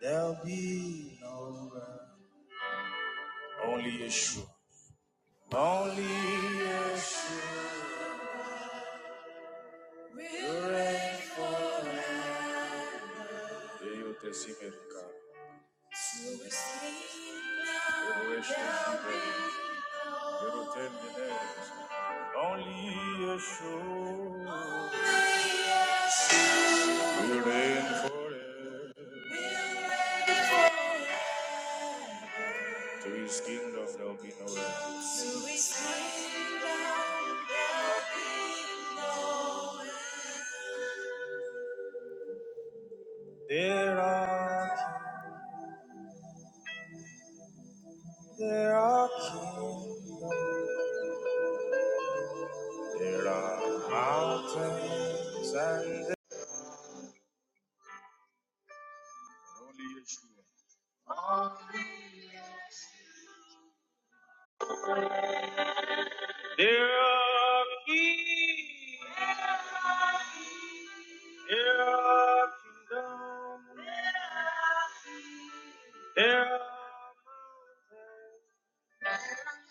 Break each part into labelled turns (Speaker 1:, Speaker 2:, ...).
Speaker 1: There'll be no rest. Only Yeshua. Only Yeshua. You're faithful. Yeye yote asiyeruka. Yehoweshi Shire. Yeroteni Yehoweshi. Only Yeshua. Will reign forever. To his kingdom there'll be no end. There are. There are kingdoms, there are mountains, and there only Yeshua. There are kings, there are kingdoms, there are mountains,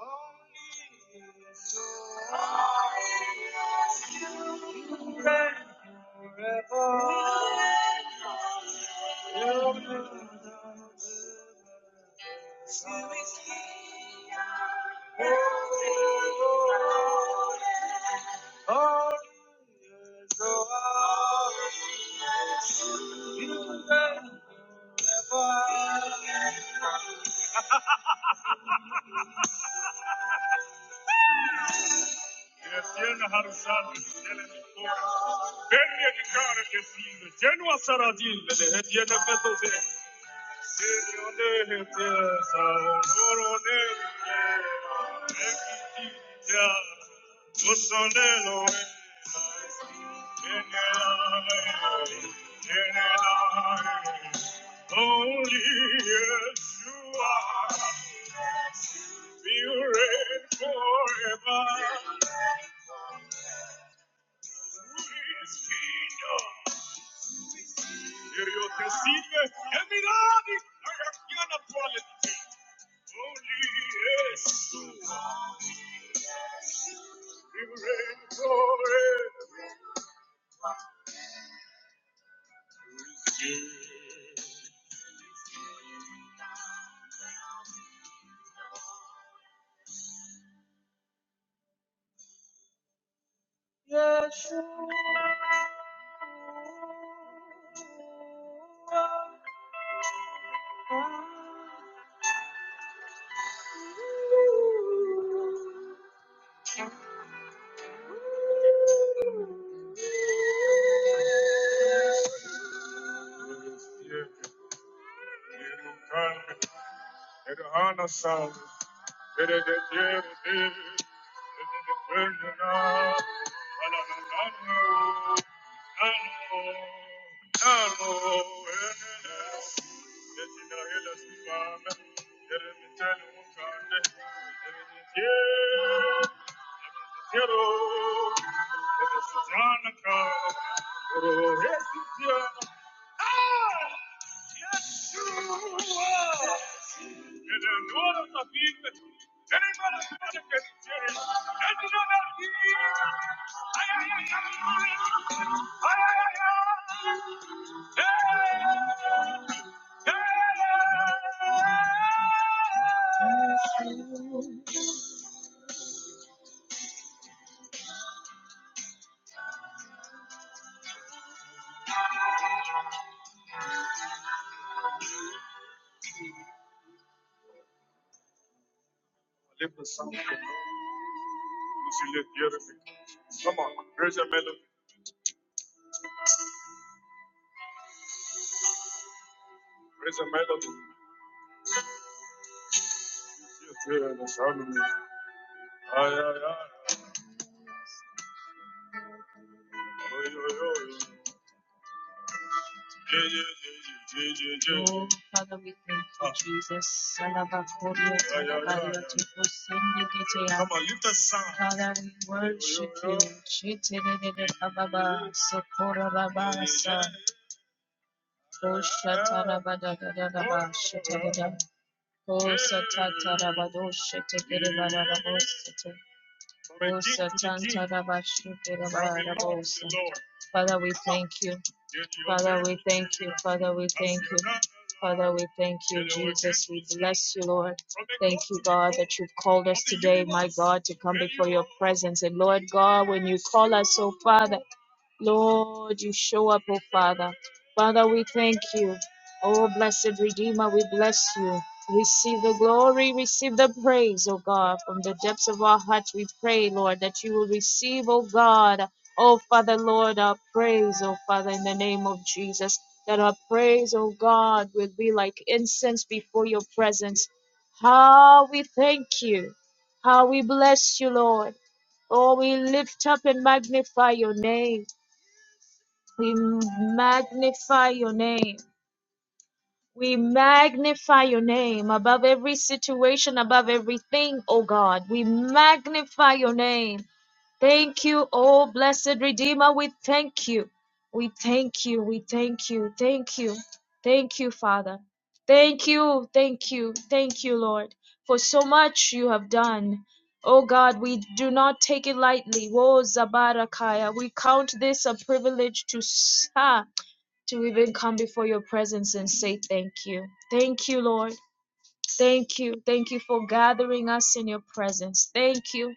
Speaker 1: only so. Hediyen her şarkı Ben ne hareketiyle Cenva saradil ve hediye nefes oldu Senyone hediye Orone hediye Ekiti ya Usone loe Only yes, you are. You reign forever. His kingdom. Io te sirve e mi dadi la campiana attuale. Only yes, you are. You reign forever. You can. It honor sound. Yes, you are. Lift the sound. If you see, lift the other thing. Come on, raise a melody. Raise a melody. You feel the sound of me. Ay, ay, ay. Oy, oy, oy. Yeah, yeah, yeah, yeah, yeah, yeah, yeah. Oh, Father, we thank you, Ah, Jesus. Alabakoria yeah, yeah, yeah, talabaria yeah. tukusindikitea. Come on, lift that sound. Father, we Yo, yo, worship yo. you. Chitelelele ababa, sokora babasa, oshata rabadadadadaba, shetadada, osatata rabado, shetekereba Father, we thank you. Father, we thank you. Father, we thank you. Father, we thank you, Jesus. We bless you, Lord. Thank you, God, that you've called us today, my God, to come before your presence. And Lord God, when you call us, oh Father, Lord, you show up, oh Father. Father, we thank you. Oh, blessed Redeemer, we bless you. Receive the glory, receive the praise, oh God. From the depths of our hearts, we pray, Lord, that you will receive, oh God, oh Father, Lord, our praise, oh Father, in the name of Jesus. That our praise, oh God, will be like incense before your presence. How we thank you. How we bless you, Lord. Oh, we lift up and magnify your name. We magnify your name. We magnify your name above every situation, above everything, oh God. We magnify your name. Thank you, oh blessed Redeemer. We thank you. We thank you. We thank you. Thank you. Thank you, Father. Thank you. Thank you. Thank you, Lord, for so much you have done. Oh God, we do not take it lightly. Woe Zabarakaya. We count this a privilege to serve to even come before your presence and say thank you. Thank you, Lord. Thank you. Thank you for gathering us in your presence. Thank you.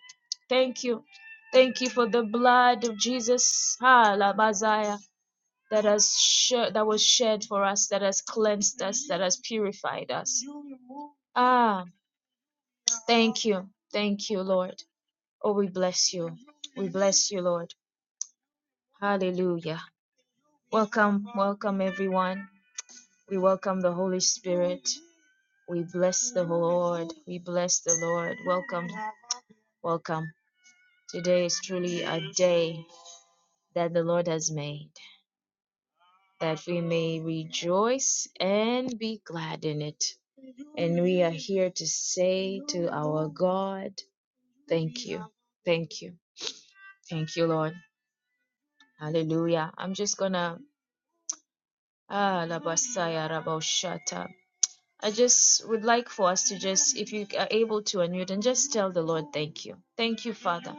Speaker 1: Thank you. Thank you for the blood of Jesus, ah, Labazaya, that has shed, that was shed for us, that has cleansed us, that has purified us. Ah, thank you. Thank you, Lord. Oh, we bless you. We bless you, Lord. Hallelujah. Welcome, welcome everyone. We welcome the Holy Spirit. We bless the Lord. We bless the Lord. Welcome. Welcome. Today is truly a day that the Lord has made, that we may rejoice and be glad in it. And we are here to say to our God, Thank you. Thank you. Thank you, Lord. Hallelujah. I'm just going to. Ah, Labasaya Raboshata. I just would like for us to just, if you are able to unmute and just tell the Lord, thank you. Thank you, Father.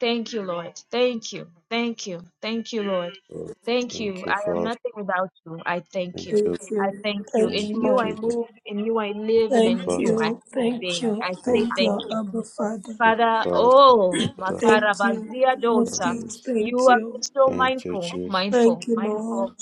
Speaker 1: Thank you, Lord. Thank you. Thank you. Thank you, Lord.
Speaker 2: Lord.
Speaker 1: Thank you.
Speaker 2: Thank you,
Speaker 1: I am
Speaker 2: Father.
Speaker 1: nothing without you. I thank you.
Speaker 2: Thank you.
Speaker 3: Thank
Speaker 1: I
Speaker 3: you.
Speaker 1: thank you.
Speaker 3: Thank
Speaker 1: In
Speaker 3: you,
Speaker 2: Thank you,
Speaker 1: you
Speaker 3: Lord.
Speaker 1: I
Speaker 2: Jesus.
Speaker 1: move,
Speaker 2: Thank
Speaker 1: in you I live, and
Speaker 2: you,
Speaker 1: in
Speaker 3: Thank
Speaker 1: you
Speaker 2: Father.
Speaker 1: I have
Speaker 3: you.
Speaker 1: my
Speaker 3: Thank
Speaker 1: being.
Speaker 3: you.
Speaker 1: I say
Speaker 3: Thank
Speaker 2: Thank
Speaker 1: thank
Speaker 3: you,
Speaker 1: you.
Speaker 3: Abba Father.
Speaker 2: you,
Speaker 1: Father,
Speaker 2: Father.
Speaker 1: oh,
Speaker 2: Father,
Speaker 3: Thank you,
Speaker 1: Makarabazia
Speaker 3: King of
Speaker 1: daughter,
Speaker 3: Kings.
Speaker 2: salaries.
Speaker 3: Thank
Speaker 1: you are
Speaker 3: you.
Speaker 1: so
Speaker 2: Thank you,
Speaker 1: mindful,
Speaker 2: Jesus.
Speaker 1: mindful,
Speaker 3: Thank you, Lord.
Speaker 1: mindful.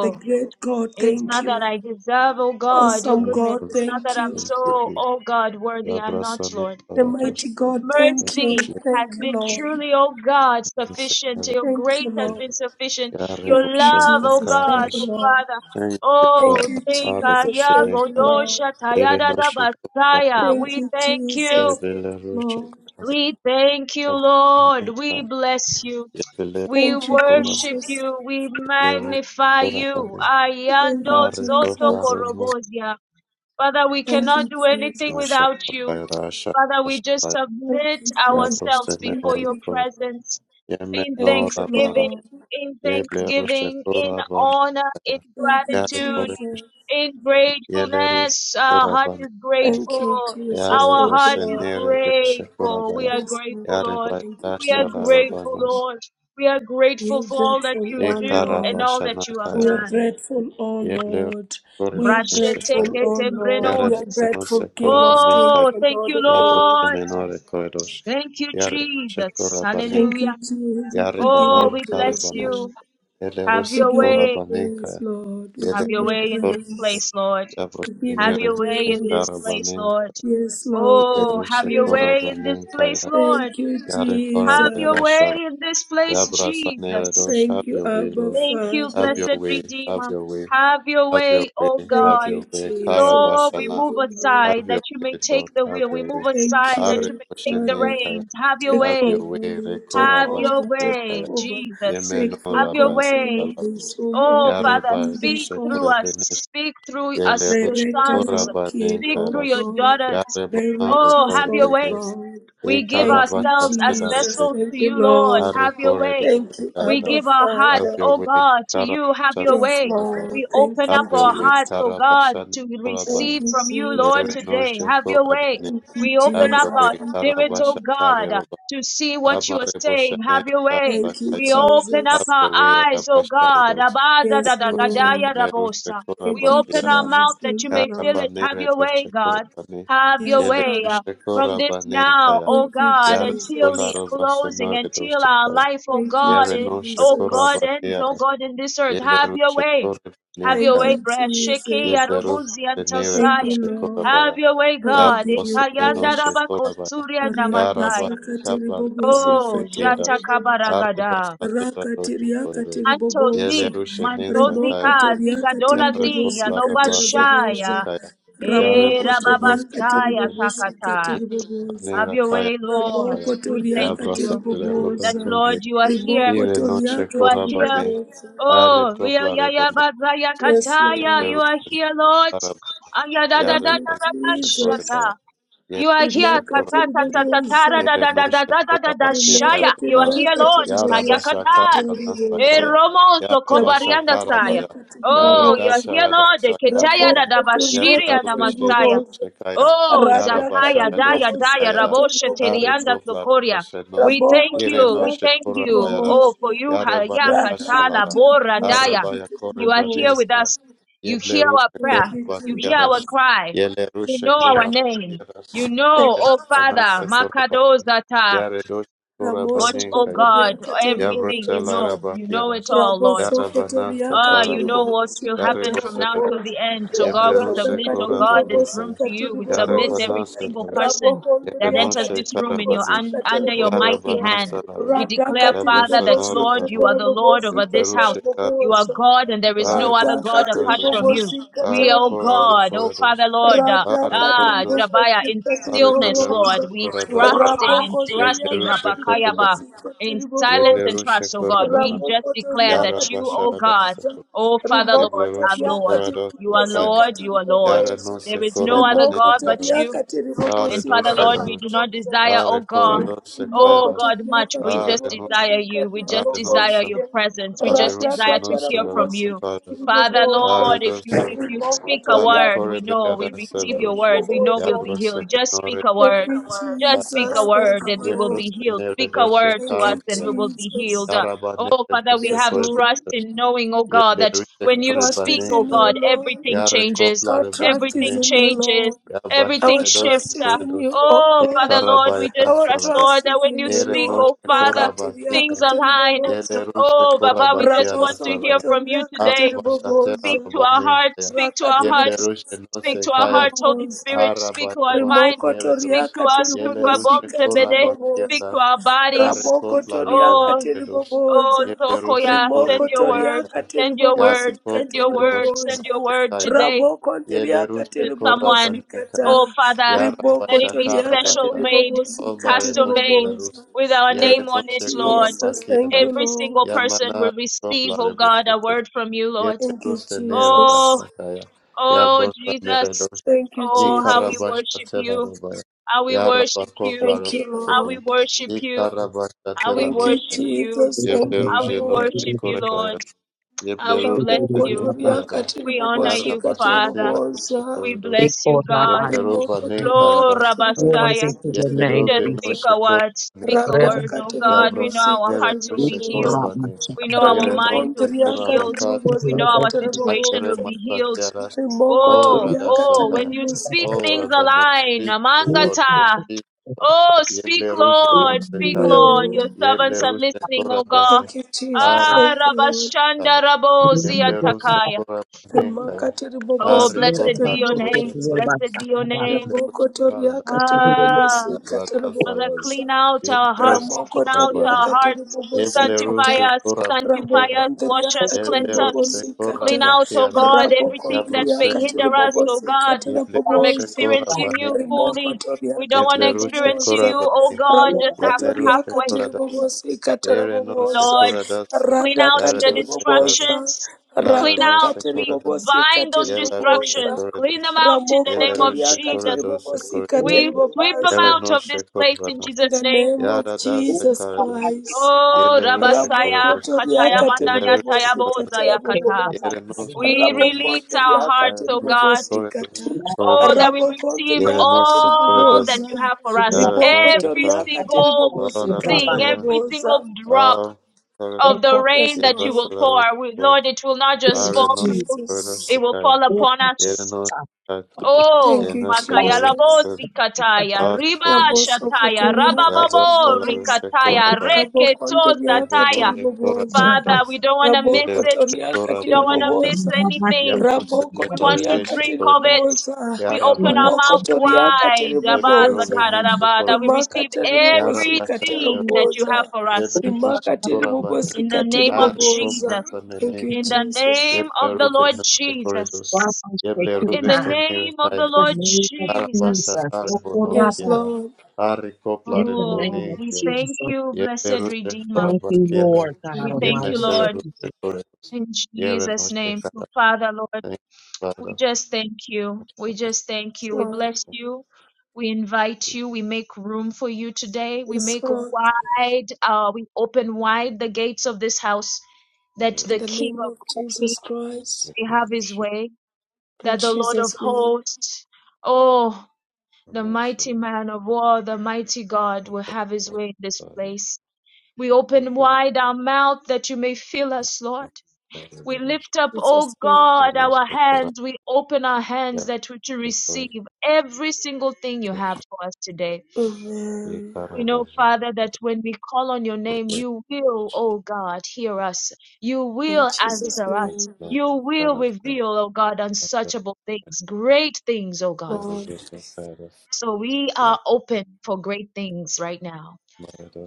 Speaker 3: The great God,
Speaker 1: It's
Speaker 3: thank
Speaker 1: not that
Speaker 3: you.
Speaker 1: I deserve, oh God, your
Speaker 3: Awesome
Speaker 2: Thank
Speaker 1: goodness.
Speaker 3: God,
Speaker 2: you.
Speaker 1: It's not
Speaker 3: thank
Speaker 1: that I'm
Speaker 3: you.
Speaker 2: Thank you,
Speaker 1: so,
Speaker 2: Jesus.
Speaker 1: oh God, worthy. I'm not,
Speaker 2: Yabrasane
Speaker 1: Lord.
Speaker 3: The
Speaker 1: But
Speaker 2: Paradash.
Speaker 1: your
Speaker 3: mighty God,
Speaker 2: Thank
Speaker 3: thank
Speaker 2: you,
Speaker 1: mercy
Speaker 3: you.
Speaker 1: has
Speaker 3: Thank you,
Speaker 1: been
Speaker 3: Lord.
Speaker 1: truly, oh God,
Speaker 2: Jesus.
Speaker 1: sufficient. Your
Speaker 3: Thank you,
Speaker 1: grace has
Speaker 3: Lord.
Speaker 1: been sufficient. Your
Speaker 3: Thank you,
Speaker 1: love,
Speaker 2: Yareboshene
Speaker 1: oh
Speaker 3: Jesus.
Speaker 1: God,
Speaker 3: Thank you,
Speaker 1: oh
Speaker 2: Karash.
Speaker 3: Lord.
Speaker 1: Father.
Speaker 2: Thank you,
Speaker 1: Oh,
Speaker 3: Thank you,
Speaker 2: Father.
Speaker 1: Jika
Speaker 3: Jesus.
Speaker 2: Areboshene
Speaker 3: Thank you,
Speaker 2: Karash.
Speaker 3: Lord.
Speaker 1: Yagodosha Tayada
Speaker 2: Erenoshe
Speaker 1: Basaya.
Speaker 2: Kubaneka.
Speaker 3: Thank
Speaker 1: We
Speaker 3: you,
Speaker 1: thank
Speaker 3: Jesus.
Speaker 1: you.
Speaker 3: Thank
Speaker 2: Yevele
Speaker 3: you,
Speaker 2: Rusha
Speaker 3: Lord.
Speaker 2: Karash.
Speaker 1: We thank you, Lord.
Speaker 2: Yabrasane
Speaker 1: We
Speaker 2: Karash.
Speaker 1: bless you.
Speaker 2: Yevele
Speaker 1: We
Speaker 3: Thank
Speaker 2: Rusha
Speaker 3: you,
Speaker 1: worship
Speaker 3: Jesus.
Speaker 1: you. We magnify
Speaker 2: Kora.
Speaker 1: you.
Speaker 3: Thank
Speaker 1: Ayando
Speaker 3: you,
Speaker 2: Are
Speaker 1: Zoto
Speaker 3: Jesus.
Speaker 2: toplaremos
Speaker 1: Korobozia. Father, we
Speaker 3: Thank
Speaker 1: cannot
Speaker 3: you,
Speaker 1: do anything
Speaker 3: Jesus.
Speaker 2: aşağı
Speaker 1: without you.
Speaker 2: bayra aşağı
Speaker 1: Father, we just
Speaker 2: aşağı
Speaker 3: Thank
Speaker 1: submit
Speaker 3: you,
Speaker 2: ya
Speaker 3: Jesus.
Speaker 2: proste
Speaker 1: ourselves
Speaker 3: Thank
Speaker 1: before
Speaker 2: menor
Speaker 1: your
Speaker 3: you,
Speaker 2: pro
Speaker 3: Lord.
Speaker 1: presence
Speaker 2: ya
Speaker 1: in
Speaker 2: menor
Speaker 3: Thank you,
Speaker 2: abara
Speaker 1: thanksgiving,
Speaker 3: Lord.
Speaker 1: in
Speaker 2: ye blero
Speaker 1: thanksgiving,
Speaker 2: şakor
Speaker 1: in
Speaker 2: ye
Speaker 1: honor, in
Speaker 3: Thank you,
Speaker 2: yare
Speaker 1: gratitude,
Speaker 2: foremuş
Speaker 3: Jesus.
Speaker 1: in
Speaker 2: yele ruş
Speaker 1: gratefulness. Our heart
Speaker 2: oraban
Speaker 1: is
Speaker 3: Thank
Speaker 1: grateful.
Speaker 3: you, Jesus.
Speaker 2: yare
Speaker 1: Our
Speaker 3: Thank you,
Speaker 1: heart is
Speaker 3: Lord.
Speaker 2: nere do shakura
Speaker 1: grateful.
Speaker 2: baya.
Speaker 1: We
Speaker 2: abaya
Speaker 1: are
Speaker 3: Yes, Lord.
Speaker 1: grateful,
Speaker 2: yare
Speaker 1: Lord.
Speaker 2: bayra
Speaker 3: Thank you,
Speaker 1: We are
Speaker 2: aşağı
Speaker 3: Jesus. Thank you.
Speaker 1: grateful,
Speaker 2: arabanos
Speaker 1: Lord. We are
Speaker 3: We
Speaker 1: grateful
Speaker 3: are
Speaker 1: for all that
Speaker 3: grateful,
Speaker 1: you
Speaker 3: O
Speaker 2: e
Speaker 1: do and
Speaker 2: karaba
Speaker 3: Lord.
Speaker 1: all that
Speaker 2: şana
Speaker 1: you have
Speaker 3: We are
Speaker 2: kayras
Speaker 1: done.
Speaker 3: grateful, O
Speaker 2: ye blero
Speaker 3: Lord.
Speaker 2: şakor
Speaker 3: We are
Speaker 1: Brashe
Speaker 2: beneşe kay
Speaker 3: grateful,
Speaker 1: teke
Speaker 3: O Lord.
Speaker 1: tembreno.
Speaker 2: yare
Speaker 3: We are
Speaker 2: prosenos
Speaker 3: grateful, King of Kings
Speaker 2: şakor
Speaker 1: Oh,
Speaker 3: and
Speaker 1: thank
Speaker 3: Lord
Speaker 1: you,
Speaker 3: of
Speaker 2: Yabros
Speaker 3: Lords.
Speaker 1: Lord.
Speaker 2: menore corredos.
Speaker 1: Thank you,
Speaker 2: Yare
Speaker 1: Jesus.
Speaker 2: shekorabanenka.
Speaker 3: Thank you,
Speaker 1: Hallelujah.
Speaker 3: Jesus.
Speaker 2: Yare
Speaker 3: We give
Speaker 1: Oh,
Speaker 3: you
Speaker 2: banore
Speaker 1: we
Speaker 3: praise,
Speaker 1: bless
Speaker 2: karebanas.
Speaker 1: you.
Speaker 3: Lord.
Speaker 2: Ele
Speaker 1: Have
Speaker 3: We
Speaker 2: ruse
Speaker 1: your
Speaker 3: give you
Speaker 1: way.
Speaker 3: praise,
Speaker 2: korabanenka.
Speaker 3: Lord. We
Speaker 1: Have
Speaker 2: Ele
Speaker 3: give
Speaker 1: your
Speaker 3: you
Speaker 2: ruse
Speaker 1: way in
Speaker 2: kor
Speaker 1: this
Speaker 3: praise.
Speaker 1: place, Lord.
Speaker 2: yabros
Speaker 3: We give
Speaker 1: Have
Speaker 3: you
Speaker 2: nere
Speaker 1: your way
Speaker 2: nushen
Speaker 1: in this
Speaker 3: praise.
Speaker 1: place,
Speaker 2: karabanenka.
Speaker 1: Lord.
Speaker 3: Yes, Lord.
Speaker 2: Ele
Speaker 1: Oh,
Speaker 3: Thank
Speaker 1: have
Speaker 2: ruse
Speaker 1: your
Speaker 3: you.
Speaker 1: way in this place,
Speaker 2: korabanenka.
Speaker 1: Lord.
Speaker 3: Thank you,
Speaker 2: Yare
Speaker 1: Have your
Speaker 3: Jesus.
Speaker 1: way
Speaker 2: korabayadashara.
Speaker 1: in this place,
Speaker 2: Yabras nere
Speaker 1: Jesus.
Speaker 2: dosh.
Speaker 3: Thank
Speaker 2: Have
Speaker 3: you,
Speaker 2: your way,
Speaker 3: Abba
Speaker 2: Lord.
Speaker 1: Thank you,
Speaker 2: Have your
Speaker 3: Father.
Speaker 1: blessed
Speaker 2: way. Have
Speaker 1: Redeemer.
Speaker 2: your way.
Speaker 1: Have your
Speaker 2: Have your
Speaker 1: way, oh
Speaker 2: way. Have
Speaker 3: Thank
Speaker 1: God.
Speaker 2: your
Speaker 3: you,
Speaker 2: way.
Speaker 3: Jesus.
Speaker 1: Lord, we
Speaker 2: Karabashana.
Speaker 3: Thank
Speaker 1: move
Speaker 3: you, Lord.
Speaker 1: aside
Speaker 2: Have your
Speaker 1: that you may
Speaker 2: way,
Speaker 1: take
Speaker 2: Lord.
Speaker 1: the
Speaker 2: Have
Speaker 1: wheel. We
Speaker 2: your way.
Speaker 1: move aside
Speaker 3: Thank
Speaker 1: that you
Speaker 3: you,
Speaker 1: may take the
Speaker 3: Father.
Speaker 2: Are
Speaker 1: reins. Have your
Speaker 3: Take
Speaker 2: Have
Speaker 1: way.
Speaker 2: your way,
Speaker 3: over, Lord. Take
Speaker 2: Rekora
Speaker 1: Have your
Speaker 3: over. Take
Speaker 1: way,
Speaker 2: Bashanika,
Speaker 3: over.
Speaker 1: Jesus.
Speaker 3: Take
Speaker 2: Yemeno
Speaker 3: full
Speaker 1: Have your
Speaker 2: Rabat
Speaker 3: control
Speaker 1: way.
Speaker 3: of this
Speaker 2: Salarus,
Speaker 3: home. oh
Speaker 1: Oh,
Speaker 3: God.
Speaker 1: Father,
Speaker 2: Yareba
Speaker 3: Lead
Speaker 1: speak
Speaker 3: us, oh
Speaker 1: through
Speaker 2: Shekore
Speaker 3: God.
Speaker 1: us.
Speaker 2: Benis,
Speaker 1: Speak through us, your
Speaker 2: Yelerus,
Speaker 3: Direct us,
Speaker 1: sons.
Speaker 3: O
Speaker 2: Koraba
Speaker 3: King,
Speaker 1: Speak
Speaker 3: O
Speaker 1: through your
Speaker 2: Ninkaras,
Speaker 3: God.
Speaker 1: daughters.
Speaker 2: Yareba
Speaker 3: Direct
Speaker 1: Oh,
Speaker 3: us,
Speaker 2: Rekore
Speaker 1: have your
Speaker 3: O
Speaker 1: way.
Speaker 2: Benis,
Speaker 3: God.
Speaker 1: We give
Speaker 3: Thank
Speaker 2: Ekarabasha
Speaker 3: you,
Speaker 1: ourselves as
Speaker 3: Jesus.
Speaker 2: Telarubin,
Speaker 1: vessels to
Speaker 3: Thank you,
Speaker 1: you, Lord.
Speaker 3: Lord.
Speaker 1: Have your
Speaker 2: Arekore
Speaker 1: way.
Speaker 3: Thank you,
Speaker 1: We
Speaker 2: Dosinkaira.
Speaker 3: Abba
Speaker 1: give our hearts,
Speaker 2: Have
Speaker 3: Father.
Speaker 2: your
Speaker 1: O
Speaker 2: way,
Speaker 1: God, to you. Have
Speaker 2: Karabasha
Speaker 1: your
Speaker 3: Yes,
Speaker 1: way.
Speaker 2: Nikarabaya.
Speaker 3: Lord.
Speaker 1: We
Speaker 3: Thank
Speaker 1: open
Speaker 2: Have
Speaker 1: up
Speaker 3: you,
Speaker 2: your
Speaker 1: our
Speaker 2: way,
Speaker 3: Jesus.
Speaker 1: hearts, O God,
Speaker 2: Karabasha
Speaker 1: to
Speaker 3: Thank
Speaker 2: Nikorabaya.
Speaker 1: receive
Speaker 3: you,
Speaker 1: from you, Lord,
Speaker 2: Yereno
Speaker 3: Jesus.
Speaker 1: today. Have your way.
Speaker 2: Shekorabani.
Speaker 3: Thank you,
Speaker 1: We open
Speaker 2: Have
Speaker 1: up
Speaker 2: your
Speaker 3: Jesus.
Speaker 2: way,
Speaker 1: our spirit, O God,
Speaker 2: Karabasha
Speaker 1: to see what you are saying.
Speaker 2: Amareboshane
Speaker 1: Have your way.
Speaker 3: Thank you,
Speaker 1: We
Speaker 2: Rabakayada
Speaker 1: open up
Speaker 3: Jesus.
Speaker 1: our
Speaker 2: Abgawe
Speaker 1: eyes, O God.
Speaker 2: Rabasharados
Speaker 3: Yes, Lord.
Speaker 2: Yebrosembene
Speaker 1: Abadadadagadayarabosa.
Speaker 2: Rushekora
Speaker 1: We
Speaker 3: Thank you,
Speaker 1: open
Speaker 2: Bakiada
Speaker 1: our mouth
Speaker 3: Jesus.
Speaker 1: that you
Speaker 3: Thank you,
Speaker 1: may fill
Speaker 3: Lord.
Speaker 1: it. Have
Speaker 2: Yarabanere
Speaker 1: your way, God.
Speaker 2: Doshekoretane
Speaker 1: Have your
Speaker 3: Yes,
Speaker 2: Yele
Speaker 1: way
Speaker 3: Lord.
Speaker 1: uh, from
Speaker 2: Rushekora
Speaker 1: this now,
Speaker 2: Banenkaya
Speaker 1: oh
Speaker 3: Thank you,
Speaker 1: God,
Speaker 2: Yare
Speaker 1: until the
Speaker 3: Jesus.
Speaker 2: Dolaro
Speaker 1: closing,
Speaker 2: Vasenore
Speaker 1: until our
Speaker 2: Doshekaya
Speaker 1: life, oh
Speaker 3: Thank you,
Speaker 1: God,
Speaker 2: Yare
Speaker 1: eh,
Speaker 2: no
Speaker 1: oh
Speaker 2: Shekora
Speaker 1: God,
Speaker 3: Jesus.
Speaker 1: and oh
Speaker 2: Bakiada
Speaker 1: God in this earth.
Speaker 2: Yele
Speaker 1: Have your way. Have your
Speaker 3: Thank
Speaker 2: Rushekore
Speaker 1: way,
Speaker 3: you,
Speaker 1: Brasheke,
Speaker 3: Jesus.
Speaker 2: Yeberuka
Speaker 1: Arubuzi, and
Speaker 2: Nere
Speaker 3: Thank
Speaker 1: tazaya.
Speaker 3: you, Lord.
Speaker 1: Have
Speaker 2: Shekorabaya,
Speaker 1: your way,
Speaker 3: Father, I
Speaker 1: God.
Speaker 3: give you
Speaker 2: Yarabose Meno
Speaker 1: Ikayanda
Speaker 3: praise.
Speaker 2: Shekorabaya,
Speaker 1: Rabakosuria
Speaker 2: Yaraba
Speaker 3: Oriabasa
Speaker 1: Namazaya.
Speaker 3: katiri
Speaker 2: Kapla
Speaker 3: bobosi
Speaker 2: Rebanose
Speaker 1: Oh,
Speaker 3: katiri
Speaker 1: Jata
Speaker 2: Kerash,
Speaker 3: bobosi.
Speaker 1: Kabaragada.
Speaker 2: Arabasa Terra
Speaker 3: Rakatiri
Speaker 2: Roshikoros,
Speaker 3: akatiri
Speaker 1: Antozi,
Speaker 2: Yele
Speaker 3: bobosa.
Speaker 2: Rushe Nensa
Speaker 1: Mantozi
Speaker 3: Rimoko
Speaker 2: Kaya,
Speaker 3: toria
Speaker 1: Kazi,
Speaker 3: katiri
Speaker 1: Gadola
Speaker 2: Yare
Speaker 1: Di,
Speaker 3: bobosi
Speaker 2: Kopla
Speaker 1: Aloba
Speaker 3: katiri
Speaker 2: Rabase
Speaker 3: bobosa.
Speaker 2: Noshe
Speaker 1: Shaya.
Speaker 2: Kaya, Yare
Speaker 3: Raboko
Speaker 1: Era
Speaker 2: Boshe
Speaker 3: toria
Speaker 2: nonse
Speaker 3: katiri
Speaker 1: babasaya
Speaker 2: Korben,
Speaker 3: bobosi
Speaker 1: takata.
Speaker 3: katiri
Speaker 2: Yabra
Speaker 3: bobosa.
Speaker 1: Have
Speaker 2: Nera
Speaker 1: your
Speaker 2: Kaya
Speaker 1: way, Lord.
Speaker 2: Kaya,
Speaker 3: Raboko
Speaker 1: We
Speaker 3: toria
Speaker 1: thank
Speaker 2: Yabrasa
Speaker 3: katiri
Speaker 1: you
Speaker 2: Pileroba
Speaker 1: that,
Speaker 3: bobosa.
Speaker 2: Kone,
Speaker 1: Lord, you are here.
Speaker 3: Riboko
Speaker 2: Ire
Speaker 3: toria
Speaker 2: Noshe
Speaker 1: You are
Speaker 3: katiri
Speaker 1: here.
Speaker 2: Korabane,
Speaker 3: bobosa.
Speaker 2: Are
Speaker 1: Oh, we are
Speaker 2: Kopla
Speaker 1: ya ya
Speaker 2: Rebana,
Speaker 1: ba za ya
Speaker 3: Yes,
Speaker 1: kataya. You
Speaker 2: Yebleru
Speaker 3: Lord.
Speaker 1: are here, Lord. Aya da da da
Speaker 3: Thank
Speaker 2: Yare
Speaker 3: you,
Speaker 1: da da da
Speaker 2: Polish Korea
Speaker 3: Jesus.
Speaker 2: by
Speaker 1: shata. You are here. ta
Speaker 2: Yerushakura
Speaker 1: ta
Speaker 3: rimakatiri
Speaker 1: ta ta ta
Speaker 3: boboza
Speaker 1: ra da da da da da da da
Speaker 2: Irenoshakura
Speaker 1: da
Speaker 2: Bakiara
Speaker 1: shaya. You
Speaker 3: rimakatiri
Speaker 1: are
Speaker 2: Shadara
Speaker 1: here, Lord.
Speaker 3: yakatiri
Speaker 2: Yara
Speaker 1: Aya
Speaker 3: bobosi
Speaker 1: katar.
Speaker 3: katira
Speaker 2: Bashakaba
Speaker 1: E
Speaker 3: boboza
Speaker 2: Nasakaya Yara
Speaker 1: romozo kobarianda
Speaker 3: rabokotiri
Speaker 1: saya.
Speaker 2: Bashakarabaya
Speaker 3: yakatiri
Speaker 2: Yara
Speaker 1: Oh, you are
Speaker 3: bobosi
Speaker 1: here,
Speaker 2: Dasharada
Speaker 1: Lord. Ketaya da
Speaker 2: Sakarabaya
Speaker 1: da
Speaker 3: rabokotiri
Speaker 1: bashiri ya
Speaker 2: Yablaru
Speaker 1: na
Speaker 3: yakatiri
Speaker 2: Beshede
Speaker 3: boboza
Speaker 2: Doshakaya
Speaker 1: Oh,
Speaker 3: rata
Speaker 2: Yara
Speaker 1: Zakaya,
Speaker 3: katiri
Speaker 2: Basharado
Speaker 1: Daya,
Speaker 3: bobosi
Speaker 1: Daya,
Speaker 2: Sekayada
Speaker 3: katiri
Speaker 1: Rabosha,
Speaker 2: Are
Speaker 3: boboza
Speaker 1: Terianda,
Speaker 2: Kopla
Speaker 1: Sokoria.
Speaker 2: Bashanos
Speaker 1: We thank
Speaker 3: rabokotiri
Speaker 1: you. We thank
Speaker 3: yakatiri
Speaker 2: Irenoshakura
Speaker 1: you. Oh,
Speaker 2: Bayarash
Speaker 3: boboza
Speaker 1: for you,
Speaker 2: Yara Bayara
Speaker 1: Hayaka,
Speaker 3: rata
Speaker 1: Tala,
Speaker 2: Shalara
Speaker 3: katiri
Speaker 1: Bora,
Speaker 3: bobosi
Speaker 2: Ara
Speaker 1: Daya.
Speaker 3: katiri
Speaker 1: You
Speaker 2: Bayakore
Speaker 1: are here with
Speaker 3: boboza
Speaker 2: Banekaya
Speaker 1: us. You hear our
Speaker 2: Yeblerusha
Speaker 3: Thank
Speaker 1: prayer.
Speaker 2: Korba
Speaker 1: You
Speaker 3: you,
Speaker 1: hear our
Speaker 2: Yarash
Speaker 1: cry. You know our
Speaker 3: Jesus.
Speaker 1: name.
Speaker 2: Yaras,
Speaker 1: You know, oh Father,
Speaker 2: Yabanasa Koraba,
Speaker 1: Makados that are
Speaker 2: Yaredosh
Speaker 1: watch,
Speaker 3: Ramoso
Speaker 1: oh
Speaker 2: Korabanenka,
Speaker 3: Kotoria
Speaker 1: God, everything
Speaker 2: Yavrosha
Speaker 1: you
Speaker 3: Kateribobosa.
Speaker 1: know.
Speaker 2: Laraba
Speaker 1: You know it
Speaker 2: Kiras,
Speaker 1: all, Lord.
Speaker 3: Raboso Kotoria
Speaker 2: Yarabanasa
Speaker 1: Ah, you know
Speaker 2: Karaba,
Speaker 1: what
Speaker 3: Katiribobosi
Speaker 1: will happen from
Speaker 2: Yarebose,
Speaker 1: now till
Speaker 3: Katarabobosa
Speaker 1: the end. So, God, we
Speaker 3: Rada
Speaker 2: Yeblerushe
Speaker 1: submit, oh God, this
Speaker 3: Katiribobosi
Speaker 1: room
Speaker 2: Korabanenka,
Speaker 1: to you. We submit
Speaker 3: Katiribobosa
Speaker 1: every
Speaker 2: Yarebanasa
Speaker 1: single
Speaker 2: Larush,
Speaker 1: person that
Speaker 3: Rabokondria
Speaker 1: enters
Speaker 2: Yarenoshe
Speaker 1: this room in your
Speaker 3: Katiribobosi
Speaker 2: Karabanesh,
Speaker 1: un, under your mighty
Speaker 3: Katarabobosa
Speaker 1: hand.
Speaker 2: Yarabanasa Larush,
Speaker 1: We
Speaker 3: Rada
Speaker 1: declare, Father,
Speaker 2: Yabrosa
Speaker 1: that
Speaker 3: Katiribobosi
Speaker 1: Lord, you
Speaker 2: Norabana,
Speaker 1: are the Lord
Speaker 3: Katarabobosi
Speaker 1: over this house.
Speaker 2: Yeblerushe
Speaker 1: You
Speaker 2: Karaba,
Speaker 1: are
Speaker 3: Katarabobosa
Speaker 1: God, and there is no
Speaker 3: Rada
Speaker 1: other
Speaker 2: Arenoshe
Speaker 1: God apart
Speaker 2: Korados,
Speaker 1: from you.
Speaker 3: Katiribobosi
Speaker 2: Are
Speaker 1: We, oh
Speaker 2: Kora
Speaker 3: Katarabobosa
Speaker 1: God, oh
Speaker 2: Yekorados,
Speaker 1: Father, Lord, uh,
Speaker 3: Rada
Speaker 2: Are
Speaker 1: ah,
Speaker 2: Korados,
Speaker 1: Jabaya, in
Speaker 3: Katiribobosi
Speaker 2: Are
Speaker 1: stillness,
Speaker 3: Katiribobosa
Speaker 1: Lord, we
Speaker 2: Balarush
Speaker 1: trust in, in
Speaker 3: Rabokotoria
Speaker 1: trusting,
Speaker 2: Yeblerushe
Speaker 1: Abakayaba
Speaker 2: koribana.
Speaker 3: Katiribobosi
Speaker 1: in silence
Speaker 3: Katiribobosa
Speaker 1: and
Speaker 2: Yeblerushe
Speaker 1: trust, oh God.
Speaker 2: korabana.
Speaker 1: We just
Speaker 3: Ramoko
Speaker 1: declare
Speaker 2: Yara
Speaker 3: toriaka
Speaker 1: that you, oh God,
Speaker 3: tiribobosa.
Speaker 2: basharadasako.
Speaker 1: Oh, Father,
Speaker 3: Rimoko
Speaker 1: Lord, our
Speaker 2: Yeblerushe
Speaker 3: toriaka
Speaker 1: Lord, you are
Speaker 2: kaya.
Speaker 3: tiribobosika
Speaker 1: Lord, you are Lord.
Speaker 2: Yara
Speaker 3: tiribobosa.
Speaker 1: There
Speaker 2: nose
Speaker 1: is no other
Speaker 2: korabane
Speaker 3: Rimoko
Speaker 1: God but you.
Speaker 2: kayaras.
Speaker 3: toriaka
Speaker 2: Are
Speaker 1: And
Speaker 3: tiribobosika
Speaker 1: Father
Speaker 2: dose
Speaker 1: Lord, we do
Speaker 2: larush.
Speaker 1: not
Speaker 3: tiribobosa.
Speaker 1: desire,
Speaker 2: Are
Speaker 1: oh God,
Speaker 2: koradose
Speaker 1: oh
Speaker 3: Rimoko
Speaker 2: kayaras.
Speaker 1: God, much.
Speaker 3: toriaka
Speaker 1: We just
Speaker 2: Are no.
Speaker 1: desire
Speaker 3: tiribobosika
Speaker 1: you. We just
Speaker 2: Are
Speaker 1: desire
Speaker 2: nosa.
Speaker 1: your
Speaker 3: tiribobosa.
Speaker 1: presence. We
Speaker 2: Ale
Speaker 1: just
Speaker 2: ruse
Speaker 3: Rataka
Speaker 1: desire to
Speaker 2: nosa
Speaker 1: hear from
Speaker 2: larushe
Speaker 1: you.
Speaker 3: tarabobosika
Speaker 2: kayaras.
Speaker 1: Father
Speaker 3: tiribobosa.
Speaker 1: Lord,
Speaker 2: Are
Speaker 1: if you
Speaker 2: dosa.
Speaker 1: if you
Speaker 3: Rimoko
Speaker 1: speak a
Speaker 2: Are
Speaker 3: toriaka
Speaker 1: word, we
Speaker 2: korebe
Speaker 1: know we
Speaker 2: yadase
Speaker 3: tiribobosika
Speaker 1: receive your
Speaker 2: larush.
Speaker 1: word. We know
Speaker 3: tiribobosa.
Speaker 1: we'll be
Speaker 2: Yabrose
Speaker 1: healed. Just speak
Speaker 2: menore
Speaker 1: a
Speaker 3: Thank
Speaker 1: word.
Speaker 3: you,
Speaker 1: Just speak
Speaker 2: kayaras.
Speaker 1: a
Speaker 3: Jesus. Thank
Speaker 1: word
Speaker 3: you,
Speaker 1: and we will
Speaker 3: Lord.
Speaker 1: be
Speaker 2: Yebrose
Speaker 1: healed.
Speaker 2: nere
Speaker 1: Speak a
Speaker 2: doshe
Speaker 1: word to
Speaker 3: Thank
Speaker 1: us
Speaker 3: you,
Speaker 1: and we
Speaker 2: karabana.
Speaker 1: will be healed.
Speaker 3: Jesus.
Speaker 1: Uh,
Speaker 2: Yarabane
Speaker 1: Oh, Father, we
Speaker 2: redose
Speaker 3: Yes,
Speaker 1: have
Speaker 3: Lord.
Speaker 1: trust
Speaker 2: korebedos.
Speaker 1: in knowing, oh God,
Speaker 2: Yeble
Speaker 1: that
Speaker 2: rite
Speaker 3: Our
Speaker 1: when you
Speaker 3: trust
Speaker 1: speak,
Speaker 3: is
Speaker 1: oh
Speaker 3: in
Speaker 2: korebanenka. ya.
Speaker 3: you,
Speaker 1: God,
Speaker 3: Lord.
Speaker 1: everything
Speaker 2: Yare
Speaker 1: changes.
Speaker 2: kopla
Speaker 3: Our
Speaker 2: rebose
Speaker 3: trust is
Speaker 1: Everything
Speaker 3: in
Speaker 2: nenka.
Speaker 3: you,
Speaker 1: changes
Speaker 3: Lord.
Speaker 2: Yabasha
Speaker 3: Our
Speaker 1: everything
Speaker 2: redose
Speaker 1: shifts.
Speaker 3: trust is
Speaker 1: Uh,
Speaker 3: in
Speaker 2: koredos.
Speaker 3: you, O
Speaker 2: E
Speaker 1: oh, Father
Speaker 3: God.
Speaker 1: Lord, we
Speaker 2: karabaya
Speaker 1: just
Speaker 3: Our
Speaker 1: trust,
Speaker 2: salara.
Speaker 1: Lord,
Speaker 3: trust
Speaker 1: that
Speaker 3: is
Speaker 1: when
Speaker 3: in
Speaker 1: you
Speaker 3: you,
Speaker 2: Ere
Speaker 1: speak,
Speaker 3: Lord.
Speaker 1: oh
Speaker 2: noche
Speaker 1: Father,
Speaker 3: Makatiria
Speaker 1: things
Speaker 2: korabakiadas.
Speaker 1: align.
Speaker 2: Yele
Speaker 3: katiriboboza.
Speaker 2: rushe
Speaker 1: Oh, Baba, we just
Speaker 2: korabakiadas
Speaker 1: want
Speaker 3: Raboso
Speaker 1: to hear
Speaker 2: salara.
Speaker 1: from you
Speaker 3: kotoria
Speaker 1: today.
Speaker 2: Arabasha tela
Speaker 1: Speak
Speaker 3: katiriboboza.
Speaker 1: to our
Speaker 2: rabanenka.
Speaker 1: hearts,
Speaker 2: ya.
Speaker 1: speak to our
Speaker 2: Yeble
Speaker 1: hearts,
Speaker 2: rushe
Speaker 3: Rakatiriboboza.
Speaker 1: speak to our
Speaker 2: nose
Speaker 1: hearts, Holy
Speaker 3: Katiriboboza.
Speaker 1: Spirit, speak to our
Speaker 2: Arabayabos
Speaker 1: mind,
Speaker 3: Ramoko
Speaker 1: speak
Speaker 2: Neredos,
Speaker 3: toriaka
Speaker 1: to us, through
Speaker 2: Yelerusha
Speaker 1: Kabom
Speaker 3: tiribobosika
Speaker 1: Zebede, speak
Speaker 3: tiribobosa.
Speaker 1: to
Speaker 2: Korabakiadas,
Speaker 1: our bodies.
Speaker 3: Ramoko
Speaker 2: Arepopla
Speaker 3: toriaka
Speaker 1: Oh,
Speaker 2: Reboneredos,
Speaker 1: oh,
Speaker 3: tiribobosa.
Speaker 2: Yelerusa
Speaker 1: Zokoya,
Speaker 3: Rimoko
Speaker 1: send your word,
Speaker 3: toriaka
Speaker 2: Korebanekaya,
Speaker 1: send your word,
Speaker 3: tiribobosika
Speaker 1: send
Speaker 2: Yarepopla
Speaker 1: your word, send
Speaker 3: tiribobosa.
Speaker 1: your word
Speaker 2: Reboshinokaya,
Speaker 1: today
Speaker 3: Ramoko tiriaka
Speaker 2: Yelerusha
Speaker 1: to someone,
Speaker 3: tiribobosika ta.
Speaker 2: Korabanekaya,
Speaker 1: oh Father,
Speaker 3: Riboko
Speaker 1: let it
Speaker 2: Yarabasha
Speaker 1: be
Speaker 3: toriaka
Speaker 1: special
Speaker 2: Karabayada,
Speaker 1: made,
Speaker 3: tiribobosika
Speaker 2: Omare
Speaker 1: custom made,
Speaker 3: tiribobosa.
Speaker 2: Boshelerus,
Speaker 1: with our name
Speaker 3: Thank
Speaker 1: on
Speaker 3: you,
Speaker 1: it,
Speaker 2: Yerenoshe
Speaker 1: Lord.
Speaker 3: Jesus. Thank you,
Speaker 2: Korabakiadas,
Speaker 1: Every single
Speaker 3: Lord.
Speaker 1: person will
Speaker 2: Yamanar
Speaker 1: receive,
Speaker 2: Popla
Speaker 1: oh God, a
Speaker 2: Rebosheko,
Speaker 1: word from you, Lord.
Speaker 3: Thank you,
Speaker 2: Yelerusa
Speaker 1: Oh,
Speaker 3: Jesus.
Speaker 2: Neradashakaya,
Speaker 1: oh Jesus.
Speaker 2: Yabrosa
Speaker 3: Thank you,
Speaker 1: Oh, how we
Speaker 3: Jesus.
Speaker 2: Ikarabasha
Speaker 1: worship you.
Speaker 2: telarobaya.
Speaker 1: How we worship
Speaker 2: Yarabakopla
Speaker 1: you.
Speaker 3: Thank you,
Speaker 1: How
Speaker 2: robasene.
Speaker 1: we
Speaker 3: Lord.
Speaker 1: worship you.
Speaker 4: Glory
Speaker 2: Ikarabasha
Speaker 1: How we
Speaker 3: Thank you,
Speaker 2: telarobaya.
Speaker 1: worship you.
Speaker 3: Jesus. Thank you,
Speaker 1: How
Speaker 2: Yebleruje
Speaker 1: we
Speaker 2: nonze
Speaker 3: Lord.
Speaker 1: worship you,
Speaker 2: korebaya.
Speaker 1: Lord. How we
Speaker 2: Yebleroge
Speaker 1: bless
Speaker 2: tene
Speaker 1: you.
Speaker 3: Ramokotoria
Speaker 2: kayara.
Speaker 1: We honor
Speaker 3: Katiribobosi
Speaker 1: you,
Speaker 2: Yarabasha
Speaker 1: Father.
Speaker 2: telaroshe
Speaker 3: Katiribobosa
Speaker 1: We
Speaker 2: koredos.
Speaker 1: bless you, God.
Speaker 2: Yebleroba ne
Speaker 3: Rimokotoria
Speaker 1: Lord
Speaker 2: karadas.
Speaker 1: Rabasaya.
Speaker 4: be
Speaker 3: Katiribobosi
Speaker 4: to your name,
Speaker 2: Yeblerobe
Speaker 1: Just
Speaker 2: no
Speaker 1: speak
Speaker 3: Katiribobosa
Speaker 4: Jesus.
Speaker 1: a
Speaker 2: shekor.
Speaker 1: word. Speak a
Speaker 3: Rada
Speaker 4: Reba,
Speaker 1: word, oh God. We know
Speaker 3: Katiribobosi
Speaker 1: our
Speaker 2: Yabrasanere
Speaker 1: hearts
Speaker 2: no
Speaker 1: will be
Speaker 4: iku
Speaker 3: Katiribobosa
Speaker 1: healed.
Speaker 4: rama
Speaker 2: Shekorabane,
Speaker 1: We
Speaker 4: saka.
Speaker 1: know our
Speaker 2: Ere no
Speaker 1: minds will be
Speaker 3: Ramokontria
Speaker 1: healed.
Speaker 2: Shekorabakata,
Speaker 1: We
Speaker 3: Katiribobosi
Speaker 1: know
Speaker 4: Reba,
Speaker 1: our
Speaker 4: iku
Speaker 1: situation
Speaker 2: Akere
Speaker 1: will
Speaker 3: Katiribobosa
Speaker 1: be healed.
Speaker 2: Masatiaras, O
Speaker 1: Oh,
Speaker 3: Rimokotoria
Speaker 4: rama
Speaker 1: oh,
Speaker 2: Radasakaya,
Speaker 1: when you
Speaker 3: Katiribobosi
Speaker 1: speak,
Speaker 2: O
Speaker 1: things
Speaker 3: Kata
Speaker 2: Rabana,
Speaker 1: align.
Speaker 2: speak the word, go
Speaker 1: Amangata.
Speaker 2: speak. the word.
Speaker 1: Oh, speak,
Speaker 2: Yeble Ruje no
Speaker 1: Lord. Speak,
Speaker 2: Sekaya,
Speaker 1: Lord.
Speaker 3: Mm.
Speaker 1: Your servants
Speaker 2: Yeble
Speaker 1: are
Speaker 2: Ruje
Speaker 1: listening, oh God.
Speaker 2: Korabane,
Speaker 3: Thank you, Jesus.
Speaker 2: Are
Speaker 1: Ah,
Speaker 3: Thank you, Lord.
Speaker 2: Korabane,
Speaker 1: Rabashanda Rabozi
Speaker 2: Yeble Ruse
Speaker 1: Atakaya.
Speaker 2: Korabane Kaya, Are
Speaker 1: Oh,
Speaker 3: Remakatiribobosi
Speaker 1: blessed be
Speaker 2: Kotla
Speaker 1: your
Speaker 4: saka.
Speaker 2: Reboshe
Speaker 1: name.
Speaker 3: Katiribobosa
Speaker 4: Reba,
Speaker 2: Krebus,
Speaker 1: Blessed be your
Speaker 2: Yeble
Speaker 1: name.
Speaker 2: Ruje
Speaker 3: Rimokotoria
Speaker 2: Karada,
Speaker 1: Ah.
Speaker 3: Katiribobosi
Speaker 2: Yabrata
Speaker 1: Father,
Speaker 2: Salarush,
Speaker 1: clean
Speaker 3: Katiribobosa
Speaker 1: out
Speaker 2: Yeble
Speaker 1: our
Speaker 2: Ruse
Speaker 1: hearts,
Speaker 3: Ramoko
Speaker 1: clean out
Speaker 2: Korabane.
Speaker 1: our
Speaker 3: toriaka tiri
Speaker 1: hearts,
Speaker 3: bobosikata.
Speaker 1: sanctify
Speaker 2: Yebleruse
Speaker 1: us,
Speaker 2: kora
Speaker 1: sanctify
Speaker 3: Raboko
Speaker 2: bakera.
Speaker 1: us, wash
Speaker 3: ndriaka
Speaker 1: us,
Speaker 3: tiri
Speaker 1: cleanse us,
Speaker 2: Yebleruse
Speaker 3: bobosikata.
Speaker 1: clean
Speaker 2: kora
Speaker 1: out, O
Speaker 2: bakera.
Speaker 1: God,
Speaker 3: Raboko
Speaker 1: everything that
Speaker 2: Yabrose
Speaker 1: may
Speaker 3: ndriaka tiri
Speaker 1: hinder us,
Speaker 2: norinos.
Speaker 1: O God,
Speaker 3: bobosikata
Speaker 1: from
Speaker 2: Yebleruse
Speaker 3: raboboza.
Speaker 2: kora
Speaker 1: experiencing you
Speaker 2: baneka.
Speaker 3: Rimoko
Speaker 1: fully. We
Speaker 3: toriaka
Speaker 1: don't want to
Speaker 3: tiri
Speaker 2: Yebleruse
Speaker 1: experience
Speaker 3: boboza.
Speaker 2: kora
Speaker 1: you, O
Speaker 2: bane.
Speaker 1: God, just
Speaker 3: Ramoko
Speaker 1: half,
Speaker 2: Yebleruse
Speaker 3: toriaka
Speaker 1: halfway.
Speaker 2: kora
Speaker 3: tiri
Speaker 2: das.
Speaker 3: bobosikata
Speaker 2: Ere non se
Speaker 3: raboboza.
Speaker 1: Lord,
Speaker 2: kora das.
Speaker 1: clean out
Speaker 3: Radaka
Speaker 2: Yara
Speaker 1: the
Speaker 3: tiri
Speaker 2: dos se karas.
Speaker 3: boboza.
Speaker 1: distractions.
Speaker 2: Lara
Speaker 1: Clean
Speaker 2: non
Speaker 3: Radaka
Speaker 1: out,
Speaker 2: se
Speaker 3: tiri
Speaker 2: kora
Speaker 1: we
Speaker 2: das.
Speaker 3: bobosika
Speaker 1: bind those
Speaker 3: tiri
Speaker 2: Yela rose
Speaker 3: boboza.
Speaker 1: distractions.
Speaker 2: kora
Speaker 1: Clean
Speaker 2: das.
Speaker 1: them out in the
Speaker 3: Ramoko
Speaker 2: Yela
Speaker 1: name of
Speaker 2: rose
Speaker 3: toriaka
Speaker 2: kora
Speaker 1: Jesus.
Speaker 3: tiri
Speaker 2: dos se kora
Speaker 3: bobosika
Speaker 2: dos.
Speaker 3: tiri
Speaker 1: We sweep them
Speaker 3: bobaza.
Speaker 1: out of this
Speaker 2: se kora
Speaker 1: place in
Speaker 3: In
Speaker 1: Jesus'
Speaker 3: the
Speaker 1: name.
Speaker 3: name of
Speaker 2: Yara das se
Speaker 3: Jesus
Speaker 2: kara dos.
Speaker 3: Christ.
Speaker 1: Oh,
Speaker 2: Yele rose
Speaker 1: Rabasaya
Speaker 3: Rabokoto
Speaker 1: Kataya
Speaker 3: riakati
Speaker 1: Manaya
Speaker 2: Ilerusha
Speaker 3: ribobosikata
Speaker 2: Koros,
Speaker 1: Tayabozaya
Speaker 4: The
Speaker 1: Kata.
Speaker 4: name of
Speaker 3: raboboza.
Speaker 2: Yerenos
Speaker 4: Jesus.
Speaker 1: We
Speaker 2: Korenos,
Speaker 1: release
Speaker 3: Rabokonti
Speaker 1: our hearts,
Speaker 3: riakati
Speaker 1: oh
Speaker 2: Yerenos
Speaker 1: God.
Speaker 2: Korenos,
Speaker 3: ribobosikata.
Speaker 1: Oh,
Speaker 2: Korenos,
Speaker 1: that we
Speaker 3: Rabokonti
Speaker 1: receive
Speaker 3: riakati
Speaker 2: Yerenos
Speaker 1: all that
Speaker 2: Korenos,
Speaker 1: you
Speaker 3: riboboza.
Speaker 1: have for us.
Speaker 2: Yerenos
Speaker 3: Ribokoto
Speaker 1: Every
Speaker 2: Kar,
Speaker 3: riakati
Speaker 1: single
Speaker 3: ribobosikata
Speaker 1: thing,
Speaker 4: Okoraba,
Speaker 2: Orabane,
Speaker 1: every single
Speaker 3: raboboza.
Speaker 1: drop
Speaker 2: Al Koret,
Speaker 1: of the rain
Speaker 3: Yes,
Speaker 1: that you will
Speaker 3: Lord.
Speaker 2: Yebasalavic
Speaker 1: pour. We,
Speaker 2: Koret,
Speaker 1: Lord, it will not just
Speaker 3: Thank you,
Speaker 1: fall
Speaker 2: Arenos
Speaker 1: through,
Speaker 2: Korenos
Speaker 1: it
Speaker 3: Jesus.
Speaker 1: will
Speaker 2: Kair,
Speaker 1: fall upon us.
Speaker 2: Yerenos Kar,
Speaker 1: Oh,
Speaker 3: Thank you,
Speaker 2: Yerenos Korenos
Speaker 1: makayalabo
Speaker 3: Jesus.
Speaker 2: Koret,
Speaker 1: rikataya,
Speaker 2: Ar
Speaker 1: riba
Speaker 2: Korenos Kair,
Speaker 1: shataya,
Speaker 3: Rabosokoto riakati
Speaker 1: rabababo
Speaker 3: riboboza.
Speaker 2: Yabrasalarusha
Speaker 1: rikataya,
Speaker 2: Korabayas,
Speaker 3: Raboko
Speaker 1: reketo
Speaker 3: ndiriakati
Speaker 1: dataya.
Speaker 2: Yevenos
Speaker 3: riboboza.
Speaker 1: Father, we
Speaker 2: Korabayas,
Speaker 1: don't want to
Speaker 3: Raboko
Speaker 1: miss it.
Speaker 2: Ilerusha
Speaker 1: We
Speaker 3: toriakati
Speaker 1: don't want to
Speaker 2: Korabanin
Speaker 1: miss
Speaker 3: riboboza.
Speaker 1: anything.
Speaker 3: Raboko
Speaker 2: Yaprosene
Speaker 1: We want to
Speaker 2: Norede
Speaker 3: toriakati
Speaker 1: drink of
Speaker 2: Shekoreda,
Speaker 1: it.
Speaker 3: riboboza.
Speaker 1: We open
Speaker 2: Yarabaya
Speaker 1: our
Speaker 3: Rimoko
Speaker 1: mouth
Speaker 2: Shekor,
Speaker 3: toriakati
Speaker 1: wide. abba
Speaker 3: riboboza.
Speaker 2: Yeberobe
Speaker 1: zaka da That we
Speaker 2: Nisekoraba,
Speaker 1: receive
Speaker 3: Rimakati ribobosi
Speaker 2: Yarabasha,
Speaker 3: kati
Speaker 1: everything that you
Speaker 3: riboboza.
Speaker 1: have for us.
Speaker 2: Yebero
Speaker 3: Rimakati
Speaker 2: Shekorabane,
Speaker 3: ribobosi
Speaker 1: In the
Speaker 3: kati
Speaker 1: name of
Speaker 2: Ariko
Speaker 3: riboboza.
Speaker 1: Jesus.
Speaker 3: Thank you,
Speaker 1: In the
Speaker 2: Prosanenekaya,
Speaker 3: Jesus.
Speaker 1: name of the
Speaker 2: Yeberobe
Speaker 1: Lord
Speaker 2: no Shekoredos,
Speaker 1: Jesus. In
Speaker 2: Yeblerube
Speaker 1: the name of the
Speaker 2: Senerekaya,
Speaker 1: Lord Jesus.
Speaker 2: Arabasha
Speaker 3: Yes,
Speaker 2: Aribononkiera,
Speaker 3: Lord.
Speaker 2: Ariko
Speaker 4: In the
Speaker 1: Oh,
Speaker 4: name of
Speaker 1: we
Speaker 2: Plarebonekera,
Speaker 1: thank
Speaker 4: Jesus.
Speaker 1: you, blessed
Speaker 2: Yeberu
Speaker 1: Redeemer.
Speaker 4: Thank you,
Speaker 2: Shekorabakera,
Speaker 4: Lord God
Speaker 1: We
Speaker 3: Thank you,
Speaker 1: thank you,
Speaker 4: Almighty.
Speaker 2: Yemesele
Speaker 4: Thank
Speaker 1: Lord,
Speaker 3: Jesus.
Speaker 4: you, Lord
Speaker 2: Shekoredos,
Speaker 1: in
Speaker 2: Yereno
Speaker 1: Jesus' name. Oh,
Speaker 2: Shekara,
Speaker 1: Father, Lord, we
Speaker 2: Father.
Speaker 1: just thank you. We just thank you. We
Speaker 3: Lord.
Speaker 1: bless you. We invite you. We make room for you today. We
Speaker 3: Yes,
Speaker 1: make
Speaker 3: Lord.
Speaker 2: Thank
Speaker 1: wide, uh, we open wide the gates of this house that
Speaker 3: In
Speaker 1: the
Speaker 3: the
Speaker 1: King
Speaker 3: name
Speaker 1: of
Speaker 3: of
Speaker 1: glory
Speaker 3: Jesus Christ.
Speaker 1: may have his way,
Speaker 3: In
Speaker 1: that the Lord of
Speaker 3: Jesus' name.
Speaker 1: hosts, oh, the mighty man of war, the mighty God will have his way in this place. We open wide our mouth that you may fill us, Lord. We lift up, O
Speaker 3: Jesus' name.
Speaker 1: God, our hands. We open our hands that we to receive every single thing you have for us today.
Speaker 3: Amen.
Speaker 1: We know, Father, that when we call on your name, you will, O God, hear us. You
Speaker 3: In
Speaker 1: will
Speaker 3: Jesus'
Speaker 1: answer us.
Speaker 3: name,
Speaker 1: You will reveal, O God, unsearchable things, great things, O God.
Speaker 3: Lord.
Speaker 1: So we are open for great things right now.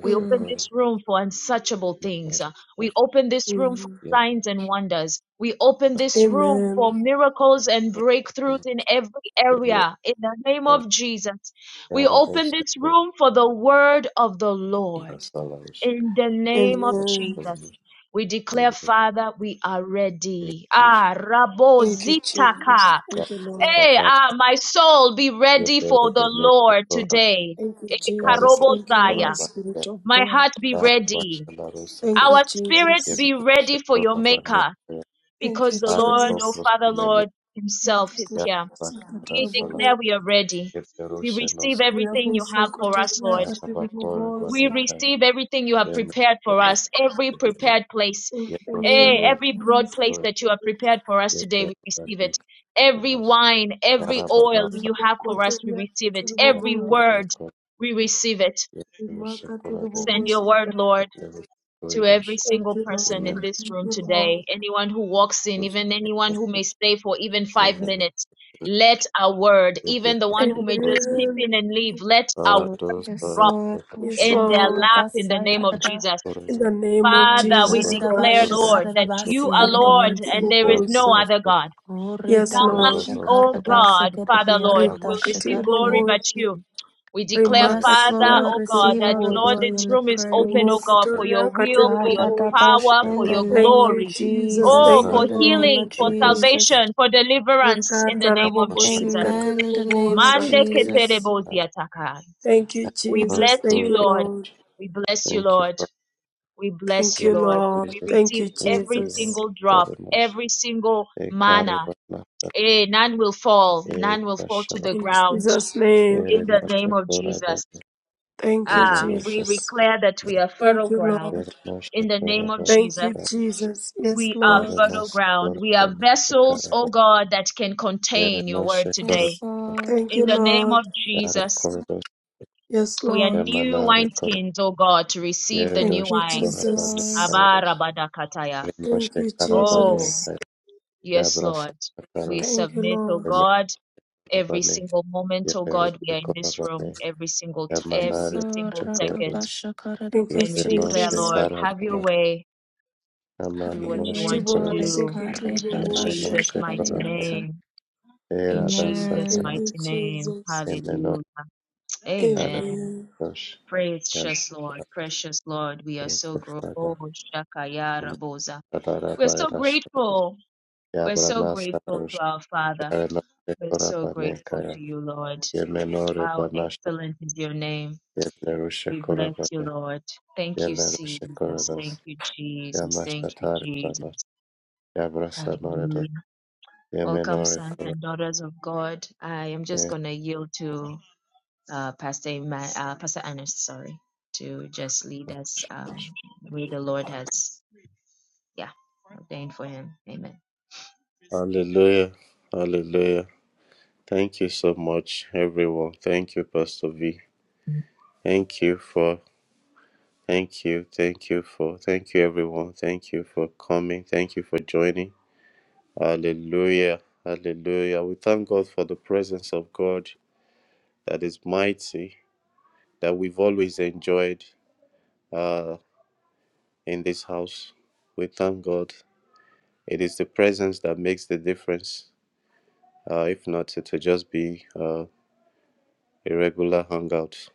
Speaker 1: We open
Speaker 3: Mm,
Speaker 1: this room for unsearchable things. Uh, We open this room for
Speaker 3: mm.
Speaker 1: signs and wonders. We open this room for
Speaker 3: Amen.
Speaker 1: miracles and breakthroughs in every area in the name of Jesus. We open this room for the word of the Lord in the name of
Speaker 3: Amen.
Speaker 1: Jesus. We declare, Father, we are ready. Ah, Rabo
Speaker 3: Thank you, Jesus.
Speaker 1: Zitaka.
Speaker 3: Thank you, Lord.
Speaker 1: Hey,
Speaker 2: you.
Speaker 1: ah, my soul, be ready
Speaker 2: Yebero
Speaker 1: for the
Speaker 2: bene
Speaker 1: Lord
Speaker 2: tora
Speaker 1: today.
Speaker 3: Thank you,
Speaker 1: Eh,
Speaker 2: bayara
Speaker 3: Jesus.
Speaker 1: Karobo
Speaker 3: Thank you,
Speaker 2: tora shakora
Speaker 1: Zaya.
Speaker 3: Holy
Speaker 2: bayara
Speaker 3: Spirit of
Speaker 1: My
Speaker 3: God.
Speaker 1: heart be
Speaker 2: da
Speaker 1: ready.
Speaker 2: başana rusa
Speaker 3: Thank
Speaker 2: kus.
Speaker 3: you,
Speaker 1: Our spirit
Speaker 3: Jesus.
Speaker 1: be
Speaker 2: Yebero
Speaker 1: ready for your
Speaker 2: shakora bane
Speaker 1: maker
Speaker 3: Thank you,
Speaker 1: because the
Speaker 2: are
Speaker 1: Lord, oh
Speaker 3: Jesus.
Speaker 2: kopros
Speaker 1: Father
Speaker 2: nene
Speaker 1: Lord himself is
Speaker 3: Makati
Speaker 2: ya
Speaker 1: here.
Speaker 3: sikati
Speaker 2: bakara
Speaker 1: We
Speaker 2: sala.
Speaker 1: declare
Speaker 3: bobo.
Speaker 1: we are ready.
Speaker 2: Yebero
Speaker 1: We
Speaker 2: shenos
Speaker 1: receive everything
Speaker 3: Riabo
Speaker 1: you have for
Speaker 3: sokoto
Speaker 1: us, Lord.
Speaker 2: ara
Speaker 3: yakati
Speaker 2: bakore
Speaker 3: bobo.
Speaker 1: We
Speaker 2: bane kaya.
Speaker 1: receive everything you have
Speaker 2: Yemeş
Speaker 1: prepared for
Speaker 2: leru
Speaker 1: us, every
Speaker 2: bene.
Speaker 1: prepared place,
Speaker 3: In the
Speaker 2: Yebero
Speaker 3: name
Speaker 1: eh,
Speaker 2: sene
Speaker 3: of
Speaker 1: every broad
Speaker 3: Jesus.
Speaker 1: place
Speaker 2: yebero
Speaker 1: that you have prepared for us today, we
Speaker 2: bane
Speaker 1: receive
Speaker 2: kaya.
Speaker 1: it. Every
Speaker 2: Yara
Speaker 1: wine, every
Speaker 2: bana
Speaker 1: oil
Speaker 2: sa.
Speaker 1: you
Speaker 3: Riabo
Speaker 1: have for
Speaker 3: Koto
Speaker 1: us, we receive it.
Speaker 3: yakati
Speaker 2: Yara
Speaker 1: Every
Speaker 3: bobo.
Speaker 2: bana
Speaker 1: word,
Speaker 2: ko.
Speaker 1: we receive it.
Speaker 2: Yebero
Speaker 3: Makati
Speaker 2: shakora
Speaker 1: Send
Speaker 3: bobo
Speaker 2: bane.
Speaker 1: your word, Lord.
Speaker 2: Yebero
Speaker 1: to
Speaker 2: doyuruş.
Speaker 1: every
Speaker 3: Thank
Speaker 1: single
Speaker 3: you, Lord.
Speaker 1: person in
Speaker 2: Yemen
Speaker 1: this
Speaker 3: Thank
Speaker 1: room
Speaker 3: you,
Speaker 1: today,
Speaker 3: Lord.
Speaker 1: anyone who walks in, even anyone who
Speaker 2: rus.
Speaker 1: may stay for even
Speaker 2: Thank
Speaker 1: five minutes. Let a word, even the one who may just peep
Speaker 3: Amen.
Speaker 1: in and leave, let a word
Speaker 5: Yes,
Speaker 1: drop
Speaker 5: Lord.
Speaker 3: Yes,
Speaker 1: in their
Speaker 5: Shakarida
Speaker 3: Lord.
Speaker 1: lap in the name
Speaker 5: basaya
Speaker 1: of
Speaker 5: da.
Speaker 1: Jesus.
Speaker 3: In the name of
Speaker 5: Len
Speaker 1: Father, we
Speaker 3: Jesus
Speaker 5: karida
Speaker 1: declare,
Speaker 5: basha
Speaker 3: Christ.
Speaker 1: Lord,
Speaker 5: karida
Speaker 1: that
Speaker 5: basi
Speaker 1: you are
Speaker 5: arida
Speaker 1: Lord
Speaker 3: Remarkati
Speaker 1: and
Speaker 5: yensi.
Speaker 1: there is no
Speaker 3: bobosa.
Speaker 1: other God.
Speaker 3: Yes,
Speaker 5: Urida
Speaker 3: Lord.
Speaker 5: basha
Speaker 1: None, O
Speaker 5: karida
Speaker 1: God, Father
Speaker 5: sekiriya
Speaker 1: Lord,
Speaker 5: da
Speaker 1: will receive
Speaker 3: Remarkati
Speaker 1: glory
Speaker 5: shakariya.
Speaker 1: but
Speaker 3: bobosa.
Speaker 1: you. We declare,
Speaker 5: Yes,
Speaker 3: Remarkati
Speaker 1: Father,
Speaker 5: Lord,
Speaker 1: O
Speaker 3: riakati
Speaker 1: God,
Speaker 5: receive
Speaker 1: that
Speaker 5: all the
Speaker 1: Lord,
Speaker 3: bobosa.
Speaker 5: glory
Speaker 1: this
Speaker 5: and the
Speaker 1: room is open, O
Speaker 5: praise.
Speaker 1: God,
Speaker 3: Remokoto
Speaker 1: for your
Speaker 3: riakati
Speaker 1: will, for your
Speaker 5: Karida
Speaker 3: bobosa.
Speaker 5: bash
Speaker 1: power, for
Speaker 5: in the
Speaker 1: your
Speaker 5: name
Speaker 3: Thank you,
Speaker 5: of
Speaker 1: glory.
Speaker 3: Jesus.
Speaker 1: Oh,
Speaker 5: Jesus,
Speaker 3: Thank you,
Speaker 5: in
Speaker 1: for
Speaker 5: the
Speaker 3: Lord.
Speaker 5: name
Speaker 1: healing,
Speaker 5: of
Speaker 1: for
Speaker 5: Jesus.
Speaker 1: salvation, for deliverance in the
Speaker 3: Rikata
Speaker 1: name of
Speaker 3: rabobosi
Speaker 1: Jesus.
Speaker 3: katiri
Speaker 5: Amen, in the name of
Speaker 3: bobosa.
Speaker 1: Mande
Speaker 3: Thank you,
Speaker 5: Jesus.
Speaker 3: Lord.
Speaker 1: ketereboziataka.
Speaker 3: Thank you,
Speaker 1: We
Speaker 3: Jesus.
Speaker 1: bless
Speaker 3: Thank
Speaker 1: you,
Speaker 3: you,
Speaker 1: Lord.
Speaker 3: Lord.
Speaker 1: We bless you,
Speaker 2: you,
Speaker 1: Lord.
Speaker 2: Father.
Speaker 1: We bless
Speaker 3: Thank
Speaker 1: you,
Speaker 2: Thank
Speaker 3: you,
Speaker 2: you,
Speaker 1: Lord.
Speaker 3: Lord.
Speaker 1: We
Speaker 2: Jesus.
Speaker 3: Thank
Speaker 1: receive
Speaker 3: you,
Speaker 2: Thank
Speaker 1: every
Speaker 2: you, Lord.
Speaker 3: Jesus.
Speaker 1: single drop,
Speaker 2: Very much.
Speaker 1: every single manna
Speaker 2: Ekaribana,
Speaker 1: Eh, none will fall. None will fall to
Speaker 2: Ekashala,
Speaker 1: the
Speaker 3: In
Speaker 1: ground
Speaker 3: Jesus' name.
Speaker 1: in the name of
Speaker 2: Erenosh,
Speaker 1: Jesus.
Speaker 3: Thank you,
Speaker 1: Ah, we
Speaker 2: Belarusian
Speaker 3: Jesus.
Speaker 1: declare that we are fertile
Speaker 3: Thank you,
Speaker 1: ground
Speaker 3: Lord.
Speaker 2: Yaranosha
Speaker 1: in the name of
Speaker 2: Korava
Speaker 3: Thank
Speaker 1: Jesus.
Speaker 3: you, Jesus. Yes,
Speaker 1: We are
Speaker 3: Lord.
Speaker 1: fertile
Speaker 2: Yaranos
Speaker 1: ground. We are
Speaker 2: Korava
Speaker 1: vessels,
Speaker 2: Karava
Speaker 1: oh God, that can contain your
Speaker 2: Yaranosha
Speaker 1: word
Speaker 5: Yes,
Speaker 1: today.
Speaker 2: Korava
Speaker 5: Lord.
Speaker 3: Thank
Speaker 1: In
Speaker 3: you,
Speaker 1: the name
Speaker 3: Lord.
Speaker 1: of Jesus,
Speaker 2: Yarakordos
Speaker 3: Yes,
Speaker 1: we are
Speaker 3: Lord.
Speaker 1: new
Speaker 2: Yamanare Korava
Speaker 1: wineskins, oh God, to receive the
Speaker 3: Thank
Speaker 1: new
Speaker 3: you,
Speaker 2: Yaradosha
Speaker 1: wine.
Speaker 5: Yes,
Speaker 2: Korava
Speaker 5: Lord.
Speaker 3: Jesus.
Speaker 2: Kairas
Speaker 1: Abarabadakataya.
Speaker 3: Thank
Speaker 2: Yaranosha
Speaker 3: you,
Speaker 2: Karavane
Speaker 1: Oh,
Speaker 3: Jesus.
Speaker 1: yes,
Speaker 2: Yabrasa
Speaker 1: Lord. We
Speaker 2: Karos
Speaker 3: Thank you,
Speaker 1: submit, oh
Speaker 3: Lord.
Speaker 1: God. every
Speaker 2: Yamaravane
Speaker 1: single moment, oh God, we
Speaker 2: Yaberusha
Speaker 1: are in this room
Speaker 2: Koravane
Speaker 1: every single t-
Speaker 5: Yes,
Speaker 1: every
Speaker 2: Yamanare
Speaker 5: Lord.
Speaker 1: single
Speaker 2: Dosha
Speaker 5: Rada
Speaker 1: second,
Speaker 2: Kordos
Speaker 5: basha karida
Speaker 3: Thank you,
Speaker 1: and we declare,
Speaker 2: Yabenosha
Speaker 5: basi
Speaker 3: Jesus.
Speaker 1: Lord, have your
Speaker 2: Karavana
Speaker 1: way,
Speaker 5: Have
Speaker 1: do
Speaker 3: Thank
Speaker 1: what
Speaker 5: your
Speaker 3: you,
Speaker 1: you
Speaker 5: way,
Speaker 2: Yamaranosha
Speaker 1: want to
Speaker 3: Jehovah.
Speaker 2: Korava
Speaker 5: Father.
Speaker 1: do,
Speaker 3: Thank you,
Speaker 5: Kareta
Speaker 1: in
Speaker 3: Jehovah.
Speaker 5: basha
Speaker 1: Jesus'
Speaker 2: Yamenosha
Speaker 1: mighty
Speaker 2: Koravane
Speaker 5: kararianta.
Speaker 1: name, in Jesus'
Speaker 3: Thank
Speaker 2: Eradasa
Speaker 5: Amen.
Speaker 3: you,
Speaker 1: mighty name,
Speaker 3: Jesus.
Speaker 2: Emeno
Speaker 1: Hallelujah, Amen.
Speaker 2: Arafrosh and
Speaker 1: Precious Lord, precious Lord, we are so grateful. Shakaya Rabosa. We're so
Speaker 2: Adarabayrash
Speaker 1: grateful. We're so
Speaker 2: Yabranasa
Speaker 1: grateful to
Speaker 2: Rush
Speaker 1: our Father. We're so
Speaker 2: Korabane
Speaker 1: grateful to
Speaker 2: Kaya
Speaker 1: you, Lord.
Speaker 2: Yemeno
Speaker 1: How
Speaker 2: Rebanasha
Speaker 1: excellent is your name.
Speaker 2: Yedlerushe
Speaker 1: We bless you,
Speaker 2: Korabane
Speaker 1: Lord. Thank you,
Speaker 2: Yelerushe
Speaker 1: Jesus.
Speaker 2: Korabas
Speaker 1: Thank you, Jesus. Thank you,
Speaker 2: Yanashatari Banash
Speaker 1: Jesus.
Speaker 2: Yabrasa Norede
Speaker 1: Hallelujah. Welcome,
Speaker 2: Yemenore
Speaker 1: sons and
Speaker 2: Korabane
Speaker 1: daughters of God. I am just going to yield to uh, Pastor, Ima- uh, Pastor Ernest, sorry, to just lead us um, where the Lord has, yeah, ordained for him. Amen.
Speaker 2: Hallelujah Hallelujah Thank you so much everyone. Thank you Pastor V. Thank you for Thank you. Thank you for thank you everyone. Thank you for coming. Thank you for joining. Hallelujah. Hallelujah. We thank God for the presence of God that is mighty, that we've always enjoyed uh, in this house. We thank God. It is the presence that makes the difference. Uh, if not, it will just be uh, a regular hangout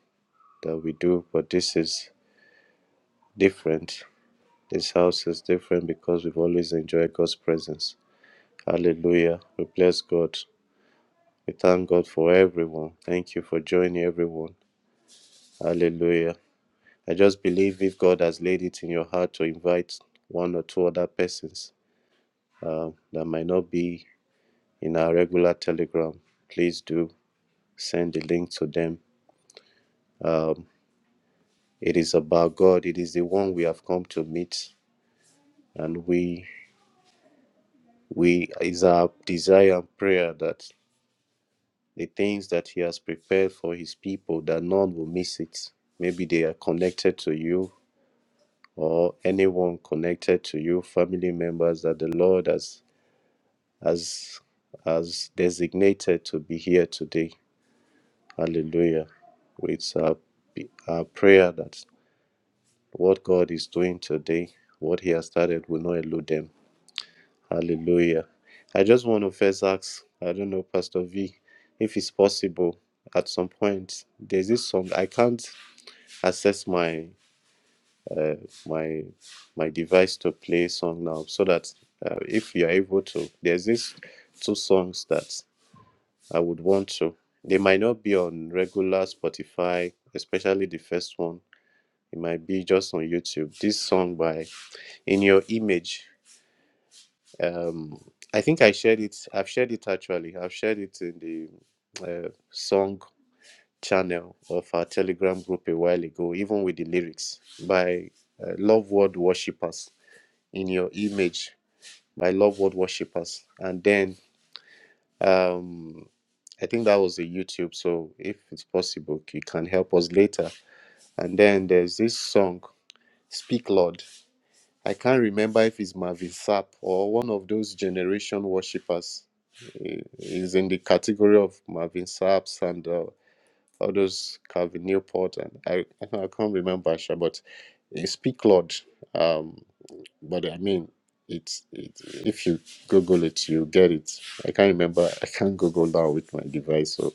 Speaker 2: that we do. But this is different. This house is different because we've always enjoyed God's presence. Hallelujah. We bless God. We thank God for everyone. Thank you for joining everyone. Hallelujah. I just believe if God has laid it in your heart to invite one or two other persons uh, that might not be in our regular telegram, please do send the link to them. Um, it is about God. It is the one we have come to meet, and we we is our desire and prayer that the things that He has prepared for His people, that none will miss it. Maybe they are connected to you or anyone connected to you, family members that the Lord has has has designated to be here today. Hallelujah. With our, our prayer that what God is doing today, what He has started will not elude them. Hallelujah. I just want to first ask, I don't know, Pastor V, if it's possible at some point. There's this song. I can't access my uh, my my device to play song now, so that uh, if you are able to, there's this two songs that I would want to. They might not be on regular Spotify, especially the first one. It might be just on YouTube. This song by In Your Image Um, I think I shared it. I've shared it actually. I've shared it in the uh, song channel of our Telegram group a while ago, even with the lyrics by uh, Love Word Worshippers in your image by Love Word Worshippers. And then um, I think that was a YouTube. So if it's possible, you can help us later. And then there's this song, Speak Lord. I can't remember if it's Marvin Sapp or one of those generation worshippers He- He's in the category of Marvin Saps and uh, all those Calvin Newport and I, I can't I can't remember Asha, but he speak Lord. Um, but I mean, it's it, if you Google it, you get it. I can't remember. I can't Google now with my device. So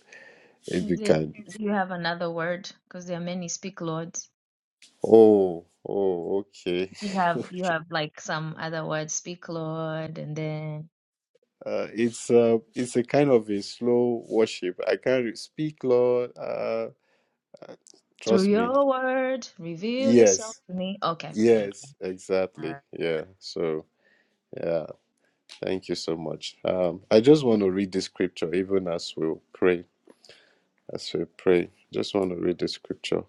Speaker 2: if you
Speaker 1: Is it?
Speaker 2: can,
Speaker 1: Do you have another word? Because there are many speak lords.
Speaker 2: oh, oh, okay.
Speaker 1: you have you have like some other words? Speak Lord, and then
Speaker 2: Uh, it's uh, it's a kind of a slow worship. I can't re- speak Lord. Uh, uh,
Speaker 1: Through
Speaker 2: trust me.
Speaker 1: your word, reveal yourself
Speaker 2: Yes.
Speaker 1: to me. Okay, thank you.
Speaker 2: Yes,
Speaker 1: All
Speaker 2: exactly.
Speaker 1: right.
Speaker 2: Yeah. So, yeah, thank you so much. Um, I just want to read the scripture even as we pray. As we pray, just want to read the scripture.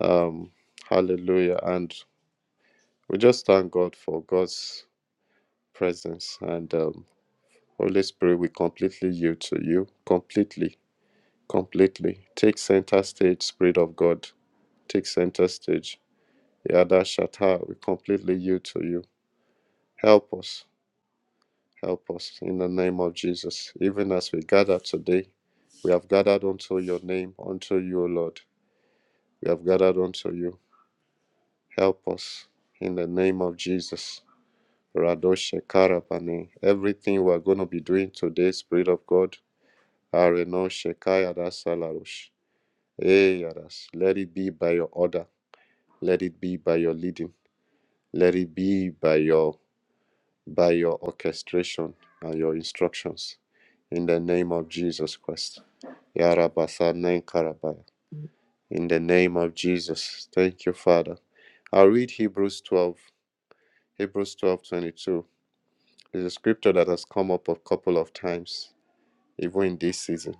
Speaker 2: Um, hallelujah. And we just thank God for God's presence and um, Holy Spirit. We completely yield to you, completely, completely. Take center stage, Spirit of God. Take center stage. Yada Shatta, we completely yield to you. Help us. Help us in the name of Jesus. Even as we gather today, we have gathered unto your name, unto you, O Lord. We have gathered unto you. Help us in the name of Jesus. Radoshe Karapani. Everything we are going to be doing today, Spirit of God. Areno Shekaya Salarush. Eh, Yadas. Let it be by your order. Let it be by your leading. Let it be by your by your orchestration and your instructions. In the name of Jesus Christ. Yarabasane Karabaya. In the name of Jesus. Thank you, Father. I'll read Hebrews 12, Hebrews 12:22 22. It's a scripture that has come up a couple of times, even in this season.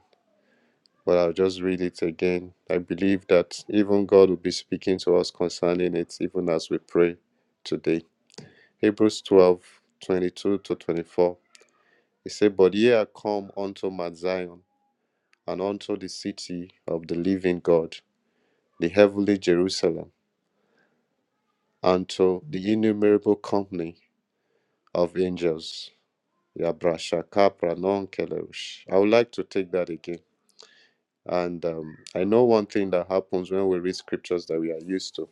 Speaker 2: But I'll just read it again. I believe that even God will be speaking to us concerning it, even as we pray today. Hebrews 12:22 to 24. It says, But ye are come unto Mount Zion, and unto the city of the living God, the heavenly Jerusalem And to the innumerable company of angels. Yabrasha kapra non I would like to take that again. And um, I know one thing that happens when we read scriptures that we are used to.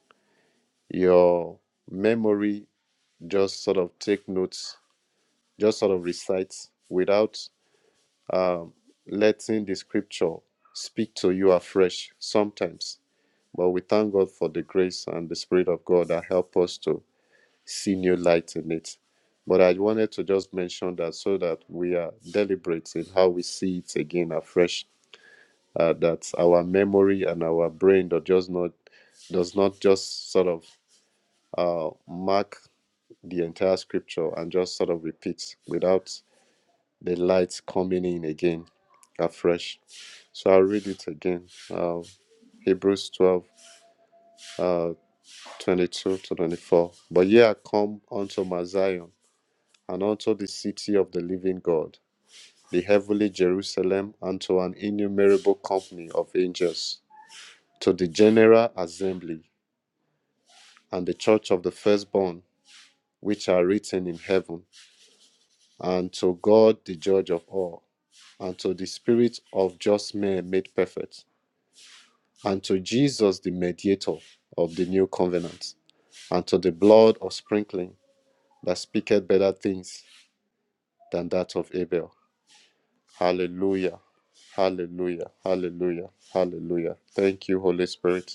Speaker 2: Your memory just sort of take notes, just sort of recites without um, letting the scripture speak to you afresh sometimes. But we thank God for the grace and the Spirit of God that help us to see new light in it. But I wanted to just mention that so that we are deliberate in how we see it again afresh. Uh, that our memory and our brain does just not does not just sort of uh, mark the entire scripture and just sort of repeat without the light coming in again afresh. So I'll read it again. Uh, Hebrews 12, uh, 22 to 24. But ye are come unto Mount Zion, and unto the city of the living God, the heavenly Jerusalem, and to an innumerable company of angels, to the general assembly, and the church of the firstborn, which are written in heaven, and to God the judge of all, and to the spirit of just men made perfect, and to Jesus the mediator of the new covenant, and to the blood of sprinkling that speaketh better things than that of Abel. Hallelujah. Hallelujah. Hallelujah. Hallelujah. Thank you, Holy Spirit.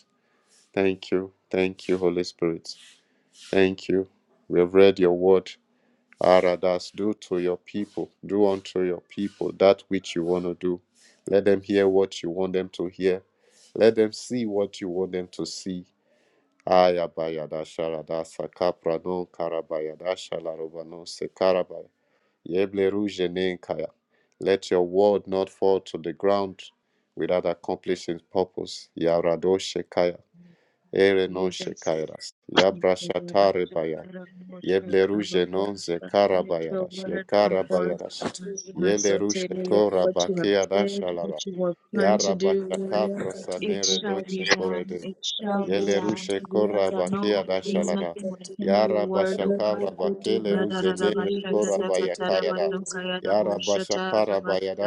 Speaker 2: Thank you. Thank you, Holy Spirit. Thank you. We have read your word. Aradas, do to your people, do unto your people that which you want to do. Let them hear what you want them to hear. Let them see what you want them to see. Ayabayada sharada sakaprano karabayada shalarobano sekarabaya. Yebleru jenenkaya. Let your word not fall to the ground without accomplishing purpose. Yarado shekaya. Ere non
Speaker 1: Jesus.
Speaker 2: shekairas.
Speaker 1: Let
Speaker 2: Yabrashatare bayai. Yebleruje non ze
Speaker 1: your
Speaker 2: karabayarash. Ye
Speaker 1: word come forth.
Speaker 2: karabayarash. Yelerushe
Speaker 1: Masote,
Speaker 2: kora
Speaker 1: what you
Speaker 3: Amen.
Speaker 1: have
Speaker 2: bakia
Speaker 1: said, what
Speaker 2: dashalara.
Speaker 1: you have planned to do, Lord,
Speaker 2: Yarabashaka
Speaker 3: Kutulia katika
Speaker 1: it
Speaker 2: prosanere
Speaker 1: shall be
Speaker 2: doche
Speaker 3: ububuzi.
Speaker 1: done.
Speaker 2: korede.
Speaker 1: It shall be
Speaker 3: Rabu
Speaker 1: done.
Speaker 2: Yelerushe
Speaker 3: kutulia
Speaker 1: Let
Speaker 2: kora
Speaker 1: the
Speaker 3: katika
Speaker 1: no
Speaker 2: bakia
Speaker 1: thing,
Speaker 3: ububuzi.
Speaker 2: dashalara.
Speaker 1: nothing will
Speaker 3: kati-
Speaker 1: hinder your word, O
Speaker 2: Yarabashaka
Speaker 1: God.
Speaker 3: Rabu
Speaker 2: rabakele
Speaker 3: kutulia katika
Speaker 2: ruzenere
Speaker 1: Radarabashata,
Speaker 2: kora
Speaker 3: ububuzi. katika
Speaker 2: bayakayada.
Speaker 3: ububuzi.
Speaker 2: Yarabashaka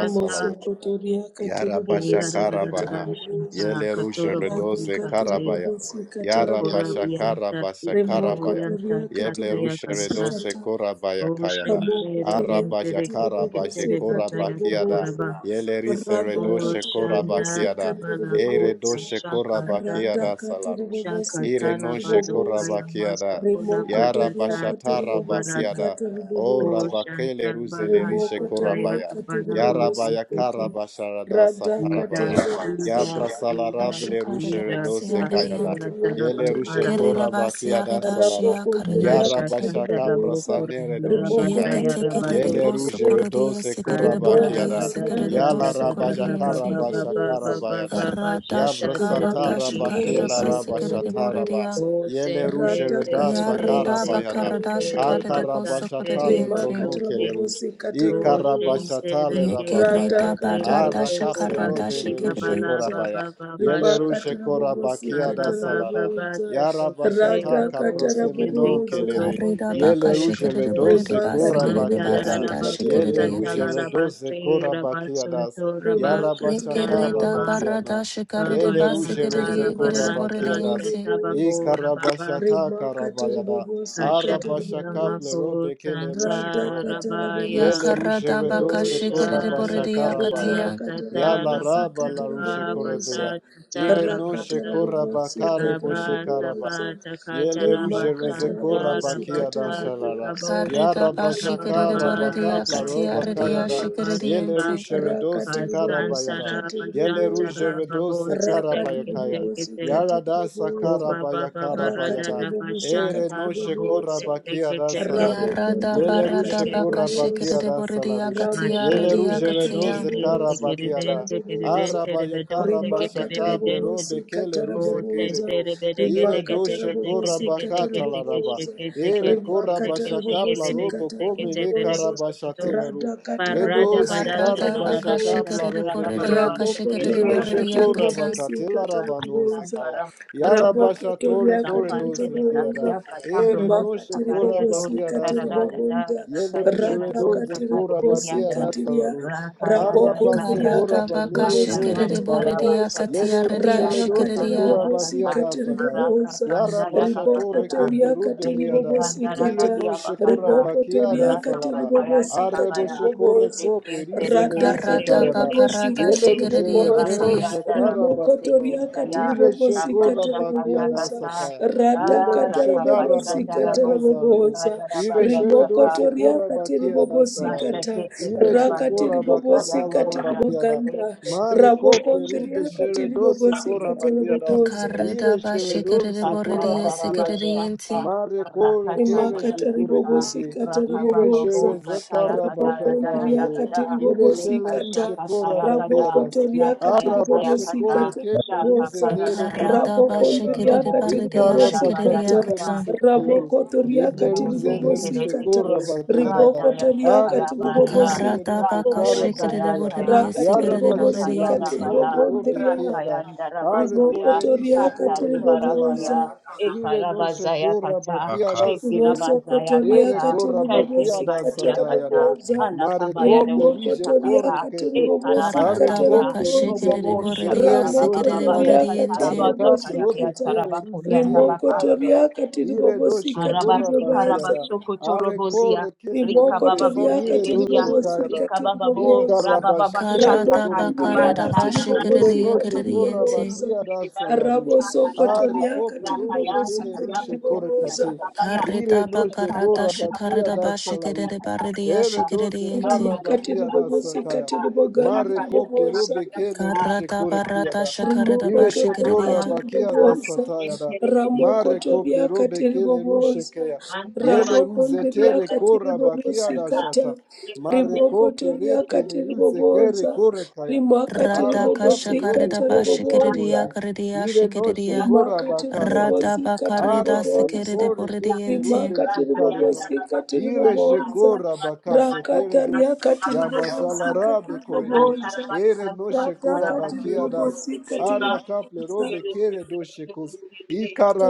Speaker 3: Moso kutulia katika
Speaker 2: Yarabasha
Speaker 1: Era
Speaker 3: ububuzi.
Speaker 1: da da da da
Speaker 3: katika
Speaker 1: da
Speaker 2: Karabana,
Speaker 3: ububuzi.
Speaker 1: shanta
Speaker 2: Yelerusha
Speaker 1: katoro
Speaker 3: Rabu
Speaker 1: bondi
Speaker 2: Redose
Speaker 3: katika
Speaker 1: kante
Speaker 2: Karabaya,
Speaker 3: ububuzi. katika
Speaker 1: tokora
Speaker 2: Yarabasha
Speaker 3: ububuzi.
Speaker 1: bianta
Speaker 2: Karabasa
Speaker 1: tika
Speaker 3: Remoko
Speaker 2: Karabaya,
Speaker 1: boyanta
Speaker 3: tulia katika
Speaker 1: tataya
Speaker 2: Yeblerusha
Speaker 1: kanta
Speaker 2: Redose
Speaker 3: ububuzi.
Speaker 2: Korabaya
Speaker 1: o
Speaker 2: Kayada,
Speaker 3: Raboko
Speaker 1: shantere
Speaker 3: toria
Speaker 2: Arabaja
Speaker 1: dentere
Speaker 3: katiri
Speaker 1: kete
Speaker 2: Karabaje
Speaker 3: bobosi
Speaker 1: ketere
Speaker 3: katiri
Speaker 1: bazaya
Speaker 2: Korabakiada,
Speaker 3: bobosi.
Speaker 1: tokoraba
Speaker 2: Yelerise
Speaker 3: Rada
Speaker 1: o
Speaker 2: Redoshe
Speaker 3: katiri bobosi
Speaker 1: shanda
Speaker 2: Korabakiada,
Speaker 3: katiri
Speaker 1: tabala
Speaker 2: Ere
Speaker 1: kota
Speaker 3: bobosi.
Speaker 2: Doshe
Speaker 1: shaka
Speaker 3: Rada
Speaker 1: tata
Speaker 2: Korabakiada
Speaker 3: katiri
Speaker 2: Salarush,
Speaker 3: bobosi
Speaker 1: shaka
Speaker 2: Ire
Speaker 1: tala
Speaker 3: katiri
Speaker 2: Noshe
Speaker 1: bazo
Speaker 3: bobosi.
Speaker 1: kaya maso
Speaker 2: Korabakiada,
Speaker 1: kora
Speaker 3: Remoko
Speaker 1: bazata
Speaker 3: toria
Speaker 2: Yarabasha
Speaker 1: tata
Speaker 3: katiri bobosi
Speaker 1: kobarada
Speaker 2: Tarabakiada,
Speaker 3: katiri
Speaker 2: O
Speaker 1: o
Speaker 3: bobosi.
Speaker 1: shanta
Speaker 2: Rabakele
Speaker 1: baranto
Speaker 2: Ruselerishe
Speaker 3: Remoko
Speaker 1: zaya
Speaker 3: toria
Speaker 2: Korabaya.
Speaker 3: katiri
Speaker 1: kabala
Speaker 2: Ya
Speaker 3: bobosi
Speaker 2: rabaya
Speaker 1: bote
Speaker 3: katiri.
Speaker 2: karaba sharadasa
Speaker 3: Rada katiri
Speaker 2: karabaya.
Speaker 1: Jesus,
Speaker 3: bobosi
Speaker 1: Jesus,
Speaker 3: katiri.
Speaker 2: Yabrasala
Speaker 5: Shakareta
Speaker 1: Jesus,
Speaker 2: rabele rushe
Speaker 5: shakareta
Speaker 1: Jesus,
Speaker 2: redose
Speaker 3: Remoko
Speaker 2: kayada.
Speaker 5: basiaredianta.
Speaker 1: Pasaya
Speaker 3: toria
Speaker 2: Yele
Speaker 3: katiri
Speaker 2: rushe
Speaker 1: Tarabakara,
Speaker 5: Kerera
Speaker 3: bobosi.
Speaker 2: koraba kiada
Speaker 5: basiareda
Speaker 2: salara.
Speaker 5: shia
Speaker 2: Ya
Speaker 3: Rabokondria
Speaker 1: Masha
Speaker 5: karediakata.
Speaker 2: Yarabasha
Speaker 1: Santarabo
Speaker 3: katibubuza,
Speaker 2: kaprasane redoshe kaya.
Speaker 1: Rabazaya
Speaker 5: Yekete
Speaker 3: ribokondria
Speaker 5: kerede
Speaker 2: Yele
Speaker 1: Rabadosha,
Speaker 5: boso
Speaker 2: rushe
Speaker 5: korede
Speaker 3: katibubuza,
Speaker 2: redose
Speaker 5: yese kerede
Speaker 2: koraba
Speaker 1: Kanda
Speaker 5: borede
Speaker 2: kiada.
Speaker 5: yese
Speaker 1: Rabada
Speaker 3: ribokondria
Speaker 1: da
Speaker 5: kerede
Speaker 1: da da
Speaker 2: Yala
Speaker 5: boso
Speaker 1: da da
Speaker 2: rabaja
Speaker 3: katibubuza,
Speaker 1: ba ba
Speaker 5: korediente.
Speaker 1: ba ba
Speaker 2: karabasha
Speaker 1: ba
Speaker 3: katibubuza,
Speaker 1: ba ba
Speaker 2: karabayada.
Speaker 1: ba ba
Speaker 5: Rada
Speaker 1: shata de
Speaker 2: Yabrasata
Speaker 5: shakarada
Speaker 1: viki do
Speaker 5: shakareda
Speaker 2: rabakiela
Speaker 3: rimakatibubuza,
Speaker 1: do
Speaker 5: basi
Speaker 1: ko
Speaker 5: kerede
Speaker 2: rabashataraba.
Speaker 5: boredia.
Speaker 3: katibubuza,
Speaker 1: o
Speaker 2: Yele rushe
Speaker 1: tente
Speaker 3: rada
Speaker 1: te ke
Speaker 2: redasa
Speaker 1: te
Speaker 5: Yareda
Speaker 3: katibubuza,
Speaker 1: te te
Speaker 2: karabayada.
Speaker 5: bakarada
Speaker 1: te re
Speaker 5: shakarede
Speaker 3: katibubuza,
Speaker 5: boso
Speaker 1: basante re
Speaker 2: Akarabashatale
Speaker 5: korediente.
Speaker 1: kazo
Speaker 2: bronokele
Speaker 1: te
Speaker 2: rush.
Speaker 3: rimakatibubuza,
Speaker 1: o
Speaker 3: katibubuza.
Speaker 1: shente
Speaker 2: Ikarabashatale
Speaker 1: re ke te
Speaker 2: rabakaya.
Speaker 5: Yekereda
Speaker 1: ke re
Speaker 5: barada
Speaker 1: kazo ko
Speaker 3: Ratakatarabobosi
Speaker 2: Arakaple
Speaker 1: ba
Speaker 5: shakarada
Speaker 2: robe
Speaker 1: ki
Speaker 2: le
Speaker 1: da
Speaker 2: rushe
Speaker 1: ba
Speaker 5: shakarede
Speaker 1: la
Speaker 3: katarabobosa.
Speaker 1: ba
Speaker 2: korabaya.
Speaker 1: ba ba
Speaker 2: Yele
Speaker 1: ba
Speaker 2: rushe
Speaker 3: Ribakatarabobosi
Speaker 2: korabakia da
Speaker 1: Baba baba
Speaker 2: salara.
Speaker 3: katarabobosa.
Speaker 1: basta take it
Speaker 2: Yarabashata
Speaker 1: bako take
Speaker 2: kaprosemenon
Speaker 1: ziko
Speaker 3: Radakatarabobosa.
Speaker 2: kelere.
Speaker 1: zoko
Speaker 5: Karida baka
Speaker 2: Yele
Speaker 1: zete
Speaker 2: rushe
Speaker 5: shikere
Speaker 1: zete
Speaker 5: borede
Speaker 2: redose
Speaker 5: basikere de
Speaker 2: korabakia
Speaker 1: mantara
Speaker 3: Ribakatarabobosi
Speaker 2: da.
Speaker 1: rara
Speaker 5: barada
Speaker 1: bako
Speaker 5: shikere
Speaker 2: Yele
Speaker 1: sa
Speaker 2: rushe
Speaker 1: sachala
Speaker 5: diete.
Speaker 3: katarabobosa.
Speaker 2: redose
Speaker 1: rabase
Speaker 2: korabakia das.
Speaker 1: rabasunto
Speaker 2: Yarabashaka
Speaker 1: rabashantara
Speaker 5: Yekereda
Speaker 1: ma
Speaker 3: Rimakatarabobosa.
Speaker 2: rabakia
Speaker 5: barada
Speaker 2: na.
Speaker 5: shikare de
Speaker 1: baba
Speaker 2: Yele rushe
Speaker 5: basikere
Speaker 2: redze
Speaker 1: shantala
Speaker 5: diekere de
Speaker 3: Rimakatarabobosi
Speaker 1: baranta
Speaker 2: korabakia das.
Speaker 5: borediente.
Speaker 3: katarabobosa.
Speaker 1: shatabago rababa
Speaker 2: Ikarabashata karabaya da.
Speaker 3: Rimakatarabobosi
Speaker 1: kashadra
Speaker 2: Arabashaka ple
Speaker 3: katarabobosa.
Speaker 1: mako
Speaker 2: robe kele rushe
Speaker 3: Rada
Speaker 1: santara
Speaker 2: korede.
Speaker 3: katara
Speaker 1: rabaya,
Speaker 3: bobosi
Speaker 2: Yele ruje
Speaker 5: Yakarada
Speaker 3: katara
Speaker 5: baka
Speaker 2: redose
Speaker 3: bobosa.
Speaker 5: shikere de
Speaker 2: koraba
Speaker 1: Osha
Speaker 5: boredia
Speaker 3: Rima
Speaker 2: shakarabaya.
Speaker 1: taka
Speaker 5: katia.
Speaker 3: katara
Speaker 1: tata
Speaker 2: Yala
Speaker 3: bobosi
Speaker 2: raba la
Speaker 3: katara
Speaker 2: rushe
Speaker 1: rabataka
Speaker 3: bobosa.
Speaker 2: korebea.
Speaker 1: basa
Speaker 2: Ire no she
Speaker 3: Rakatara
Speaker 1: tata
Speaker 2: koraba
Speaker 3: bobosi
Speaker 2: kare
Speaker 3: katara
Speaker 2: boshe
Speaker 1: Saba
Speaker 3: bobosa.
Speaker 2: karabaya.
Speaker 1: saba taka,
Speaker 2: Yele
Speaker 3: Rima
Speaker 1: raba
Speaker 2: ruje reze
Speaker 3: katara
Speaker 1: shanta
Speaker 2: koraba
Speaker 3: bobosi
Speaker 1: raba
Speaker 2: kia da
Speaker 3: katara
Speaker 1: sa
Speaker 2: shalara.
Speaker 3: bobosa.
Speaker 1: takabo
Speaker 2: Yara
Speaker 5: Karida ba
Speaker 1: shika
Speaker 3: Rima
Speaker 1: raba
Speaker 5: shikere de
Speaker 2: bashakara
Speaker 3: katara
Speaker 1: baba
Speaker 5: boredia
Speaker 2: bakapla
Speaker 3: bobosi
Speaker 1: shaka
Speaker 5: katia
Speaker 2: roba
Speaker 3: katara
Speaker 2: kaya
Speaker 5: redia
Speaker 2: da.
Speaker 1: baba ba
Speaker 5: shikere
Speaker 3: bobosa.
Speaker 2: Yele
Speaker 1: shaka
Speaker 5: diente.
Speaker 2: rushe redose
Speaker 3: Rakatiri bobosi
Speaker 1: kasanta
Speaker 2: karabaya da.
Speaker 1: raba
Speaker 3: katiri
Speaker 2: Yele
Speaker 1: shanta
Speaker 3: bobosa.
Speaker 2: ruje
Speaker 1: raba bo
Speaker 2: redose
Speaker 1: te te
Speaker 2: karabaya
Speaker 1: ke
Speaker 3: Rakatiri
Speaker 1: te
Speaker 2: kaya.
Speaker 1: ke
Speaker 3: bobosi
Speaker 1: te
Speaker 2: Yara
Speaker 3: katiri
Speaker 2: dasa
Speaker 1: ko
Speaker 3: bobosa.
Speaker 1: baba
Speaker 2: karabaya
Speaker 1: baba
Speaker 2: karabaya
Speaker 1: rada
Speaker 3: Rakatiri
Speaker 2: da.
Speaker 3: bobosi
Speaker 2: Ere
Speaker 1: shanta
Speaker 3: katiri
Speaker 2: no she
Speaker 1: babo te
Speaker 3: bobosa.
Speaker 2: koraba kia da
Speaker 1: kete, kete,
Speaker 2: salaru.
Speaker 1: te shendege, te ke
Speaker 5: Yarada
Speaker 1: ko
Speaker 3: Rabokondria
Speaker 2: Yele
Speaker 1: shende
Speaker 5: barada
Speaker 2: rushe
Speaker 1: ke
Speaker 5: baka shikere
Speaker 2: korabakia
Speaker 3: katiriboboza.
Speaker 5: de
Speaker 2: da
Speaker 5: boredia
Speaker 2: salarush.
Speaker 5: katia
Speaker 1: mashe
Speaker 2: Yele
Speaker 1: te
Speaker 5: redia
Speaker 3: Rabokotoria
Speaker 1: te
Speaker 2: rushe
Speaker 1: te te ke
Speaker 2: redoze
Speaker 5: katia.
Speaker 1: te te
Speaker 3: katiribobosi
Speaker 1: ke te
Speaker 2: karabakia
Speaker 1: te
Speaker 2: da.
Speaker 1: te
Speaker 3: kataraboboza.
Speaker 2: Araba yakara
Speaker 3: Rimaka
Speaker 2: bashaka
Speaker 3: tarabobosi
Speaker 2: plerobe kele ruze
Speaker 1: Oh,
Speaker 3: kataraboboza.
Speaker 2: keredo. Ire
Speaker 3: Rimaka
Speaker 2: doshe
Speaker 3: tarabobosi
Speaker 2: korabakata laraba.
Speaker 3: kataraboboza.
Speaker 2: Ere
Speaker 3: Rimaka
Speaker 2: korabashaka
Speaker 3: tarabobosi
Speaker 2: plarobo komere
Speaker 3: kataraboboza.
Speaker 2: karabashateleru.
Speaker 3: Rada
Speaker 1: Parada
Speaker 3: katarabobosi
Speaker 2: Redoze
Speaker 1: badasha
Speaker 5: Karada
Speaker 1: tada
Speaker 5: baka
Speaker 1: da
Speaker 2: karabashaka
Speaker 3: kataraboboza.
Speaker 5: shikere de
Speaker 1: katanda
Speaker 2: plarobe
Speaker 1: baba
Speaker 5: boredia
Speaker 1: baba
Speaker 2: keleru.
Speaker 5: kashikere
Speaker 1: shakiri
Speaker 5: de
Speaker 2: Ire
Speaker 1: baba
Speaker 3: Rabokotoria
Speaker 1: bu
Speaker 2: sheko
Speaker 5: boredia
Speaker 3: katiribobosi
Speaker 2: rabakatela rabanoze
Speaker 3: kataraboboza.
Speaker 2: kaya.
Speaker 1: Santaram,
Speaker 3: Raboko
Speaker 1: Natapantam,
Speaker 2: Yarabashatore
Speaker 3: toria katiri
Speaker 1: Sampante,
Speaker 2: koredoze kiada.
Speaker 3: boboza,
Speaker 1: Nitatia, Patabro,
Speaker 2: Ere
Speaker 1: Nosa,
Speaker 3: imaka
Speaker 2: noshe
Speaker 3: tiri
Speaker 2: kora
Speaker 1: Cabaria,
Speaker 3: bobosi
Speaker 1: Dosha,
Speaker 2: bakia da
Speaker 3: katiri
Speaker 1: Tarada,
Speaker 2: salaru.
Speaker 1: Dada,
Speaker 3: bobonda,
Speaker 2: Yele rushe
Speaker 1: Rakindia,
Speaker 3: rada
Speaker 1: Dosha,
Speaker 3: katiri
Speaker 2: kora
Speaker 1: Caridia,
Speaker 3: bobosi
Speaker 2: bakia da
Speaker 3: tiria,
Speaker 2: salaru.
Speaker 1: Rakaya,
Speaker 3: raboko
Speaker 2: Araba se
Speaker 1: Daria,
Speaker 3: nziria
Speaker 5: Garada
Speaker 3: katiri
Speaker 5: baka
Speaker 2: banere
Speaker 3: bobosi
Speaker 1: Rakadam,
Speaker 2: doze
Speaker 5: shikiri
Speaker 3: katiri
Speaker 2: kaya da.
Speaker 5: boridia
Speaker 3: boboza,
Speaker 1: Taravashaya,
Speaker 5: katia
Speaker 2: Yele rushe
Speaker 5: redia
Speaker 3: rana
Speaker 1: Rakakam,
Speaker 3: katara
Speaker 5: shikiridia.
Speaker 2: kora
Speaker 3: bobosi
Speaker 2: bakia
Speaker 1: Darakata,
Speaker 2: da
Speaker 3: katiri
Speaker 2: sakaya.
Speaker 3: boboza,
Speaker 2: Yara
Speaker 1: Rakakanda,
Speaker 3: riboko
Speaker 2: bashatore
Speaker 1: Yakapadata,
Speaker 2: keple
Speaker 3: toria
Speaker 2: rube
Speaker 3: katiri
Speaker 2: kia da.
Speaker 3: bobosi
Speaker 1: Rekikanda,
Speaker 2: Ire
Speaker 3: ta,
Speaker 1: Rakadia,
Speaker 2: noshe kora
Speaker 1: Bakata,
Speaker 3: riboko
Speaker 2: bakia
Speaker 3: toria
Speaker 2: da
Speaker 3: katiri
Speaker 2: salara.
Speaker 1: Rakapataya,
Speaker 3: bobosi
Speaker 2: Arre
Speaker 1: Takabaya,
Speaker 2: boshe
Speaker 3: katiriboboza
Speaker 1: Rekim,
Speaker 2: kople rize le
Speaker 1: Sereke,
Speaker 2: rushe
Speaker 5: Garada
Speaker 1: Sereke,
Speaker 2: da.
Speaker 5: bakarada
Speaker 3: radhakatarabobosika
Speaker 2: Yele
Speaker 1: Sereke,
Speaker 2: rushe
Speaker 5: shikiridia
Speaker 3: tiriboboza
Speaker 5: kiridia.
Speaker 1: Rakayanda
Speaker 2: shekara
Speaker 1: Rabose
Speaker 2: baseno.
Speaker 1: Ketaya
Speaker 2: Ire
Speaker 3: rimokotoriakatiribobosika
Speaker 2: shekora
Speaker 1: Tapasha
Speaker 2: bakia da
Speaker 3: taraboboza
Speaker 1: Kasakasa
Speaker 2: sakaya. Yele
Speaker 1: Ah,
Speaker 2: rushe kara
Speaker 1: Rakapashanda
Speaker 3: radhakatarabobosika
Speaker 2: bakia
Speaker 1: Raboko
Speaker 2: nazarado.
Speaker 1: Sika
Speaker 3: taraboboza
Speaker 2: Ire
Speaker 1: Yarabaria
Speaker 2: sheredo sekura bakia
Speaker 3: rimokotoriakatiribobosika
Speaker 2: nazarado.
Speaker 3: ta
Speaker 2: Ire
Speaker 1: Mashekere
Speaker 2: shekura
Speaker 1: bandoli
Speaker 2: bakata
Speaker 3: rakatiribobosika
Speaker 2: lara
Speaker 1: sayangora.
Speaker 2: bakia na.
Speaker 3: tiriboganda
Speaker 2: Mare kople rude sheredo
Speaker 3: rabokondriakatiribobosika
Speaker 2: sekura bakia na.
Speaker 3: taraboboza
Speaker 2: Ire
Speaker 5: Karada ba
Speaker 2: sheredo
Speaker 5: shikiri
Speaker 2: sekura
Speaker 5: boridia
Speaker 2: bakia na.
Speaker 1: Kasararabashanta
Speaker 5: sikiridienti.
Speaker 2: Mare kore
Speaker 1: rakata
Speaker 2: kere jekure
Speaker 1: marakanta
Speaker 3: rimakatiribobosi
Speaker 2: kede. Ire
Speaker 1: rakababo
Speaker 3: katarabobosa
Speaker 2: shere
Speaker 1: zataya
Speaker 2: zakara
Speaker 1: kadaya daya
Speaker 2: bashakare
Speaker 1: dagada
Speaker 2: Ire
Speaker 3: rabokondriakatiribobosi
Speaker 1: leka
Speaker 2: shele rushe
Speaker 3: kata
Speaker 1: shaka
Speaker 2: kora
Speaker 1: taya
Speaker 2: bakia
Speaker 1: gada
Speaker 2: nas.
Speaker 1: la taya
Speaker 2: Ara
Speaker 1: taya
Speaker 3: rabokotoriakatiribobosi
Speaker 2: bashekore
Speaker 1: kata
Speaker 2: kepe
Speaker 1: shaka
Speaker 2: ruze
Speaker 3: katiribobosa
Speaker 2: nere
Speaker 1: paradaya
Speaker 2: doshe
Speaker 5: Karada ba
Speaker 2: kaya na.
Speaker 5: shikiri
Speaker 1: ekirobo
Speaker 2: I kar
Speaker 5: baridia
Speaker 3: rabokondriakatiribobosi
Speaker 1: nyandalabaya
Speaker 5: shikiridia
Speaker 3: kata
Speaker 2: bachatele
Speaker 1: kata
Speaker 5: kata.
Speaker 2: ruse keros, ye blerusele
Speaker 3: rabokotoriakatiribobosi
Speaker 2: ruse
Speaker 3: kata
Speaker 2: korra
Speaker 1: Zekitekelemozentelekete,
Speaker 2: bakira. Are
Speaker 1: Radayasakarabaya,
Speaker 3: ribokotoriakatiribobosi
Speaker 2: koprosele
Speaker 5: Karada
Speaker 2: ruse
Speaker 5: baka
Speaker 2: kar
Speaker 3: katiribobosa
Speaker 5: shikiri
Speaker 2: bachaya.
Speaker 1: Rakapazayataya,
Speaker 5: boridia
Speaker 2: I
Speaker 5: sikiri
Speaker 2: arabasha
Speaker 3: rakatiribobosi
Speaker 2: kar
Speaker 5: boridienti.
Speaker 1: Eshakayanabaya,
Speaker 2: koplerobe
Speaker 3: katiribogondria
Speaker 2: kada. Are
Speaker 1: Rakayandarabazoya,
Speaker 2: bolerise korakatela ra.
Speaker 1: Kataribarakaya,
Speaker 3: ribokotoriakatiribobosa
Speaker 2: Ire nolse korra
Speaker 1: Ekarabazayakata,
Speaker 2: bakia
Speaker 6: Akab.
Speaker 2: daslen.
Speaker 3: Rimoso kotoria
Speaker 2: Ire
Speaker 1: Shekirabazayakata,
Speaker 3: katiri
Speaker 2: korra
Speaker 3: bobosi
Speaker 2: bakia
Speaker 3: Rimosokotoria
Speaker 2: dasata
Speaker 3: katiribobosi
Speaker 2: ya da.
Speaker 1: Katerebaziakata,
Speaker 3: katarabobosa.
Speaker 2: Mare koplerise
Speaker 3: Rimokotoria
Speaker 1: Alakabayadoshatakata,
Speaker 2: kor keti.
Speaker 3: katiribobosi
Speaker 2: Are
Speaker 5: Karada
Speaker 1: Ekarabasanta,
Speaker 5: baka
Speaker 2: koplerike
Speaker 3: katarabobosa.
Speaker 2: le
Speaker 5: shikiri
Speaker 1: Robobo
Speaker 2: ruse
Speaker 5: boridia
Speaker 2: kere doshe
Speaker 5: sikiri
Speaker 1: Shakababababa,
Speaker 3: Ramokotoria
Speaker 2: kaya.
Speaker 5: boridienti.
Speaker 2: Harakati
Speaker 3: katiribobosi
Speaker 1: Dikatarabazakaya,
Speaker 2: robe
Speaker 3: kata.
Speaker 2: kere ruze nere
Speaker 1: Biatarabakunyandabaka,
Speaker 2: kayada.
Speaker 3: Rimokotoria
Speaker 2: Ire
Speaker 3: katiribobosi
Speaker 2: doşe kura
Speaker 1: Arabasika
Speaker 3: katiribobasa.
Speaker 2: bakiyada.
Speaker 1: rabasoko
Speaker 2: Are
Speaker 1: torobozia.
Speaker 2: kore keple
Speaker 1: Rika
Speaker 2: rube
Speaker 1: baba
Speaker 3: Rimokotoria
Speaker 1: boze
Speaker 2: senire
Speaker 1: kendia.
Speaker 2: doşe
Speaker 3: katiribobosi
Speaker 2: kayada.
Speaker 1: Rika baba bo
Speaker 3: katiribobosa.
Speaker 2: İkara
Speaker 1: raba baba
Speaker 2: başatere
Speaker 1: shata
Speaker 5: Karada
Speaker 2: kore
Speaker 1: kata
Speaker 3: Rabokotoria
Speaker 2: kere
Speaker 1: bara
Speaker 5: bakarida
Speaker 2: rus.
Speaker 5: ba
Speaker 1: rata.
Speaker 3: katiribobosi
Speaker 2: Ire
Speaker 5: shikiri
Speaker 2: noşe
Speaker 3: katiri
Speaker 2: kura
Speaker 5: kiridienti.
Speaker 2: bakiyada salaruş.
Speaker 3: bobosi
Speaker 2: Are kople rube
Speaker 1: Rapaya
Speaker 3: katiri
Speaker 2: kere
Speaker 1: kataya
Speaker 2: ruşe kore
Speaker 1: bokosia
Speaker 3: katiribobosa.
Speaker 2: kate.
Speaker 1: katabaya.
Speaker 5: Karida
Speaker 2: Ire
Speaker 1: Eke
Speaker 2: noşe
Speaker 1: karya
Speaker 5: bakarada
Speaker 2: kura
Speaker 1: katapaya
Speaker 5: shikarida
Speaker 2: bakiyada
Speaker 1: katapaya
Speaker 2: salaruş.
Speaker 5: bashikiridi
Speaker 1: katashi
Speaker 5: baridia
Speaker 1: kata.
Speaker 2: Ere doşe
Speaker 5: shikiridiente.
Speaker 2: kara
Speaker 1: Bakarya
Speaker 3: rimakatiri
Speaker 2: bakiyada
Speaker 3: bobosi
Speaker 1: katapaya
Speaker 2: sakaya.
Speaker 1: kata.
Speaker 3: katiri bogandiri
Speaker 2: Mare
Speaker 1: Kaparya
Speaker 2: kople
Speaker 3: bobosa
Speaker 2: rube
Speaker 1: katapaya
Speaker 2: kere
Speaker 1: kata.
Speaker 2: ruşe
Speaker 5: Karada
Speaker 2: kore
Speaker 1: Namakarya
Speaker 5: barada
Speaker 2: kiyada.
Speaker 1: kata.
Speaker 5: shakarida
Speaker 2: Hire
Speaker 3: rimokotoria
Speaker 2: shekora
Speaker 1: Kanabara
Speaker 5: bashikiridia.
Speaker 3: katiri
Speaker 2: bakia
Speaker 1: kata.
Speaker 2: da
Speaker 3: bobosa
Speaker 2: sataya da.
Speaker 1: Entere bide bide
Speaker 2: Mare
Speaker 1: bide.
Speaker 3: ramokotoria
Speaker 2: kople robe
Speaker 3: katiri
Speaker 2: kele
Speaker 3: bobosa
Speaker 2: rushekeya.
Speaker 1: Thank
Speaker 2: Yele
Speaker 3: rabokondria
Speaker 2: ruzetere
Speaker 3: katiri
Speaker 2: kora bakia
Speaker 3: bobosi
Speaker 2: da
Speaker 3: kata
Speaker 2: shata. Mare kople
Speaker 3: rimokotoria
Speaker 2: reke le
Speaker 3: katiri
Speaker 2: ruze kere
Speaker 3: bobosa
Speaker 2: kore kaya.
Speaker 3: rimakatiri
Speaker 5: Rada
Speaker 2: Ara
Speaker 3: bobosi
Speaker 2: kaple robe
Speaker 5: kashakarida
Speaker 3: katiri
Speaker 2: kere
Speaker 1: you.
Speaker 2: shekore
Speaker 3: bobosa
Speaker 5: bashikiridia
Speaker 2: di
Speaker 5: karidia
Speaker 2: Hire no
Speaker 5: shikiridia.
Speaker 2: shekora
Speaker 3: rimakati
Speaker 2: bakasati.
Speaker 5: Rada
Speaker 3: ribobosikati
Speaker 5: bakarida
Speaker 2: Ara baye
Speaker 3: ribobosa
Speaker 5: sikiridi
Speaker 2: kore keple
Speaker 5: buridiente.
Speaker 2: rube
Speaker 3: rimakati
Speaker 2: shekare do.
Speaker 3: ribobosikati
Speaker 2: Hire
Speaker 3: ribobosa
Speaker 2: shekora
Speaker 3: rakata
Speaker 2: bakasetere do.
Speaker 3: riakati
Speaker 2: Ya
Speaker 3: Rata
Speaker 2: mazalara be kore di
Speaker 3: ribobosa
Speaker 2: Ere no shekora
Speaker 3: ratakati
Speaker 2: bakia das.
Speaker 3: ribobosikati
Speaker 2: Arakaple
Speaker 3: ribobosa
Speaker 2: robe kere doshekus.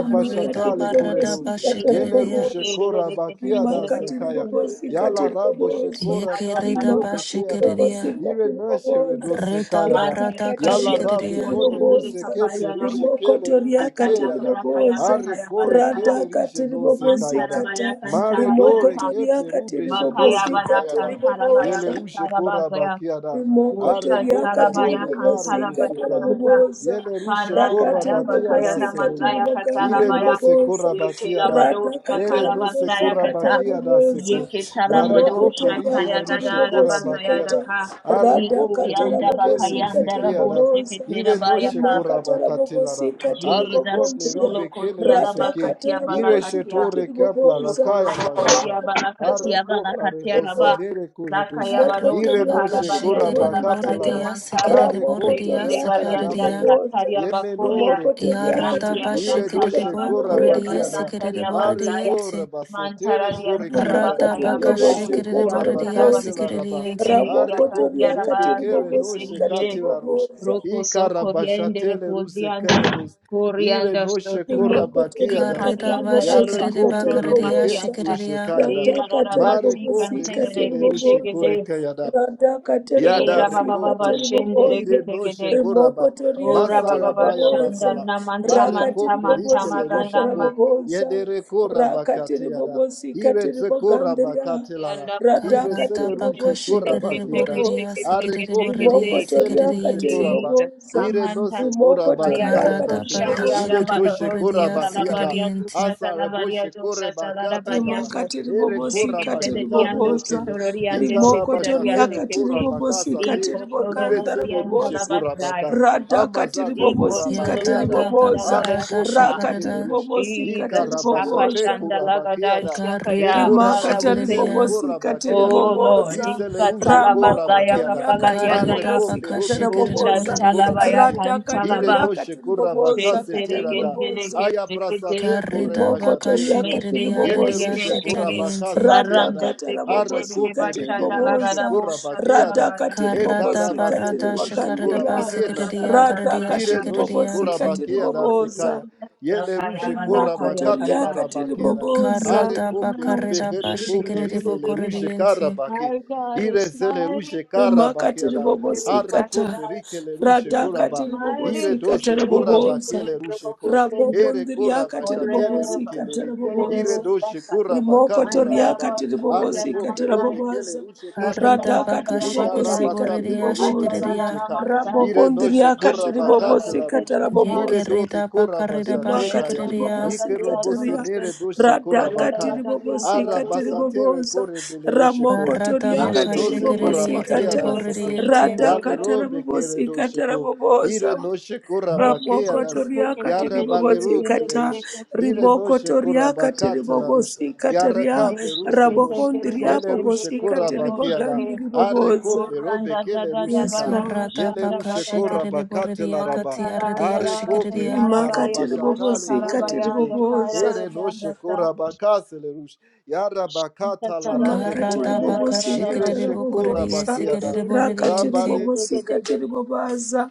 Speaker 3: Rimaka
Speaker 5: barada
Speaker 2: koredo.
Speaker 3: tiribobosika
Speaker 2: Yele
Speaker 5: bashikiridia.
Speaker 2: rushe
Speaker 3: tarabobosa.
Speaker 2: kora bakiada
Speaker 3: Rimaka
Speaker 2: sakaya.
Speaker 3: tiribobosika
Speaker 2: Yala rabo
Speaker 3: tiribobosa.
Speaker 2: shekora kaple
Speaker 5: Yekirida
Speaker 3: Rimaka
Speaker 2: robe kiada.
Speaker 5: bashikiridia.
Speaker 3: tiribobosika
Speaker 2: Ire nashe
Speaker 3: tiribobosa.
Speaker 2: redo
Speaker 5: Rida
Speaker 2: sekaya da.
Speaker 1: Mantere
Speaker 5: barada
Speaker 3: Ratakata
Speaker 1: che
Speaker 2: Yala
Speaker 3: riaka
Speaker 1: vendere,
Speaker 2: rabe
Speaker 5: kashikiridia.
Speaker 2: kole
Speaker 1: facendere
Speaker 2: ruse
Speaker 3: tiribobosa.
Speaker 2: keple
Speaker 1: capare
Speaker 2: rushe kele
Speaker 3: Rimokoto
Speaker 2: rube
Speaker 3: riaka
Speaker 1: Rataya
Speaker 2: kiada.
Speaker 1: Parataya
Speaker 3: tiribobosa.
Speaker 2: Are
Speaker 1: Bataya
Speaker 2: kore
Speaker 1: Barataya
Speaker 2: kele
Speaker 3: Radaka
Speaker 2: rishe no sekaya
Speaker 3: tiribobosika
Speaker 2: da.
Speaker 3: ta.
Speaker 1: Mantarabaya
Speaker 2: Mare dore
Speaker 3: Rimokoto
Speaker 1: Kantarabayata
Speaker 2: keple
Speaker 3: riaka
Speaker 2: rube shedo
Speaker 1: Makaya
Speaker 3: tiribobosika
Speaker 1: Bara
Speaker 2: sekaya da.
Speaker 1: Kantarabaya
Speaker 2: Yele
Speaker 3: tiribobosa.
Speaker 2: rushe kora
Speaker 1: Kantarabagaya
Speaker 2: bakiada. Are
Speaker 3: Rimokotoriaka
Speaker 2: kople
Speaker 1: Ushantarabaya
Speaker 2: robe kare
Speaker 3: tiribobosika
Speaker 2: dose
Speaker 1: Kantarabaya
Speaker 2: kaya.
Speaker 1: Kanta
Speaker 3: tiribobosa.
Speaker 2: Yele rushe korra
Speaker 3: Rakati
Speaker 1: Parankaya
Speaker 2: bakia
Speaker 1: Bakaya
Speaker 2: das
Speaker 3: ribobosika
Speaker 2: ele rushe.
Speaker 1: Namagaya
Speaker 3: tiribogandi
Speaker 2: Ire no
Speaker 1: Katarabaya
Speaker 2: se
Speaker 3: ribobosa.
Speaker 2: korra bakia das.
Speaker 3: Radaka
Speaker 1: Yekelabadosha
Speaker 2: Ere no se
Speaker 1: Karabazaya
Speaker 2: korra
Speaker 3: tiribobosika
Speaker 1: Kata
Speaker 2: bakia das
Speaker 3: tiribobosa.
Speaker 2: seko. Mare kople
Speaker 1: Yeketalabadosha
Speaker 2: ribe
Speaker 3: Rimokotoriaka
Speaker 1: Kaya
Speaker 2: le rushe korra
Speaker 3: tiribobosika
Speaker 1: Gadarabazaya
Speaker 2: bakia
Speaker 3: ta.
Speaker 2: da.
Speaker 1: Daka
Speaker 2: Are
Speaker 3: Radaka
Speaker 2: kople
Speaker 1: Ikuyanda
Speaker 2: robe kele
Speaker 3: tiribobosika
Speaker 2: ruse
Speaker 1: Bakayanda
Speaker 2: kia das.
Speaker 1: Rabose
Speaker 3: tiribobosa.
Speaker 2: Ire no
Speaker 1: Keterabaya
Speaker 2: she
Speaker 1: Ka
Speaker 3: Rimaka
Speaker 2: korra bakatela da.
Speaker 3: tiribobosika
Speaker 2: Are
Speaker 1: Jesus,
Speaker 2: kople
Speaker 3: tiribogondria.
Speaker 1: solo
Speaker 2: rube kele
Speaker 1: kotia
Speaker 2: ruse
Speaker 1: laba
Speaker 3: Radaka
Speaker 2: ke.
Speaker 1: katia
Speaker 2: Ire she
Speaker 3: tiribobosika
Speaker 1: balakatia,
Speaker 2: tore kapla la
Speaker 3: tiribobosa.
Speaker 1: shokolo
Speaker 2: kaya
Speaker 3: Raka
Speaker 2: bashata.
Speaker 1: bokotia
Speaker 2: Are
Speaker 1: balakatia
Speaker 2: kopla re
Speaker 1: balakatia raba,
Speaker 3: tiribobosika
Speaker 2: bosenere kuretus.
Speaker 1: zakaya bado
Speaker 5: Karida
Speaker 2: Ire no
Speaker 3: rimokotoriaka
Speaker 1: shakala
Speaker 2: she korra
Speaker 1: barianta
Speaker 5: bakashikiridi
Speaker 1: raba
Speaker 2: bakatela
Speaker 3: tiribobozikata
Speaker 1: karia
Speaker 5: buridia
Speaker 1: manta,
Speaker 5: sikiridi
Speaker 2: are copla
Speaker 5: buridia
Speaker 1: shekele
Speaker 3: ramokotoriaka
Speaker 2: rakaya da
Speaker 1: barianda
Speaker 5: sikaridia.
Speaker 2: sele.
Speaker 3: tiriboboza
Speaker 1: sakaria bakoria,
Speaker 2: Yemenore
Speaker 3: rimokotoriaka
Speaker 2: keplerush.
Speaker 5: Yarada
Speaker 1: randia
Speaker 2: Ire
Speaker 3: tiribobozika
Speaker 1: santaria
Speaker 2: doshe
Speaker 5: bashekerebo
Speaker 2: kora
Speaker 1: batoria
Speaker 5: koreye
Speaker 3: tiriboboza
Speaker 2: bakiada.
Speaker 1: basantaria
Speaker 5: sekerebo
Speaker 2: Are
Speaker 1: basaya,
Speaker 2: kora
Speaker 5: rediente.
Speaker 2: basetere
Speaker 1: mantara rianta raba
Speaker 2: kurekida.
Speaker 3: rimaka
Speaker 5: Rada
Speaker 1: kaya
Speaker 5: baka
Speaker 2: Ire
Speaker 1: babo,
Speaker 3: tiribobozikata
Speaker 5: shekerebo
Speaker 2: shekora
Speaker 1: rianta
Speaker 5: redia
Speaker 1: raba
Speaker 3: raboboza
Speaker 2: bakatela
Speaker 1: rianta
Speaker 2: raba.
Speaker 5: sekerediente.
Speaker 1: rebe,
Speaker 2: Are
Speaker 1: yakadia
Speaker 2: kople
Speaker 3: ramokotoriaka
Speaker 2: rube
Speaker 1: raba
Speaker 2: kere noshe
Speaker 3: tiribobozika
Speaker 1: diketiri
Speaker 2: katela rush.
Speaker 3: tiriboboza
Speaker 1: Roko
Speaker 2: I
Speaker 1: soko riendere
Speaker 2: karabashatele ruse
Speaker 1: kozianda
Speaker 2: kayados. Ire
Speaker 1: korianda
Speaker 2: noshe
Speaker 1: sotori
Speaker 2: kora
Speaker 3: rimokotoria
Speaker 2: bakiadas.
Speaker 5: Karida
Speaker 1: rikarianda
Speaker 2: Yare
Speaker 1: raianda
Speaker 3: katiribobosika
Speaker 5: vashekereba
Speaker 2: kople
Speaker 1: sororo
Speaker 2: rube
Speaker 5: karedia
Speaker 2: ke
Speaker 3: tiribobosa
Speaker 1: bazianda
Speaker 2: rushe
Speaker 5: shekeredia.
Speaker 2: kayada.
Speaker 1: era
Speaker 3: radhaka
Speaker 2: Mare
Speaker 1: rarabati
Speaker 2: kople
Speaker 3: tiribobosika
Speaker 2: rise
Speaker 1: kanterere
Speaker 2: le rushe
Speaker 3: tiribobosa
Speaker 1: kechegede
Speaker 2: kore kayada.
Speaker 3: radhaka
Speaker 2: Yada
Speaker 1: era baba
Speaker 3: tiribobosika
Speaker 1: baba
Speaker 2: rekopleri.
Speaker 1: shendere
Speaker 3: tiribobosa
Speaker 2: Ire no
Speaker 1: ketegede
Speaker 2: shekoraba.
Speaker 3: rimokotoria
Speaker 1: ora baba baba
Speaker 2: Masarabaya
Speaker 1: shanda
Speaker 3: katiribobosa
Speaker 2: basala.
Speaker 1: namanta
Speaker 2: Are
Speaker 1: manta
Speaker 2: kopleri
Speaker 1: manta
Speaker 2: kele
Speaker 3: rakatiribobosika
Speaker 1: manta maganda
Speaker 2: rusheko.
Speaker 3: tiribobosa
Speaker 2: Yede rekoraba kateyada.
Speaker 3: rakatiribobosika
Speaker 2: Ire zekoraba
Speaker 3: tiribogandria
Speaker 2: katelara.
Speaker 1: mayanda
Speaker 2: Ire
Speaker 3: radhaka
Speaker 5: Karada
Speaker 2: sele
Speaker 5: baka
Speaker 2: rushe
Speaker 1: teke
Speaker 3: tiribobosika
Speaker 1: teke
Speaker 2: koraba
Speaker 5: shekerebo
Speaker 2: kiada.
Speaker 1: teke
Speaker 5: redia
Speaker 3: tiribobosa
Speaker 2: Are
Speaker 1: teke
Speaker 5: sekerebo
Speaker 1: teke
Speaker 2: kople
Speaker 5: redie
Speaker 2: rube
Speaker 1: teke
Speaker 2: kele
Speaker 3: rimokotoria
Speaker 2: rushe
Speaker 5: sekerediente.
Speaker 2: koraba.
Speaker 1: Jesus,
Speaker 3: katiribobosa
Speaker 1: come
Speaker 2: Ire
Speaker 1: and
Speaker 2: no
Speaker 1: touch
Speaker 2: se
Speaker 1: the
Speaker 2: koraba
Speaker 1: prayer
Speaker 3: rimokotoria
Speaker 1: to
Speaker 2: yekaya
Speaker 5: Karada
Speaker 1: push
Speaker 2: tase.
Speaker 5: baka
Speaker 3: katiribobosa
Speaker 2: Ire
Speaker 1: Shaliara
Speaker 5: shekerebo
Speaker 2: toshe
Speaker 1: Valorosia,
Speaker 5: redia
Speaker 2: koraba kiada.
Speaker 1: Salabaria, Dusa,
Speaker 5: sekerediente.
Speaker 2: Asare
Speaker 1: Salabaria,
Speaker 2: boshe
Speaker 1: Dusa,
Speaker 2: koraba
Speaker 1: Salabaria,
Speaker 2: katelara.
Speaker 1: so
Speaker 3: rimakatiri
Speaker 2: Ere
Speaker 3: bobosi
Speaker 1: Jacques, the other balaros, yes, alabaria to satalabaria to satalabaria to
Speaker 2: koraba
Speaker 1: Jekete de
Speaker 3: katiri
Speaker 1: diando
Speaker 3: bobosa
Speaker 2: shekare
Speaker 1: sotoriande sete the diande
Speaker 2: Ikarabajate
Speaker 3: rimokotoriakatiri
Speaker 1: kete.
Speaker 2: korabaka sate
Speaker 3: bobosikatiri
Speaker 1: Iko tolo
Speaker 3: bogandara
Speaker 2: iresele
Speaker 1: bodianta
Speaker 2: ruje
Speaker 1: la
Speaker 3: bobosa
Speaker 1: bazaya.
Speaker 2: korabaka
Speaker 3: radhakatiri katiri
Speaker 2: amazate
Speaker 1: Iko
Speaker 3: bobosi
Speaker 1: tolo
Speaker 3: katiri
Speaker 2: korabakeada
Speaker 5: Yarada
Speaker 1: borianda
Speaker 3: bobosa
Speaker 5: baka
Speaker 2: are
Speaker 1: zaya
Speaker 5: rada
Speaker 2: kople
Speaker 1: papa.
Speaker 2: rike le
Speaker 3: rakatiri
Speaker 5: shekareda.
Speaker 2: ruche
Speaker 3: bobosi katiri
Speaker 1: Jesus, Kappa
Speaker 2: ikarabashate
Speaker 3: bobosa
Speaker 1: Shanda
Speaker 2: korabakeada e
Speaker 5: Karida
Speaker 1: Lagadashakaya. Father, we
Speaker 3: rimakatiri
Speaker 2: korabasete
Speaker 1: thank
Speaker 2: le
Speaker 1: you.
Speaker 5: bashekeredia.
Speaker 3: bobosikatiri
Speaker 1: Oh
Speaker 2: korabakeana
Speaker 1: Lord,
Speaker 3: bobosa
Speaker 1: in
Speaker 2: isele ruje
Speaker 1: Satalabazaya
Speaker 2: korabakeada
Speaker 1: Kapala
Speaker 3: ramokotoriakatiri
Speaker 2: are
Speaker 5: Karida
Speaker 1: Yadaya,
Speaker 2: kople
Speaker 5: baka
Speaker 3: bobosikatiri
Speaker 2: robe ruche
Speaker 5: shekerebo
Speaker 3: bobosa
Speaker 2: ruje
Speaker 5: rediente.
Speaker 1: Ushantalabaya
Speaker 2: korabakia ire
Speaker 1: Kantalaba,
Speaker 2: noche
Speaker 3: radhakatariakatiri bobosa
Speaker 2: korabaka
Speaker 3: katiri
Speaker 2: setirada
Speaker 3: bobosa
Speaker 1: Shinteregendeleke
Speaker 2: aya
Speaker 1: Sekete,
Speaker 2: brasate
Speaker 5: Karida
Speaker 3: Rimokoto
Speaker 5: baka
Speaker 2: korebashatere do
Speaker 3: riakati
Speaker 5: shikiri
Speaker 2: yele
Speaker 5: aridia
Speaker 1: Meshindelegede
Speaker 2: rushe
Speaker 3: ribobosikata.
Speaker 1: Sheke,
Speaker 2: korabaka
Speaker 5: shikiriente.
Speaker 2: sateada
Speaker 1: Barande
Speaker 3: Radakata
Speaker 2: Arra
Speaker 1: Sekete,
Speaker 2: kople
Speaker 3: rabobosikati
Speaker 2: rikele rushe
Speaker 3: riboboza.
Speaker 1: Bashandalagarabo
Speaker 2: kora
Speaker 3: rada
Speaker 2: bakiada.
Speaker 1: Shatarabaya,
Speaker 2: E
Speaker 5: Karada
Speaker 3: ribobosikati
Speaker 5: barada
Speaker 2: karabasele rushe
Speaker 1: Mashatalabu
Speaker 5: shikarida
Speaker 2: kora
Speaker 3: ribogandiria.
Speaker 2: bakena
Speaker 5: basikiridia
Speaker 2: seku.
Speaker 5: karidia
Speaker 3: Radakati
Speaker 2: Ire
Speaker 1: Sekirararararararara,
Speaker 2: noche kora
Speaker 3: ribobosikati
Speaker 5: shikiriente.
Speaker 2: bakiada
Speaker 1: Yeshua
Speaker 3: riboboza.
Speaker 2: sekaya.
Speaker 1: Jesus,
Speaker 2: Yele rushe
Speaker 1: Sakayama
Speaker 2: kora
Speaker 3: Rimokoto
Speaker 2: bakate la
Speaker 1: Nakayakana,
Speaker 3: riakati
Speaker 1: You
Speaker 2: rabakiada.
Speaker 1: can
Speaker 3: riboboza.
Speaker 2: Arre
Speaker 1: move
Speaker 5: Karada
Speaker 1: the
Speaker 2: kople rube
Speaker 5: bakarida
Speaker 1: mountain,
Speaker 2: kere kople
Speaker 5: bashikiridi
Speaker 2: risele
Speaker 1: Shukra
Speaker 2: rushe
Speaker 5: bokoridiente.
Speaker 2: karabaki.
Speaker 1: I've got a
Speaker 2: Ire sele
Speaker 1: smiley
Speaker 2: rushe
Speaker 1: face, a
Speaker 3: rimakati
Speaker 2: karabakiada.
Speaker 1: joker's
Speaker 2: Arre
Speaker 1: wand.
Speaker 3: ribobosikata
Speaker 2: kople rikele rushe
Speaker 1: A
Speaker 3: radhakati
Speaker 2: koraba.
Speaker 1: smiley face,
Speaker 2: Ire
Speaker 3: ribobosikata
Speaker 2: dose
Speaker 1: a
Speaker 2: koraba
Speaker 3: raboboza
Speaker 1: joker's
Speaker 2: kele rushe ko.
Speaker 1: wand.
Speaker 2: Ere koraba
Speaker 1: I've
Speaker 3: rabokondriakati
Speaker 1: got
Speaker 2: shatele
Speaker 1: a horsey,
Speaker 3: ribobosikata
Speaker 2: rukeleri.
Speaker 1: a joker's
Speaker 2: Ire
Speaker 3: raboboza
Speaker 1: horse.
Speaker 2: doshe
Speaker 1: A
Speaker 2: koraba
Speaker 1: man with
Speaker 2: katela
Speaker 1: a
Speaker 2: raba.
Speaker 1: horse,
Speaker 3: rimokotoriakati
Speaker 1: a joker's
Speaker 3: ribobosikata
Speaker 2: Arrecople
Speaker 1: name.
Speaker 2: robe che le
Speaker 3: raboboza
Speaker 2: rusce
Speaker 1: A joker's name,
Speaker 5: Karida
Speaker 2: catelara.
Speaker 1: a
Speaker 3: radhakati
Speaker 5: baka
Speaker 1: joker's
Speaker 2: I
Speaker 5: shikiridi
Speaker 1: horse.
Speaker 3: ribobosikata
Speaker 2: carabasate
Speaker 5: boridia
Speaker 2: le
Speaker 1: A
Speaker 2: robe le
Speaker 3: riboboza
Speaker 1: joker's name,
Speaker 2: rusce
Speaker 5: shikiridia.
Speaker 2: ca. Ire noce
Speaker 3: rabokondriakati
Speaker 1: a joker's horse. A joker's name, a joker's
Speaker 2: corabacate la
Speaker 1: horse.
Speaker 3: ribobosikata
Speaker 2: rusce.
Speaker 1: A
Speaker 2: Ire
Speaker 3: raboboza
Speaker 2: doze
Speaker 5: Yekirida bakarida
Speaker 2: corabasate
Speaker 3: rimaka
Speaker 2: caia.
Speaker 5: bashikiridia.
Speaker 2: Ike
Speaker 3: tiribobosika
Speaker 2: robose
Speaker 3: taria
Speaker 2: nere doce
Speaker 3: radhaka
Speaker 2: corabacaya.
Speaker 3: tiribobosika
Speaker 2: Arabasate
Speaker 3: tiribobosa
Speaker 2: recore bele rusce co.
Speaker 3: ramoko
Speaker 5: Karada
Speaker 3: toriaka
Speaker 2: Ire
Speaker 5: baka
Speaker 2: noce
Speaker 5: shikiridi
Speaker 3: tiribobosika
Speaker 5: yekiridi
Speaker 2: corabaciara
Speaker 3: ta
Speaker 2: seco.
Speaker 1: joker's name,
Speaker 5: boridiente.
Speaker 1: a
Speaker 2: Yale
Speaker 3: radhaka
Speaker 1: joker's horse.
Speaker 2: robe che le
Speaker 3: tarabobosika
Speaker 2: doce co. Ire
Speaker 3: tarabobosa
Speaker 2: noce
Speaker 3: ramoko
Speaker 2: corabacianas.
Speaker 3: toriaka
Speaker 2: Yare baleru
Speaker 3: tiribobosika
Speaker 2: che le
Speaker 3: ta
Speaker 2: rusce. Ire
Speaker 3: rimoko
Speaker 2: noce
Speaker 3: toriaka
Speaker 2: corabacate la
Speaker 3: tiribobosika
Speaker 2: Yara
Speaker 3: taria
Speaker 2: kaple ruse nosh.
Speaker 3: rabokondria
Speaker 2: Yele rushe
Speaker 3: bobosika
Speaker 2: korabakiada. Are
Speaker 3: tiribogandiribobosa
Speaker 2: kople robe kele rushe
Speaker 3: yes
Speaker 2: kai.
Speaker 3: lord
Speaker 5: Karada
Speaker 2: Yele
Speaker 5: baka
Speaker 2: rushe
Speaker 5: shikiridi
Speaker 2: korabakate
Speaker 5: boridia
Speaker 2: laraba.
Speaker 5: katiaridia
Speaker 2: Are kople
Speaker 5: shikiridia.
Speaker 3: rimaka
Speaker 2: rikarabashatale
Speaker 3: tiribobosika
Speaker 2: kore bebe.
Speaker 3: tiribobosa
Speaker 2: Ere noshe korabakasele rush. Yara bakata larabe
Speaker 3: Makatiri
Speaker 2: kore
Speaker 5: Karada
Speaker 2: de.
Speaker 5: baka
Speaker 3: bobosi
Speaker 2: Ire
Speaker 5: shikere
Speaker 3: katara
Speaker 2: she
Speaker 5: bo korere
Speaker 3: bobosa,
Speaker 5: yese
Speaker 2: korabakiada.
Speaker 5: kerere borere
Speaker 3: rakatiri
Speaker 5: yente.
Speaker 2: Rabale
Speaker 3: bobosi katiri bobaza,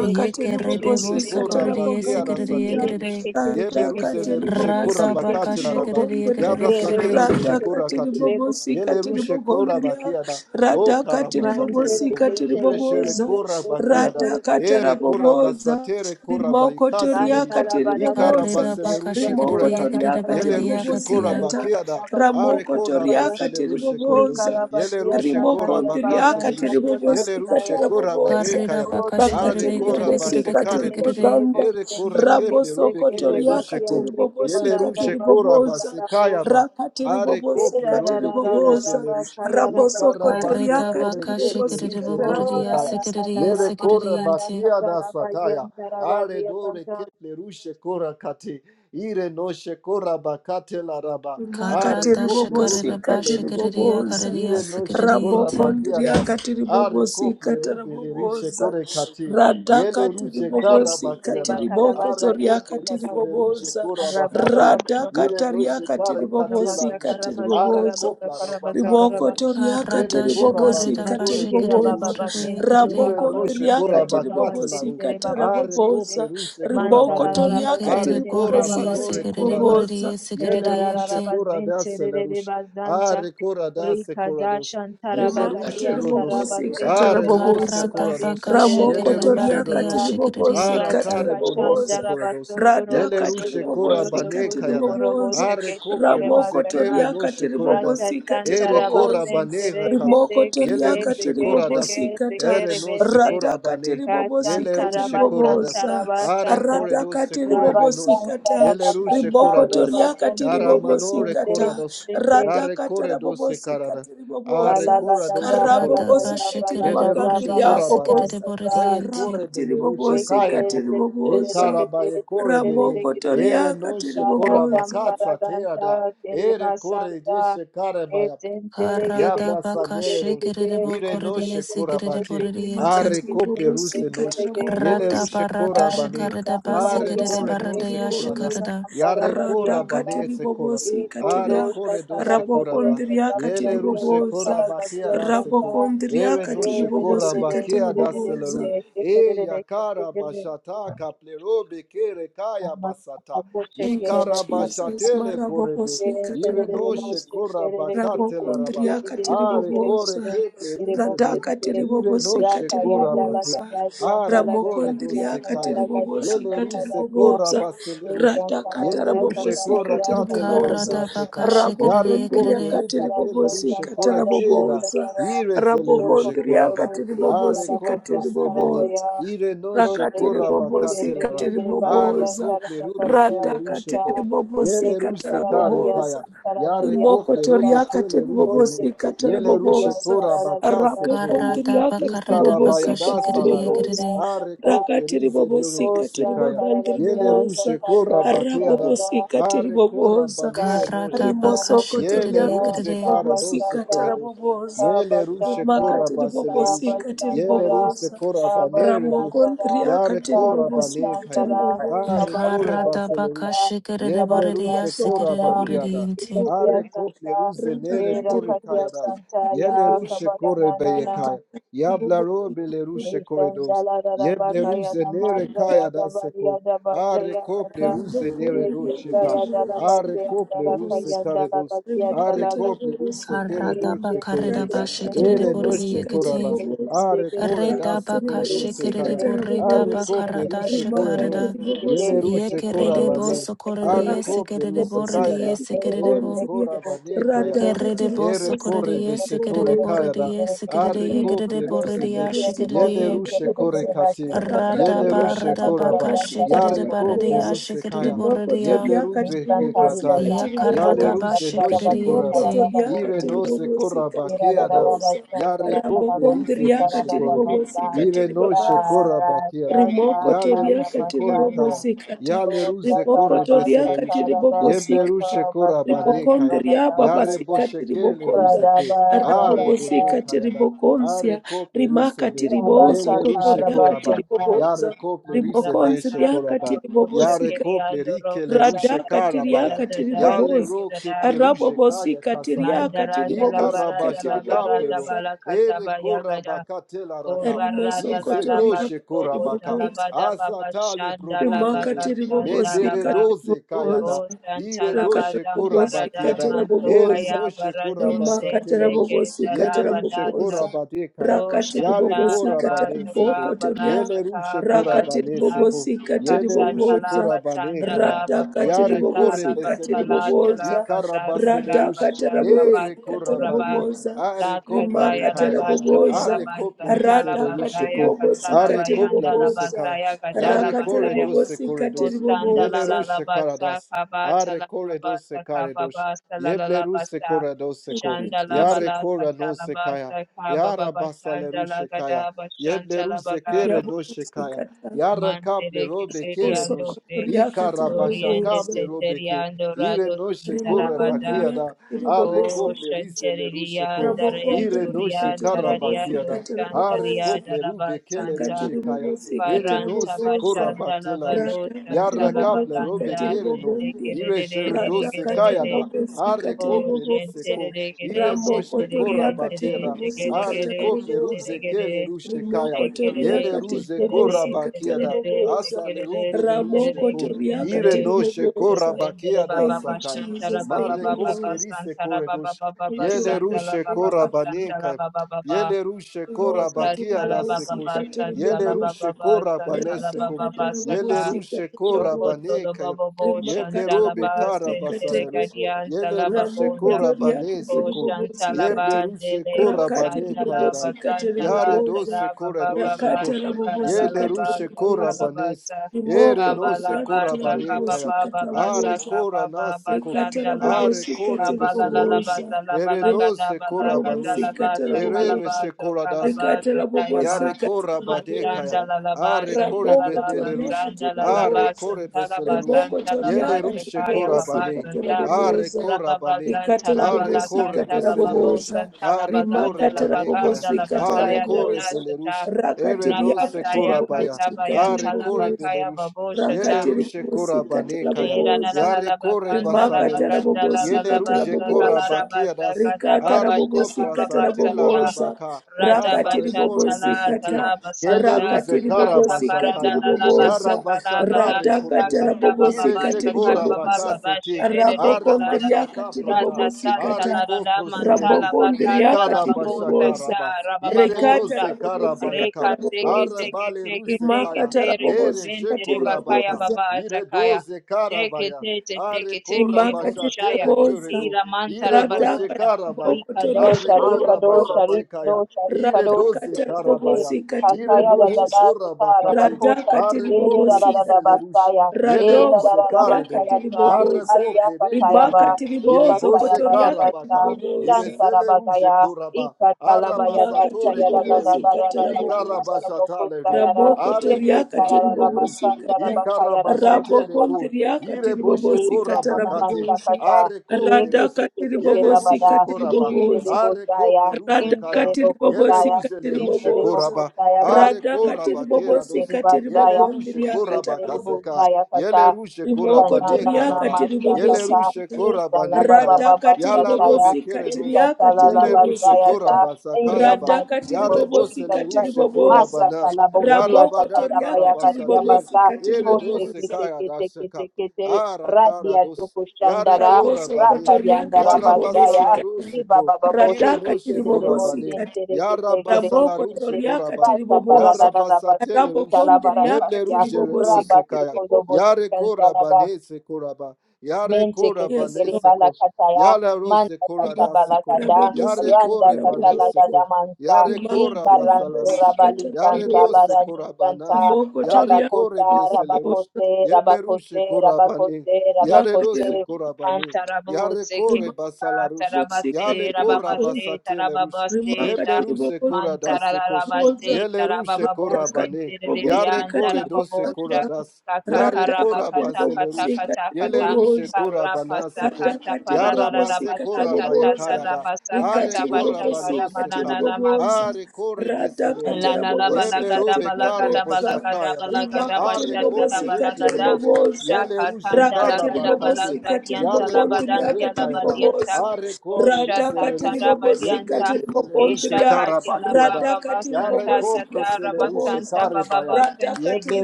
Speaker 5: Ye kerere bo
Speaker 2: ruze
Speaker 3: ribobosika
Speaker 2: koraba
Speaker 5: sokorere yese
Speaker 2: bakia
Speaker 5: kerere ye
Speaker 3: tarabagandhirira
Speaker 2: rasatele rush.
Speaker 5: kerere.
Speaker 2: Yele ruze
Speaker 3: radhakati
Speaker 2: le rushe koraba
Speaker 5: Rada
Speaker 3: ribobosika
Speaker 5: baka
Speaker 2: bakate la
Speaker 5: shikere
Speaker 2: raba.
Speaker 5: ye
Speaker 2: Ya
Speaker 3: tiribogondhirira
Speaker 5: kerere
Speaker 1: Perete
Speaker 2: rasatele
Speaker 5: kerere.
Speaker 2: rushe
Speaker 1: que
Speaker 2: kora
Speaker 3: radhakati
Speaker 2: kate.
Speaker 1: debo
Speaker 3: ribobosika
Speaker 2: Yele
Speaker 1: de
Speaker 2: rushe koraba
Speaker 3: tiribogondhirira
Speaker 2: bakia ada. O
Speaker 3: radhakati
Speaker 2: karabashatere
Speaker 1: mantere
Speaker 2: ko.
Speaker 3: ribobosika
Speaker 1: que se
Speaker 2: Ire shere
Speaker 3: tiriboboza
Speaker 1: depende de
Speaker 2: koraba
Speaker 1: que
Speaker 2: bakia
Speaker 1: se
Speaker 2: ada.
Speaker 1: de
Speaker 3: radhakata
Speaker 1: que
Speaker 2: Ere
Speaker 1: se
Speaker 2: koraba
Speaker 3: raboboza
Speaker 2: basatere kora ba ikase le rush.
Speaker 1: canta
Speaker 3: rimokotoriakati
Speaker 1: la barata
Speaker 3: riboboza
Speaker 5: Karira
Speaker 2: Ikarabase
Speaker 1: santa
Speaker 2: le
Speaker 5: baka
Speaker 2: rushe
Speaker 5: shikere
Speaker 2: kora
Speaker 1: barboya
Speaker 5: ye
Speaker 2: ka.
Speaker 5: kerere
Speaker 1: catara
Speaker 3: rimokotoriakati
Speaker 2: Yele
Speaker 5: borere
Speaker 2: rushe
Speaker 5: yakatia.
Speaker 2: koraba
Speaker 1: de
Speaker 3: ribobosikata
Speaker 2: bakia ada.
Speaker 1: botata vacía
Speaker 2: Are koraba
Speaker 1: tapaya
Speaker 3: ramokotoriakati
Speaker 2: basele rushe
Speaker 1: Shri
Speaker 2: kora do.
Speaker 3: riboboza
Speaker 2: Yele
Speaker 1: कराबतिया
Speaker 2: rushe kora
Speaker 1: चाकारिया
Speaker 2: bakase
Speaker 1: बागदान
Speaker 2: le
Speaker 3: rimokondhiriakati
Speaker 2: rush.
Speaker 1: चारिया
Speaker 2: Yele
Speaker 3: ribobosikata
Speaker 2: rushe
Speaker 1: बास्ताया
Speaker 2: kora
Speaker 3: raboboza
Speaker 5: Karira
Speaker 2: badekaya.
Speaker 1: O
Speaker 5: baka shikere
Speaker 2: Are
Speaker 1: तेंते
Speaker 3: Rakatiri
Speaker 2: kora
Speaker 5: kerere
Speaker 1: देखते
Speaker 3: bobosi
Speaker 1: बो
Speaker 5: kerere
Speaker 3: katiri
Speaker 5: kerere
Speaker 2: basekare rush.
Speaker 1: तेंते
Speaker 5: kerere.
Speaker 1: रे बो
Speaker 3: baganda.
Speaker 2: Ere kora
Speaker 1: तेंते
Speaker 2: keple
Speaker 3: Raboso
Speaker 1: खेते
Speaker 2: rube
Speaker 1: के रे
Speaker 2: kele
Speaker 3: kotoria
Speaker 2: rushe
Speaker 1: बातिया
Speaker 2: ko.
Speaker 3: katiri
Speaker 1: अंदर के
Speaker 3: bobosi
Speaker 2: Yele
Speaker 1: बरादा
Speaker 3: katiri
Speaker 2: rushe kora
Speaker 1: बाजी
Speaker 3: boboza.
Speaker 1: तला बो
Speaker 2: basekaya ba.
Speaker 3: Rakatiri
Speaker 2: Are
Speaker 1: रे
Speaker 3: bobosi
Speaker 1: रा
Speaker 2: kople
Speaker 1: रा
Speaker 3: katiri
Speaker 2: robe
Speaker 1: रा रा
Speaker 2: kere
Speaker 1: रा रा
Speaker 3: boboza.
Speaker 2: shele
Speaker 1: बा
Speaker 2: rush.
Speaker 3: Raboso Rakatiribobosika tiriboganda.
Speaker 1: खाया रा
Speaker 2: Ikara
Speaker 1: बास्ताया
Speaker 5: Karida
Speaker 3: Rabosokotoriaka tiribobosika tiriboboza. Rakatiribobosika tiriboboza.
Speaker 2: basekore
Speaker 5: baka
Speaker 2: keple
Speaker 5: shikere
Speaker 3: Rabosokotoriaka katiri
Speaker 5: bo
Speaker 2: rije no
Speaker 5: korere
Speaker 1: Ora
Speaker 2: setaya.
Speaker 5: yase
Speaker 1: da
Speaker 3: taraboboza.
Speaker 1: da
Speaker 5: kerere
Speaker 1: da la
Speaker 2: Yere
Speaker 5: yese kerere
Speaker 2: kora
Speaker 1: masaya
Speaker 5: yente.
Speaker 2: bakia
Speaker 1: kata
Speaker 2: da
Speaker 1: la
Speaker 2: sataya.
Speaker 1: bayan
Speaker 2: Are
Speaker 1: tarabazi
Speaker 2: dore
Speaker 1: akanta
Speaker 2: keple rushe kora kati. Ire no shekora bakate la raba. Are
Speaker 5: Karada
Speaker 3: Makatiri
Speaker 2: kople
Speaker 5: shikare
Speaker 3: bobosi
Speaker 2: rube
Speaker 5: ba
Speaker 2: kele
Speaker 3: katiri
Speaker 5: shikere
Speaker 2: rushe ko.
Speaker 3: boboza
Speaker 5: yakarere
Speaker 2: Ire
Speaker 5: yase
Speaker 2: no
Speaker 5: kerere
Speaker 2: shekora
Speaker 5: yente.
Speaker 2: bakia
Speaker 3: rabokondria
Speaker 2: das.
Speaker 3: katiri
Speaker 2: Are
Speaker 3: bobosi
Speaker 2: kople
Speaker 3: katara
Speaker 2: rube le riche
Speaker 3: boboza
Speaker 2: kore kati.
Speaker 3: rada
Speaker 2: Yele
Speaker 3: katiri
Speaker 2: ruje
Speaker 1: mashek
Speaker 2: kara
Speaker 3: bobosi
Speaker 1: reba
Speaker 3: katiri boko
Speaker 1: karabaza
Speaker 2: Are
Speaker 1: ya
Speaker 3: zoria
Speaker 2: kople
Speaker 3: katiri
Speaker 2: rise
Speaker 1: bakutaba
Speaker 2: le ruje
Speaker 3: boboza
Speaker 2: kora
Speaker 1: araba ba
Speaker 2: bakati.
Speaker 1: ba
Speaker 3: rada
Speaker 1: ba
Speaker 2: Ire
Speaker 3: kataria
Speaker 2: noise
Speaker 1: ba
Speaker 3: katiri
Speaker 2: kare kate
Speaker 3: bobosi
Speaker 2: la
Speaker 1: karabaza
Speaker 2: rush.
Speaker 3: katiri
Speaker 1: karabaza
Speaker 2: Are
Speaker 3: boboza
Speaker 1: karabaza
Speaker 2: kopla
Speaker 1: karabaza
Speaker 2: rabakate
Speaker 3: riboko
Speaker 2: la
Speaker 1: karaba
Speaker 2: rush.
Speaker 3: toria
Speaker 5: Karada
Speaker 2: Ere
Speaker 3: katiri
Speaker 2: kora
Speaker 3: bobosi
Speaker 5: shakarida
Speaker 3: katiri
Speaker 2: basetore
Speaker 1: mashek reba
Speaker 2: kele
Speaker 5: bashikarida
Speaker 1: ba
Speaker 3: boboza
Speaker 2: ruche
Speaker 1: ba
Speaker 5: boridi
Speaker 2: ko.
Speaker 1: zente reba
Speaker 2: Ire
Speaker 5: yikiridi.
Speaker 1: ba ba
Speaker 2: noise
Speaker 3: rabokondria
Speaker 1: zente
Speaker 2: kora
Speaker 1: reba
Speaker 3: katiri
Speaker 1: ba ba
Speaker 2: la
Speaker 3: bobosi
Speaker 1: zente
Speaker 2: ru.
Speaker 1: reba
Speaker 3: katara
Speaker 1: ba ba
Speaker 2: Are
Speaker 1: zente
Speaker 3: boboza
Speaker 2: kople ruse korabane.
Speaker 3: riboko
Speaker 1: mantara la la
Speaker 3: toria
Speaker 1: ba
Speaker 5: Yikiridi
Speaker 2: Are
Speaker 3: katiri
Speaker 1: zente reba
Speaker 2: kora
Speaker 5: boridi
Speaker 1: ba
Speaker 3: bobosi
Speaker 1: ba
Speaker 2: koradas.
Speaker 3: katiri
Speaker 5: yisikiridi
Speaker 1: zente
Speaker 2: kora
Speaker 5: boridi
Speaker 2: das.
Speaker 3: boboza
Speaker 5: yisikiridi
Speaker 2: Yele
Speaker 5: yinti.
Speaker 2: rushe kora
Speaker 1: Erarabazente
Speaker 2: la
Speaker 1: de
Speaker 2: rush.
Speaker 1: Bazanta,
Speaker 2: Are kora korados.
Speaker 1: Rika
Speaker 2: kora dos.
Speaker 1: Erararabazente rerebazanta rikadashanta
Speaker 2: Yele rushe
Speaker 1: rabagadianta
Speaker 2: rodos.
Speaker 3: rimakatiribobosi
Speaker 1: rabazente
Speaker 2: Are nos
Speaker 3: katarabobosa
Speaker 5: Karada
Speaker 1: remabababazente
Speaker 5: baka
Speaker 2: secoranos, yele
Speaker 5: shikiridi
Speaker 2: rushe
Speaker 5: baridi
Speaker 1: rererebadasata
Speaker 2: doros,
Speaker 5: yashikiridi
Speaker 3: ramokotoriakatiribobosi
Speaker 2: ara
Speaker 5: yakata.
Speaker 2: care bonos
Speaker 1: ratakashanda
Speaker 3: katarabobosa
Speaker 2: secorados,
Speaker 1: rabatoto
Speaker 2: yele rushe
Speaker 1: rokosoto
Speaker 2: cora
Speaker 3: radakatiribobosi
Speaker 1: koroto
Speaker 2: bane
Speaker 1: kuto
Speaker 2: cayada,
Speaker 3: katiribobosa
Speaker 1: korobose
Speaker 2: are
Speaker 1: kete
Speaker 2: cople ruse
Speaker 1: kerebasaka
Speaker 2: kere noshe coradas,
Speaker 3: ramokotoriakatiribobosi
Speaker 1: ratasanta
Speaker 2: ere cora
Speaker 3: katiribobosa
Speaker 1: rabazente
Speaker 2: bane racat,
Speaker 1: rekete
Speaker 3: Rimokotoria
Speaker 2: yele
Speaker 1: kete
Speaker 2: rushe
Speaker 1: teke
Speaker 3: katiribobosi
Speaker 2: coradas,
Speaker 1: sheke
Speaker 3: sikata
Speaker 1: teke
Speaker 2: ere no
Speaker 1: rebese
Speaker 2: secora
Speaker 3: radaka
Speaker 2: bane,
Speaker 3: tiribobo
Speaker 2: yele
Speaker 1: kasanta
Speaker 3: sikata
Speaker 2: rushe
Speaker 1: rabasanta
Speaker 2: coradas,
Speaker 3: riboboza
Speaker 2: are corredos
Speaker 3: Radaka
Speaker 2: secore
Speaker 3: tiribobo
Speaker 2: benos,
Speaker 1: Rabakanta
Speaker 3: sikata
Speaker 2: yele rushe
Speaker 3: riboko
Speaker 1: Rabakanta
Speaker 2: coradas,
Speaker 1: Ribadonte
Speaker 2: ara manore
Speaker 1: Rebekonte
Speaker 3: tiribobosikata
Speaker 2: corados,
Speaker 1: Rebekende
Speaker 2: are
Speaker 3: radhaka
Speaker 2: corredos
Speaker 3: tiribobosika
Speaker 2: secaradas, are
Speaker 3: tiribobosa
Speaker 2: corrados
Speaker 1: Balalagada
Speaker 5: Karada
Speaker 2: secorabaya.
Speaker 1: Balagada
Speaker 3: radhaka tiribobosikata ribokoto riaka tiribobosikata radhaka tarabobosika tiribobosa rabobosika
Speaker 5: bashikiridi
Speaker 1: Balagada
Speaker 2: Melerushe
Speaker 5: boridi
Speaker 1: Balagada
Speaker 2: korabani,
Speaker 5: yasikiridi
Speaker 3: tiribagandiriabobosa
Speaker 5: boridi
Speaker 1: Sada
Speaker 2: Ere
Speaker 5: yinti.
Speaker 2: kore belerushe
Speaker 1: Regede
Speaker 2: kayana. E
Speaker 1: Tentere
Speaker 3: rakatiribobosikatiribobosa
Speaker 2: karabaye
Speaker 1: Regede
Speaker 2: kore
Speaker 1: Tentere
Speaker 2: bene.
Speaker 1: Regede
Speaker 2: Ere noishe
Speaker 1: Sada
Speaker 3: ramokotoriakatiribobosa
Speaker 2: korabakatsa teada.
Speaker 1: Samparaganta
Speaker 2: Ere
Speaker 1: Terema
Speaker 2: kore
Speaker 1: Santa
Speaker 2: dishe karabaya
Speaker 1: Etentere
Speaker 2: Ya
Speaker 1: Gede
Speaker 5: Karada
Speaker 2: brasa
Speaker 5: baka
Speaker 2: nere
Speaker 1: Tentere
Speaker 2: rosh.
Speaker 5: shikiridi
Speaker 1: Gede
Speaker 2: Ire
Speaker 5: boridi
Speaker 1: Tentere
Speaker 2: noshe
Speaker 1: Gede
Speaker 5: yisikiridi
Speaker 2: korabate.
Speaker 5: boridi
Speaker 1: Tentere
Speaker 5: yinti.
Speaker 3: Rimakati
Speaker 2: Are
Speaker 1: Gede
Speaker 2: kople ruse
Speaker 3: ribobosika
Speaker 2: nosh.
Speaker 1: Tentere Gede
Speaker 2: Yele
Speaker 5: Rada
Speaker 3: tiribobosa,
Speaker 2: rushe
Speaker 5: barada
Speaker 2: korabane.
Speaker 5: shakarida
Speaker 3: rimakati
Speaker 2: Are
Speaker 5: basikiridi
Speaker 2: kore
Speaker 3: ribobosika
Speaker 2: no
Speaker 5: barada
Speaker 2: se korada.
Speaker 3: tiribogonza,
Speaker 5: yashikarida.
Speaker 2: Yare
Speaker 1: Amparayantikidihikamparagadiyanta
Speaker 3: radhakati
Speaker 2: korabane se kora.
Speaker 1: ikodoshatalagadiyasatalagadiyasantalagadiyasantaha
Speaker 3: ribobosika
Speaker 2: Are
Speaker 3: tiria,
Speaker 2: kore do se koraba.
Speaker 3: rabokondria kati
Speaker 2: Yele rushe
Speaker 3: ribobosa,
Speaker 2: korabakia da se ko.
Speaker 3: rabokondria
Speaker 2: Ere
Speaker 3: kati
Speaker 2: noshe
Speaker 3: ribobosika
Speaker 2: korabakia da se
Speaker 3: tiribobosa.
Speaker 2: leru. E yakara bashata kaplerobe kere kaya basata. i
Speaker 3: Thank you, Jesus.
Speaker 2: bashatele korebe.
Speaker 3: Marabobosika
Speaker 2: Ire noshe
Speaker 3: tarabobosa.
Speaker 2: korabakate laraba.
Speaker 3: Rabokondria
Speaker 2: Are kore
Speaker 3: katiribobosa.
Speaker 2: keple rusene.
Speaker 3: Radaka
Speaker 2: Ire
Speaker 3: tiribobosika
Speaker 2: noche
Speaker 1: Rakaya
Speaker 2: kora bakia.
Speaker 3: tiribobosa.
Speaker 1: Dalagadaji and
Speaker 2: Are kore
Speaker 1: Talagadaji and
Speaker 3: Ramokondria
Speaker 2: doste kaya.
Speaker 1: Takalagadi and
Speaker 2: Yele
Speaker 3: katiribobosika
Speaker 2: ruse
Speaker 1: Takadadia,
Speaker 2: kora
Speaker 3: tiribobosa.
Speaker 2: basele rush.
Speaker 1: Ocean
Speaker 3: Radaka
Speaker 2: Yele
Speaker 1: Saradia,
Speaker 2: rushe
Speaker 3: tarabobosika
Speaker 2: kora
Speaker 1: Sakaradia and
Speaker 2: katela
Speaker 3: tiribobosa.
Speaker 2: roda
Speaker 1: Sakaradia
Speaker 5: Karada
Speaker 2: seka.
Speaker 5: baka
Speaker 1: Santa,
Speaker 5: shikiridi
Speaker 2: Yare
Speaker 3: Rabokondria
Speaker 5: yikiridi.
Speaker 2: kople
Speaker 1: Ocean
Speaker 2: rube kele
Speaker 1: Saradia,
Speaker 2: rushe
Speaker 3: katiribobosika
Speaker 2: kore
Speaker 1: Santaradadia
Speaker 2: keda.
Speaker 3: tarabobosa.
Speaker 1: Sakaya,
Speaker 2: Ire sele
Speaker 1: Shoko
Speaker 2: rushe
Speaker 3: Rabokondria
Speaker 2: kora ba.
Speaker 1: Sorobusi and
Speaker 2: Are
Speaker 3: katiribobosika
Speaker 1: Sarabadi
Speaker 2: kopro
Speaker 1: and
Speaker 2: semeni.
Speaker 3: tiribobosa
Speaker 1: Sarabaya,
Speaker 2: Ire noche
Speaker 1: Oshake
Speaker 3: katiri
Speaker 2: kora
Speaker 1: and
Speaker 2: ba
Speaker 3: katiri katiri
Speaker 2: katela ra.
Speaker 1: Degede Basti
Speaker 2: Are
Speaker 1: and
Speaker 3: katiri
Speaker 2: kople rube
Speaker 1: Sarabadia
Speaker 2: kele
Speaker 3: rada
Speaker 2: rushe
Speaker 3: katiri
Speaker 2: ko.
Speaker 1: Santa,
Speaker 3: bobosi
Speaker 2: Yele
Speaker 1: Shake
Speaker 2: ruse
Speaker 3: katara
Speaker 2: kare
Speaker 1: Saradadia,
Speaker 3: boboza,
Speaker 2: kaya. Yare
Speaker 1: Santaradia
Speaker 3: imoko
Speaker 2: kople
Speaker 1: Santa,
Speaker 3: toria
Speaker 2: robe
Speaker 3: katiri
Speaker 2: kele ruzene.
Speaker 3: bobosi
Speaker 1: Oshake
Speaker 3: katara
Speaker 2: Yele ruche
Speaker 1: Saradadia,
Speaker 3: boboza,
Speaker 2: kora
Speaker 1: Saradadia
Speaker 2: bakase
Speaker 3: rabo
Speaker 1: Santa,
Speaker 2: toredo.
Speaker 5: Karata
Speaker 3: kondria katiri
Speaker 5: bakarida
Speaker 1: Kote
Speaker 3: bobosi
Speaker 2: Ikarabaya da
Speaker 1: Kedia
Speaker 3: katiri
Speaker 5: bakashikiri
Speaker 2: salaro.
Speaker 3: katiribobosa
Speaker 1: Saradia
Speaker 5: ekiriri.
Speaker 2: Are
Speaker 1: Sasa
Speaker 2: kople rize dore
Speaker 3: radhakatiribobosi katarabobosa
Speaker 2: dose
Speaker 1: Kochan
Speaker 2: kaya.
Speaker 1: Saradia
Speaker 2: Yele
Speaker 3: katiri tiribobosi katarabobosa rabokondriaka bobosi katiri rakatiribobosi katiribogandiribobosa
Speaker 2: ruche
Speaker 1: Safaria
Speaker 2: kora bakea da.
Speaker 1: Sasa
Speaker 3: rabobosi katiri
Speaker 2: Are kora
Speaker 3: bobosi
Speaker 2: banere no
Speaker 5: Karata
Speaker 1: Dasi
Speaker 2: sheko.
Speaker 1: Dasi
Speaker 5: bakashikiri
Speaker 2: Yele ruze
Speaker 5: ekiriri.
Speaker 2: kara
Speaker 3: tiribobosi
Speaker 2: dose
Speaker 1: Sabashasa
Speaker 2: koredos.
Speaker 3: katarabobosa
Speaker 2: Yele ruche
Speaker 1: Kabachanda
Speaker 2: kora
Speaker 3: rimakatiri
Speaker 2: basele ruche.
Speaker 3: bobosikatiri
Speaker 2: Yele
Speaker 1: Kabachandara
Speaker 2: ruche
Speaker 3: bobosa
Speaker 2: kora banere dos.
Speaker 1: Kabachandara
Speaker 3: ramokondria
Speaker 2: Yare
Speaker 3: katiri
Speaker 2: kora bane
Speaker 3: bobosikatiri
Speaker 2: kaya.
Speaker 1: Kabachandara
Speaker 3: bobosa
Speaker 2: Are kore
Speaker 1: Kabadia
Speaker 5: Karata
Speaker 2: basele
Speaker 1: Sasa
Speaker 2: ruche.
Speaker 5: bakashikiri
Speaker 2: Yeble
Speaker 5: boriri
Speaker 1: Kabadia
Speaker 2: ruze kora
Speaker 5: asikiri
Speaker 1: Chanda
Speaker 2: bakea
Speaker 5: boriri
Speaker 2: da.
Speaker 3: mosokotorikatiri
Speaker 5: inti.
Speaker 1: Tikatia
Speaker 2: Are
Speaker 3: bobosa
Speaker 2: kople
Speaker 1: Sasa
Speaker 2: ruze nere
Speaker 1: Era
Speaker 3: radakatiri
Speaker 2: kore
Speaker 1: Katia
Speaker 2: kaya das.
Speaker 1: Santa
Speaker 3: bobosikatiri
Speaker 2: Yele
Speaker 1: Ya
Speaker 3: bobosa
Speaker 2: rushe kore beye
Speaker 1: Kabayanana
Speaker 2: kaya.
Speaker 3: radakatiri
Speaker 2: Yabla robe le
Speaker 3: bobosikatiri
Speaker 2: rushe kore
Speaker 3: bobosa
Speaker 2: dos. Yeble
Speaker 1: Ishandalarabakaya
Speaker 2: ruze nere
Speaker 1: namazaya
Speaker 2: kaya
Speaker 1: dabaria
Speaker 2: daseko. Are
Speaker 1: dabajaya kata
Speaker 2: kople ruze nere
Speaker 3: Ramabhondiriya
Speaker 2: doshe ka.
Speaker 1: rekizaya
Speaker 3: katiriboboosi
Speaker 2: Are
Speaker 1: dalabazaya
Speaker 2: kople ruze
Speaker 3: katiribobooza
Speaker 1: dalakaya
Speaker 2: kare dos.
Speaker 1: dalabazaya
Speaker 2: Are
Speaker 1: dalaga
Speaker 2: kople
Speaker 3: rimakatiriboboosi
Speaker 2: ruze kere
Speaker 3: kata
Speaker 5: Karata
Speaker 2: doshe kore
Speaker 5: bakarida
Speaker 3: rata
Speaker 2: dos.
Speaker 5: bashikiri
Speaker 2: Ere
Speaker 3: katiriboboosi
Speaker 2: noshe
Speaker 5: boriri ekiti.
Speaker 2: koraba.
Speaker 3: katiribobooza
Speaker 2: Are kore
Speaker 5: Reda
Speaker 2: dase kore
Speaker 3: rakatiriboboosi
Speaker 2: dose
Speaker 5: bakashikiri
Speaker 2: kaya.
Speaker 5: borida
Speaker 2: Are
Speaker 3: katiribobooza
Speaker 2: kople
Speaker 5: bakarada
Speaker 2: ruze kore nosh.
Speaker 5: shikarida.
Speaker 3: rimakatiriboboosi
Speaker 2: Yele rushe
Speaker 5: Yekiriri
Speaker 2: koraba
Speaker 3: katiribobooza
Speaker 2: ne.
Speaker 5: boso koriri
Speaker 2: Are kople
Speaker 5: esikiri
Speaker 2: ruze
Speaker 3: rakatiriboboosi
Speaker 2: kaya
Speaker 5: boriri
Speaker 2: da.
Speaker 5: esikiri
Speaker 2: Ere
Speaker 3: katiribobooza
Speaker 5: bo.
Speaker 2: kora korabane
Speaker 3: rata
Speaker 2: kayada.
Speaker 5: Kerede
Speaker 2: Ere
Speaker 5: boso
Speaker 3: katiriboboosi
Speaker 5: korede
Speaker 2: kore
Speaker 5: yese
Speaker 1: Thank you.
Speaker 5: kerede
Speaker 2: beshetore
Speaker 3: katiribobooza
Speaker 5: borede
Speaker 2: kayada.
Speaker 5: yese kerede
Speaker 2: Are
Speaker 5: ye
Speaker 2: ko
Speaker 5: kerede borede
Speaker 2: pleruzene.
Speaker 5: yashe kerede ye.
Speaker 2: Yele rushe kore
Speaker 3: ribakatarabobosikatarabobosa
Speaker 2: kati.
Speaker 5: Rada
Speaker 2: Yele rushe
Speaker 5: barada
Speaker 2: koraba.
Speaker 5: baka shikiri
Speaker 2: Yare ko
Speaker 5: baradia
Speaker 3: rakatariakatarabobosikatarabobosa
Speaker 2: pleruse
Speaker 5: shikiri
Speaker 2: kaya.
Speaker 5: boradia.
Speaker 2: Yeble ruze krataya. Yale
Speaker 5: Yakarada
Speaker 3: rimokotoriakatiribobosikatiribobosa
Speaker 5: ba
Speaker 2: ruze noshe
Speaker 5: shikiri
Speaker 2: koraba.
Speaker 5: ente.
Speaker 2: Ire noze koraba kiadas.
Speaker 3: rimokotoriakatiribobosikatiribobosa
Speaker 2: Yare ko plerize noshe koredo. Ire noshe
Speaker 3: rabokondriakatiribobosikatiribobaza
Speaker 2: koraba kiada.
Speaker 3: Rimoko
Speaker 2: Yale
Speaker 3: toria toriaka
Speaker 2: ruse kore kaya.
Speaker 3: tiribobosikata.
Speaker 2: Yale
Speaker 1: Basta
Speaker 2: ruze
Speaker 3: Riboko
Speaker 2: kore
Speaker 1: sara basta
Speaker 2: besele
Speaker 3: toriaka
Speaker 2: ruş.
Speaker 1: sara basta
Speaker 2: Yeble
Speaker 3: tiribobosikata.
Speaker 2: rushe
Speaker 1: sa
Speaker 2: kora
Speaker 1: basta
Speaker 2: bane
Speaker 1: sa
Speaker 2: kaya.
Speaker 3: Ribokondria
Speaker 1: basta sa
Speaker 2: Yare
Speaker 1: sa
Speaker 3: babasika
Speaker 2: bosheke le
Speaker 1: ra
Speaker 3: tiribokonda.
Speaker 1: ra
Speaker 2: ruzeke.
Speaker 1: ba ra
Speaker 2: Are
Speaker 3: Rabobosika
Speaker 2: bone
Speaker 1: ba
Speaker 2: kaya da. Are
Speaker 3: tiribokonsia.
Speaker 2: kople
Speaker 3: Rimaka
Speaker 2: rusene.
Speaker 3: tiribozo
Speaker 2: Ele
Speaker 1: Rabasaka
Speaker 2: rushe
Speaker 3: kotoriaka
Speaker 2: koraba.
Speaker 1: Rabasanta
Speaker 3: tiriboboza.
Speaker 2: Yare kople rusene she
Speaker 1: Rabasa
Speaker 3: Ribokonsriaka
Speaker 2: koraba.
Speaker 1: Rabosha
Speaker 2: Yare
Speaker 3: tiribobosika.
Speaker 2: kople
Speaker 1: Kiriando
Speaker 2: rike le rushe
Speaker 3: Radaka
Speaker 1: Santa
Speaker 2: karabaya.
Speaker 3: tiriaka
Speaker 2: Yale
Speaker 3: tiriboboza.
Speaker 2: ro
Speaker 1: Shakira
Speaker 2: keple rushe kaya
Speaker 3: Arabobosika
Speaker 2: kasate.
Speaker 3: tiriaka
Speaker 1: Mandara Dalabara
Speaker 3: tiribobosika
Speaker 2: Ikarabasha
Speaker 1: Dalabara
Speaker 2: kaple ro.
Speaker 3: tiriboboza.
Speaker 1: Dabala
Speaker 2: Ere
Speaker 1: Kataba
Speaker 2: koraba
Speaker 1: Yagada
Speaker 2: katela raka.
Speaker 1: Govara
Speaker 3: Rimoso
Speaker 2: Ize
Speaker 1: Dagada
Speaker 2: no she
Speaker 3: kotoriaka
Speaker 1: Basoko
Speaker 2: korabaka.
Speaker 3: tiriboboza.
Speaker 1: Dalabada Baba
Speaker 2: Asatale
Speaker 1: Shanda
Speaker 2: brononke be.
Speaker 1: Labaka
Speaker 3: Remarkable bobosi,
Speaker 2: Mendere
Speaker 1: Sanda
Speaker 2: doze kayada.
Speaker 1: Go
Speaker 3: bobosa
Speaker 2: Ire
Speaker 3: rakatara
Speaker 2: doshe
Speaker 1: Santalabadam
Speaker 3: bobosi
Speaker 1: Paradam
Speaker 2: korabakiada.
Speaker 3: katara
Speaker 2: Ere
Speaker 3: boboza
Speaker 1: Mantokaya
Speaker 2: noshe
Speaker 1: Barando
Speaker 2: korabasa
Speaker 3: rimakatara
Speaker 1: Sente
Speaker 2: telerush.
Speaker 3: bobosi
Speaker 2: Yele
Speaker 3: katara
Speaker 2: rushe
Speaker 1: Kedalabadasa
Speaker 3: boboza
Speaker 2: korabadekaya.
Speaker 1: Go
Speaker 3: rakatiri
Speaker 2: Yare
Speaker 3: bobosi katara
Speaker 1: Shantalabasa
Speaker 2: korabaneseko.
Speaker 3: bokotoria
Speaker 1: Kabalasa
Speaker 2: Yele rushe
Speaker 3: rakatiri
Speaker 1: Kababasata
Speaker 2: korabaneseko.
Speaker 3: bobosi katiri
Speaker 2: Yele rushe
Speaker 3: boboza
Speaker 2: korabanekaya.
Speaker 3: radakatiri
Speaker 2: Yare kore
Speaker 3: bobosi katiri
Speaker 2: beselerush.
Speaker 3: boboza
Speaker 2: Ikarabaselerush.
Speaker 3: radakatara bobosi
Speaker 2: Ere
Speaker 3: katara
Speaker 2: korabane.
Speaker 3: boboza
Speaker 2: Are kopla
Speaker 3: rimakatara
Speaker 2: rekayada. Are
Speaker 3: boboza
Speaker 2: kople rise
Speaker 3: radakatiri
Speaker 2: lerusheko.
Speaker 3: bobosi
Speaker 2: Are
Speaker 3: katiri
Speaker 2: kopla
Speaker 3: boboza
Speaker 2: rusekaya. Yare
Speaker 3: rakatiri
Speaker 1: Thank
Speaker 2: corredos,
Speaker 3: bobosi katiri
Speaker 2: corredos,
Speaker 1: Kostanda la
Speaker 2: yele
Speaker 1: la
Speaker 3: boboza
Speaker 1: la
Speaker 2: rushe
Speaker 1: basa
Speaker 2: caradas,
Speaker 1: kabata
Speaker 2: are
Speaker 1: la la
Speaker 2: koredos se
Speaker 1: basa
Speaker 2: karedos.
Speaker 1: kababasa la la la
Speaker 2: Yeblerus se
Speaker 1: basa
Speaker 2: korados se
Speaker 3: Thank
Speaker 2: ko.
Speaker 3: you,
Speaker 1: shanda la
Speaker 3: Jesus.
Speaker 2: Yare
Speaker 1: bala kata
Speaker 2: koranos
Speaker 1: la
Speaker 2: se kaya.
Speaker 1: basa kababa
Speaker 2: Yara
Speaker 1: basanda
Speaker 2: basalerus
Speaker 1: la
Speaker 2: se kaya.
Speaker 1: gada bashanta la
Speaker 2: Yeblerus se
Speaker 1: baga
Speaker 2: kere no se kaya.
Speaker 3: Yabukusikata,
Speaker 2: Yara
Speaker 1: mantere
Speaker 2: kaple robe kere
Speaker 3: Boso
Speaker 1: kiseriando
Speaker 2: nos.
Speaker 1: te
Speaker 3: Kotoriaka
Speaker 2: Ikarabasha
Speaker 1: oriende
Speaker 3: Tiribobosa,
Speaker 2: kaple robe ke.
Speaker 1: seteriando
Speaker 2: Ire
Speaker 1: rado
Speaker 2: no se
Speaker 3: Remoko
Speaker 1: sitarabada
Speaker 2: korabakia da.
Speaker 3: Mpiriaka
Speaker 2: Are
Speaker 3: Tiribobosa,
Speaker 1: O
Speaker 2: kople rise le rushe
Speaker 1: Shanterian
Speaker 2: ko.
Speaker 1: Daria
Speaker 3: Rabokondi
Speaker 2: Ire no se
Speaker 3: rakati
Speaker 1: Turian Tararia
Speaker 2: karabakia
Speaker 1: do
Speaker 2: da.
Speaker 3: ribobozikati
Speaker 2: Are
Speaker 3: raboboza
Speaker 1: Santaria
Speaker 2: kople
Speaker 1: Daraba
Speaker 2: rube kele
Speaker 3: rakati
Speaker 1: Santa
Speaker 2: rushe kaya.
Speaker 3: ribobozikati
Speaker 2: Ire no
Speaker 1: Paranta
Speaker 2: se
Speaker 3: raboboza
Speaker 1: Bashanda
Speaker 2: korabatela rush.
Speaker 1: Labado
Speaker 3: ratakati
Speaker 1: Santa
Speaker 2: Yarra kaple
Speaker 3: ribobozikati
Speaker 2: robe
Speaker 1: Labaganda
Speaker 2: kere no.
Speaker 3: ribogondi
Speaker 2: Ire
Speaker 1: Shetekere
Speaker 2: sheredo
Speaker 3: ratakati
Speaker 2: sekayada. Are
Speaker 3: ribobozikati
Speaker 1: Oh,
Speaker 2: kople
Speaker 3: riboboza
Speaker 2: ko.
Speaker 1: shantirigidi,
Speaker 2: Ire no shekora
Speaker 3: ramokotoriakati
Speaker 1: shantirigidi,
Speaker 2: batera.
Speaker 3: ribobozikati
Speaker 2: Are
Speaker 1: shigirigidi,
Speaker 2: kople
Speaker 3: raboboza
Speaker 2: ruze kele
Speaker 1: shantirigidi,
Speaker 2: rushekaya.
Speaker 1: shikiridi,
Speaker 2: Yele
Speaker 3: rimokotoriakati
Speaker 2: ruze
Speaker 1: shantiridi,
Speaker 2: kora
Speaker 3: ribobozikati
Speaker 2: bakiada.
Speaker 1: shantiridi,
Speaker 3: raboboza
Speaker 2: Asa le
Speaker 1: shikiridi,
Speaker 2: rube le
Speaker 1: shantiridi,
Speaker 2: rusheko.
Speaker 3: ramokotoriakati
Speaker 2: Ire
Speaker 1: kishindiri,
Speaker 2: no shekora
Speaker 3: riboboza
Speaker 1: kishindiri,
Speaker 2: bakiada
Speaker 1: baba,
Speaker 3: Thank you,
Speaker 1: ba,
Speaker 2: asakaya.
Speaker 1: shantara,
Speaker 3: Jesus.
Speaker 1: baba,
Speaker 3: Thank
Speaker 2: Mare
Speaker 3: you,
Speaker 1: baba, ba,
Speaker 2: kople
Speaker 3: Lord.
Speaker 2: rise
Speaker 1: santara, baba,
Speaker 2: koredosh.
Speaker 1: baba, ba,
Speaker 3: Thank you,
Speaker 2: Yele
Speaker 3: Holy
Speaker 1: santara,
Speaker 2: rushe
Speaker 1: baba,
Speaker 2: kora
Speaker 1: ba,
Speaker 3: Spirit.
Speaker 1: santara,
Speaker 2: baneka.
Speaker 1: baba, baba.
Speaker 2: Yele rushe
Speaker 1: Oh,
Speaker 2: kora
Speaker 3: Makatiri
Speaker 2: bakia
Speaker 1: santara,
Speaker 2: da
Speaker 1: baba,
Speaker 3: bobosi,
Speaker 2: sekosh.
Speaker 1: ba,
Speaker 3: katiri
Speaker 2: Yele
Speaker 1: santara,
Speaker 3: bobosi,
Speaker 1: baba,
Speaker 2: rushe
Speaker 1: ba,
Speaker 2: kora
Speaker 1: santara,
Speaker 3: rata
Speaker 2: baneseko.
Speaker 1: baba, ba,
Speaker 3: katiri
Speaker 2: Yele
Speaker 1: saka.
Speaker 3: bobosi,
Speaker 2: rushe
Speaker 3: katiri
Speaker 2: kora
Speaker 3: bobosi,
Speaker 1: Shokotolo
Speaker 2: baneka.
Speaker 1: Bobo
Speaker 3: rima katiri
Speaker 2: Yeblerobe
Speaker 1: Shantalaba
Speaker 3: bobosi, katiri
Speaker 1: Sentere
Speaker 2: karabasalerush.
Speaker 3: bobosi,
Speaker 1: Gadian
Speaker 3: ramo
Speaker 2: Yelerushe
Speaker 1: Talabaconda
Speaker 3: kotoria
Speaker 2: korabane
Speaker 1: O
Speaker 3: katiri
Speaker 2: seko.
Speaker 3: bobosi,
Speaker 1: Shantalaba
Speaker 3: katiri,
Speaker 2: Yeblerushe
Speaker 1: Dele
Speaker 3: rakatiri
Speaker 2: korabane
Speaker 1: Kosandala
Speaker 3: bobosi,
Speaker 2: kayara.
Speaker 3: katiri
Speaker 1: Basantala
Speaker 2: Yare
Speaker 3: bobosi,
Speaker 2: dose
Speaker 1: Talaba Baba
Speaker 2: koradoshe
Speaker 3: rakata
Speaker 2: ko.
Speaker 3: la
Speaker 1: Basha
Speaker 3: bobosi, katiri
Speaker 1: Karalalaba
Speaker 2: Yelerushe
Speaker 3: bobosi,
Speaker 2: korabanes.
Speaker 1: Sakalabasa
Speaker 2: Ere
Speaker 3: rimoko
Speaker 2: nose
Speaker 3: toria katiri
Speaker 1: Kabalabasa
Speaker 2: korabane
Speaker 3: bobosi,
Speaker 2: kaya.
Speaker 1: Kababa
Speaker 3: katiri
Speaker 1: Baba
Speaker 2: Are
Speaker 3: bobosi,
Speaker 2: kora
Speaker 1: Sakababa
Speaker 2: naseko.
Speaker 3: Rikatara
Speaker 1: Basandala
Speaker 2: Are
Speaker 3: bobosi
Speaker 2: kore
Speaker 3: katiri
Speaker 2: beselerush.
Speaker 3: bobosa.
Speaker 1: Kabalalalabasa
Speaker 2: Ere
Speaker 1: Labalagada
Speaker 2: nose
Speaker 3: Rimakatara
Speaker 1: Balagada
Speaker 3: bobosi
Speaker 2: korabanes.
Speaker 3: katara
Speaker 1: Labasa
Speaker 2: Ere
Speaker 3: bobosa.
Speaker 2: reshe
Speaker 1: Kalabasa Kalabasa
Speaker 3: Rikatara
Speaker 2: Ya
Speaker 3: bobosi
Speaker 1: Tayaba
Speaker 3: katiri
Speaker 2: rekora
Speaker 3: bobosa.
Speaker 2: badekaya.
Speaker 1: Mashanda la la
Speaker 2: A
Speaker 1: bazan,
Speaker 2: rekore
Speaker 1: tala
Speaker 3: Raboko
Speaker 1: la
Speaker 3: toria
Speaker 2: benelerush.
Speaker 1: basan la
Speaker 3: katiri
Speaker 1: la
Speaker 2: A
Speaker 3: bobosa.
Speaker 1: basan
Speaker 2: rekore
Speaker 1: tala
Speaker 2: besele rush?
Speaker 1: basan
Speaker 3: Riboko
Speaker 1: tala
Speaker 3: toria
Speaker 2: Yele
Speaker 1: basha
Speaker 3: katiri
Speaker 2: rushe
Speaker 1: kaya
Speaker 3: bobosi
Speaker 2: korabane.
Speaker 1: babasan
Speaker 3: katara
Speaker 1: ta
Speaker 2: A
Speaker 3: bobosa.
Speaker 1: rababazan,
Speaker 2: rekora
Speaker 1: basan
Speaker 3: Rikatara
Speaker 1: tala
Speaker 2: are
Speaker 3: bobosi
Speaker 1: balagan
Speaker 2: kore
Speaker 1: ta
Speaker 3: katara
Speaker 2: beselerush,
Speaker 3: bobosa.
Speaker 1: bababosan tala
Speaker 2: are
Speaker 1: baganda
Speaker 2: kore
Speaker 1: la
Speaker 3: Rimakatara
Speaker 2: banekaya,
Speaker 1: baganda
Speaker 3: bobosi
Speaker 1: la
Speaker 3: katara
Speaker 2: are
Speaker 1: bazaya da
Speaker 2: kore
Speaker 3: bobosa.
Speaker 1: dasha ta
Speaker 2: belerush, ere
Speaker 3: Rakatiria
Speaker 2: non se
Speaker 3: katiri
Speaker 1: rakataya
Speaker 2: korabaya,
Speaker 3: bobosi
Speaker 1: kataba
Speaker 3: katiri
Speaker 2: are
Speaker 1: yantala
Speaker 2: kore
Speaker 3: bobosa
Speaker 1: bakaya
Speaker 2: belerush,
Speaker 1: babosha
Speaker 2: yele
Speaker 3: rakatiri
Speaker 2: rushe
Speaker 3: bobosika
Speaker 2: korabanekaya,
Speaker 1: Era la la
Speaker 3: talaboboza
Speaker 1: la
Speaker 2: yare
Speaker 1: la
Speaker 2: kore
Speaker 1: bakanda la
Speaker 3: rimaka
Speaker 2: basalerush,
Speaker 1: baganda la la
Speaker 3: talabobosika
Speaker 2: yele
Speaker 1: la
Speaker 2: rushe
Speaker 1: basa
Speaker 3: talaboboza
Speaker 1: galara basa
Speaker 2: korabakiadas,
Speaker 1: gada
Speaker 3: rikata
Speaker 2: are
Speaker 1: babasha
Speaker 2: kopra
Speaker 3: rabobosika
Speaker 1: kaba
Speaker 2: satela
Speaker 1: basanta
Speaker 3: talaboboza
Speaker 2: rabaka,
Speaker 1: rada
Speaker 2: asa
Speaker 3: rakatiri
Speaker 2: kore
Speaker 1: basanta la
Speaker 3: bobosika ta
Speaker 2: beshete,
Speaker 1: tala
Speaker 2: yele
Speaker 1: basanta
Speaker 2: ruze
Speaker 3: rakatiri
Speaker 1: kata
Speaker 3: bobosika
Speaker 1: parada
Speaker 2: karabashakaya,
Speaker 1: la la
Speaker 3: tiriboboza
Speaker 1: basa
Speaker 2: yara
Speaker 1: kala bala
Speaker 2: bashakare
Speaker 1: kata
Speaker 3: ratakata
Speaker 2: koplere,
Speaker 1: kata baba
Speaker 2: yire
Speaker 3: rabobosika
Speaker 2: she
Speaker 1: basa kara baba
Speaker 3: tiriboboza
Speaker 1: baba
Speaker 2: korabakasete,
Speaker 1: shirede de galada
Speaker 3: rabokondriaka
Speaker 2: Arabashaka prata.
Speaker 1: rata
Speaker 3: tiribobosika
Speaker 1: santa
Speaker 3: kātā
Speaker 1: la
Speaker 2: Areko
Speaker 1: rada manta la
Speaker 2: proseleru.
Speaker 1: bakanda
Speaker 3: rabokondriaka
Speaker 1: la babu
Speaker 2: Ikarabasha
Speaker 3: tiriboboza
Speaker 1: santa
Speaker 2: karaba. Ire
Speaker 3: Rekata
Speaker 1: rabababosha
Speaker 3: la
Speaker 2: nose
Speaker 3: bobosi kata
Speaker 2: karabayaka.
Speaker 1: Reka
Speaker 3: la
Speaker 1: seke
Speaker 3: boboza.
Speaker 1: teke
Speaker 2: Arabale
Speaker 1: teke
Speaker 2: ruse
Speaker 1: teke
Speaker 3: Rimaka
Speaker 2: kaya.
Speaker 3: la
Speaker 1: te rebo
Speaker 3: bobosi
Speaker 2: Ere
Speaker 1: zente
Speaker 3: kata la
Speaker 1: rebakaya
Speaker 2: shekurabaka.
Speaker 3: boboza.
Speaker 1: baba
Speaker 2: Ire
Speaker 1: azakaya.
Speaker 2: doze
Speaker 1: Jeke
Speaker 2: karabaya.
Speaker 1: tete teke
Speaker 2: Areko
Speaker 1: teke
Speaker 3: Rimaka
Speaker 1: rebo
Speaker 2: rabasha
Speaker 3: tiri
Speaker 1: shaya.
Speaker 2: tele
Speaker 3: boboza.
Speaker 2: kuredu.
Speaker 1: Kira manta
Speaker 2: Ire
Speaker 3: Rata
Speaker 2: noshe
Speaker 3: kata
Speaker 1: rabadosa.
Speaker 2: karabaya.
Speaker 3: boko
Speaker 1: Rika
Speaker 3: toria
Speaker 1: dosha,
Speaker 3: kata
Speaker 2: Areko
Speaker 3: la
Speaker 1: rika
Speaker 2: rabasha
Speaker 1: dosha,
Speaker 3: boboza.
Speaker 1: rika
Speaker 2: tekaya.
Speaker 1: dosha, rika
Speaker 2: Ire
Speaker 3: Rata
Speaker 1: dosha,
Speaker 2: doze
Speaker 3: kata la
Speaker 1: teke te.
Speaker 3: bobosi
Speaker 2: karabaya.
Speaker 3: kata la
Speaker 2: Ire
Speaker 1: Kasaya da da
Speaker 2: noshe
Speaker 3: boboza.
Speaker 1: da seta
Speaker 2: korabakati.
Speaker 3: Rata
Speaker 1: rabakosa.
Speaker 3: kata la
Speaker 2: Areko
Speaker 1: Era da da
Speaker 3: bobosi
Speaker 1: da
Speaker 2: plerise
Speaker 1: da
Speaker 3: kata.
Speaker 2: lerush.
Speaker 1: basaya.
Speaker 2: Yele
Speaker 1: Era
Speaker 3: Radoko
Speaker 1: da
Speaker 2: ruse
Speaker 1: da da
Speaker 3: toria
Speaker 2: karedu.
Speaker 3: kata
Speaker 1: bakaya
Speaker 3: la
Speaker 1: ta.
Speaker 3: boboza.
Speaker 2: Areko
Speaker 1: Ariya kasaya
Speaker 3: Ribaka
Speaker 1: ba.
Speaker 2: plerekeredu.
Speaker 3: tiri bozo
Speaker 1: Ikasaya
Speaker 2: Ileboshe
Speaker 1: ba da
Speaker 3: kotoria kata la
Speaker 1: basa.
Speaker 2: karabaka.
Speaker 3: boboza.
Speaker 2: Irezele ruje
Speaker 1: Shantarabagaya,
Speaker 2: koraba.
Speaker 1: Ikatalabaya
Speaker 3: rimakatiri
Speaker 2: Arabasatore keleru.
Speaker 3: bobosikatara bobosa
Speaker 2: Ikarabashataleru.
Speaker 1: Dashayaragadagarabasandarabokusayara,
Speaker 2: Are kople
Speaker 3: rabokotoriakatiri
Speaker 2: rekelerus.
Speaker 3: bobosikata
Speaker 1: Chekitarabasandarabakarabusata,
Speaker 2: Ikarabashateleko.
Speaker 3: rabokondriakatiri
Speaker 2: Ireboshe
Speaker 3: bobosikatara
Speaker 2: korabakate.
Speaker 3: bobosa
Speaker 1: Mamamashtakata,
Speaker 2: Are koplerus.
Speaker 3: radakatiri
Speaker 2: Yele rushe
Speaker 1: Yeketeketekelabada,
Speaker 3: katiri
Speaker 2: koraba.
Speaker 3: bobosa
Speaker 2: Are
Speaker 1: Interebozaya,
Speaker 2: kopleruse kaya.
Speaker 3: radakatiri
Speaker 2: Yele
Speaker 1: Interebokotaya,
Speaker 2: ruze le
Speaker 3: katiri
Speaker 2: rushe
Speaker 3: bobosa
Speaker 2: koraba.
Speaker 1: Interebokotayaba,
Speaker 2: Are
Speaker 3: Radaka tiri
Speaker 2: koraba
Speaker 3: bobosi
Speaker 2: kērados.
Speaker 3: katiri bobosikatiri
Speaker 2: Yele
Speaker 1: Iketeketerebazaya,
Speaker 2: rushe koraba
Speaker 3: bogondriakatara
Speaker 2: kaseka.
Speaker 3: bobosa
Speaker 1: Iketerebozaya
Speaker 2: Yele
Speaker 1: kata,
Speaker 2: rushe
Speaker 3: Rimoko
Speaker 2: koraba ne
Speaker 3: toriaka
Speaker 2: karaba. Yele
Speaker 1: Ikananamashtakata,
Speaker 2: rushe
Speaker 3: tiribobosikata.
Speaker 2: korabane kaya.
Speaker 3: Radaka
Speaker 2: Yala
Speaker 1: Italabababashataya,
Speaker 2: robe
Speaker 3: tiribobosikata
Speaker 2: kere nosh.
Speaker 3: tiriaka
Speaker 2: Yele rushe
Speaker 1: Ikatalalabazayata,
Speaker 3: tiribobosikata.
Speaker 1: in the
Speaker 2: korabasakaya ba.
Speaker 1: mighty
Speaker 3: Radaka
Speaker 1: name of
Speaker 2: Yare bose
Speaker 1: Jesus
Speaker 3: tiribobosika
Speaker 1: Christ.
Speaker 2: rushe
Speaker 1: Master
Speaker 3: tiriboboza.
Speaker 2: korabana. Yara
Speaker 1: Kalabozia
Speaker 3: Raboko
Speaker 2: bada
Speaker 1: Takatabaya
Speaker 3: toriaka
Speaker 2: karabashatir.
Speaker 1: Katiabasa,
Speaker 3: tiribobosika
Speaker 2: Ere dose
Speaker 3: tiriboboza.
Speaker 2: kaya dashaka.
Speaker 1: koseketeketeketekete
Speaker 2: Ara kara
Speaker 1: radia
Speaker 2: dos. Yare
Speaker 1: tokushandara
Speaker 3: Raboso
Speaker 2: korabane.
Speaker 3: kotoriaka
Speaker 1: rakayandara
Speaker 2: Yara
Speaker 1: bazaya
Speaker 2: basala
Speaker 3: tiribobosikata.
Speaker 2: rushe ko. Ire
Speaker 3: Radaka
Speaker 2: noshe korabane.
Speaker 3: tiribobosikata.
Speaker 2: Yara basala
Speaker 3: Raboko
Speaker 2: rushe
Speaker 1: ibabababosheketeredebodzentereketekedekete
Speaker 3: toriaka
Speaker 2: koraba.
Speaker 3: tiriboboza.
Speaker 2: Yara basatele rush.
Speaker 3: Rabokondriaka
Speaker 2: Yeble
Speaker 1: basaparadadadabasikitalabarakasia
Speaker 2: rushe
Speaker 3: tiribobosika
Speaker 2: dose kaya.
Speaker 3: tiriboboza.
Speaker 2: Yare
Speaker 1: rabasekodobosikantalabar
Speaker 2: korabane se koraba. Yare
Speaker 1: Mente
Speaker 2: kora
Speaker 1: que te
Speaker 3: Yes, Lord.
Speaker 1: quereba la
Speaker 2: baneseko.
Speaker 1: cataya,
Speaker 2: Yala rose
Speaker 1: manda
Speaker 2: kora daseko.
Speaker 3: imakatara
Speaker 1: catabalaganda,
Speaker 2: Yare
Speaker 1: randa
Speaker 2: kore
Speaker 3: bobosikatara boboza
Speaker 1: catalagada
Speaker 2: banaseko.
Speaker 1: mansa,
Speaker 2: Yare
Speaker 1: y
Speaker 2: kora
Speaker 3: imakatiri
Speaker 1: baranto
Speaker 2: basalarush.
Speaker 1: rabali
Speaker 3: bobosikatara
Speaker 2: Yare
Speaker 1: canta,
Speaker 2: dose
Speaker 3: boboza
Speaker 1: barani
Speaker 2: kora banas.
Speaker 1: canta,
Speaker 2: Yare
Speaker 3: imokotoria
Speaker 2: kore
Speaker 1: rabacota,
Speaker 2: beselerush.
Speaker 3: boboza
Speaker 1: rabacose,
Speaker 2: Yeblerushe
Speaker 1: rabacose,
Speaker 2: kora bane.
Speaker 1: rabacose,
Speaker 2: Yare
Speaker 3: imakatiri
Speaker 2: rose
Speaker 1: rabacose,
Speaker 2: kora bane.
Speaker 1: manta
Speaker 3: bobosikatara
Speaker 2: Yare
Speaker 1: rabose, que
Speaker 2: kore basalarush. Yale
Speaker 1: tarabase,
Speaker 3: bobosikatiri
Speaker 2: kora
Speaker 3: boboza
Speaker 1: rababase,
Speaker 2: basatelerush.
Speaker 1: tarababase,
Speaker 3: rimaka
Speaker 1: ta,
Speaker 2: Yebleruse kora
Speaker 3: tiribobosika
Speaker 1: manta
Speaker 2: dasekosh.
Speaker 3: tiribobonza
Speaker 1: rababase,
Speaker 2: Yele rushe kora
Speaker 1: tarababose,
Speaker 3: radhaka
Speaker 2: bane. Yare
Speaker 3: tiribobosika
Speaker 1: entererianda,
Speaker 2: kore dose
Speaker 3: tiriboganda
Speaker 2: kora
Speaker 1: rababosha,
Speaker 2: das. Yare
Speaker 3: radhaka
Speaker 2: kora
Speaker 1: kakakarabakata, kata,
Speaker 2: baselerush.
Speaker 3: tiribobosika
Speaker 1: kata, kata,
Speaker 2: Yelerushe
Speaker 3: tiribobonza
Speaker 2: korabanase kosh.
Speaker 1: Parapasakata
Speaker 3: radhaka
Speaker 2: Yarabase
Speaker 3: tiribobosika
Speaker 1: parararabasata
Speaker 3: tabobonza
Speaker 2: korabayakayada. Are
Speaker 1: tatarabasakata
Speaker 3: rikatiribobosika
Speaker 2: korabanose
Speaker 1: bashakaramana
Speaker 2: kap.
Speaker 3: tiribobonza
Speaker 2: Are kore
Speaker 3: radhaka
Speaker 1: La
Speaker 2: deselerush.
Speaker 1: la la ba la ga
Speaker 3: tirabobosika
Speaker 1: da
Speaker 2: Yeblerube
Speaker 1: ba la ga
Speaker 2: kare
Speaker 1: da ba
Speaker 3: tiribobonza
Speaker 1: la da ba
Speaker 2: boshakayada.
Speaker 1: la ga da
Speaker 3: rimaka
Speaker 1: ba
Speaker 2: Are
Speaker 1: sha ta la
Speaker 2: kople
Speaker 1: ba
Speaker 3: tiribobosika
Speaker 1: la ga da
Speaker 2: rekelerush.
Speaker 3: tiribobonza
Speaker 1: sha ka
Speaker 2: Yelerushe
Speaker 1: tan da la ga da ba la
Speaker 2: karabakate.
Speaker 1: ga
Speaker 3: rakatiribobosika
Speaker 1: dian ta
Speaker 2: Yare
Speaker 1: la ba dan
Speaker 2: kople
Speaker 3: Kontria
Speaker 1: tia la
Speaker 3: katiri
Speaker 1: ba
Speaker 2: rekayada.
Speaker 1: dian ta
Speaker 3: bobosa,
Speaker 2: Are
Speaker 1: o
Speaker 2: kople
Speaker 1: sha
Speaker 3: Rada
Speaker 1: ta ta
Speaker 3: katiri
Speaker 2: rizelerush.
Speaker 1: ra ba
Speaker 3: bobosi,
Speaker 1: dian ta
Speaker 3: katiri
Speaker 2: Yeblerushe
Speaker 1: ke
Speaker 2: lerushe
Speaker 1: sha
Speaker 3: katiribobontria.
Speaker 1: ka tia la ba
Speaker 2: karabakiada.
Speaker 3: Rada
Speaker 1: ba ba
Speaker 3: katiri
Speaker 1: san
Speaker 2: Yare
Speaker 1: ta
Speaker 3: bobosi,
Speaker 1: ta
Speaker 2: kopro
Speaker 1: ta
Speaker 3: katiri
Speaker 1: ra ba
Speaker 2: selerushe
Speaker 1: san ta
Speaker 3: bobosa,
Speaker 1: ba ba ba
Speaker 2: karebaya.
Speaker 3: Rada
Speaker 1: san te ke
Speaker 3: katiri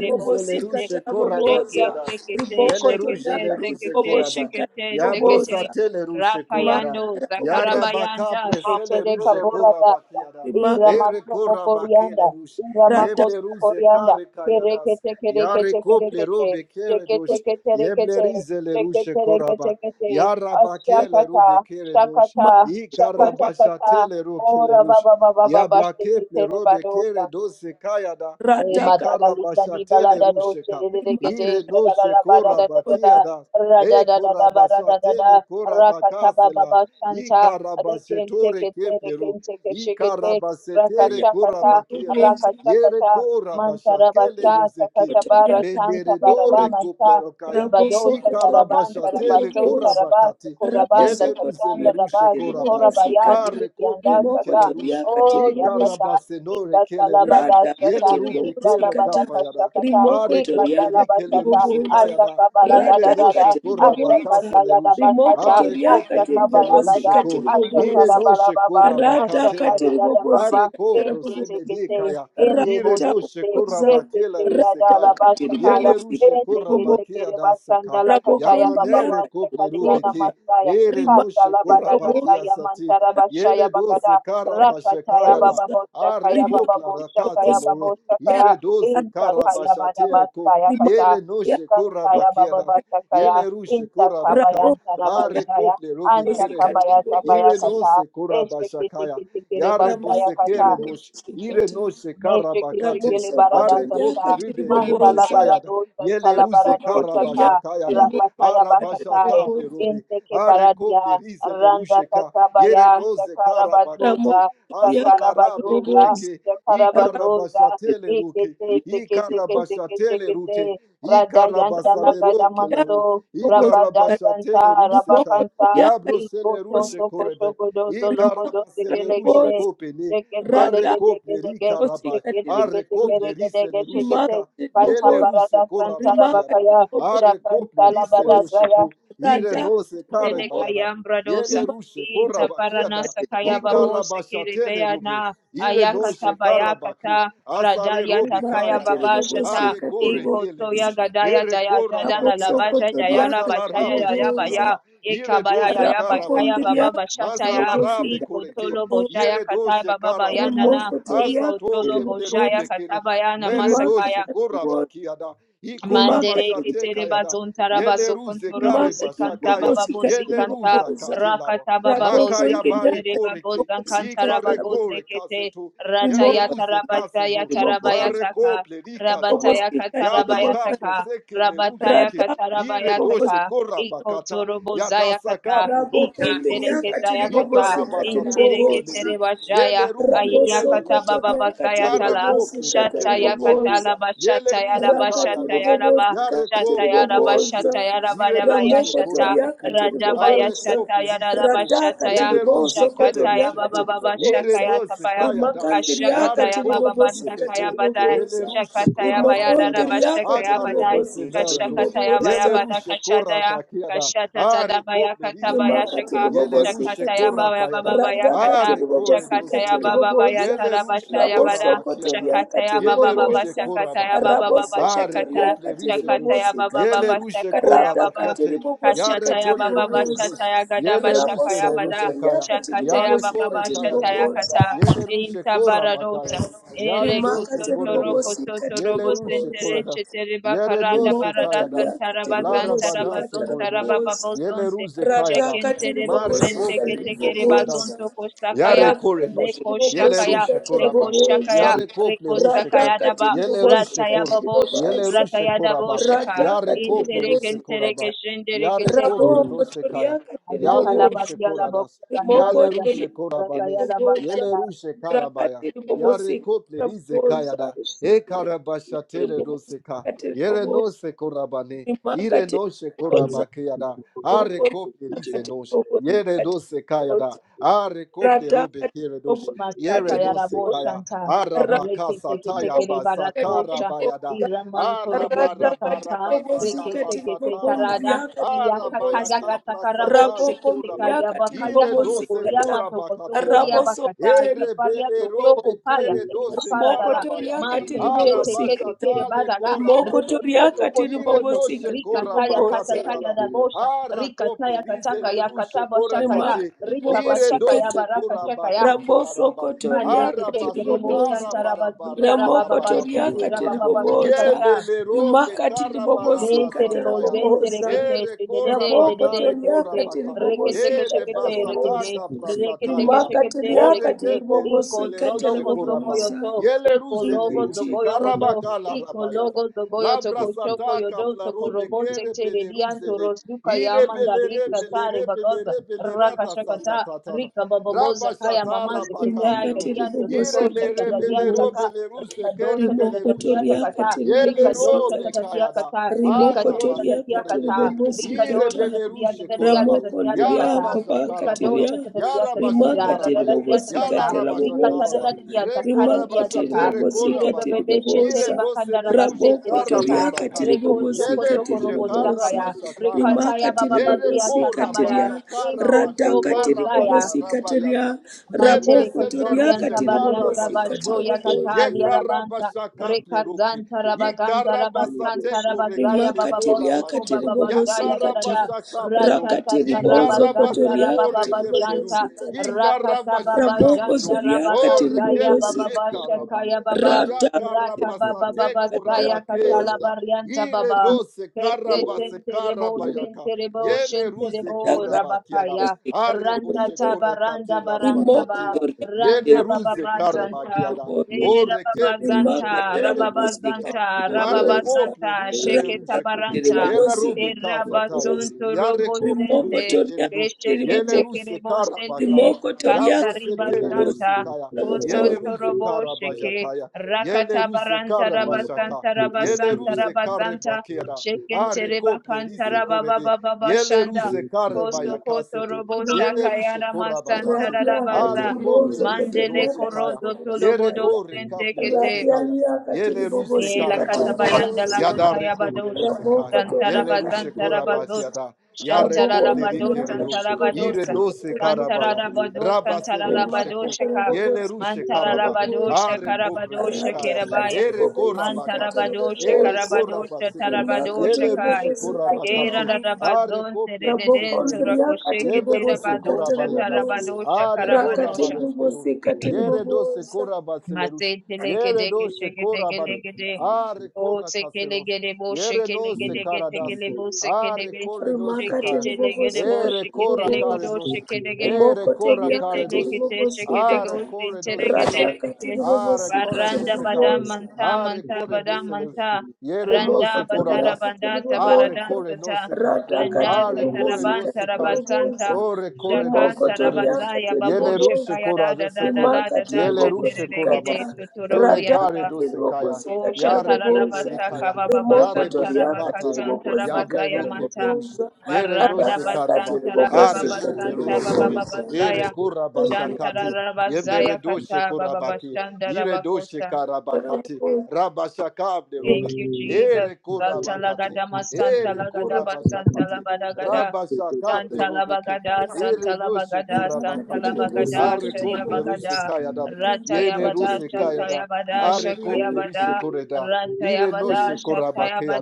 Speaker 1: bo
Speaker 3: bobosi,
Speaker 1: san te
Speaker 3: katiri
Speaker 2: lerushe
Speaker 1: she ke
Speaker 3: bobosa,
Speaker 1: se
Speaker 2: korabakiadas.
Speaker 1: ke te
Speaker 3: Riboko
Speaker 2: Yele
Speaker 1: she ke
Speaker 2: ruje
Speaker 3: toria
Speaker 1: te
Speaker 2: le
Speaker 3: katiri
Speaker 1: ke
Speaker 2: ruze
Speaker 1: te she
Speaker 3: katiribobosi
Speaker 2: koraba.
Speaker 1: ke te
Speaker 2: Ya
Speaker 1: ke te
Speaker 3: katiribobosa.
Speaker 2: brosate le
Speaker 1: ra
Speaker 2: ruje
Speaker 1: pa
Speaker 3: Maka
Speaker 2: korada.
Speaker 1: yando
Speaker 2: Ya
Speaker 1: zakara
Speaker 3: tiribobosa.
Speaker 2: rabaka prese le ruje
Speaker 1: da
Speaker 2: koraba kiada.
Speaker 3: Rimaka tiri-
Speaker 2: Ere
Speaker 1: Iramasa
Speaker 2: koraba kele
Speaker 1: Koporianda,
Speaker 2: ruj.
Speaker 3: rada
Speaker 1: Iramakosa
Speaker 2: Yeble ruze
Speaker 1: Korianda,
Speaker 2: kare kayadas.
Speaker 1: Kerekete
Speaker 2: Ya
Speaker 1: Kerekete
Speaker 2: rekople
Speaker 1: Kerekete,
Speaker 2: robe kere dosh.
Speaker 3: bobosa.
Speaker 1: Sheketeke
Speaker 2: Yeble
Speaker 1: Terekete,
Speaker 2: rize le ruje
Speaker 1: Shekete
Speaker 2: koraba.
Speaker 1: Rekete,
Speaker 2: Ya rabake le rube
Speaker 1: Ashakata,
Speaker 2: kere dosh.
Speaker 3: Maka
Speaker 1: Shakata,
Speaker 2: I
Speaker 3: bobo-
Speaker 1: Shakata
Speaker 2: karabashate
Speaker 1: Kata,
Speaker 2: le ro kele
Speaker 1: Ora
Speaker 2: ruj.
Speaker 1: Baba Baba
Speaker 2: Ya
Speaker 1: Baba
Speaker 2: blakeple
Speaker 1: Shekete
Speaker 2: robe kere
Speaker 1: Badosa,
Speaker 2: dose kayada.
Speaker 3: Rada
Speaker 2: I
Speaker 3: katiri
Speaker 1: Matata Linda di
Speaker 2: karabashate le
Speaker 1: Balada do
Speaker 2: ruje ka.
Speaker 1: Cheregate,
Speaker 2: Ire no she
Speaker 1: Shadala Bada da da
Speaker 2: korabakia
Speaker 1: da
Speaker 2: das.
Speaker 1: da
Speaker 2: E
Speaker 1: Rada da da da Bada da da
Speaker 2: korabashatele
Speaker 1: da Rakataba
Speaker 2: korabakasela.
Speaker 1: Baba
Speaker 2: I
Speaker 1: Shanta, Adekin take
Speaker 2: karabashetore
Speaker 1: it,
Speaker 2: kepleru.
Speaker 1: Adekin take it,
Speaker 2: I
Speaker 1: shake it,
Speaker 2: karabasetere
Speaker 1: Rakashakata,
Speaker 2: korabakia da.
Speaker 3: bobosa.
Speaker 2: Yere
Speaker 1: Rakashakata,
Speaker 2: korabashakele
Speaker 1: Mantarabasa,
Speaker 2: ruzeki.
Speaker 3: Kotoria
Speaker 1: Sakatabara,
Speaker 3: katiri
Speaker 1: Santa Barada
Speaker 2: Meneredore
Speaker 3: bobozi.
Speaker 1: Manta,
Speaker 2: koplerokaya.
Speaker 3: Raboso
Speaker 2: I
Speaker 1: Ribadosha
Speaker 3: kotoria
Speaker 1: Taraban,
Speaker 3: katiri
Speaker 2: karabashatele
Speaker 1: Tarabason,
Speaker 3: bobozi.
Speaker 1: Tarabas,
Speaker 2: korabakati.
Speaker 3: Raboso
Speaker 1: Korabanda,
Speaker 2: Yele
Speaker 1: Katanda
Speaker 2: ruzele
Speaker 3: kotoria
Speaker 2: rushe
Speaker 1: Rabas,
Speaker 3: katiri
Speaker 2: koraba.
Speaker 3: bobozi
Speaker 1: Korabaya,
Speaker 3: kata.
Speaker 2: Are
Speaker 1: Diviti and
Speaker 2: kopleri
Speaker 3: Rimoko
Speaker 1: Dasaka,
Speaker 3: toria
Speaker 2: kelerush.
Speaker 3: katiri
Speaker 1: Oh,
Speaker 2: I
Speaker 3: bobozi
Speaker 1: yakata,
Speaker 2: karabasenore kelerush.
Speaker 1: ikatalabada
Speaker 3: rada
Speaker 1: shata,
Speaker 2: Yele
Speaker 1: Ikala
Speaker 2: rubekere
Speaker 3: kateribobosikata
Speaker 1: Ikalabada
Speaker 2: kapayada.
Speaker 1: kashakata,
Speaker 2: Are kople
Speaker 3: rimokotoriaka
Speaker 1: ikadala
Speaker 2: rike le
Speaker 1: bashata,
Speaker 2: ruse
Speaker 3: tiribobosa
Speaker 2: kaya da.
Speaker 1: asaka balada
Speaker 2: Ire
Speaker 1: da
Speaker 2: no
Speaker 1: da
Speaker 3: radhaka
Speaker 1: da,
Speaker 2: sheko
Speaker 3: tiribobosa
Speaker 1: ashakata
Speaker 2: rabakase le
Speaker 1: yada
Speaker 2: rush.
Speaker 1: bakata,
Speaker 2: Are
Speaker 3: rimokotoriaka
Speaker 2: kople
Speaker 1: ashaka
Speaker 2: rike le
Speaker 1: balada
Speaker 2: rushe
Speaker 3: tiribobosika
Speaker 1: da,
Speaker 2: ko.
Speaker 1: ashaka
Speaker 2: Ire
Speaker 1: la
Speaker 3: boboza.
Speaker 2: no sheko
Speaker 1: balababa,
Speaker 2: rabakate
Speaker 3: radhaka
Speaker 1: ashaka
Speaker 2: lara.
Speaker 1: yada
Speaker 2: Are
Speaker 1: baba,
Speaker 3: tiribobosika
Speaker 2: ko se
Speaker 1: ekete
Speaker 2: de
Speaker 3: tiribobosa
Speaker 1: kete,
Speaker 2: kaya. Ire no
Speaker 1: eribosite,
Speaker 2: sheko
Speaker 3: rakatabobosa
Speaker 1: ekete
Speaker 2: rabake la ruse
Speaker 1: yada la
Speaker 2: kaya.
Speaker 3: radhaka
Speaker 1: bashakaya,
Speaker 2: Yele
Speaker 3: tiribobosika
Speaker 2: rushe ko
Speaker 1: ekete kete
Speaker 3: tiribobosa
Speaker 2: rabake
Speaker 1: kere
Speaker 2: ada sekaya.
Speaker 1: atakabaladadadada, ashakatayadabakata, ashakabayagada, ashakalabalababa, ashakadiyadababa, eketekete, erebosete, eketeyadalabashakaya, eteketekerebasandalakataya bababa,
Speaker 3: rabokondriaka
Speaker 2: Yamanere kople
Speaker 3: tiribobosa
Speaker 2: rubeke.
Speaker 1: ashakadiyanamasaya,
Speaker 2: Ere no
Speaker 3: rimaka
Speaker 2: sheko rabake
Speaker 3: tiribobosa
Speaker 1: katalabadagataya
Speaker 2: asati.
Speaker 1: mantarabashaya
Speaker 2: Yele do
Speaker 1: bagada,
Speaker 2: sekara
Speaker 1: Rakataya
Speaker 2: bashekaya da.
Speaker 1: baba
Speaker 3: Boza,
Speaker 2: Are
Speaker 1: boshakaya baba
Speaker 2: kopla
Speaker 3: Rimaka,
Speaker 1: boshakaya
Speaker 2: rakate
Speaker 1: baba
Speaker 2: loro.
Speaker 3: Bobosika, Ya,
Speaker 1: boshakaya
Speaker 2: Ire doze
Speaker 3: Rabosa,
Speaker 1: intakaya bada
Speaker 2: karabashatere ko.
Speaker 1: basaya
Speaker 3: Rimaka,
Speaker 1: kata
Speaker 2: Ere
Speaker 3: Ya,
Speaker 2: noshe
Speaker 1: ikantaya baba
Speaker 2: korabakiada.
Speaker 3: Bobosika,
Speaker 1: basakaya
Speaker 2: Yele rushe
Speaker 1: intakabaya
Speaker 2: korabaka.
Speaker 3: Raboko, Ya,
Speaker 2: Are
Speaker 1: antarabajaya
Speaker 2: kople robe kere
Speaker 3: Bobosika,
Speaker 2: nosh.
Speaker 1: antakabaya tabaya
Speaker 2: Ire
Speaker 3: Boboza,
Speaker 1: kata
Speaker 2: nose
Speaker 1: eshekete
Speaker 2: korabashakaya.
Speaker 1: kete kere
Speaker 2: Yare
Speaker 1: basaya
Speaker 3: Ramaka,
Speaker 2: bose
Speaker 1: kata
Speaker 2: kere nosh. Ire
Speaker 3: Bobosika,
Speaker 2: noshe karabakate.
Speaker 1: Meshekele
Speaker 3: Ramoso,
Speaker 1: barada
Speaker 2: Are
Speaker 3: Kotoria,
Speaker 2: kople
Speaker 1: santa,
Speaker 2: ribe le rushe
Speaker 1: mansala
Speaker 3: Boboza,
Speaker 2: kayada.
Speaker 1: barado
Speaker 2: Yele
Speaker 1: santala
Speaker 2: ruze
Speaker 3: Ramoko,
Speaker 1: barado
Speaker 3: Kotoria,
Speaker 1: saka,
Speaker 2: karabashakayada.
Speaker 1: rapataya
Speaker 3: Bobosika,
Speaker 1: bakataye,
Speaker 2: Arabashakaple
Speaker 3: Boboza,
Speaker 2: robe.
Speaker 1: inteke
Speaker 2: Are
Speaker 1: paradia,
Speaker 2: kople rize le
Speaker 1: randa
Speaker 2: rushe ka. Yere
Speaker 1: katabaya,
Speaker 2: noze
Speaker 1: sakara
Speaker 3: Ramoko,
Speaker 2: karabakate.
Speaker 1: bazuza,
Speaker 3: Kotoria,
Speaker 1: sakara
Speaker 2: Asala
Speaker 3: Boboza,
Speaker 2: rabe
Speaker 3: Ramoko,
Speaker 1: bazuza,
Speaker 2: koreke.
Speaker 1: sakara bazuza,
Speaker 2: Ikarabashatele ruke.
Speaker 1: ikete teke teke teke
Speaker 2: Ikarabashatele ruke.
Speaker 1: tekete, rada yanda
Speaker 2: Ikarabasale
Speaker 1: lagada
Speaker 2: roke la
Speaker 3: Kotoria,
Speaker 2: ru.
Speaker 1: manso, rabada
Speaker 3: Boboza,
Speaker 1: santa,
Speaker 2: Ikarabashatele
Speaker 3: rimoko
Speaker 2: ruseka.
Speaker 1: rabakanta,
Speaker 3: toriaka
Speaker 2: Yabrosele
Speaker 1: ikoto
Speaker 2: rushe
Speaker 3: tiribobosika
Speaker 1: toko
Speaker 2: korebe.
Speaker 1: shogodo zologodo
Speaker 3: rimaka
Speaker 2: Ikarabasele rushe
Speaker 1: sekelegede,
Speaker 3: tarabobosa
Speaker 2: kopene. Mare
Speaker 3: radhaka
Speaker 2: kople
Speaker 1: seketelegedegedege,
Speaker 2: rikaraba.
Speaker 3: tiribobosika
Speaker 1: Shekete
Speaker 2: Are
Speaker 3: tiribobosa
Speaker 2: kople risele
Speaker 3: rimaka
Speaker 2: rusheka.
Speaker 1: Pata
Speaker 2: Yele
Speaker 3: tiribobosa
Speaker 2: ruse
Speaker 1: parada santa
Speaker 3: rimaka
Speaker 2: korabakiada.
Speaker 1: rabakaya
Speaker 3: tiribobosika
Speaker 2: Are kople
Speaker 1: shakanta
Speaker 2: rise
Speaker 1: labada
Speaker 3: tiribobosa
Speaker 1: zaya
Speaker 2: nosheko. Ire
Speaker 3: radhaka
Speaker 2: nose
Speaker 3: tarabobosa
Speaker 2: karebayada.
Speaker 1: Belekayambradosa,
Speaker 2: Yele
Speaker 3: rimaka
Speaker 2: rushe
Speaker 1: Ita
Speaker 3: tiribobosika
Speaker 2: korabakiada.
Speaker 1: Paranasa
Speaker 3: tiribobosa
Speaker 1: Kayababosa
Speaker 2: Ikarabashatele rube.
Speaker 1: Kiribeana,
Speaker 2: Ire no
Speaker 3: Yes, Lord.
Speaker 1: Ayakata
Speaker 2: shekarabaki.
Speaker 1: Bayakata,
Speaker 2: Asale robi
Speaker 1: Radayata
Speaker 3: rimaka
Speaker 2: kayada.
Speaker 1: Kayababashata,
Speaker 2: Are
Speaker 3: tiribobosika
Speaker 2: kore
Speaker 1: Iko
Speaker 2: kele
Speaker 1: Toya
Speaker 2: rush.
Speaker 3: tiribobosa
Speaker 1: Gadaya
Speaker 2: Ere
Speaker 1: daya Dayajana
Speaker 2: korabaki
Speaker 3: rabosoko
Speaker 2: ada.
Speaker 1: Labaja Dayala
Speaker 3: toriaka
Speaker 2: Asala
Speaker 1: Bachaya
Speaker 2: rabe
Speaker 3: tiribobosa
Speaker 1: Yayabaya,
Speaker 2: shekoraba. Ire do
Speaker 1: Ikabaya Yayaba Kaya
Speaker 2: shekarabakale.
Speaker 1: Baba
Speaker 3: rabokondiriaka
Speaker 2: Mazala
Speaker 1: Bashataya,
Speaker 2: rabe
Speaker 3: tiribobosika
Speaker 1: Iko
Speaker 2: koreke.
Speaker 1: Tolo
Speaker 3: tiribobosa
Speaker 1: Bojaya
Speaker 2: Ire do
Speaker 1: Kataya Baba
Speaker 2: shekarabaka.
Speaker 1: Bayanana,
Speaker 2: Asa
Speaker 1: Iko
Speaker 3: rimokotoriaka tiri
Speaker 1: Tolo
Speaker 2: toke
Speaker 1: Bojaya
Speaker 2: pleruve
Speaker 3: muboza
Speaker 2: kele.
Speaker 1: Katabayana
Speaker 2: Mere do
Speaker 3: rimaka
Speaker 1: Masakaya,
Speaker 3: tiri muboza
Speaker 2: shekorabaki ada. I
Speaker 3: rimaka
Speaker 1: Mandere
Speaker 3: tiri
Speaker 2: korabashate
Speaker 1: ketere
Speaker 2: kayada.
Speaker 1: bazon
Speaker 3: muboza
Speaker 2: Yele
Speaker 1: tarabaso
Speaker 2: ruze
Speaker 1: kontoro
Speaker 2: kare
Speaker 3: rimaka
Speaker 1: bozi
Speaker 3: tiri
Speaker 1: kanta
Speaker 2: bashakaya.
Speaker 1: baba
Speaker 3: mubosika
Speaker 1: bozi
Speaker 3: tiri
Speaker 2: Yele
Speaker 1: kanta
Speaker 2: ruza
Speaker 3: muboza
Speaker 2: katelaro.
Speaker 1: rakata baba bozi
Speaker 2: Makaya baye
Speaker 1: kentere
Speaker 3: rabokondiriaka tiri
Speaker 2: koreke
Speaker 1: bagozan kanta
Speaker 3: mubosika tiri
Speaker 1: rabagoze
Speaker 2: ikarekore
Speaker 3: muboza
Speaker 1: kete
Speaker 2: kasetu
Speaker 1: rata ya
Speaker 2: yaleruze
Speaker 3: rimokotoriaka
Speaker 1: tarabata ya
Speaker 2: kasenu
Speaker 3: tiri
Speaker 1: tarabaya
Speaker 3: muboza
Speaker 2: mareko
Speaker 1: taka
Speaker 2: plerika
Speaker 1: rabata
Speaker 2: shata
Speaker 1: ya
Speaker 3: mubosika tiri
Speaker 2: yala
Speaker 1: katarabaya
Speaker 3: muboza
Speaker 2: kapro
Speaker 1: taka
Speaker 2: seke
Speaker 1: rabata
Speaker 2: leruse
Speaker 1: ya
Speaker 2: ke
Speaker 3: radhaka tiri
Speaker 2: ire
Speaker 1: katarabaya
Speaker 3: mubosika
Speaker 2: doshe
Speaker 1: taka
Speaker 2: kora bakata
Speaker 1: ikotoro bozaya
Speaker 2: yadasa
Speaker 1: kata
Speaker 2: kapro noke
Speaker 1: iketere
Speaker 3: rabokondiriaka
Speaker 2: leriseka
Speaker 3: tiri
Speaker 1: kezaya kata
Speaker 3: mubosika tiri
Speaker 2: ikarabasato
Speaker 1: intere
Speaker 2: ke
Speaker 3: muboza
Speaker 1: ketere
Speaker 2: meni
Speaker 1: wajaya
Speaker 2: yeleruze
Speaker 1: ayaya
Speaker 2: kele
Speaker 1: kata baba
Speaker 2: rusheka
Speaker 3: rabosokotoriaka
Speaker 1: bazaya
Speaker 3: tiri
Speaker 1: tala
Speaker 2: yarako
Speaker 3: mubosika
Speaker 2: plerike
Speaker 3: tiri
Speaker 1: Shata
Speaker 2: lerusheko
Speaker 3: muboza
Speaker 1: yakatalaba shata
Speaker 2: yeleruse
Speaker 1: yaraba shata
Speaker 3: Rakatiri
Speaker 2: kayadas
Speaker 3: boboza,
Speaker 1: yaraba shata
Speaker 2: yareko
Speaker 3: katiri
Speaker 2: pleruse
Speaker 3: boboza,
Speaker 2: ke
Speaker 1: shata yaraba
Speaker 2: ire
Speaker 1: raba
Speaker 2: noshe
Speaker 3: ramoko
Speaker 1: yashata
Speaker 3: toria
Speaker 2: korabake
Speaker 3: katiri
Speaker 1: radaba
Speaker 3: boboza,
Speaker 2: areko pleriseko
Speaker 3: rata katiri
Speaker 2: Yele
Speaker 3: bozo
Speaker 2: rube kele
Speaker 3: kotoria
Speaker 1: baba
Speaker 2: rusheko.
Speaker 3: katiri
Speaker 1: baba shaka
Speaker 2: Ire
Speaker 3: boboza,
Speaker 1: ya
Speaker 2: no se
Speaker 1: tabaya
Speaker 2: kaya das.
Speaker 3: rimakandiria
Speaker 2: Yare
Speaker 3: katiri
Speaker 2: ko
Speaker 1: baba baba
Speaker 3: bobosi katiri
Speaker 2: pleriseko.
Speaker 3: Rata
Speaker 1: badai
Speaker 2: Yele
Speaker 3: rakatiribobosa katiribobosa
Speaker 2: rushe
Speaker 1: shakata ya
Speaker 3: katiri ratakatiribozokotoriakatiribobosa
Speaker 2: kora
Speaker 3: katiri
Speaker 1: baya
Speaker 2: bakiada.
Speaker 1: raba shaka ya
Speaker 2: Akare
Speaker 1: badai
Speaker 2: bose narados.
Speaker 1: kashakata baya
Speaker 3: rimokondiriakatiribobosikatiribobosa
Speaker 2: Yele
Speaker 1: bada
Speaker 2: rushe kora bakiada. Are ko plerise nosh.
Speaker 3: Rimakati
Speaker 1: shaka
Speaker 2: Yele rushe
Speaker 1: shakata
Speaker 3: ribobosikata,
Speaker 2: kora
Speaker 1: baba
Speaker 2: payada.
Speaker 1: baba ya
Speaker 3: radhakati
Speaker 1: kata
Speaker 2: Are kore no
Speaker 1: shakata
Speaker 3: ribobosikati
Speaker 2: se
Speaker 1: baba
Speaker 2: ka.
Speaker 1: baba ya
Speaker 3: riboboza,
Speaker 2: Yele rushe kora
Speaker 1: bada
Speaker 3: rabosokoto
Speaker 2: bakianas.
Speaker 3: riakati
Speaker 1: Shakataya Baba
Speaker 2: Yele
Speaker 1: Baba
Speaker 2: rushe
Speaker 3: riboboza,
Speaker 2: kora
Speaker 1: Shakataya
Speaker 2: bakia.
Speaker 1: Baba Baba
Speaker 3: rabosokoto
Speaker 2: Are ko
Speaker 1: Shakataya
Speaker 3: riakati
Speaker 2: plerise nosh.
Speaker 1: Shakataya Baba
Speaker 3: ribobosikata,
Speaker 2: Yele
Speaker 1: Baba
Speaker 2: rushe
Speaker 1: Shakataya
Speaker 2: kora
Speaker 1: Baba
Speaker 3: radhakati
Speaker 2: bakate. Yare
Speaker 3: ribobosikati
Speaker 1: Kashataya
Speaker 2: pole
Speaker 1: Baba Baba
Speaker 2: ruse
Speaker 3: riboboza,
Speaker 1: Shataya Gadaba
Speaker 2: Yele ruse
Speaker 1: Shakaya
Speaker 2: le
Speaker 3: rabosokoto
Speaker 1: Bada
Speaker 2: rushe kaya.
Speaker 3: riakati
Speaker 1: Shakataya
Speaker 2: Yare
Speaker 1: Baba
Speaker 2: kore
Speaker 1: Baba
Speaker 3: ribobosikati
Speaker 2: kaya das.
Speaker 1: Shataya
Speaker 3: riboboza,
Speaker 1: Kata
Speaker 2: Yele rushe
Speaker 1: Inta
Speaker 2: kora bakaya.
Speaker 1: Baradosa
Speaker 2: Yare
Speaker 1: Ere
Speaker 7: Thank
Speaker 2: dose
Speaker 3: rimakati
Speaker 2: kore
Speaker 1: Kototoro
Speaker 2: dos.
Speaker 3: ribobosikati
Speaker 1: Kototoro
Speaker 2: Yele rushe
Speaker 3: riboboza
Speaker 2: kore
Speaker 1: Bosentere
Speaker 2: das.
Speaker 1: Shetere
Speaker 2: Yere no
Speaker 1: Bakaranda
Speaker 2: se
Speaker 1: Barada
Speaker 2: kaya
Speaker 3: rimokotoria
Speaker 2: das.
Speaker 1: Santara
Speaker 2: Lara
Speaker 1: Bazantara
Speaker 2: bana
Speaker 3: kateribobosika
Speaker 2: kore
Speaker 1: Bazontara
Speaker 2: dos.
Speaker 1: Baba
Speaker 3: tarabobosa
Speaker 2: Yele
Speaker 1: Bozonte
Speaker 2: ruse kaya das.
Speaker 3: rataka
Speaker 1: Shekentere
Speaker 2: Mare
Speaker 1: Bozente
Speaker 3: tiribobosika
Speaker 2: kople rize
Speaker 1: Ketekere
Speaker 2: kore das.
Speaker 3: tiribobosa
Speaker 1: Bazonto
Speaker 2: Yare
Speaker 1: Koshakaya
Speaker 2: kore
Speaker 3: rataka
Speaker 2: nosh.
Speaker 1: Leko
Speaker 2: Yele
Speaker 1: Shakaya
Speaker 3: tiribobosika
Speaker 2: rushe
Speaker 1: Leko
Speaker 2: koraba.
Speaker 3: tarabobosa
Speaker 1: Shakaya
Speaker 2: Yare kople
Speaker 1: Rekosta
Speaker 2: rushe kor.
Speaker 3: rataka
Speaker 1: Kayadaba,
Speaker 2: Yele rushe
Speaker 3: tiribobosika
Speaker 2: kor.
Speaker 1: Ratayababosh,
Speaker 2: Yele
Speaker 3: tiribobasa
Speaker 2: rushe koraba.
Speaker 1: Rakayadaboshaka,
Speaker 3: rataka
Speaker 2: Yare kople rushe
Speaker 3: tiribobosika
Speaker 1: Interekentereke
Speaker 2: koraba.
Speaker 3: ta
Speaker 2: Yare
Speaker 1: Shenderekete,
Speaker 2: kopre no sekaya.
Speaker 3: rabokotoria
Speaker 2: Yale
Speaker 3: kateribobosa
Speaker 2: rushe
Speaker 1: Ayakalabadia
Speaker 2: koradas.
Speaker 1: Labokola
Speaker 2: Yale
Speaker 1: Nazaya,
Speaker 2: rushe
Speaker 3: rimokotoria
Speaker 2: korabanes.
Speaker 3: kateribobosa
Speaker 2: Yele
Speaker 1: Rakayalabakola,
Speaker 2: rushe karabaya. Yare
Speaker 3: rakatiribobosika
Speaker 2: kople rize
Speaker 3: tarabobosa
Speaker 2: kayada. E karabasha tere no
Speaker 3: rimokotiribobosika
Speaker 2: seka. Yere
Speaker 3: tiribobosa
Speaker 2: no se korabane.
Speaker 3: Ni
Speaker 2: Ire
Speaker 3: Makati
Speaker 2: no she
Speaker 3: roboza,
Speaker 2: korabakeyada. Are
Speaker 3: boko,
Speaker 2: kople rize
Speaker 3: makati
Speaker 2: nosh.
Speaker 3: roboza,
Speaker 2: Yere no
Speaker 3: makati
Speaker 2: sekayada.
Speaker 3: roboza.
Speaker 2: Arekople
Speaker 3: Rata
Speaker 2: robe
Speaker 3: katiri
Speaker 2: keredosh.
Speaker 3: bobo
Speaker 2: Yere
Speaker 1: Masaka
Speaker 3: katiri
Speaker 2: no
Speaker 3: bobo.
Speaker 2: sekaya.
Speaker 1: Yaraboshanta,
Speaker 3: Rata
Speaker 2: Arabaka
Speaker 1: Reke Teke
Speaker 3: katiri
Speaker 2: sataya
Speaker 1: Teke
Speaker 3: bobo
Speaker 1: de
Speaker 2: basata
Speaker 3: katiri
Speaker 1: Barakosha,
Speaker 3: bobo.
Speaker 2: rabayada.
Speaker 1: Iramanto
Speaker 3: Rata
Speaker 1: Robozi Kampa,
Speaker 3: bobo
Speaker 2: Arabarabarabaza
Speaker 1: Reke
Speaker 3: katiri
Speaker 1: Teke
Speaker 3: bobo
Speaker 2: kapasata lara.
Speaker 1: Tekarada,
Speaker 3: ndria katiri bobo.
Speaker 2: Arabaya
Speaker 1: Iyakakaya Kasakarabo,
Speaker 2: kaprasata
Speaker 3: Rabo
Speaker 2: le
Speaker 1: Sekiteka
Speaker 2: kuraba.
Speaker 3: kondria katiri
Speaker 1: Yabakaya
Speaker 2: Ire
Speaker 3: bobo
Speaker 2: dose
Speaker 1: Kotokuria
Speaker 3: kata.
Speaker 2: kuraba
Speaker 3: Rabo
Speaker 1: Matokotokuria
Speaker 2: katelara.
Speaker 1: Bakata,
Speaker 3: sokotoria
Speaker 2: Ere
Speaker 1: Ikaparia
Speaker 2: bele
Speaker 3: katiri bobo.
Speaker 1: Totoko
Speaker 2: robe
Speaker 1: Paya,
Speaker 2: kere dose
Speaker 3: Rimoko
Speaker 1: Ikaparada,
Speaker 3: toria
Speaker 2: karabaya.
Speaker 3: katiri
Speaker 1: Mante
Speaker 3: bobo
Speaker 1: Shete Kete
Speaker 3: kata.
Speaker 1: Kere
Speaker 2: Arabashata le
Speaker 1: Badara,
Speaker 2: koraba
Speaker 3: Rimoko
Speaker 1: Reko
Speaker 3: toria
Speaker 2: kate.
Speaker 1: Toto
Speaker 3: katiri
Speaker 1: Koto
Speaker 2: Ire
Speaker 3: bobo
Speaker 1: Koto,
Speaker 2: no she
Speaker 1: Rika
Speaker 3: katiri
Speaker 2: koraba
Speaker 1: Taya
Speaker 3: bobo.
Speaker 1: Katakaya
Speaker 2: katelara.
Speaker 1: Dabosha,
Speaker 2: Ara
Speaker 1: Rika Taya
Speaker 2: kople rize
Speaker 1: Kataka
Speaker 2: le rushe
Speaker 1: Yakataba Shakaya,
Speaker 2: korakate.
Speaker 3: Rimaka
Speaker 1: Rika
Speaker 2: Ire
Speaker 1: Bashaka
Speaker 3: ribobosikata
Speaker 2: dose
Speaker 1: Yabaraka Shakaya,
Speaker 2: kurabakate laraba.
Speaker 1: Mande
Speaker 3: rabosokotoriaka
Speaker 1: kete
Speaker 2: Arabasa
Speaker 1: kerebo
Speaker 3: tiribobosa
Speaker 1: santa rabazuka rabababazinte
Speaker 3: ramokotoriaka
Speaker 2: karabarabarabarabasakaya.
Speaker 3: tiribobosa
Speaker 1: rabababazikata.
Speaker 2: Yebele robe
Speaker 3: rimaka tiribobosikata
Speaker 1: Mentere lo
Speaker 2: karabarabasataya da.
Speaker 1: zentere
Speaker 3: rabobosa
Speaker 1: che te
Speaker 2: Ere
Speaker 1: de de de de
Speaker 2: korabakare
Speaker 1: che
Speaker 3: rabokotoriaka
Speaker 1: te
Speaker 2: korabaka.
Speaker 1: rekete che
Speaker 2: Ere
Speaker 1: che
Speaker 3: tiribobosikata
Speaker 1: te
Speaker 3: rabobosa
Speaker 1: rekete
Speaker 2: basataka
Speaker 1: rekete
Speaker 2: prasataya
Speaker 1: che
Speaker 2: da.
Speaker 3: rimaka
Speaker 1: che te
Speaker 3: tiriaka
Speaker 2: Ore
Speaker 1: rekete
Speaker 2: keple
Speaker 1: i
Speaker 2: ruse le
Speaker 3: tiribobosikata
Speaker 1: kozolo
Speaker 2: rushe
Speaker 1: kozoko
Speaker 2: koraba.
Speaker 3: rabobosa
Speaker 1: yoto
Speaker 2: Yele
Speaker 1: i
Speaker 2: ruse
Speaker 3: Thank
Speaker 2: le
Speaker 3: you,
Speaker 1: kologo
Speaker 2: rushe
Speaker 1: zoko
Speaker 3: Jesus.
Speaker 1: yogodo
Speaker 2: karabaka
Speaker 1: i
Speaker 2: laraba yada.
Speaker 1: kologo zoko yoto
Speaker 2: Labra
Speaker 1: koshoko
Speaker 2: sataka
Speaker 1: yodo soko
Speaker 2: plarobe
Speaker 1: robote
Speaker 2: kere
Speaker 1: che de
Speaker 2: bele
Speaker 1: dianto
Speaker 2: ruzele.
Speaker 1: rosduka yamandari
Speaker 2: Irebelere
Speaker 1: satare
Speaker 2: belere
Speaker 1: bagoza
Speaker 2: belere belere
Speaker 1: raka
Speaker 2: ta ta ta ta ta ta.
Speaker 1: rika baboboza
Speaker 2: Rabba
Speaker 1: kaya
Speaker 2: shata
Speaker 1: mamaze
Speaker 2: rabba
Speaker 1: kete ay
Speaker 3: Rimaka
Speaker 2: kaplero.
Speaker 1: kadianto
Speaker 2: Ire
Speaker 1: totosha
Speaker 3: tiribobosikata
Speaker 2: mere
Speaker 1: kadadianta
Speaker 2: belero
Speaker 1: ka
Speaker 3: rabobosa
Speaker 2: beleru sekere
Speaker 1: rikadosha
Speaker 2: beleru
Speaker 1: tatatia
Speaker 2: sheko.
Speaker 3: rimokotoriaka
Speaker 1: takata
Speaker 2: Yele ro
Speaker 1: rikadosha
Speaker 3: tirimobosikata
Speaker 1: tatatia
Speaker 2: bekayada.
Speaker 1: kata rikadosha
Speaker 2: Araba
Speaker 3: rimokotoriaka
Speaker 1: tatatia
Speaker 2: sekore
Speaker 1: kata
Speaker 2: beler. Ire
Speaker 3: tirimobosikata
Speaker 1: rikadosha
Speaker 2: beleru
Speaker 1: tatatia tatatia
Speaker 2: koraba.
Speaker 1: tatatia
Speaker 2: Ya
Speaker 3: ramokondria
Speaker 1: takata
Speaker 2: rabba shakarabaya.
Speaker 3: babakatiria
Speaker 1: rikadosha
Speaker 2: Ya
Speaker 1: tatatia
Speaker 2: rabba
Speaker 1: tatatia
Speaker 2: shakarabaya.
Speaker 1: radadatia
Speaker 2: Ya
Speaker 1: tatata
Speaker 2: la rabba
Speaker 3: rimakatiribobosikateraboboza
Speaker 2: shakaraba.
Speaker 1: rikatadadadia
Speaker 2: Re
Speaker 1: takara
Speaker 2: koraba
Speaker 1: dia taka
Speaker 2: shatere korabaka.
Speaker 1: irebebebeshe
Speaker 2: Ire
Speaker 3: rimakatiribobosikatiriboboza
Speaker 2: bose
Speaker 1: terebakanda
Speaker 2: leru
Speaker 1: rabasete rekata
Speaker 2: shekaraba
Speaker 1: reko shoko
Speaker 2: Yele
Speaker 1: toko
Speaker 2: ruje
Speaker 3: rabokotoriakatiribobosikatiribobooza
Speaker 1: robosakaya
Speaker 2: karabasha karaba.
Speaker 1: rekataya
Speaker 2: Yere
Speaker 1: bababazia
Speaker 3: rimakatiribobosikatiria
Speaker 1: takabaya
Speaker 2: korabasha karabasha
Speaker 1: inkontobo zaya
Speaker 2: karabasha
Speaker 3: ratakatiribobosikatiria
Speaker 2: rabayaka. Yebe
Speaker 1: Mantere
Speaker 2: sele ruje
Speaker 1: Kozorianta Barianta
Speaker 2: karabasha kaya.
Speaker 1: Bajoya
Speaker 3: rabokotoriakatiribobosikatiribobooza
Speaker 2: Ye
Speaker 1: Katalia Rabanta
Speaker 2: karabasha kapleruke.
Speaker 1: Rekazanta
Speaker 2: Ye
Speaker 1: Rabaganda
Speaker 2: karabasa
Speaker 1: Rabasanta
Speaker 2: teko
Speaker 1: Rabazaya
Speaker 2: rekele
Speaker 1: Bababosu
Speaker 2: korabaka.
Speaker 1: Kuba
Speaker 2: Ya
Speaker 1: Babajaya
Speaker 3: rimakatiriakatiribobosikata
Speaker 1: Radada
Speaker 2: karabasha kaplero.
Speaker 1: Ratatata
Speaker 2: Ye
Speaker 1: Rabasanta
Speaker 2: karabasa kore kepleru.
Speaker 1: Rabababazanta
Speaker 2: Ye
Speaker 3: rakatiribozokotoriakatiribobosikata
Speaker 1: Rakata
Speaker 2: karabasha
Speaker 1: Babajanda
Speaker 2: kaplero. O
Speaker 1: Rabakazaya
Speaker 2: rekeple re
Speaker 3: rabokosoriakatiribobosikata
Speaker 2: karaba.
Speaker 1: Bababashakaya Baba
Speaker 2: Yada
Speaker 1: Raka
Speaker 2: karabasate
Speaker 3: radakatiribobosikata
Speaker 1: Bababazaya
Speaker 2: korabakera
Speaker 1: Katala
Speaker 2: da.
Speaker 1: Barianta
Speaker 2: Ire
Speaker 1: Baba
Speaker 2: dose karabase
Speaker 1: Terebo,
Speaker 2: karabayaka.
Speaker 1: Senterebo,
Speaker 2: Yele ruze
Speaker 1: Shenterebo,
Speaker 2: korabakiara.
Speaker 1: Rabakaya,
Speaker 2: Are
Speaker 1: Randa
Speaker 2: boshe
Speaker 1: Taba,
Speaker 2: kore
Speaker 1: Randa
Speaker 2: katila
Speaker 1: Barantaba,
Speaker 2: rubakatira.
Speaker 1: Ranta
Speaker 2: Yele
Speaker 3: rimokotoriakatiribobosikata
Speaker 2: ruze
Speaker 1: Bababazanta,
Speaker 2: karabakiada.
Speaker 1: eh,
Speaker 2: O keple rube
Speaker 1: Rababazanta,
Speaker 2: kere
Speaker 7: you.
Speaker 2: doseka.
Speaker 1: Rababazanta,
Speaker 2: Mare
Speaker 3: rimakatiribobosikatiribobosa
Speaker 2: kople
Speaker 1: Rababazanta,
Speaker 7: Thank
Speaker 2: rize le
Speaker 1: Sheke
Speaker 2: rusheko.
Speaker 1: Tabaranta,
Speaker 2: Yela
Speaker 3: radakatiribobosikata
Speaker 2: rube kasataya.
Speaker 1: Erabazonto
Speaker 2: Yare
Speaker 1: Robo
Speaker 2: kople
Speaker 3: rimoko
Speaker 2: ruse
Speaker 1: Sente,
Speaker 2: kere
Speaker 3: toria
Speaker 2: dos.
Speaker 1: Esheke
Speaker 2: Yele ruse
Speaker 1: Tekerebo Sente,
Speaker 2: karabakaya.
Speaker 3: rimoko
Speaker 1: Kanta
Speaker 3: toriaka
Speaker 2: Yabrose
Speaker 1: Riba
Speaker 2: tere
Speaker 3: tiribobosa
Speaker 1: Santa,
Speaker 2: dosekaya. Yele
Speaker 3: rabobosa
Speaker 1: Osonto
Speaker 2: ruze
Speaker 1: Robo Sheke,
Speaker 2: karabajakaya. Yele
Speaker 1: Rakata
Speaker 2: ruze
Speaker 1: Baranta,
Speaker 2: karabashaka.
Speaker 1: Rabasanta,
Speaker 2: Yele
Speaker 1: Rabasanta,
Speaker 2: ruze kare
Speaker 1: Rabasanta,
Speaker 2: bakera. Are
Speaker 1: Shekentere
Speaker 2: kople rize
Speaker 1: bakantara baba
Speaker 2: korede.
Speaker 1: baba
Speaker 2: Yele
Speaker 1: bashanda.
Speaker 2: ruze kare
Speaker 1: Koso
Speaker 2: vaya
Speaker 1: koto
Speaker 2: kasetu.
Speaker 1: robo
Speaker 2: Yele rushe
Speaker 1: sakayara
Speaker 2: kora bakate.
Speaker 1: masantara
Speaker 3: ratiaka
Speaker 2: Are
Speaker 1: rabaza.
Speaker 3: tiribobosa
Speaker 2: kople rize
Speaker 1: Mandele
Speaker 2: no
Speaker 3: kotoriaka
Speaker 2: shekaya.
Speaker 1: korozo
Speaker 3: tiribobosa
Speaker 2: Yere
Speaker 1: tologodo
Speaker 3: kata
Speaker 2: kore
Speaker 1: sente
Speaker 2: kaple
Speaker 1: kete.
Speaker 2: ruse kaya.
Speaker 3: ratialiaka
Speaker 2: Yele ruse
Speaker 3: tiribobosa
Speaker 1: Yela
Speaker 2: kare bayanas.
Speaker 1: katabayanda
Speaker 3: katiribobosa
Speaker 2: Yadare kople
Speaker 1: lagotayabados,
Speaker 2: ruse kaya.
Speaker 3: raboko
Speaker 2: Yele
Speaker 3: toriaka
Speaker 2: rushe kora
Speaker 1: Santarabazantarabazot,
Speaker 3: tiribobosa
Speaker 2: batyada. Yare
Speaker 3: raboko
Speaker 2: kople
Speaker 1: Shantarabadot,
Speaker 2: rike
Speaker 3: ndriaka
Speaker 2: redosh.
Speaker 1: Santarabadot,
Speaker 2: Ire
Speaker 3: tiribobosa
Speaker 2: dose karabayar.
Speaker 3: katiribobosa
Speaker 1: Santarabadot,
Speaker 2: Rabasele rushe kos.
Speaker 1: Santarabadoshaka,
Speaker 3: Remarkable
Speaker 2: Yele
Speaker 3: words.
Speaker 2: rushe karaba.
Speaker 1: Mantarabadosha
Speaker 2: Are kopre
Speaker 1: Karabadosha
Speaker 3: Rata
Speaker 2: zekaya.
Speaker 1: Kirabaya,
Speaker 3: katiri
Speaker 2: Ere
Speaker 7: you.
Speaker 3: bobosi
Speaker 2: korabakati.
Speaker 3: katiri
Speaker 1: Mantarabadosha
Speaker 2: Ere
Speaker 3: bobosa.
Speaker 1: Karabadosha
Speaker 2: korabaseko.
Speaker 3: Rima
Speaker 1: Tarabadosha
Speaker 2: Yele
Speaker 3: katiri
Speaker 1: Kai,
Speaker 2: rushe
Speaker 3: bobosi katiri
Speaker 1: Kera
Speaker 2: korabakate.
Speaker 3: bobosa.
Speaker 2: Are
Speaker 1: Rabazon
Speaker 2: kople ruze
Speaker 1: Teredent,
Speaker 2: keredosh.
Speaker 3: Rabokondria katiri
Speaker 1: Rakosheke
Speaker 2: Yeble
Speaker 3: bobosi
Speaker 2: ruze
Speaker 3: katiri
Speaker 1: Terabadosa
Speaker 2: korabayadas.
Speaker 3: bobosa.
Speaker 1: Tarabadosha
Speaker 2: Are
Speaker 3: Rakatiri
Speaker 1: Karabadosha.
Speaker 3: bobosi
Speaker 2: korabadeskerosh.
Speaker 3: katiri
Speaker 2: Yere dose
Speaker 3: bobosa.
Speaker 2: korabaselerush.
Speaker 1: Masete
Speaker 2: Yere
Speaker 1: legede
Speaker 2: dose
Speaker 1: keşekete
Speaker 2: korabad.
Speaker 1: gelegede
Speaker 2: Are
Speaker 1: O bo
Speaker 2: korakaselosh.
Speaker 1: bo
Speaker 2: Yere
Speaker 1: şekele
Speaker 2: nose
Speaker 1: gede
Speaker 2: karadas.
Speaker 1: getekele bo sekele
Speaker 2: Are
Speaker 1: be.
Speaker 3: Rima
Speaker 2: koredose kar.
Speaker 3: katiri
Speaker 1: Masetelegedekesheketegelegede.
Speaker 3: bobosi
Speaker 1: Oh, sekelegedebo, shekelegedegetegelebo, sekelebe, sheketelegedebo,
Speaker 2: Ere
Speaker 3: katiri
Speaker 1: sheketelegodo,
Speaker 3: bobosa.
Speaker 2: korakarenos.
Speaker 1: shekelege,
Speaker 2: Ere
Speaker 3: Rimokotoria katiri
Speaker 2: korakaredos.
Speaker 1: sheketelegete,
Speaker 3: bobosi
Speaker 2: Are
Speaker 1: shekelego,
Speaker 3: katiri.
Speaker 2: koredose
Speaker 3: Rata
Speaker 1: sintelegede,
Speaker 2: kar.
Speaker 3: katiri
Speaker 1: seke.
Speaker 2: Are
Speaker 3: bobosi
Speaker 1: Baranda
Speaker 2: koredose kar.
Speaker 1: bada manta
Speaker 2: Are
Speaker 1: manta
Speaker 2: kore
Speaker 1: bada
Speaker 2: beselus.
Speaker 1: manta.
Speaker 2: Yere no se
Speaker 1: Randa
Speaker 3: Mokotoria
Speaker 1: batara
Speaker 2: koradas.
Speaker 3: katiri
Speaker 1: banda
Speaker 2: Are
Speaker 1: tabarada
Speaker 3: boboza,
Speaker 2: kore no
Speaker 1: sata.
Speaker 2: seka.
Speaker 3: rata
Speaker 1: Randa
Speaker 3: katiri
Speaker 2: Are kore
Speaker 3: bobosi
Speaker 2: do
Speaker 1: satarabanta
Speaker 3: katiri
Speaker 2: sekar.
Speaker 1: rabasanta.
Speaker 3: boboza,
Speaker 2: Ore kore no se
Speaker 1: Shakanta
Speaker 3: rimokotoria
Speaker 2: koredus.
Speaker 1: Rabazaya
Speaker 3: katiri
Speaker 1: Babu
Speaker 2: Yele rushe
Speaker 3: boboza,
Speaker 1: Shakaya da da da da
Speaker 3: rima
Speaker 2: koradeseko.
Speaker 1: la da da
Speaker 3: katiri
Speaker 2: Yele rushe
Speaker 3: bobosi kata,
Speaker 1: shatirigede
Speaker 2: korabas. Tore
Speaker 3: rata
Speaker 2: kare
Speaker 1: suturaboyanta.
Speaker 2: do
Speaker 3: katiri
Speaker 2: sekaya.
Speaker 3: bobosi
Speaker 1: O
Speaker 3: katara
Speaker 2: Yare
Speaker 1: Shantara
Speaker 2: kople
Speaker 3: boboza,
Speaker 1: Rabasaka
Speaker 2: rikaya.
Speaker 1: Baba
Speaker 2: Yare
Speaker 1: Basanta
Speaker 3: rimokotoria
Speaker 2: bushe
Speaker 1: Rabaka
Speaker 3: katiri
Speaker 2: kataya.
Speaker 1: Santa
Speaker 3: bobosi
Speaker 2: Yable
Speaker 1: Rabazaya
Speaker 3: katara
Speaker 2: ruke
Speaker 1: Manta.
Speaker 2: plerush.
Speaker 3: boboza,
Speaker 2: Yere no
Speaker 1: Baranda
Speaker 2: se
Speaker 3: arata
Speaker 2: karaba.
Speaker 3: katiri
Speaker 1: Basanta Rababa
Speaker 3: bobosi
Speaker 2: Are kople
Speaker 3: katiri
Speaker 1: Basanta Baba
Speaker 2: rubeke.
Speaker 3: boboza.
Speaker 2: Ere
Speaker 3: Thank you.
Speaker 1: Shantara
Speaker 3: Jesus.
Speaker 2: korabashakati.
Speaker 1: Rabazaya
Speaker 2: Yemere do se
Speaker 1: Kata
Speaker 2: korabaki.
Speaker 1: bababashanda
Speaker 2: Ire do se
Speaker 1: Rabakota.
Speaker 3: Katara boboza,
Speaker 2: Rabashakabde
Speaker 1: Thank
Speaker 2: Rube.
Speaker 1: you, Jesus.
Speaker 2: Ere
Speaker 1: Santa
Speaker 2: rabakati
Speaker 1: lagadama, Santa
Speaker 2: Ere
Speaker 1: lagadaba, Santa
Speaker 2: rabashakati
Speaker 1: labadagada,
Speaker 7: Thank you.
Speaker 1: Santa
Speaker 2: Rabashakable Rubeke.
Speaker 1: labagada, Santa
Speaker 2: Ere Noshe
Speaker 1: labagada, Santa
Speaker 3: Ribakatiri
Speaker 2: Kurabakati.
Speaker 7: Thank
Speaker 3: bobosi
Speaker 1: labagada,
Speaker 2: Are
Speaker 3: katiri
Speaker 1: Shaya
Speaker 2: Kople Ruse
Speaker 3: bobosi.
Speaker 1: bagada,
Speaker 2: Kayada.
Speaker 1: Rata
Speaker 2: Yene
Speaker 3: Ratakatiri
Speaker 1: yabada,
Speaker 2: Ruse
Speaker 1: Shata
Speaker 3: bobosi
Speaker 2: Kayada.
Speaker 1: yabada,
Speaker 3: katiri
Speaker 2: Are
Speaker 1: Shakaya
Speaker 2: Kople Rishe
Speaker 1: bada,
Speaker 2: Koreda.
Speaker 1: Rata
Speaker 2: Ire
Speaker 3: Thank
Speaker 1: yabada,
Speaker 2: Noshe
Speaker 3: you,
Speaker 1: Shata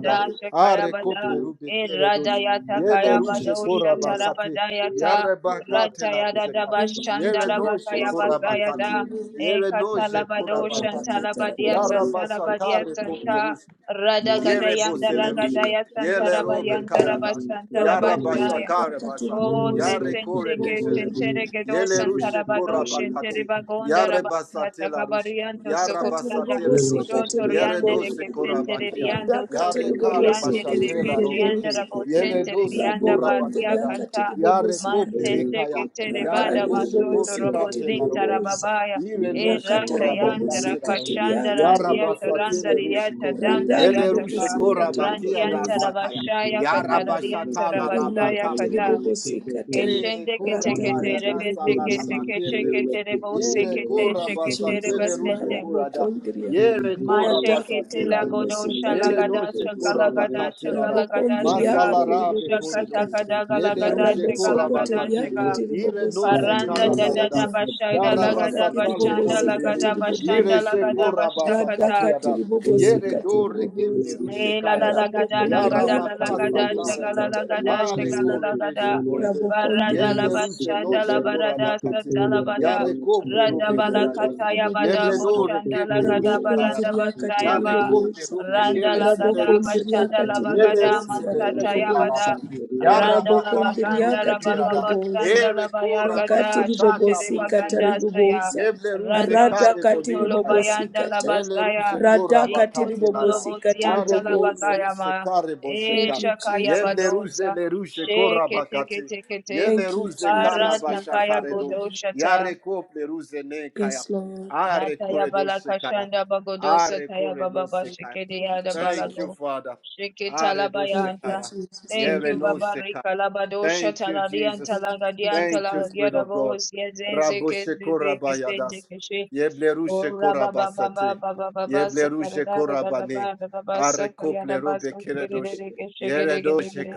Speaker 3: thank you,
Speaker 1: Shakaya
Speaker 2: Are
Speaker 1: bada,
Speaker 2: Kople Rube
Speaker 1: Irada
Speaker 2: Keredosh.
Speaker 1: yata
Speaker 2: Yele
Speaker 1: kaya
Speaker 3: thank you,
Speaker 1: bada,
Speaker 2: Rushe
Speaker 1: Shata
Speaker 3: Jesus.
Speaker 2: Korabakati,
Speaker 1: rabada yata,
Speaker 2: Yare bakate
Speaker 1: Rata
Speaker 2: la
Speaker 1: yada
Speaker 2: ruje kap.
Speaker 1: daba, Shanda
Speaker 2: Yere
Speaker 3: Rimakatiri
Speaker 1: rabaka
Speaker 2: noje
Speaker 3: bobosi
Speaker 1: yabazayada,
Speaker 2: kurabakati. Yere noje
Speaker 1: Ekatalabado
Speaker 2: kurabakati.
Speaker 1: Shantalabadia
Speaker 2: Yara
Speaker 1: Santalabadia
Speaker 2: basakare kopli
Speaker 1: Santa
Speaker 2: ruje. Yere
Speaker 1: Radagadaya
Speaker 2: bosele ruje.
Speaker 1: Daragadaya
Speaker 2: Yere robe
Speaker 1: Santarabayan Darabas
Speaker 2: karadash. Yara
Speaker 1: Santarabajaya
Speaker 2: basakare basa.
Speaker 1: Oh, se
Speaker 2: Yare kore
Speaker 1: sente que se
Speaker 2: besele ruje.
Speaker 1: entere que dos
Speaker 2: Yere ruje
Speaker 1: santarabados entere
Speaker 2: kurabakati.
Speaker 1: bagonda
Speaker 2: Yare
Speaker 7: you.
Speaker 1: rabadia
Speaker 2: basate la ruje.
Speaker 1: tagabariando
Speaker 2: Yara
Speaker 1: socorianda
Speaker 2: basate
Speaker 7: Thank you.
Speaker 2: redush. Yere
Speaker 1: shotoriande de
Speaker 2: dose
Speaker 1: que se entere
Speaker 2: korabakia.
Speaker 1: diando
Speaker 2: Yare kare
Speaker 1: socotoriande de
Speaker 2: basate
Speaker 1: que
Speaker 2: la robe
Speaker 1: chianda
Speaker 2: ki.
Speaker 1: rabos
Speaker 2: Yere
Speaker 1: entere
Speaker 2: dose
Speaker 1: dianda
Speaker 3: Rabokonde
Speaker 1: basia
Speaker 2: korabakia da.
Speaker 3: yakati
Speaker 1: canta
Speaker 2: Yare kople
Speaker 3: ribobosikata
Speaker 1: mante se
Speaker 2: rikaya.
Speaker 1: que tere
Speaker 2: Yare
Speaker 1: bada
Speaker 3: rakandi
Speaker 2: boshe
Speaker 1: masoto
Speaker 2: kore
Speaker 1: robos
Speaker 3: ribobosikati
Speaker 2: kate la
Speaker 1: dinta
Speaker 2: roveke.
Speaker 3: riboboza
Speaker 1: rababaya
Speaker 2: Ire no
Speaker 1: e
Speaker 2: she
Speaker 3: rakata
Speaker 1: rata
Speaker 2: koraba
Speaker 1: yanta
Speaker 2: kate la
Speaker 3: rabobosikati
Speaker 2: roveke.
Speaker 1: rakashanda
Speaker 3: riakati
Speaker 2: Yara
Speaker 1: radiata
Speaker 3: riboboza
Speaker 1: randa
Speaker 2: basatele
Speaker 1: riata
Speaker 2: rusheko.
Speaker 1: danda
Speaker 3: radhali
Speaker 2: Yele
Speaker 1: riata ka
Speaker 2: rusheko
Speaker 3: bobosikati
Speaker 2: rabakia da
Speaker 1: rantianta
Speaker 3: riboboza
Speaker 2: sakaya.
Speaker 1: rabashaya
Speaker 2: Yara
Speaker 1: katararianta
Speaker 2: bashata la
Speaker 1: rabasaya
Speaker 3: rimakati
Speaker 2: rabakaple
Speaker 1: kata
Speaker 2: robeke.
Speaker 3: ribobosikata
Speaker 2: Ere
Speaker 1: Keshende kete
Speaker 2: kora
Speaker 7: Manda
Speaker 2: baya
Speaker 3: ratakati
Speaker 1: ketere
Speaker 7: de
Speaker 2: da
Speaker 1: beste
Speaker 7: todo
Speaker 2: sala
Speaker 1: kete
Speaker 3: riboboza
Speaker 1: rebe sekete
Speaker 7: mundo,
Speaker 1: keshe
Speaker 2: rabakeble
Speaker 7: ele é
Speaker 2: rush.
Speaker 1: kete
Speaker 7: que
Speaker 1: rebo
Speaker 2: Ire
Speaker 7: celebra
Speaker 1: sekete
Speaker 7: a
Speaker 3: Thank
Speaker 2: kora
Speaker 3: you,
Speaker 1: shekete rebe
Speaker 2: basatele
Speaker 3: Jesus.
Speaker 1: sente.
Speaker 2: rusheko
Speaker 7: sua
Speaker 2: rada.
Speaker 7: Thank
Speaker 3: Marabokondria.
Speaker 7: you.
Speaker 2: Yere kora
Speaker 1: Mashe
Speaker 3: Radaka
Speaker 1: kete
Speaker 2: basatela rush.
Speaker 1: lagodo
Speaker 3: tiribobosika
Speaker 2: Yere
Speaker 1: shalagada
Speaker 2: noche
Speaker 3: tiribobosa.
Speaker 2: kora
Speaker 1: shakalagada
Speaker 2: bakate lara.
Speaker 1: shagalagada shaga
Speaker 3: Rabokondriaka
Speaker 2: Mazala rabe kore
Speaker 1: shakata
Speaker 2: nos.
Speaker 3: tiribobosikata.
Speaker 1: kada
Speaker 2: Yele
Speaker 1: galagada
Speaker 2: ruje kora
Speaker 3: Rabosoko
Speaker 1: shagalagada
Speaker 2: bakate.
Speaker 3: toriaka
Speaker 1: shaga.
Speaker 2: Ire
Speaker 3: tiribobosika
Speaker 2: nose
Speaker 1: Paranda dada da
Speaker 2: karabayadas.
Speaker 3: tiribobosa.
Speaker 1: bashada
Speaker 2: Yara
Speaker 3: Rimaka
Speaker 1: lagada
Speaker 2: basatale
Speaker 1: bashanda
Speaker 2: kore
Speaker 3: tiribobosika
Speaker 2: beni.
Speaker 1: lagada bashanda
Speaker 2: Ire
Speaker 3: tiribobosa.
Speaker 2: she
Speaker 1: lagada
Speaker 2: kora
Speaker 1: bashakata.
Speaker 2: basakate
Speaker 3: Radaka
Speaker 2: yada. Yere
Speaker 3: tiribobosika
Speaker 2: dore keple
Speaker 3: tiribobosa.
Speaker 2: ruje
Speaker 1: Eh, la la
Speaker 2: kayada.
Speaker 1: la gada la gada
Speaker 2: yarabakasa
Speaker 1: la
Speaker 3: Rabokondriaka
Speaker 1: la
Speaker 2: bakasa
Speaker 1: gada
Speaker 3: tiribobosika
Speaker 1: shagala
Speaker 2: bo.
Speaker 1: la gada
Speaker 2: Are
Speaker 3: tiribobosa.
Speaker 1: shagala
Speaker 2: kore
Speaker 1: la
Speaker 2: de she
Speaker 1: gada
Speaker 2: kore de.
Speaker 1: barada la
Speaker 2: Yeble
Speaker 3: Rabokondriasa.
Speaker 7: Messiah,
Speaker 2: ruje
Speaker 7: the
Speaker 1: bashanda la
Speaker 2: noche
Speaker 7: Lord,
Speaker 2: kora
Speaker 7: the
Speaker 1: barada
Speaker 2: bakate.
Speaker 1: santa la
Speaker 7: Savior,
Speaker 1: bada
Speaker 7: the
Speaker 2: Yare
Speaker 7: Master,
Speaker 2: kople
Speaker 1: rada
Speaker 2: rube
Speaker 7: the
Speaker 1: bala
Speaker 7: Lord,
Speaker 2: keradas.
Speaker 1: kataya bada
Speaker 7: Thank
Speaker 3: Oriakatiribobosa.
Speaker 2: Yebredo
Speaker 1: boshanda la
Speaker 2: rekeple
Speaker 1: gada
Speaker 2: rushe
Speaker 1: baranda
Speaker 2: kayada.
Speaker 1: basaya
Speaker 2: Ya
Speaker 1: ba
Speaker 2: rekople
Speaker 3: Rabokondriakatiribobosa.
Speaker 2: rube
Speaker 1: randa
Speaker 2: kere
Speaker 1: la
Speaker 2: zele
Speaker 1: gada
Speaker 2: rushe to.
Speaker 1: bashanda la
Speaker 2: Yele
Speaker 1: bagada
Speaker 2: ruzele rushe
Speaker 1: mansataya
Speaker 3: Rabokondriakatiribobosikatarabobosa.
Speaker 2: karaba.
Speaker 1: bada
Speaker 2: Ya
Speaker 1: randa la
Speaker 2: rabakaple
Speaker 1: baganda
Speaker 2: rube
Speaker 1: la baba
Speaker 2: kerada.
Speaker 3: Rabokondriakatiribobosa.
Speaker 1: basanda la
Speaker 2: Ere
Speaker 1: baya
Speaker 2: kora
Speaker 1: gada
Speaker 2: bashataka
Speaker 1: shetere
Speaker 2: prusele
Speaker 1: baganda
Speaker 2: rushe.
Speaker 1: saya
Speaker 3: Rakatiribobosikataribobosa.
Speaker 2: Yeble ruze
Speaker 1: randa
Speaker 2: kare bone
Speaker 1: sokotolo
Speaker 2: kayada.
Speaker 1: bayanda la
Speaker 3: Radakatiribobosikata.
Speaker 2: Yele
Speaker 1: bazaya
Speaker 2: rushe kora bakatelara. Are kople
Speaker 3: Radakatiribobosikatiribobosa.
Speaker 2: ruse
Speaker 1: Ikuntolobosiantalabagayama.
Speaker 2: kare
Speaker 3: Thank
Speaker 2: bosheka.
Speaker 3: you,
Speaker 2: Yeble
Speaker 3: Jesus.
Speaker 1: Eshakayabadosa.
Speaker 2: ruze le rushe kora bakate.
Speaker 1: Sheketeketekete.
Speaker 2: Yele
Speaker 3: Thank you,
Speaker 2: ruze kara
Speaker 3: Jesus. We
Speaker 2: bashakare do.
Speaker 3: katarabobosa.
Speaker 2: Yare
Speaker 1: Paratapayagodoshata.
Speaker 2: kople ruze ne kaya.
Speaker 3: Yes, Lord.
Speaker 2: Are kore no shekaya.
Speaker 1: Latayabalakashanda bagodosa
Speaker 2: Are kore no
Speaker 1: tayabababa
Speaker 3: Thank
Speaker 2: sekaya.
Speaker 3: you,
Speaker 1: shekedeyada
Speaker 2: Thank
Speaker 3: Jesus.
Speaker 2: you,
Speaker 1: balago.
Speaker 2: Father. Are no
Speaker 3: Thank you,
Speaker 1: Sheketalabayanta.
Speaker 2: shekaya.
Speaker 3: Jesus.
Speaker 1: Thank
Speaker 3: Thank
Speaker 2: Yere
Speaker 1: you,
Speaker 3: you,
Speaker 2: no
Speaker 3: Lord.
Speaker 1: Baba
Speaker 2: seka.
Speaker 1: Rika Labadosha
Speaker 2: Thank you,
Speaker 1: Taladianta
Speaker 2: Jesus.
Speaker 3: Thank you,
Speaker 1: Lagadianta
Speaker 3: Jesus.
Speaker 2: Thank you,
Speaker 3: Thank
Speaker 2: Spirit
Speaker 3: you. Lord.
Speaker 2: of God.
Speaker 1: Lagiadavos, Yezenze
Speaker 2: Raboshe korabayadas.
Speaker 1: Kezeze
Speaker 2: Yeblerushe
Speaker 1: Oh, Rabba, ba, ba, ba,
Speaker 2: korabasate.
Speaker 1: ba, ba, ba, ba, sa, ta, ra,
Speaker 2: Yeblerushe
Speaker 1: ra, ra, ra, ra, ba,
Speaker 2: korabane.
Speaker 1: ra, ra, ba,
Speaker 2: Are
Speaker 1: sa, ka,
Speaker 2: kople
Speaker 1: ba,
Speaker 2: robe
Speaker 1: so, ke, re, re,
Speaker 2: keredosh.
Speaker 1: ke, she, re,
Speaker 2: Yere
Speaker 1: ke, re, ke,
Speaker 2: doshe
Speaker 1: re,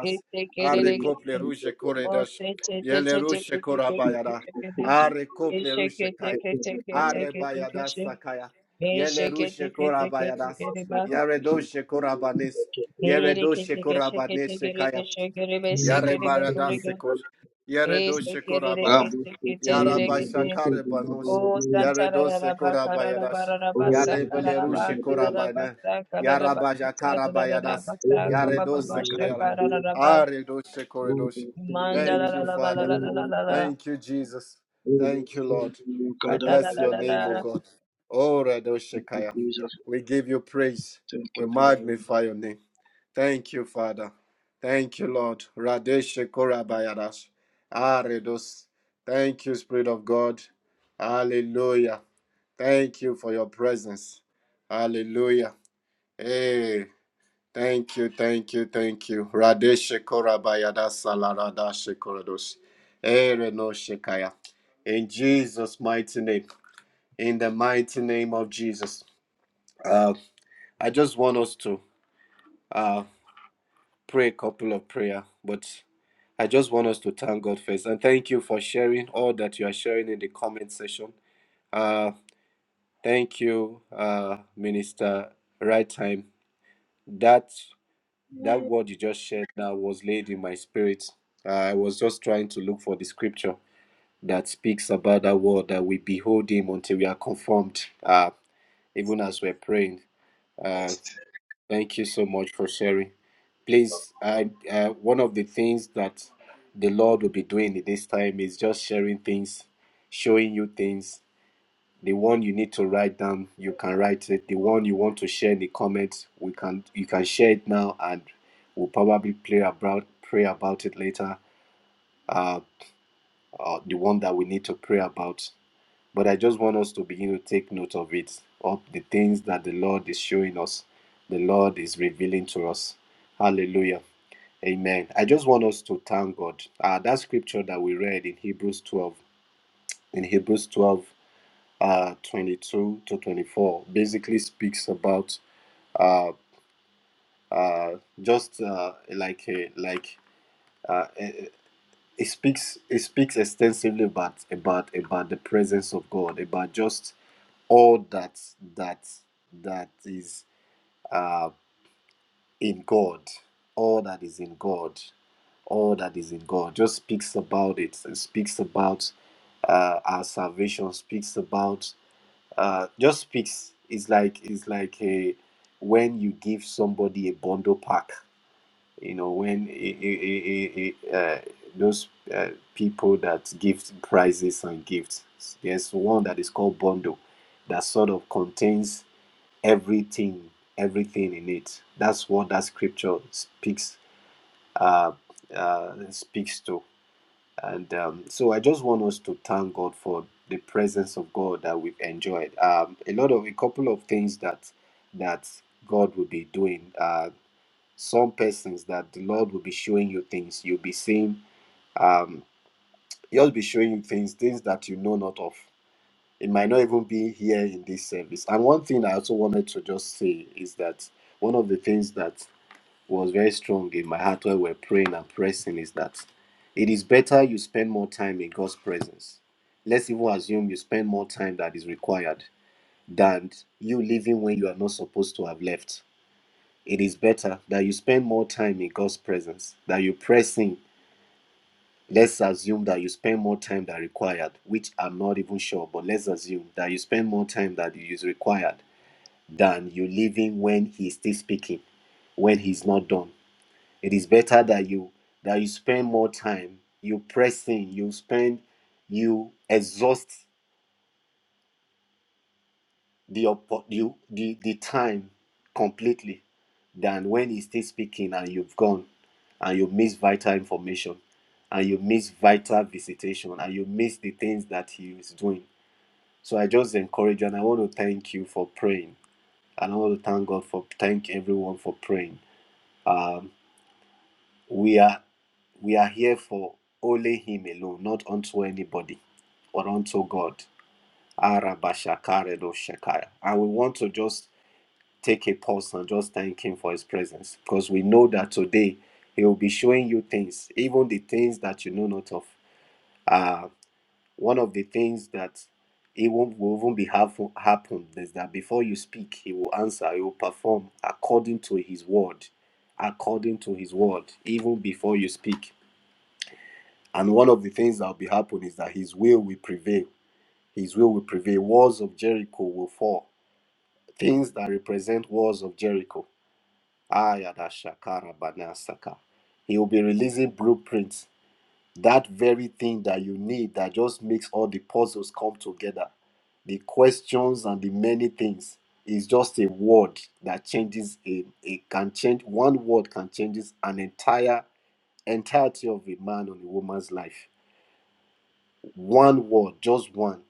Speaker 1: ke, te, re,
Speaker 2: Are
Speaker 1: re, ke, te.
Speaker 2: kople ruje
Speaker 1: Oh,
Speaker 2: koredosh.
Speaker 1: te, te, te,
Speaker 2: Yele
Speaker 1: te, te,
Speaker 2: rushe
Speaker 1: ke, te, ke, te, ke,
Speaker 2: korabayada.
Speaker 1: te, ke, te.
Speaker 2: Are
Speaker 1: Ke,
Speaker 2: kople
Speaker 1: she, ke,
Speaker 2: rushe
Speaker 1: te,
Speaker 2: kaya.
Speaker 1: ke, te, ke, te, ke, te, ke,
Speaker 2: Arebayadas
Speaker 1: she.
Speaker 2: Sakaya.
Speaker 1: Ke, she, ke, te,
Speaker 2: Yelerushe
Speaker 1: ke, te, ke, te,
Speaker 2: Korabayadas.
Speaker 1: ke, re, ba.
Speaker 2: Yaredoshe Korabanes.
Speaker 1: Ke, re, ke,
Speaker 2: Yeredoshe
Speaker 1: te, ke, she, ke,
Speaker 2: Korabanes
Speaker 1: re,
Speaker 2: Sekaya.
Speaker 1: ke, she, re, be, se,
Speaker 2: Yare
Speaker 1: re, ba, go,
Speaker 2: barada
Speaker 1: ke.
Speaker 2: kosh,
Speaker 1: Ke,
Speaker 2: Yare doshe
Speaker 1: re, re, ke,
Speaker 2: korabaya.
Speaker 1: se, ke, re,
Speaker 2: Yara
Speaker 1: re, ke, te.
Speaker 2: bashakare banosh.
Speaker 1: Oh,
Speaker 2: Yare
Speaker 1: Santa la la
Speaker 2: doshe
Speaker 1: la ba ka la
Speaker 2: korabaya
Speaker 1: la ba
Speaker 2: das,
Speaker 1: la la ba sa
Speaker 2: Yare
Speaker 1: ka la la ba
Speaker 2: belerushe
Speaker 1: sa la la ba
Speaker 2: korabane.
Speaker 1: sa ka la la
Speaker 2: Yara
Speaker 1: ba sa la
Speaker 2: bajakara
Speaker 1: la la la
Speaker 2: bayadas.
Speaker 1: ba sa ka
Speaker 2: Yare
Speaker 1: ba ba ba
Speaker 2: doshe
Speaker 1: sha
Speaker 2: kayara.
Speaker 1: ka la la la ba
Speaker 2: Are doshe koredosh.
Speaker 1: manda la
Speaker 2: Thank
Speaker 1: la
Speaker 2: you,
Speaker 1: la ba la
Speaker 2: Father.
Speaker 1: la la la la
Speaker 7: you.
Speaker 1: la
Speaker 2: Thank you, Jesus.
Speaker 7: Holy
Speaker 2: Thank
Speaker 7: Ghost,
Speaker 2: you,
Speaker 7: thank
Speaker 2: Lord.
Speaker 7: you, God,
Speaker 1: ba
Speaker 2: We
Speaker 1: da
Speaker 7: that
Speaker 1: la
Speaker 7: we
Speaker 2: bless
Speaker 1: la
Speaker 7: are
Speaker 2: your
Speaker 1: la
Speaker 2: name, O
Speaker 1: la.
Speaker 2: God. Oh,
Speaker 7: thank you,
Speaker 2: Redoshekaya.
Speaker 7: Jesus.
Speaker 2: We give you praise.
Speaker 7: Thank
Speaker 2: We
Speaker 7: you, Father.
Speaker 2: magnify your name. Thank you, Father. Thank you, Lord. Radeshe korabayadash. Aredos. Thank you, Spirit of God. Hallelujah. Thank you for your presence. Hallelujah. Hey, thank you, thank you, thank you. Radeshe korabayadas alaradashe korados. Ere no shekaya. In Jesus' mighty name. In the mighty name of Jesus. Uh, I just want us to uh, pray a couple of prayer, but I just want us to thank God first and thank you for sharing all that you are sharing in the comment section. Uh, thank you, uh, Minister. Right time. That that word you just shared now was laid in my spirit. I was just trying to look for the scripture that speaks about that word that we behold Him until we are conformed. Uh, even as we're praying. uh, Thank you so much for sharing. Please, I, uh, one of the things that the Lord will be doing in this time is just sharing things, showing you things. The one you need to write down, you can write it. The one you want to share in the comments, we can you can share it now, and we'll probably pray about pray about it later. Uh, uh, the one that we need to pray about. But I just want us to begin to take note of it, of the things that the Lord is showing us, the Lord is revealing to us. Hallelujah. Amen. I just want us to thank God. Uh, that scripture that we read in Hebrews 12, in Hebrews 12, uh, 22 to 24, basically speaks about uh, uh, just uh, like a, like uh, eh, it speaks it speaks extensively about about about the presence of God, about just all that that that is uh, in God, all that is in God, all that is in God, just speaks about it. It speaks about uh, our salvation. Speaks about uh, just speaks. It's like it's like a when you give somebody a bundle pack. You know when i- i- i- i- uh, those uh, people that give prizes and gifts. There's one that is called bundle that sort of contains everything everything in it that's what that scripture speaks uh, uh speaks to and um, so i just want us to thank god for the presence of god that we've enjoyed um a lot of a couple of things that that god will be doing uh some persons that the lord will be showing you things you'll be seeing um he'll be showing you things things that you know not of it might not even be here in this service. And one thing I also wanted to just say is that one of the things that was very strong in my heart when we're praying and pressing is that it is better you spend more time in God's presence. Let's even assume you spend more time that is required than you leaving when you are not supposed to have left. It is better that you spend more time in God's presence, that you press in Let's assume that you spend more time than required, which I'm not even sure, but let's assume that you spend more time than you is required than you leaving when he's still speaking, when he's not done. It is better that you that you spend more time, you pressing, you spend, you exhaust the, oppo- the, the, the time completely than when he's still speaking and you've gone and you miss vital information and you miss vital visitation and you miss the things that he is doing. So I just encourage you and I want to thank you for praying. And I want to thank God for thank everyone for praying. Um, we are we are here for only him alone, not unto anybody or unto God. Arabashakaredoshakaya. And we want to just take a pause and just thank Him for His presence because we know that today He will be showing you things, even the things that you know not of. Uh, one of the things that it won't, will even be happen, happen is that before you speak, He will answer, He will perform according to His word, according to His word, even before you speak. And one of the things that will be happening is that His will will prevail. His will will prevail. Walls of Jericho will fall. Things that represent walls of Jericho Ayadashakarabanasaka. He will be releasing blueprints, that very thing that you need that just makes all the puzzles come together. The questions and the many things is just a word that changes a it can change one word can changes an entire entirety of a man or a woman's life. One word, just one.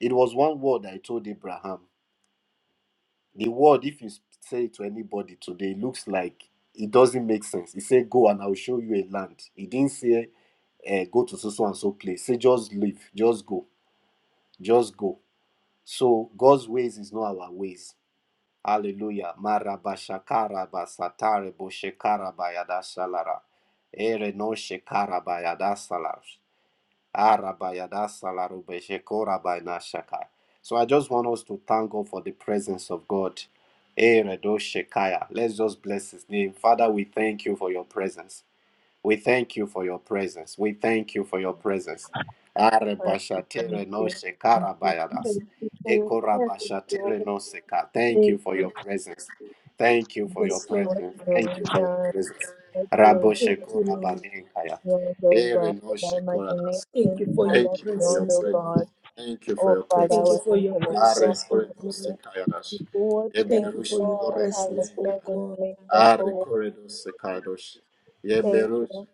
Speaker 2: It was one word I told Abraham. The word, if you say it to anybody today, it looks like it doesn't make sense. He said, Go and I will show you a land. He didn't say, uh, Go to so so and so place. Say, Just leave, just go, just go. So God's ways is not our ways. Hallelujah. Maraba shakara ba satare bo shekara ba yada salara. Ere no shekara ba yada salar. Arabayada salarube shekorabayna shaka. So I just want us to thank God for the presence of God. Eh, Shekaya. Let's just bless his name. Father, we thank you for your presence. We thank you for your presence. We thank you for your presence.
Speaker 1: Uh, Thank
Speaker 2: Arebashatere no
Speaker 1: you, thank you,
Speaker 2: shekarabayadas.
Speaker 1: thank you for your presence, Lord.
Speaker 2: Ekorabashatere no seka. Thank you
Speaker 1: Thank
Speaker 2: for
Speaker 1: you,
Speaker 2: your presence. Thank you
Speaker 1: thank
Speaker 2: for
Speaker 1: you
Speaker 2: your
Speaker 3: Yes, Lord.
Speaker 1: for what
Speaker 2: presence.
Speaker 1: you
Speaker 2: Thank
Speaker 1: have
Speaker 2: you for your
Speaker 1: done,
Speaker 2: presence.
Speaker 1: what you are
Speaker 2: Rabo
Speaker 3: Thank
Speaker 1: doing,
Speaker 3: you, Lord.
Speaker 2: shekorabanekaya.
Speaker 1: oh
Speaker 2: Ere
Speaker 1: God,
Speaker 2: no
Speaker 1: for my
Speaker 2: shekoradas.
Speaker 3: Thank
Speaker 1: imagination,
Speaker 3: you for
Speaker 1: I
Speaker 3: your
Speaker 1: got
Speaker 2: Thank you for your
Speaker 1: beyond,
Speaker 3: presence,
Speaker 1: oh
Speaker 3: Lord.
Speaker 2: presence.
Speaker 1: God.
Speaker 2: Thank you for
Speaker 1: Oh
Speaker 2: your
Speaker 1: Father,
Speaker 3: Thank
Speaker 1: our
Speaker 3: you
Speaker 2: presence.
Speaker 3: for your
Speaker 1: intellect,
Speaker 2: Are
Speaker 3: presence, oh
Speaker 2: corridors
Speaker 3: God.
Speaker 1: Lord. the
Speaker 2: kayadash.
Speaker 1: word
Speaker 3: Thank
Speaker 1: of
Speaker 3: you
Speaker 2: Yeblerush
Speaker 3: for your
Speaker 1: God, how your
Speaker 3: presence, oh
Speaker 2: korabanenka.
Speaker 1: presence
Speaker 3: God.
Speaker 1: makes us
Speaker 2: Are
Speaker 1: whole.
Speaker 2: corridors kadosh.
Speaker 1: Thank
Speaker 2: Yeblerush
Speaker 1: you.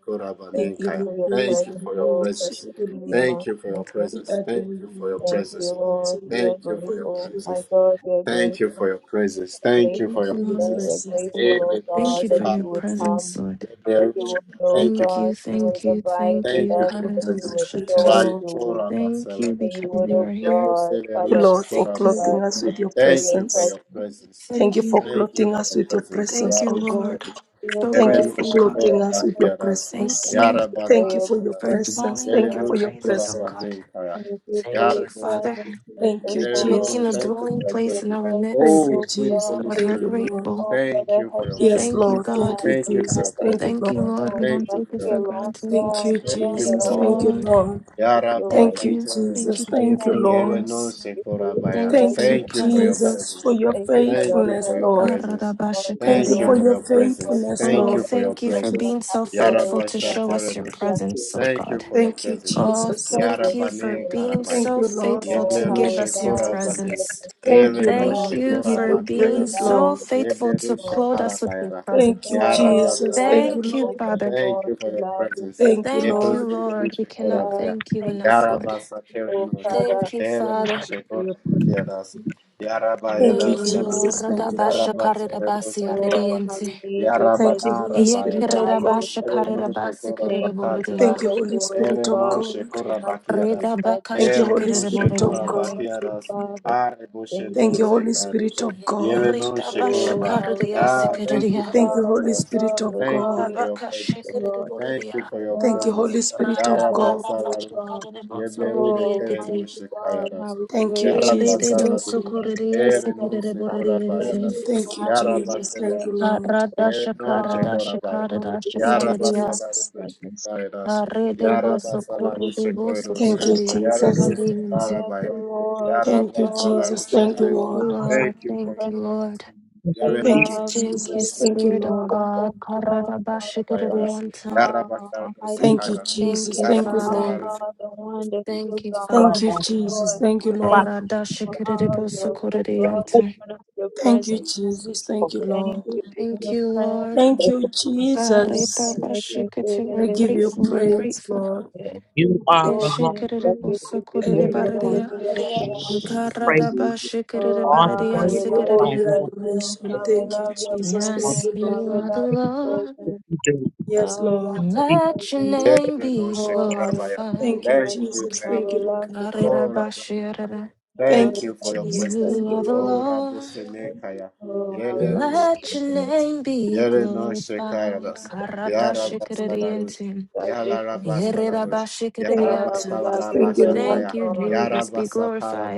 Speaker 3: We
Speaker 1: Thank you
Speaker 3: give
Speaker 2: korabanenka.
Speaker 3: you
Speaker 1: for your
Speaker 3: praise,
Speaker 2: Thank you
Speaker 3: Lord.
Speaker 1: presence,
Speaker 2: for your
Speaker 3: We
Speaker 1: oh
Speaker 3: worship
Speaker 2: presence.
Speaker 1: precious
Speaker 3: you, Lord.
Speaker 1: Redeemer.
Speaker 2: Thank you for your
Speaker 1: Thank you.
Speaker 3: We
Speaker 2: presence.
Speaker 3: adore
Speaker 2: Thank you
Speaker 3: you,
Speaker 2: for
Speaker 3: Lord
Speaker 2: your
Speaker 1: Thank you,
Speaker 3: Jesus.
Speaker 2: presence.
Speaker 3: We
Speaker 1: Lord.
Speaker 3: exalt
Speaker 1: We are
Speaker 3: you.
Speaker 2: Thank you for your
Speaker 3: Thank
Speaker 1: grateful.
Speaker 3: you.
Speaker 1: My
Speaker 2: presence.
Speaker 1: God, we are
Speaker 2: Thank you
Speaker 1: grateful.
Speaker 2: for your presence.
Speaker 1: We're
Speaker 2: Thank
Speaker 3: Thank
Speaker 2: you
Speaker 5: Thank
Speaker 2: for
Speaker 1: grateful
Speaker 3: you
Speaker 2: your
Speaker 5: you,
Speaker 3: for your
Speaker 1: today.
Speaker 5: Lord.
Speaker 2: presence.
Speaker 1: We're
Speaker 3: presence,
Speaker 1: grateful,
Speaker 3: oh God.
Speaker 1: oh
Speaker 3: Thank you
Speaker 2: Erenush
Speaker 1: God,
Speaker 5: Thank you
Speaker 3: for
Speaker 1: that
Speaker 5: for
Speaker 3: your
Speaker 5: your
Speaker 1: you would
Speaker 2: karabane.
Speaker 3: presence.
Speaker 5: presence,
Speaker 1: come,
Speaker 5: Lord.
Speaker 1: that you
Speaker 2: Yeblerush.
Speaker 1: would know
Speaker 2: Thank you
Speaker 5: Thank
Speaker 2: for
Speaker 1: God,
Speaker 5: you,
Speaker 2: your
Speaker 1: you
Speaker 2: presence.
Speaker 1: would
Speaker 5: thank you,
Speaker 1: abide
Speaker 5: thank
Speaker 1: with
Speaker 2: Thank
Speaker 5: you,
Speaker 2: you
Speaker 1: us,
Speaker 2: for
Speaker 3: Thank
Speaker 2: your
Speaker 3: you,
Speaker 1: that
Speaker 5: Karada
Speaker 1: you
Speaker 2: presence.
Speaker 3: Jesus.
Speaker 1: would
Speaker 3: Thank
Speaker 5: Bashata.
Speaker 1: show
Speaker 3: you,
Speaker 1: us
Speaker 2: Rai
Speaker 3: Lord.
Speaker 1: your will,
Speaker 2: kora
Speaker 5: Thank
Speaker 2: basala
Speaker 5: you
Speaker 1: that
Speaker 2: rush.
Speaker 1: you
Speaker 5: because
Speaker 1: would,
Speaker 5: you
Speaker 1: oh
Speaker 5: are here.
Speaker 2: Korabani.
Speaker 1: God,
Speaker 3: Thank you,
Speaker 1: Father,
Speaker 3: Lord,
Speaker 1: speak
Speaker 3: for
Speaker 5: Thank
Speaker 1: to
Speaker 5: you.
Speaker 1: us.
Speaker 3: clothing us
Speaker 1: Thank
Speaker 3: with your
Speaker 1: you for
Speaker 2: Thank
Speaker 1: your
Speaker 2: you for
Speaker 3: presence.
Speaker 1: presence.
Speaker 2: your presence.
Speaker 3: Thank you
Speaker 5: Thank you.
Speaker 3: for
Speaker 7: Thank
Speaker 2: Thank
Speaker 7: you,
Speaker 2: you
Speaker 3: clothing
Speaker 2: for
Speaker 3: us
Speaker 2: your
Speaker 3: with your
Speaker 2: presence.
Speaker 5: Thank
Speaker 3: presence,
Speaker 5: you,
Speaker 3: oh
Speaker 2: Rabbi
Speaker 1: Thank
Speaker 3: God.
Speaker 5: Lord.
Speaker 2: Selerush.
Speaker 1: you
Speaker 5: So
Speaker 3: Thank
Speaker 2: Yere
Speaker 3: you
Speaker 1: for
Speaker 2: no
Speaker 3: for
Speaker 5: grateful,
Speaker 1: your
Speaker 5: God.
Speaker 2: shekora
Speaker 3: clothing us with
Speaker 1: presence.
Speaker 3: your
Speaker 2: bakiadas.
Speaker 5: Thank
Speaker 3: presence.
Speaker 1: Thank
Speaker 5: you
Speaker 2: Korabani.
Speaker 1: you for
Speaker 3: Thank you
Speaker 1: your
Speaker 3: for your
Speaker 2: banakiadas.
Speaker 5: for
Speaker 1: presence,
Speaker 3: presence.
Speaker 5: dwelling in
Speaker 3: Thank
Speaker 2: Yele
Speaker 3: you
Speaker 5: our
Speaker 1: Lord.
Speaker 3: for
Speaker 2: rush
Speaker 3: your
Speaker 5: praises, oh
Speaker 3: presence.
Speaker 5: God.
Speaker 2: kaya.
Speaker 1: Thank you for
Speaker 5: Thank
Speaker 1: your
Speaker 2: Yara
Speaker 5: you, Father,
Speaker 2: goselush.
Speaker 1: presence, make
Speaker 3: Thank
Speaker 1: us
Speaker 3: you,
Speaker 5: for
Speaker 1: whole.
Speaker 2: no.
Speaker 5: making a
Speaker 3: Jesus.
Speaker 2: Thank
Speaker 1: Thank
Speaker 2: you
Speaker 1: you
Speaker 5: dwelling
Speaker 2: for your
Speaker 1: that
Speaker 5: place
Speaker 1: your
Speaker 5: in
Speaker 2: presence.
Speaker 5: our
Speaker 1: presence,
Speaker 3: Thank
Speaker 5: midst.
Speaker 2: Oh,
Speaker 3: you,
Speaker 1: oh
Speaker 2: sweet
Speaker 3: Jesus.
Speaker 2: Holy
Speaker 5: God,
Speaker 1: God,
Speaker 5: we're
Speaker 3: Thank you,
Speaker 2: Spirit.
Speaker 3: Lord.
Speaker 5: grateful.
Speaker 1: oh
Speaker 2: Thank
Speaker 1: Father,
Speaker 2: you for
Speaker 1: helps
Speaker 2: your
Speaker 1: us
Speaker 3: Yes,
Speaker 1: to
Speaker 5: Thank
Speaker 2: presence.
Speaker 5: you,
Speaker 3: Lord. Thank
Speaker 5: God.
Speaker 1: stand,
Speaker 3: you,
Speaker 1: oh
Speaker 2: Thank you for
Speaker 3: Jesus.
Speaker 2: your
Speaker 1: Father.
Speaker 3: Thank
Speaker 2: presence.
Speaker 3: you,
Speaker 5: Thank you,
Speaker 3: Lord.
Speaker 1: And
Speaker 5: Lord.
Speaker 1: when
Speaker 5: We
Speaker 2: Thank
Speaker 1: we
Speaker 5: don't
Speaker 1: are
Speaker 2: you
Speaker 5: take
Speaker 2: for
Speaker 5: it
Speaker 2: your
Speaker 1: here,
Speaker 5: for
Speaker 1: Lord
Speaker 2: presence.
Speaker 5: granted.
Speaker 3: Thank
Speaker 1: God,
Speaker 3: you,
Speaker 1: we know
Speaker 2: Thank you
Speaker 1: that
Speaker 2: for
Speaker 3: Jesus.
Speaker 5: Thank
Speaker 2: your
Speaker 5: you,
Speaker 3: Thank
Speaker 1: all
Speaker 3: you,
Speaker 2: presence.
Speaker 5: Lord.
Speaker 3: Lord.
Speaker 1: that you're
Speaker 5: Thank
Speaker 1: right.
Speaker 3: Thank you,
Speaker 5: you. Thank
Speaker 2: Yarabashaterenos.
Speaker 3: Jesus.
Speaker 5: you for your
Speaker 3: Thank you,
Speaker 1: Thank you.
Speaker 3: Lord.
Speaker 1: Thank
Speaker 5: faithfulness.
Speaker 2: Yerenos
Speaker 1: you for your
Speaker 5: Thank
Speaker 2: Sekorabayara.
Speaker 5: you for
Speaker 3: Thank
Speaker 5: your
Speaker 3: you,
Speaker 2: Thank
Speaker 1: presence.
Speaker 2: you for your
Speaker 5: presence.
Speaker 3: Jesus,
Speaker 2: presence.
Speaker 3: for your
Speaker 1: Thank you for
Speaker 2: Thank
Speaker 1: your
Speaker 2: you
Speaker 3: faithfulness,
Speaker 2: for your
Speaker 3: Lord.
Speaker 1: presence.
Speaker 2: presence.
Speaker 1: God, when
Speaker 3: Thank
Speaker 1: you
Speaker 3: you
Speaker 2: Thank you
Speaker 1: are
Speaker 3: for
Speaker 5: Aradabashakararia.
Speaker 2: for
Speaker 3: your
Speaker 2: your
Speaker 1: with us, God,
Speaker 2: presence.
Speaker 1: we
Speaker 3: faithfulness,
Speaker 2: Thank
Speaker 1: know
Speaker 5: Oh,
Speaker 2: you
Speaker 3: Lord.
Speaker 1: that
Speaker 2: for your
Speaker 5: thank you for
Speaker 3: Thank
Speaker 1: we
Speaker 3: you.
Speaker 1: don't
Speaker 2: presence.
Speaker 5: being
Speaker 1: have
Speaker 5: so
Speaker 1: to worry,
Speaker 5: faithful to
Speaker 1: we don't
Speaker 5: show
Speaker 1: have
Speaker 5: us
Speaker 1: to
Speaker 5: your
Speaker 2: Yarabashaterenos.
Speaker 1: fear.
Speaker 5: presence, oh
Speaker 2: Thank you
Speaker 5: God.
Speaker 2: for your
Speaker 3: Thank you,
Speaker 2: presence.
Speaker 1: Thank you
Speaker 5: Oh,
Speaker 3: Jesus.
Speaker 1: for your
Speaker 5: thank you
Speaker 1: presence,
Speaker 5: for
Speaker 2: Yarabanen
Speaker 1: Lord.
Speaker 5: being
Speaker 3: Thank
Speaker 5: so
Speaker 3: you, Lord.
Speaker 5: faithful
Speaker 1: Oh,
Speaker 5: to
Speaker 2: Yebleru
Speaker 3: Thank
Speaker 5: give
Speaker 3: you,
Speaker 1: how we
Speaker 5: us your
Speaker 1: love
Speaker 2: shekora
Speaker 1: the
Speaker 3: Jesus.
Speaker 2: bale.
Speaker 5: presence.
Speaker 1: presence and
Speaker 3: Thank
Speaker 2: Ere
Speaker 1: we
Speaker 3: you,
Speaker 2: no
Speaker 1: love
Speaker 5: Thank
Speaker 3: Lord.
Speaker 1: the
Speaker 3: We
Speaker 5: you
Speaker 2: shekora
Speaker 3: give
Speaker 1: presence.
Speaker 5: for
Speaker 3: you
Speaker 1: We
Speaker 5: being
Speaker 2: bakiaras.
Speaker 3: praise,
Speaker 1: love
Speaker 5: so
Speaker 1: your
Speaker 3: Lord.
Speaker 5: faithful
Speaker 1: presence,
Speaker 5: to
Speaker 2: Yebleru
Speaker 1: Lord.
Speaker 5: clothe
Speaker 2: shekara
Speaker 5: us with your
Speaker 2: bayara.
Speaker 3: Thank
Speaker 5: presence.
Speaker 3: you,
Speaker 2: Yara
Speaker 1: Oh, we
Speaker 3: Jesus.
Speaker 1: love
Speaker 3: Thank
Speaker 1: the
Speaker 3: you,
Speaker 5: Thank
Speaker 2: basateru.
Speaker 5: you,
Speaker 3: Lord.
Speaker 1: presence,
Speaker 5: Father.
Speaker 2: Thank
Speaker 1: Lord.
Speaker 2: you for
Speaker 1: We
Speaker 2: your
Speaker 1: love your
Speaker 2: presence.
Speaker 3: Thank you,
Speaker 1: presence, Lord.
Speaker 5: Thank
Speaker 2: Yebleru
Speaker 5: you,
Speaker 3: Lord.
Speaker 5: Lord. We
Speaker 1: I
Speaker 5: cannot
Speaker 2: shekora
Speaker 1: love
Speaker 2: baya.
Speaker 5: thank you
Speaker 1: thank you,
Speaker 5: enough,
Speaker 2: Yara
Speaker 1: Jesus.
Speaker 5: Lord.
Speaker 2: basateru
Speaker 1: Oh,
Speaker 2: no.
Speaker 1: Father,
Speaker 5: Thank you,
Speaker 2: Ere
Speaker 1: thank
Speaker 2: no
Speaker 5: Father.
Speaker 1: you for your
Speaker 2: shekora
Speaker 1: presence.
Speaker 2: bakiaras. Yara
Speaker 3: Thank you,
Speaker 2: bayada
Speaker 5: Thank you,
Speaker 2: salam.
Speaker 1: Hallelujah.
Speaker 5: Lord.
Speaker 3: Jesus. Thank you,
Speaker 2: Yara
Speaker 3: Lord.
Speaker 5: Radabasha
Speaker 2: basateru
Speaker 5: karirabasi
Speaker 2: shekora
Speaker 1: Oh, how
Speaker 2: baya.
Speaker 5: aridiense.
Speaker 1: we need your
Speaker 2: Yara
Speaker 3: Thank you,
Speaker 1: presence. I
Speaker 3: Holy
Speaker 2: banara
Speaker 3: Spirit
Speaker 2: bayadas.
Speaker 3: of
Speaker 1: desire your
Speaker 3: God.
Speaker 5: Yekirirabasha
Speaker 2: Ere
Speaker 1: presence.
Speaker 2: no
Speaker 5: karirabasi
Speaker 2: shekora
Speaker 1: Thank you,
Speaker 5: kiririboridia.
Speaker 3: Thank you,
Speaker 1: Father,
Speaker 2: bakatelarush.
Speaker 3: Holy
Speaker 1: for all
Speaker 3: Spirit
Speaker 2: Ere
Speaker 3: of
Speaker 2: no
Speaker 1: God
Speaker 3: God.
Speaker 1: visiting
Speaker 2: shekora
Speaker 1: us with your
Speaker 2: bakiadas.
Speaker 3: Thank
Speaker 1: presence.
Speaker 3: you,
Speaker 5: Ridabakasha
Speaker 3: Holy
Speaker 2: Erenoshe
Speaker 3: Spirit
Speaker 2: kora
Speaker 3: of
Speaker 5: kiriborediat.
Speaker 1: Thank
Speaker 3: God.
Speaker 1: you,
Speaker 2: bakiaras,
Speaker 1: Father.
Speaker 2: areboshe
Speaker 1: Thank
Speaker 3: Thank you,
Speaker 1: you,
Speaker 2: noze
Speaker 3: Holy Spirit
Speaker 1: Jesus.
Speaker 2: karos,
Speaker 3: of God.
Speaker 2: yerenoshe kora
Speaker 5: Yekiridabasha
Speaker 1: Oh, how we
Speaker 5: karidiasi
Speaker 2: Ah,
Speaker 1: love, how
Speaker 2: thank
Speaker 1: we
Speaker 2: you
Speaker 5: kiridia.
Speaker 2: for
Speaker 3: Thank
Speaker 2: your
Speaker 3: you,
Speaker 1: love, I
Speaker 3: Holy
Speaker 2: presence.
Speaker 3: Spirit
Speaker 1: love,
Speaker 3: of
Speaker 1: I
Speaker 2: Thank
Speaker 1: love
Speaker 2: you
Speaker 1: you,
Speaker 3: God.
Speaker 2: for your
Speaker 5: Radabakasha
Speaker 1: praise
Speaker 2: presence.
Speaker 1: the Lord.
Speaker 2: Thank you
Speaker 5: kiriboridia.
Speaker 1: I
Speaker 2: for your
Speaker 3: Thank you,
Speaker 1: love, I love
Speaker 2: presence.
Speaker 3: Holy Spirit of
Speaker 1: thank
Speaker 2: Yaraba
Speaker 1: you,
Speaker 3: God.
Speaker 1: good
Speaker 2: salarush,
Speaker 5: Radabarabasha
Speaker 1: God.
Speaker 5: kaririboso
Speaker 2: yeblerube
Speaker 1: Oh,
Speaker 5: kiririyekiti.
Speaker 1: mighty
Speaker 2: kerenoshe
Speaker 1: God, how
Speaker 2: kayaras,
Speaker 1: we
Speaker 3: Thank you,
Speaker 1: praise you.
Speaker 2: yaraba
Speaker 3: Jesus. Thank
Speaker 5: Kiriboso
Speaker 2: salarush,
Speaker 3: you.
Speaker 1: Thank you for your
Speaker 5: kiririesi
Speaker 1: presence.
Speaker 2: erenose
Speaker 1: How we
Speaker 2: kora
Speaker 5: kiriboridiense.
Speaker 1: praise
Speaker 2: bayaras,
Speaker 1: you for
Speaker 3: Thank you,
Speaker 1: having this
Speaker 2: yaraba
Speaker 3: Jesus.
Speaker 1: prayer.
Speaker 3: Thank you,
Speaker 2: selerush,
Speaker 3: Lord.
Speaker 5: Karada
Speaker 1: Oh,
Speaker 5: shakara
Speaker 1: God,
Speaker 2: yerenoshe
Speaker 5: da
Speaker 2: kora
Speaker 1: that can
Speaker 5: shakara
Speaker 1: we
Speaker 5: da
Speaker 1: be
Speaker 3: Thank you,
Speaker 1: in
Speaker 2: yaraba
Speaker 3: Jesus.
Speaker 2: salarube
Speaker 1: your presence.
Speaker 2: shekayaras,
Speaker 1: In
Speaker 5: de
Speaker 1: the name
Speaker 2: yaraba
Speaker 5: boso
Speaker 1: of
Speaker 5: kore de
Speaker 2: salarushe
Speaker 1: Jesus,
Speaker 5: boso
Speaker 2: koyaros.
Speaker 3: Thank
Speaker 5: kore
Speaker 3: you, Jesus.
Speaker 2: Yarados and
Speaker 1: I
Speaker 2: Karabaya.
Speaker 1: adore the Lord,
Speaker 3: Thank you,
Speaker 1: oh God,
Speaker 3: Jesus.
Speaker 1: for
Speaker 3: Thank you,
Speaker 2: Yarabasalaroshikai.
Speaker 5: Thank you,
Speaker 3: Lord.
Speaker 4: Abba Father.
Speaker 2: Thank
Speaker 5: Lord.
Speaker 2: you
Speaker 1: your
Speaker 2: for
Speaker 5: Thank
Speaker 2: your
Speaker 5: you,
Speaker 1: presence.
Speaker 2: presence.
Speaker 5: Lord.
Speaker 4: Thank you.
Speaker 1: We
Speaker 3: Thank you,
Speaker 2: Yarenos
Speaker 4: Jesus.
Speaker 1: love
Speaker 5: Thank you,
Speaker 1: bread
Speaker 3: Jesus.
Speaker 1: and
Speaker 3: Thank you,
Speaker 5: Spirit
Speaker 1: you are,
Speaker 5: of
Speaker 3: Lord.
Speaker 1: oh
Speaker 5: God.
Speaker 1: God,
Speaker 5: Karada ba
Speaker 1: our
Speaker 2: and
Speaker 1: desire.
Speaker 2: Kabayadas.
Speaker 1: You are our hiding
Speaker 4: You
Speaker 3: Thank
Speaker 1: place.
Speaker 3: you,
Speaker 2: Yarabasarados
Speaker 5: Thank
Speaker 3: Jesus.
Speaker 5: you,
Speaker 1: You
Speaker 3: Thank you,
Speaker 2: and
Speaker 5: Father.
Speaker 1: are
Speaker 3: Lord.
Speaker 2: Kadas.
Speaker 1: the one that
Speaker 5: Thank
Speaker 1: fills
Speaker 5: you,
Speaker 1: our
Speaker 4: are
Speaker 3: Thank
Speaker 1: hearts
Speaker 5: Father.
Speaker 3: you,
Speaker 4: alone.
Speaker 1: with
Speaker 3: Jesus.
Speaker 1: joy.
Speaker 3: Thank you,
Speaker 1: Thank
Speaker 3: Lord.
Speaker 1: you
Speaker 5: Rada
Speaker 1: for
Speaker 5: shakara
Speaker 1: all
Speaker 5: boso
Speaker 1: your,
Speaker 5: kore
Speaker 1: oh God, showing us your
Speaker 3: Thank you,
Speaker 1: presence.
Speaker 3: Jesus. Thank you,
Speaker 1: Thank
Speaker 3: Lord.
Speaker 1: you
Speaker 7: thank you,
Speaker 1: for
Speaker 5: Thank
Speaker 1: your
Speaker 5: you, Lord.
Speaker 3: Thank
Speaker 1: presence.
Speaker 3: you,
Speaker 5: Karada
Speaker 3: Jesus.
Speaker 5: ba
Speaker 3: I
Speaker 5: We're
Speaker 3: give you
Speaker 5: grateful. We're
Speaker 3: praise,
Speaker 5: grateful.
Speaker 3: Lord.
Speaker 4: You are alone.
Speaker 5: Shakara de
Speaker 3: I
Speaker 4: You are
Speaker 3: give
Speaker 4: going
Speaker 3: you
Speaker 4: to
Speaker 3: honor.
Speaker 1: Thank you.
Speaker 4: praise Him
Speaker 5: Karadaba
Speaker 7: Jesus.
Speaker 5: shikiri
Speaker 1: Oh,
Speaker 4: all the
Speaker 3: I
Speaker 1: how
Speaker 5: baridia
Speaker 4: days
Speaker 7: Thank
Speaker 3: give
Speaker 1: we
Speaker 4: of
Speaker 3: you
Speaker 4: your
Speaker 1: love
Speaker 3: all
Speaker 1: your
Speaker 4: life.
Speaker 5: sikiri.
Speaker 4: We
Speaker 3: the
Speaker 4: will bless
Speaker 1: presence,
Speaker 4: you.
Speaker 3: adoration.
Speaker 4: Lord.
Speaker 1: how
Speaker 7: you,
Speaker 1: we
Speaker 3: Thank
Speaker 7: thank
Speaker 3: you,
Speaker 1: love your
Speaker 7: you,
Speaker 3: Jesus.
Speaker 4: Um,
Speaker 3: Thank
Speaker 5: Yes,
Speaker 1: presence,
Speaker 3: you,
Speaker 1: how
Speaker 7: thank
Speaker 5: you
Speaker 1: we
Speaker 3: Lord.
Speaker 5: are
Speaker 7: you,
Speaker 5: the
Speaker 1: love
Speaker 4: thank
Speaker 1: your
Speaker 7: thank
Speaker 5: Lord.
Speaker 4: you
Speaker 1: presence,
Speaker 4: for doing it.
Speaker 1: how
Speaker 3: Yes,
Speaker 1: we
Speaker 3: Lord.
Speaker 1: love your
Speaker 4: Thank you
Speaker 5: Let your
Speaker 1: presence.
Speaker 5: name
Speaker 2: no
Speaker 5: be
Speaker 1: Oh, how we love your
Speaker 3: Thank
Speaker 5: glorified.
Speaker 3: you,
Speaker 2: Thank
Speaker 1: presence,
Speaker 2: you,
Speaker 3: Jesus.
Speaker 1: how
Speaker 2: thank
Speaker 3: Thank
Speaker 1: we
Speaker 3: you,
Speaker 2: you.
Speaker 1: love
Speaker 3: Lord.
Speaker 1: your presence,
Speaker 2: Oh,
Speaker 5: Karidaba
Speaker 2: Rabayana.
Speaker 5: shirida.
Speaker 1: how we
Speaker 2: Thank
Speaker 3: Thank
Speaker 2: you
Speaker 3: you,
Speaker 2: for
Speaker 1: love
Speaker 2: your
Speaker 1: your
Speaker 3: Jesus.
Speaker 2: presence.
Speaker 3: Thank
Speaker 5: You are
Speaker 1: presence.
Speaker 5: the
Speaker 3: you, Lord.
Speaker 2: Oh,
Speaker 5: Lord.
Speaker 2: Rabusenekaya.
Speaker 1: Oh, how
Speaker 7: you.
Speaker 1: we
Speaker 2: Yele
Speaker 1: love
Speaker 2: ru
Speaker 1: your
Speaker 5: Let your
Speaker 1: presence,
Speaker 2: shekoradas.
Speaker 5: name be
Speaker 2: Yele no
Speaker 5: glorified.
Speaker 2: shekaradas.
Speaker 1: for the peace
Speaker 5: Karada
Speaker 2: Yara
Speaker 1: of God,
Speaker 5: shikiri
Speaker 1: the
Speaker 2: basalarush.
Speaker 5: intim.
Speaker 1: tragic
Speaker 2: Yala
Speaker 1: and from.
Speaker 5: Yeridaba
Speaker 2: rabasalarush.
Speaker 3: Thank
Speaker 2: Yara
Speaker 3: you,
Speaker 1: Oh, we love
Speaker 3: Jesus.
Speaker 1: your
Speaker 3: Thank you,
Speaker 1: presence,
Speaker 5: Thank
Speaker 3: Lord.
Speaker 2: basalarabashakaya.
Speaker 5: you,
Speaker 1: Lord.
Speaker 2: Yara
Speaker 5: Jesus. Be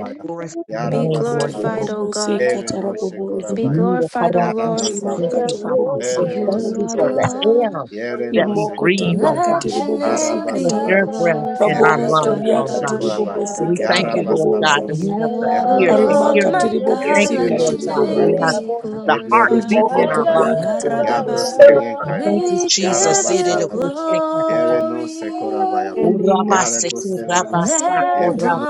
Speaker 1: I
Speaker 4: Glorify
Speaker 2: Yara
Speaker 4: your
Speaker 5: Be
Speaker 4: name, Lord God.
Speaker 5: glorified,
Speaker 2: basalarush.
Speaker 5: O
Speaker 3: Katarabobosi,
Speaker 5: God.
Speaker 2: Ere no
Speaker 3: katarabobosa.
Speaker 5: Be
Speaker 2: shekorabaya.
Speaker 4: You will cut
Speaker 5: glorified, O
Speaker 4: out
Speaker 2: Yara
Speaker 4: those
Speaker 5: Lord.
Speaker 3: Rima
Speaker 4: things that shit.
Speaker 1: love
Speaker 2: basalarush.
Speaker 1: your
Speaker 3: katarabobosi,
Speaker 2: Ere no
Speaker 4: Thank
Speaker 5: You
Speaker 4: you
Speaker 5: are
Speaker 4: for
Speaker 5: the
Speaker 4: the
Speaker 3: katarabobosa.
Speaker 1: presence.
Speaker 2: shekorabaya.
Speaker 5: Lord.
Speaker 4: air
Speaker 2: Yere no
Speaker 4: that we
Speaker 3: Imoko
Speaker 4: breathe,
Speaker 3: toria
Speaker 4: oh
Speaker 2: shekorabaya.
Speaker 4: God.
Speaker 1: I
Speaker 5: Let your
Speaker 1: love,
Speaker 3: katiribobosi,
Speaker 5: name
Speaker 4: It's
Speaker 3: kata.
Speaker 5: be
Speaker 1: I
Speaker 4: your
Speaker 2: Arabasalarush,
Speaker 4: breath in
Speaker 1: love,
Speaker 4: our
Speaker 1: I
Speaker 3: Raboko
Speaker 5: glorified.
Speaker 1: love
Speaker 4: lungs,
Speaker 3: toria
Speaker 4: oh
Speaker 2: Yebreselarush
Speaker 4: God.
Speaker 2: Koraba,
Speaker 4: And
Speaker 3: katiribobosi,
Speaker 4: we
Speaker 5: Karadabashiarada.
Speaker 4: thank you, Lord God, that
Speaker 3: katarabobosa.
Speaker 2: Yarabasalarush,
Speaker 4: we
Speaker 1: I
Speaker 4: have
Speaker 5: You
Speaker 4: the
Speaker 5: are the
Speaker 1: love
Speaker 4: ear to
Speaker 3: Arima
Speaker 5: Lord,
Speaker 4: hear
Speaker 1: your
Speaker 4: you.
Speaker 2: Yabanasalarush,
Speaker 5: my
Speaker 4: Thank
Speaker 5: God.
Speaker 3: katiribobosi,
Speaker 4: you,
Speaker 5: Let
Speaker 4: Lord
Speaker 5: your
Speaker 1: presence,
Speaker 2: Yebrenose
Speaker 4: God, that
Speaker 1: I
Speaker 5: name
Speaker 4: we have
Speaker 2: Koredosh,
Speaker 1: love
Speaker 3: katiribobosa.
Speaker 5: be
Speaker 4: the heart
Speaker 2: Yeblerush
Speaker 4: beating
Speaker 5: glorified.
Speaker 3: Rimoko
Speaker 4: in
Speaker 1: I
Speaker 4: our
Speaker 1: love,
Speaker 2: Korabaya,
Speaker 3: toria
Speaker 4: bodies, Lord
Speaker 1: I
Speaker 4: God.
Speaker 3: katiribobosi.
Speaker 5: Yaradaba.
Speaker 4: We
Speaker 2: Yabrosanenkaya,
Speaker 4: thank
Speaker 1: love,
Speaker 4: you,
Speaker 5: We
Speaker 1: I
Speaker 5: give
Speaker 4: Jesus.
Speaker 1: love
Speaker 4: It is
Speaker 5: you
Speaker 4: a good
Speaker 2: Yarabasalarush,
Speaker 4: thing,
Speaker 2: Yerenose Korabaya,
Speaker 5: glory
Speaker 4: Oh,
Speaker 3: In
Speaker 1: you,
Speaker 3: the name of Jesus Christ.
Speaker 2: Yareboselerush,
Speaker 5: and
Speaker 1: Jesus.
Speaker 2: Yebrenose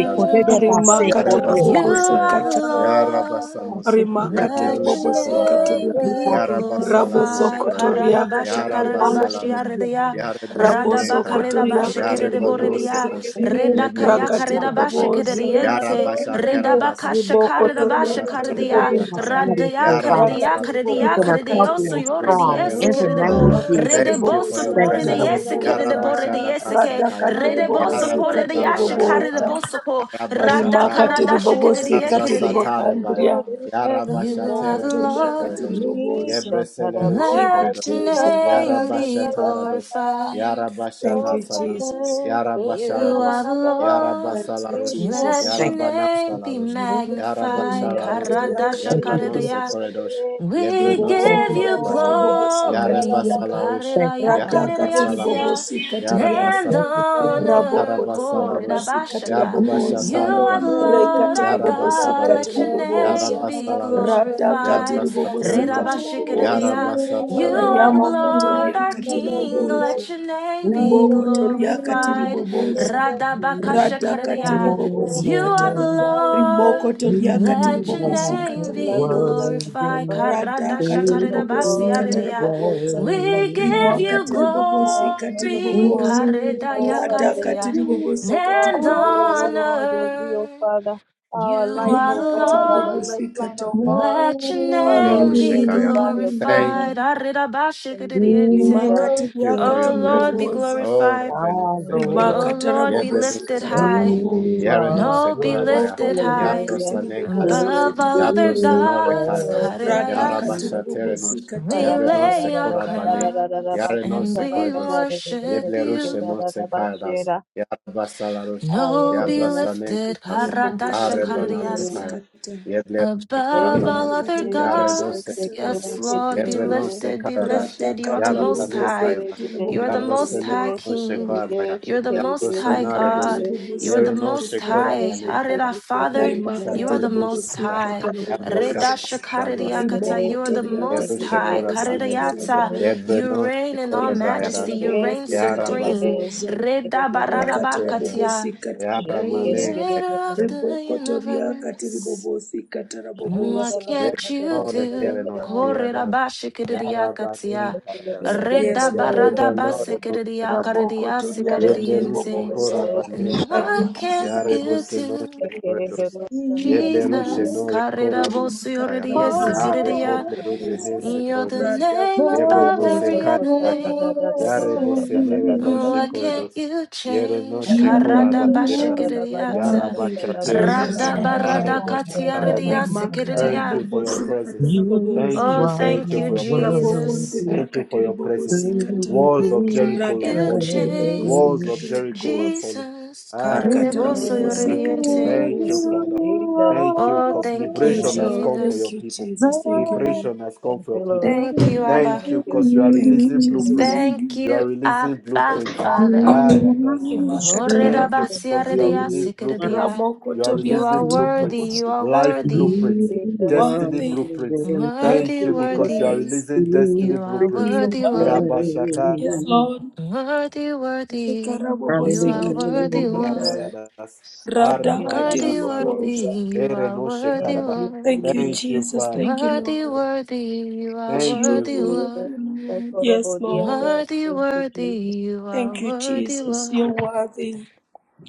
Speaker 2: Koredash,
Speaker 3: Rima
Speaker 1: I
Speaker 5: You
Speaker 1: love,
Speaker 3: katarabobosi,
Speaker 2: Yarabasanekaya,
Speaker 5: are the
Speaker 3: kata.
Speaker 1: I
Speaker 5: Lord.
Speaker 1: love,
Speaker 4: Oh,
Speaker 2: Yarabasanos,
Speaker 3: Rima
Speaker 1: I
Speaker 5: Let your
Speaker 2: Yeblerushe
Speaker 1: love
Speaker 3: katiribobosi,
Speaker 1: your
Speaker 2: Korabane,
Speaker 5: name
Speaker 3: katira.
Speaker 5: be
Speaker 3: Raboso
Speaker 2: Yarabasalarushe
Speaker 5: glorified.
Speaker 2: Korada,
Speaker 3: kotoriaka
Speaker 5: Karadabasha
Speaker 3: tiriboboza.
Speaker 1: presence.
Speaker 5: karadabashi
Speaker 2: Yarabasalaru,
Speaker 5: aredia.
Speaker 4: Hallelujah,
Speaker 1: We
Speaker 5: Radaba
Speaker 3: raboso
Speaker 5: karadabashi
Speaker 3: kotoriaka
Speaker 2: Yare bono
Speaker 5: keredeboredia.
Speaker 3: tiriboboza.
Speaker 2: sekos.
Speaker 4: Thank
Speaker 2: Yeble
Speaker 4: you,
Speaker 5: Redakaya
Speaker 3: raka rabosokotoriaka
Speaker 4: Lord
Speaker 2: rushe
Speaker 4: God, for
Speaker 2: korabaya.
Speaker 5: karadabashi
Speaker 4: your
Speaker 3: tiribobosa
Speaker 1: love
Speaker 2: Yara
Speaker 4: provision.
Speaker 5: kerediente.
Speaker 1: your
Speaker 4: Thank
Speaker 2: basha
Speaker 4: you, Lord
Speaker 1: presence.
Speaker 2: karadas.
Speaker 4: God.
Speaker 5: Redabakasha
Speaker 2: Yara
Speaker 5: karadabasha
Speaker 4: Thank
Speaker 2: basha
Speaker 3: rabosokotoriaka
Speaker 4: you for
Speaker 2: tare
Speaker 5: karedia.
Speaker 2: basha
Speaker 4: touching our
Speaker 3: tiribobosa
Speaker 2: taya.
Speaker 4: bodies,
Speaker 5: Radeya
Speaker 4: oh
Speaker 2: Yara
Speaker 4: God,
Speaker 5: karedeya
Speaker 2: basha tare
Speaker 5: karedeya
Speaker 4: keeping
Speaker 3: rakatiribobosa
Speaker 4: us
Speaker 2: baya.
Speaker 5: karedeyo
Speaker 4: healthy and
Speaker 5: suyo
Speaker 2: Yabro
Speaker 4: strong.
Speaker 2: sele
Speaker 4: In
Speaker 5: redeyese
Speaker 2: rushe
Speaker 4: the
Speaker 2: kaya.
Speaker 4: name
Speaker 5: keredebo
Speaker 4: of
Speaker 1: Oh,
Speaker 3: ribokotoriaka
Speaker 2: Thank
Speaker 4: Jesus.
Speaker 2: you
Speaker 1: yes,
Speaker 5: redebo
Speaker 2: for
Speaker 1: la
Speaker 3: tiribobosa
Speaker 2: your
Speaker 1: la
Speaker 4: Thank
Speaker 3: rakatiribobosika
Speaker 1: la
Speaker 5: sokore
Speaker 4: you,
Speaker 1: la
Speaker 2: presence.
Speaker 1: la
Speaker 4: Lord.
Speaker 5: deyese
Speaker 1: la la
Speaker 2: Yara
Speaker 3: tiribobosa rimakatiribobosi katarabobosa
Speaker 5: keredebo
Speaker 2: basha
Speaker 1: la.
Speaker 5: redeyese
Speaker 2: datasa
Speaker 5: ke
Speaker 2: kaya.
Speaker 1: I
Speaker 5: redebo
Speaker 1: love, I
Speaker 2: Yara
Speaker 3: radakatiribobosika
Speaker 5: sokore
Speaker 1: love
Speaker 2: basha
Speaker 1: your
Speaker 5: deyashe
Speaker 2: rasha kaya.
Speaker 3: katiribobosa
Speaker 1: presence.
Speaker 5: karedebo soko
Speaker 2: Yara
Speaker 1: That's,
Speaker 2: basha
Speaker 5: rada
Speaker 1: that's,
Speaker 2: tare baya.
Speaker 5: karadashe
Speaker 1: that's
Speaker 3: rimakatiribobosi
Speaker 5: keredeye keredeye.
Speaker 2: Yarasatare baya.
Speaker 3: katiribokandria
Speaker 1: what is heaven
Speaker 5: You are
Speaker 2: Yarabashatere
Speaker 5: the
Speaker 2: doshe
Speaker 3: rimokotoriaka
Speaker 5: Lord.
Speaker 1: to
Speaker 2: koredosh.
Speaker 1: me.
Speaker 3: tiribobosa
Speaker 2: Yebresele rushe
Speaker 3: Thank
Speaker 1: Shataraboya,
Speaker 3: you,
Speaker 5: Let
Speaker 2: koredosh.
Speaker 5: your
Speaker 3: Jesus.
Speaker 5: name
Speaker 1: sikatalagataya,
Speaker 5: be
Speaker 1: gataya.
Speaker 2: Yarabashatara dos.
Speaker 1: gataya.
Speaker 5: glorified.
Speaker 3: Thank
Speaker 2: Yarabashata
Speaker 1: Your
Speaker 3: you,
Speaker 2: sanas.
Speaker 3: Jesus.
Speaker 1: presence,
Speaker 2: Yarabashara
Speaker 5: You
Speaker 2: dos.
Speaker 5: are the
Speaker 1: sikarabaragada.
Speaker 5: Lord.
Speaker 3: Thank you,
Speaker 1: Great
Speaker 2: Yarabasalarush.
Speaker 5: Let
Speaker 3: Jesus.
Speaker 4: Thank
Speaker 5: your
Speaker 1: heaven,
Speaker 4: you.
Speaker 5: name be
Speaker 2: Yarabanasalarush.
Speaker 1: meet
Speaker 5: magnified.
Speaker 1: us.
Speaker 2: Yarabashara dos.
Speaker 3: Rimakatiria
Speaker 5: Karadasha
Speaker 4: Thank you, Jesus.
Speaker 2: Yabranose
Speaker 5: karedeya.
Speaker 3: katiribobos.
Speaker 2: koredosh.
Speaker 5: We
Speaker 2: Yebrenose
Speaker 4: Thank
Speaker 5: give
Speaker 4: you,
Speaker 3: Ribokombiria
Speaker 5: you
Speaker 4: Jesus.
Speaker 2: korebani.
Speaker 1: Oh, your
Speaker 3: katibobos
Speaker 1: candela da
Speaker 3: katiria.
Speaker 5: glory,
Speaker 2: Yarabasalarush.
Speaker 1: dosha,
Speaker 4: Thank you,
Speaker 5: Kariraya
Speaker 3: Rada
Speaker 4: Jesus.
Speaker 1: your
Speaker 2: Yarabasalarush.
Speaker 5: Karirayasya,
Speaker 1: presence,
Speaker 3: katiribobosi
Speaker 1: in
Speaker 3: katiria.
Speaker 1: your
Speaker 2: Yarabasa.
Speaker 5: and
Speaker 4: Thank you,
Speaker 1: presence,
Speaker 5: honor,
Speaker 3: Rabokoto
Speaker 1: love
Speaker 2: Yarabasalarush.
Speaker 3: ribabasi
Speaker 1: of
Speaker 5: Korirabashaka. You
Speaker 3: kataraboboza.
Speaker 2: Yarabashatara
Speaker 1: your
Speaker 5: are the
Speaker 2: bana.
Speaker 1: presence,
Speaker 5: Lord
Speaker 4: Jesus.
Speaker 5: our
Speaker 1: I love
Speaker 3: Rekatarabobosi
Speaker 5: God,
Speaker 1: your
Speaker 5: let
Speaker 2: Yarabasalaros,
Speaker 5: your
Speaker 1: presence,
Speaker 5: name
Speaker 3: kataraboboza.
Speaker 1: and I
Speaker 5: be
Speaker 1: love your
Speaker 2: Yarabasalaros,
Speaker 3: Rata
Speaker 1: presence,
Speaker 5: glorified.
Speaker 1: I love your
Speaker 4: We
Speaker 3: katiribobosi
Speaker 2: Yabrasatelenos,
Speaker 1: presence, yeah.
Speaker 4: worship
Speaker 3: katarabobozi.
Speaker 5: Rirabashikiriya.
Speaker 1: I
Speaker 5: You
Speaker 2: Yarabasataralerushekaya.
Speaker 5: are the
Speaker 3: Riamo
Speaker 1: love your presence,
Speaker 5: Lord
Speaker 3: kotoria
Speaker 5: our
Speaker 1: I love your
Speaker 5: King,
Speaker 3: katiriboboza.
Speaker 1: presence,
Speaker 5: let your name
Speaker 1: I
Speaker 5: be
Speaker 3: Riboko
Speaker 1: love your
Speaker 3: toria
Speaker 1: presence,
Speaker 5: glorified.
Speaker 1: I love your
Speaker 3: katiriboboza.
Speaker 1: presence,
Speaker 4: you,
Speaker 3: Rata
Speaker 1: I love your
Speaker 5: Radabakashakariya.
Speaker 4: oh
Speaker 3: katiribobosi
Speaker 5: You
Speaker 1: presence, I
Speaker 5: are the
Speaker 3: kata.
Speaker 4: Lord.
Speaker 1: desire your presence.
Speaker 3: Rimoko
Speaker 5: Lord.
Speaker 3: toria
Speaker 4: You
Speaker 5: Let your
Speaker 3: katiribobosi
Speaker 4: are
Speaker 1: I
Speaker 5: name
Speaker 1: love
Speaker 5: be
Speaker 1: your
Speaker 3: katiriboboza.
Speaker 1: presence, O
Speaker 5: glorified.
Speaker 4: worthy
Speaker 1: God.
Speaker 3: Rada
Speaker 5: Karadasha
Speaker 3: katiri
Speaker 4: to be
Speaker 1: Precious
Speaker 3: bobosi
Speaker 5: karedabasi
Speaker 1: Lord, I
Speaker 4: praised.
Speaker 3: katara
Speaker 5: aredia.
Speaker 1: love your
Speaker 3: boboza.
Speaker 1: presence. I
Speaker 5: We give
Speaker 1: desire
Speaker 3: Rima
Speaker 1: your
Speaker 5: you
Speaker 3: katiri
Speaker 1: presence more
Speaker 3: bobosi
Speaker 1: than
Speaker 3: katiri
Speaker 1: ever
Speaker 4: We
Speaker 5: glory.
Speaker 4: give
Speaker 1: before.
Speaker 3: boboza.
Speaker 1: Oh,
Speaker 5: Karedaya
Speaker 1: Father,
Speaker 3: Rada
Speaker 1: that your
Speaker 5: katia.
Speaker 3: katiri
Speaker 4: you
Speaker 1: presence,
Speaker 3: bobosi
Speaker 1: O God,
Speaker 3: katiri
Speaker 5: And
Speaker 1: Father,
Speaker 3: boboza.
Speaker 4: all
Speaker 1: Lord, will be, O
Speaker 5: honor.
Speaker 1: Father,
Speaker 5: You
Speaker 1: our
Speaker 4: the
Speaker 1: life,
Speaker 5: are
Speaker 3: Rima
Speaker 1: O
Speaker 5: the
Speaker 3: katiri
Speaker 1: God, our
Speaker 5: Lord.
Speaker 3: bobosi
Speaker 1: lifeline,
Speaker 3: kata.
Speaker 1: O God.
Speaker 5: Let your
Speaker 1: Father, we
Speaker 5: name
Speaker 4: glory.
Speaker 1: will
Speaker 5: be
Speaker 1: desire your
Speaker 2: Thank
Speaker 1: presence.
Speaker 5: glorified. Aredabashi
Speaker 1: Thank
Speaker 4: We
Speaker 1: you,
Speaker 3: Rima
Speaker 5: kerediente.
Speaker 1: Jesus.
Speaker 3: katiri
Speaker 2: you
Speaker 3: ya
Speaker 4: worship
Speaker 2: for
Speaker 5: Oh
Speaker 2: your
Speaker 3: katiri
Speaker 5: Lord,
Speaker 2: presence.
Speaker 5: be
Speaker 4: you,
Speaker 3: boboza.
Speaker 2: Oh,
Speaker 5: glorified.
Speaker 2: Rebenu
Speaker 4: our
Speaker 1: Thank you,
Speaker 3: Rima
Speaker 2: Sekordos.
Speaker 4: Lord.
Speaker 5: Oh
Speaker 1: Lord.
Speaker 3: katara
Speaker 5: Lord, be
Speaker 2: Yebenu
Speaker 3: bobosi
Speaker 5: lifted
Speaker 1: Thank
Speaker 3: katiri
Speaker 1: you,
Speaker 5: high.
Speaker 2: Sekorabani.
Speaker 4: You
Speaker 3: boboza.
Speaker 1: Jesus.
Speaker 2: Yareno
Speaker 4: are
Speaker 5: No, be
Speaker 2: Sekorabaya.
Speaker 3: Raboko
Speaker 5: lifted
Speaker 3: tori
Speaker 4: worthy
Speaker 3: ya
Speaker 5: high.
Speaker 1: Hallelujah.
Speaker 3: katiri
Speaker 2: Yabrosane
Speaker 4: to
Speaker 3: bobosi
Speaker 2: Kayadas.
Speaker 5: Above
Speaker 1: Hallelujah.
Speaker 3: katiri
Speaker 5: all other
Speaker 3: boboza.
Speaker 4: be
Speaker 2: Yabrosenore
Speaker 5: gods,
Speaker 1: Oh,
Speaker 2: Kayadas.
Speaker 1: thank
Speaker 4: praised.
Speaker 3: Rada
Speaker 1: you,
Speaker 5: Karirayasa,
Speaker 1: Jesus.
Speaker 3: katiri bobosi
Speaker 2: Yarabashaterenos.
Speaker 5: we
Speaker 3: kata.
Speaker 2: Yabreno
Speaker 5: lay
Speaker 1: Hallelujah.
Speaker 5: our
Speaker 2: Sekorabane.
Speaker 5: crowns
Speaker 2: Yareno
Speaker 5: and we
Speaker 2: Sekoredos.
Speaker 5: worship
Speaker 2: Yeblerushe
Speaker 5: you.
Speaker 2: no Sekayadas. Yarabasalarush.
Speaker 5: No be
Speaker 2: Yabrosane
Speaker 5: lifted,
Speaker 2: Kayadas.
Speaker 3: Rima
Speaker 5: Karadasha
Speaker 3: katiri
Speaker 2: Arebana
Speaker 3: bobosi
Speaker 2: Sekaya.
Speaker 5: Kaririyansa.
Speaker 3: kata.
Speaker 2: Yeblerushe
Speaker 5: Above all
Speaker 2: Korabanes.
Speaker 3: Rimakati
Speaker 5: other
Speaker 3: bobosi
Speaker 2: Yaredos
Speaker 5: gods,
Speaker 3: kata
Speaker 2: Sekoredos.
Speaker 5: yes,
Speaker 3: bobosi
Speaker 5: Lord, be
Speaker 3: kata
Speaker 2: Yebreno
Speaker 5: lifted, be
Speaker 2: Sekayadas.
Speaker 3: rata
Speaker 5: lifted. You are
Speaker 3: kati
Speaker 5: the
Speaker 2: Ya
Speaker 5: Most
Speaker 2: Rabane
Speaker 3: bobosi
Speaker 5: High.
Speaker 2: Kayadas,
Speaker 3: kata
Speaker 5: You are
Speaker 2: ya
Speaker 5: the
Speaker 3: boboza
Speaker 5: Most
Speaker 2: Yabrosene
Speaker 5: High
Speaker 2: no
Speaker 5: King.
Speaker 2: Shekorabaya,
Speaker 5: You are the
Speaker 2: Ya
Speaker 5: Most High
Speaker 2: Brosenare
Speaker 3: rikati
Speaker 2: dos
Speaker 5: God. You are
Speaker 3: bobosi
Speaker 5: the
Speaker 2: Yere no
Speaker 3: kata
Speaker 5: Most High.
Speaker 3: boboza
Speaker 2: Shekorabane Kaya,
Speaker 5: Arira,
Speaker 2: ya,
Speaker 5: Father, you
Speaker 2: Shekorabanekaya,
Speaker 5: are
Speaker 3: rimakati
Speaker 2: Yabrasatele
Speaker 5: the Most
Speaker 3: bobosi
Speaker 2: Rushekara,
Speaker 3: kata
Speaker 5: High. Reda
Speaker 3: boboza
Speaker 2: Yabrasatarabanas,
Speaker 5: shakaririakata,
Speaker 3: riboko
Speaker 5: you are the
Speaker 3: toria
Speaker 5: Most
Speaker 3: kati
Speaker 5: High.
Speaker 3: bobosi kata
Speaker 2: Yerushekorabanes,
Speaker 5: Kaririata,
Speaker 3: boboza
Speaker 5: you
Speaker 2: Yebeno
Speaker 5: reign in all
Speaker 3: rimakati
Speaker 2: Shekorabayadas,
Speaker 5: majesty. You reign
Speaker 3: bobosi kata
Speaker 2: Yarabasteadas,
Speaker 5: supreme.
Speaker 3: boboza
Speaker 5: Reda
Speaker 3: rikati
Speaker 5: bararabakatia,
Speaker 3: bobosi kata
Speaker 1: Amen.
Speaker 3: boboza
Speaker 2: Yaramanekaya,
Speaker 5: Creator of the
Speaker 3: riboko toria kati
Speaker 5: universe.
Speaker 3: bobosi kata
Speaker 5: What
Speaker 3: boboza
Speaker 5: can't
Speaker 2: Yebeno
Speaker 5: you do?
Speaker 2: Rekereno
Speaker 5: Korera
Speaker 2: Kiadas,
Speaker 5: ba shikiriya katia.
Speaker 2: Yarabanekayadas,
Speaker 5: Reda
Speaker 3: yes lord
Speaker 5: barada ba
Speaker 2: Yarebanore
Speaker 5: sikiriya
Speaker 3: Raboko
Speaker 5: karidiya
Speaker 3: toria
Speaker 2: Yeble
Speaker 3: katiri
Speaker 2: ruŝ
Speaker 5: sikiriyente.
Speaker 2: kora
Speaker 3: boboza.
Speaker 5: And
Speaker 2: balekaja.
Speaker 3: Karia
Speaker 5: what can't
Speaker 3: katiri
Speaker 2: Jare
Speaker 5: you
Speaker 2: bose
Speaker 3: boboza.
Speaker 2: no
Speaker 5: do?
Speaker 2: rekordos. Yeble ruŝe
Speaker 5: Jesus,
Speaker 2: no rekora
Speaker 5: karida
Speaker 3: Rima
Speaker 2: balekaja.
Speaker 4: You
Speaker 3: katiri
Speaker 4: are
Speaker 5: bosuridiya
Speaker 4: worthy
Speaker 3: boboza.
Speaker 2: Are
Speaker 3: Katiri
Speaker 5: sikiriya.
Speaker 2: kople rube ne
Speaker 3: boboza.
Speaker 5: You're the
Speaker 2: sekordos.
Speaker 3: Rada
Speaker 5: name
Speaker 3: katiri
Speaker 2: Yeble
Speaker 5: above
Speaker 2: no se
Speaker 5: every
Speaker 3: boboza.
Speaker 5: other
Speaker 2: karabaya.
Speaker 5: names.
Speaker 2: Jare bose nere no
Speaker 5: What can't
Speaker 2: shekordos.
Speaker 5: you
Speaker 2: Yere no
Speaker 5: change?
Speaker 2: shekora
Speaker 5: Karada ba
Speaker 2: bakiadas. Yara
Speaker 5: shikiriyata.
Speaker 3: Thank you,
Speaker 2: bachateranos.
Speaker 3: Jesus.
Speaker 5: Rada
Speaker 2: Are
Speaker 5: barada katia
Speaker 2: bachataradas.
Speaker 5: ridiya
Speaker 3: Rima katiri
Speaker 2: Thank
Speaker 5: sikiriya.
Speaker 2: you for your
Speaker 3: boboza.
Speaker 2: presence.
Speaker 3: Katiri
Speaker 2: Thank
Speaker 3: boboza.
Speaker 5: Oh,
Speaker 2: you, thank
Speaker 5: thank
Speaker 2: you
Speaker 5: you,
Speaker 2: for your presence.
Speaker 3: Raboko
Speaker 4: to
Speaker 5: Jesus.
Speaker 3: ntiria
Speaker 2: Thank you for
Speaker 3: katiri
Speaker 2: your presence.
Speaker 3: boboza.
Speaker 5: Mm,
Speaker 4: be
Speaker 3: Katiri
Speaker 2: Walls of
Speaker 4: praised.
Speaker 5: Can
Speaker 2: Jericho are
Speaker 3: Rada
Speaker 5: you
Speaker 2: falling.
Speaker 3: katiri boboza.
Speaker 2: Walls of
Speaker 5: change
Speaker 3: Katiri
Speaker 2: Jericho are
Speaker 3: boboza.
Speaker 2: falling.
Speaker 5: Jesus?
Speaker 4: We
Speaker 3: Makatara
Speaker 5: Carrereboso
Speaker 3: boboza.
Speaker 2: Arabanasaka.
Speaker 3: Katiri
Speaker 5: yorriente.
Speaker 2: Thank you,
Speaker 1: Thank
Speaker 3: boboza.
Speaker 1: you,
Speaker 4: give
Speaker 2: Father.
Speaker 1: Jesus.
Speaker 2: Thank you,
Speaker 5: Oh,
Speaker 4: You
Speaker 1: Thank
Speaker 2: because
Speaker 1: you,
Speaker 4: are
Speaker 5: thank you,
Speaker 3: Yes,
Speaker 2: liberation
Speaker 1: Jesus.
Speaker 2: has
Speaker 3: Lord.
Speaker 2: come for
Speaker 3: Thank
Speaker 2: your
Speaker 5: Jesus.
Speaker 3: you,
Speaker 2: people.
Speaker 3: Jesus. Thank you, Lord.
Speaker 2: Liberation has come
Speaker 1: Thank
Speaker 2: for your
Speaker 1: you,
Speaker 4: the
Speaker 1: Lord.
Speaker 2: people.
Speaker 5: Thank you, Abba.
Speaker 2: Thank
Speaker 1: Thank
Speaker 2: you,
Speaker 1: you.
Speaker 2: because you are
Speaker 3: Thank you,
Speaker 2: releasing
Speaker 1: Thank
Speaker 3: Jesus.
Speaker 1: you.
Speaker 2: blueprints.
Speaker 4: glory.
Speaker 5: Thank
Speaker 2: You are
Speaker 5: you,
Speaker 2: releasing
Speaker 5: Abba,
Speaker 2: blueprints.
Speaker 5: Father.
Speaker 4: You
Speaker 2: Arabanasaka.
Speaker 1: Mm,
Speaker 3: Ribakati
Speaker 4: worship
Speaker 1: Thank
Speaker 2: Thank you,
Speaker 1: you,
Speaker 3: ribobosi,
Speaker 2: because you are
Speaker 1: Jesus.
Speaker 5: Orerabasiaredia,
Speaker 2: releasing
Speaker 4: you.
Speaker 2: blueprints.
Speaker 5: sikeredia.
Speaker 2: You are
Speaker 5: You
Speaker 2: releasing
Speaker 5: are
Speaker 1: Thank
Speaker 3: ramokotoriakati
Speaker 2: blueprints,
Speaker 5: worthy, you
Speaker 3: ribobosi.
Speaker 5: are
Speaker 2: life
Speaker 5: worthy.
Speaker 1: you,
Speaker 2: blueprints,
Speaker 1: Jesus.
Speaker 4: You
Speaker 3: One
Speaker 4: are
Speaker 2: destiny
Speaker 3: thing
Speaker 4: worthy
Speaker 2: blueprints.
Speaker 4: to
Speaker 3: of
Speaker 1: Thank
Speaker 2: Thank
Speaker 5: Worthy,
Speaker 1: you,
Speaker 2: you, because you
Speaker 1: Jesus.
Speaker 2: are
Speaker 5: worthy.
Speaker 3: praise,
Speaker 2: releasing
Speaker 4: be
Speaker 2: destiny
Speaker 5: You are
Speaker 2: blueprints.
Speaker 3: you're
Speaker 4: praised.
Speaker 5: worthy,
Speaker 1: Thank
Speaker 5: Lord.
Speaker 1: you,
Speaker 3: worthy.
Speaker 2: Rabashaka
Speaker 1: Jesus.
Speaker 3: Yes, Lord.
Speaker 5: Worthy, worthy. You
Speaker 3: Rikarabobosi,
Speaker 1: Thank
Speaker 5: are
Speaker 1: you,
Speaker 4: Hallelujah.
Speaker 5: worthy,
Speaker 1: Jesus.
Speaker 5: Lord.
Speaker 3: katarabobosa,
Speaker 2: Arabayadas,
Speaker 1: Thank you,
Speaker 3: radakati
Speaker 5: Worthy,
Speaker 2: Arabayadas
Speaker 1: Jesus.
Speaker 5: worthy,
Speaker 2: Alarush,
Speaker 3: ribobosa.
Speaker 5: you are
Speaker 2: Erenoshe
Speaker 5: worthy,
Speaker 1: Thank
Speaker 2: Karaba.
Speaker 1: you, Jesus.
Speaker 3: Thank
Speaker 5: Lord.
Speaker 3: you,
Speaker 2: Thank you,
Speaker 3: Jesus.
Speaker 2: Father.
Speaker 3: Thank you,
Speaker 5: Worthy,
Speaker 3: Lord.
Speaker 5: worthy, you are
Speaker 1: Thank
Speaker 2: Thank
Speaker 1: you,
Speaker 2: you.
Speaker 3: You're
Speaker 1: Jesus. thank
Speaker 5: worthy,
Speaker 1: you,
Speaker 3: worthy,
Speaker 5: Lord.
Speaker 3: Lord. Yes,
Speaker 1: Okorobodiaga.
Speaker 3: Lord.
Speaker 5: Worthy,
Speaker 1: Thank you,
Speaker 5: worthy,
Speaker 1: Jesus.
Speaker 5: you are
Speaker 3: Thank you,
Speaker 5: worthy,
Speaker 3: Jesus. You're
Speaker 5: Lord.
Speaker 3: worthy.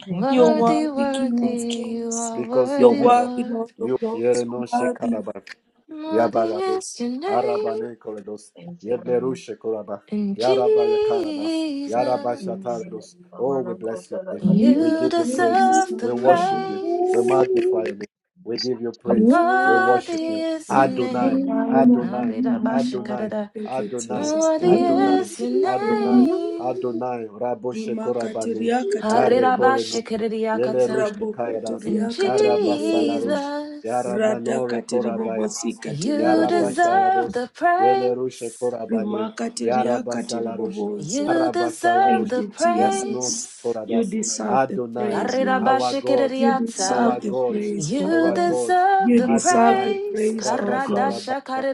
Speaker 1: Thank
Speaker 3: You're
Speaker 1: you.
Speaker 5: Worthy,
Speaker 3: worthy, King
Speaker 5: worthy,
Speaker 3: of
Speaker 5: you
Speaker 3: Kings.
Speaker 5: are
Speaker 2: because
Speaker 3: You're
Speaker 2: your
Speaker 5: worthy,
Speaker 2: widow,
Speaker 3: worthy, Lord
Speaker 5: Lord.
Speaker 3: of
Speaker 2: you
Speaker 3: Lords. You're
Speaker 2: yereno
Speaker 3: worthy.
Speaker 2: shekaraba,
Speaker 5: Worthy
Speaker 2: yabaradosh,
Speaker 5: is your name,
Speaker 2: arabane korados,
Speaker 1: Thank you, Lord.
Speaker 2: yeblerushe koraba,
Speaker 1: Thank
Speaker 5: and
Speaker 1: you,
Speaker 2: yaraba yakaradas,
Speaker 1: Thank
Speaker 2: yaraba
Speaker 5: Jesus,
Speaker 1: you, Jesus.
Speaker 2: shatarados. Oh, we
Speaker 1: Amana
Speaker 2: bless your
Speaker 1: kotala
Speaker 2: name.
Speaker 1: bagia.
Speaker 2: We
Speaker 5: you
Speaker 1: Thank
Speaker 2: give
Speaker 4: You
Speaker 2: you
Speaker 3: In
Speaker 2: praise.
Speaker 3: this
Speaker 5: deserve the
Speaker 2: We worship
Speaker 3: moment,
Speaker 2: you.
Speaker 4: are
Speaker 2: We
Speaker 5: praise.
Speaker 2: magnify your name. We give you praise.
Speaker 4: worthy
Speaker 2: We
Speaker 3: I
Speaker 2: worship
Speaker 5: Worthy
Speaker 2: you.
Speaker 3: Thank
Speaker 5: is
Speaker 1: you,
Speaker 5: your
Speaker 1: Jesus.
Speaker 2: Adonai,
Speaker 3: you,
Speaker 5: name.
Speaker 1: Thank
Speaker 2: Adonai,
Speaker 1: you, Father.
Speaker 2: Adonai,
Speaker 3: Thank you,
Speaker 2: Adonai,
Speaker 3: Jesus. Thank
Speaker 5: Worthy
Speaker 3: you,
Speaker 4: worthy to
Speaker 2: Adonai,
Speaker 3: Lord.
Speaker 5: is your
Speaker 4: be
Speaker 2: Adonai,
Speaker 5: name.
Speaker 4: praised.
Speaker 2: Adonai, Raboshe
Speaker 3: Rimaka
Speaker 2: korabane,
Speaker 3: tiriaka
Speaker 2: Are
Speaker 3: tiribobosi.
Speaker 2: Yelerush
Speaker 5: Harirabashikiriakata.
Speaker 3: Rabokoto
Speaker 2: Kayadas,
Speaker 5: And
Speaker 3: Rada tiribobosi.
Speaker 2: Arabasalarush,
Speaker 5: Jesus,
Speaker 2: Yaramanore
Speaker 3: Radaka
Speaker 2: Korabayas,
Speaker 3: tiribobosika
Speaker 5: you
Speaker 3: tiribobosi.
Speaker 5: deserve
Speaker 2: Yarabasharados,
Speaker 5: the
Speaker 2: Yelerush
Speaker 5: praise.
Speaker 2: Korabani, Yarabasalarush,
Speaker 3: Rimakatiriakatiribobosa.
Speaker 5: You deserve
Speaker 2: Arabasalarush,
Speaker 3: Thank
Speaker 5: the
Speaker 3: you,
Speaker 2: Yaranos
Speaker 3: Jesus.
Speaker 5: praise.
Speaker 3: You
Speaker 2: Koradas,
Speaker 3: deserve the
Speaker 2: Adonai,
Speaker 3: praise, Lord.
Speaker 2: our God,
Speaker 3: You
Speaker 5: Harirabashikiriata.
Speaker 3: deserve
Speaker 2: our
Speaker 3: the
Speaker 2: God,
Speaker 3: praise, O
Speaker 5: You
Speaker 2: our
Speaker 3: God.
Speaker 2: God,
Speaker 5: deserve
Speaker 3: You
Speaker 5: the
Speaker 3: deserve
Speaker 2: Adonai,
Speaker 3: the
Speaker 5: praise.
Speaker 3: praise, O God.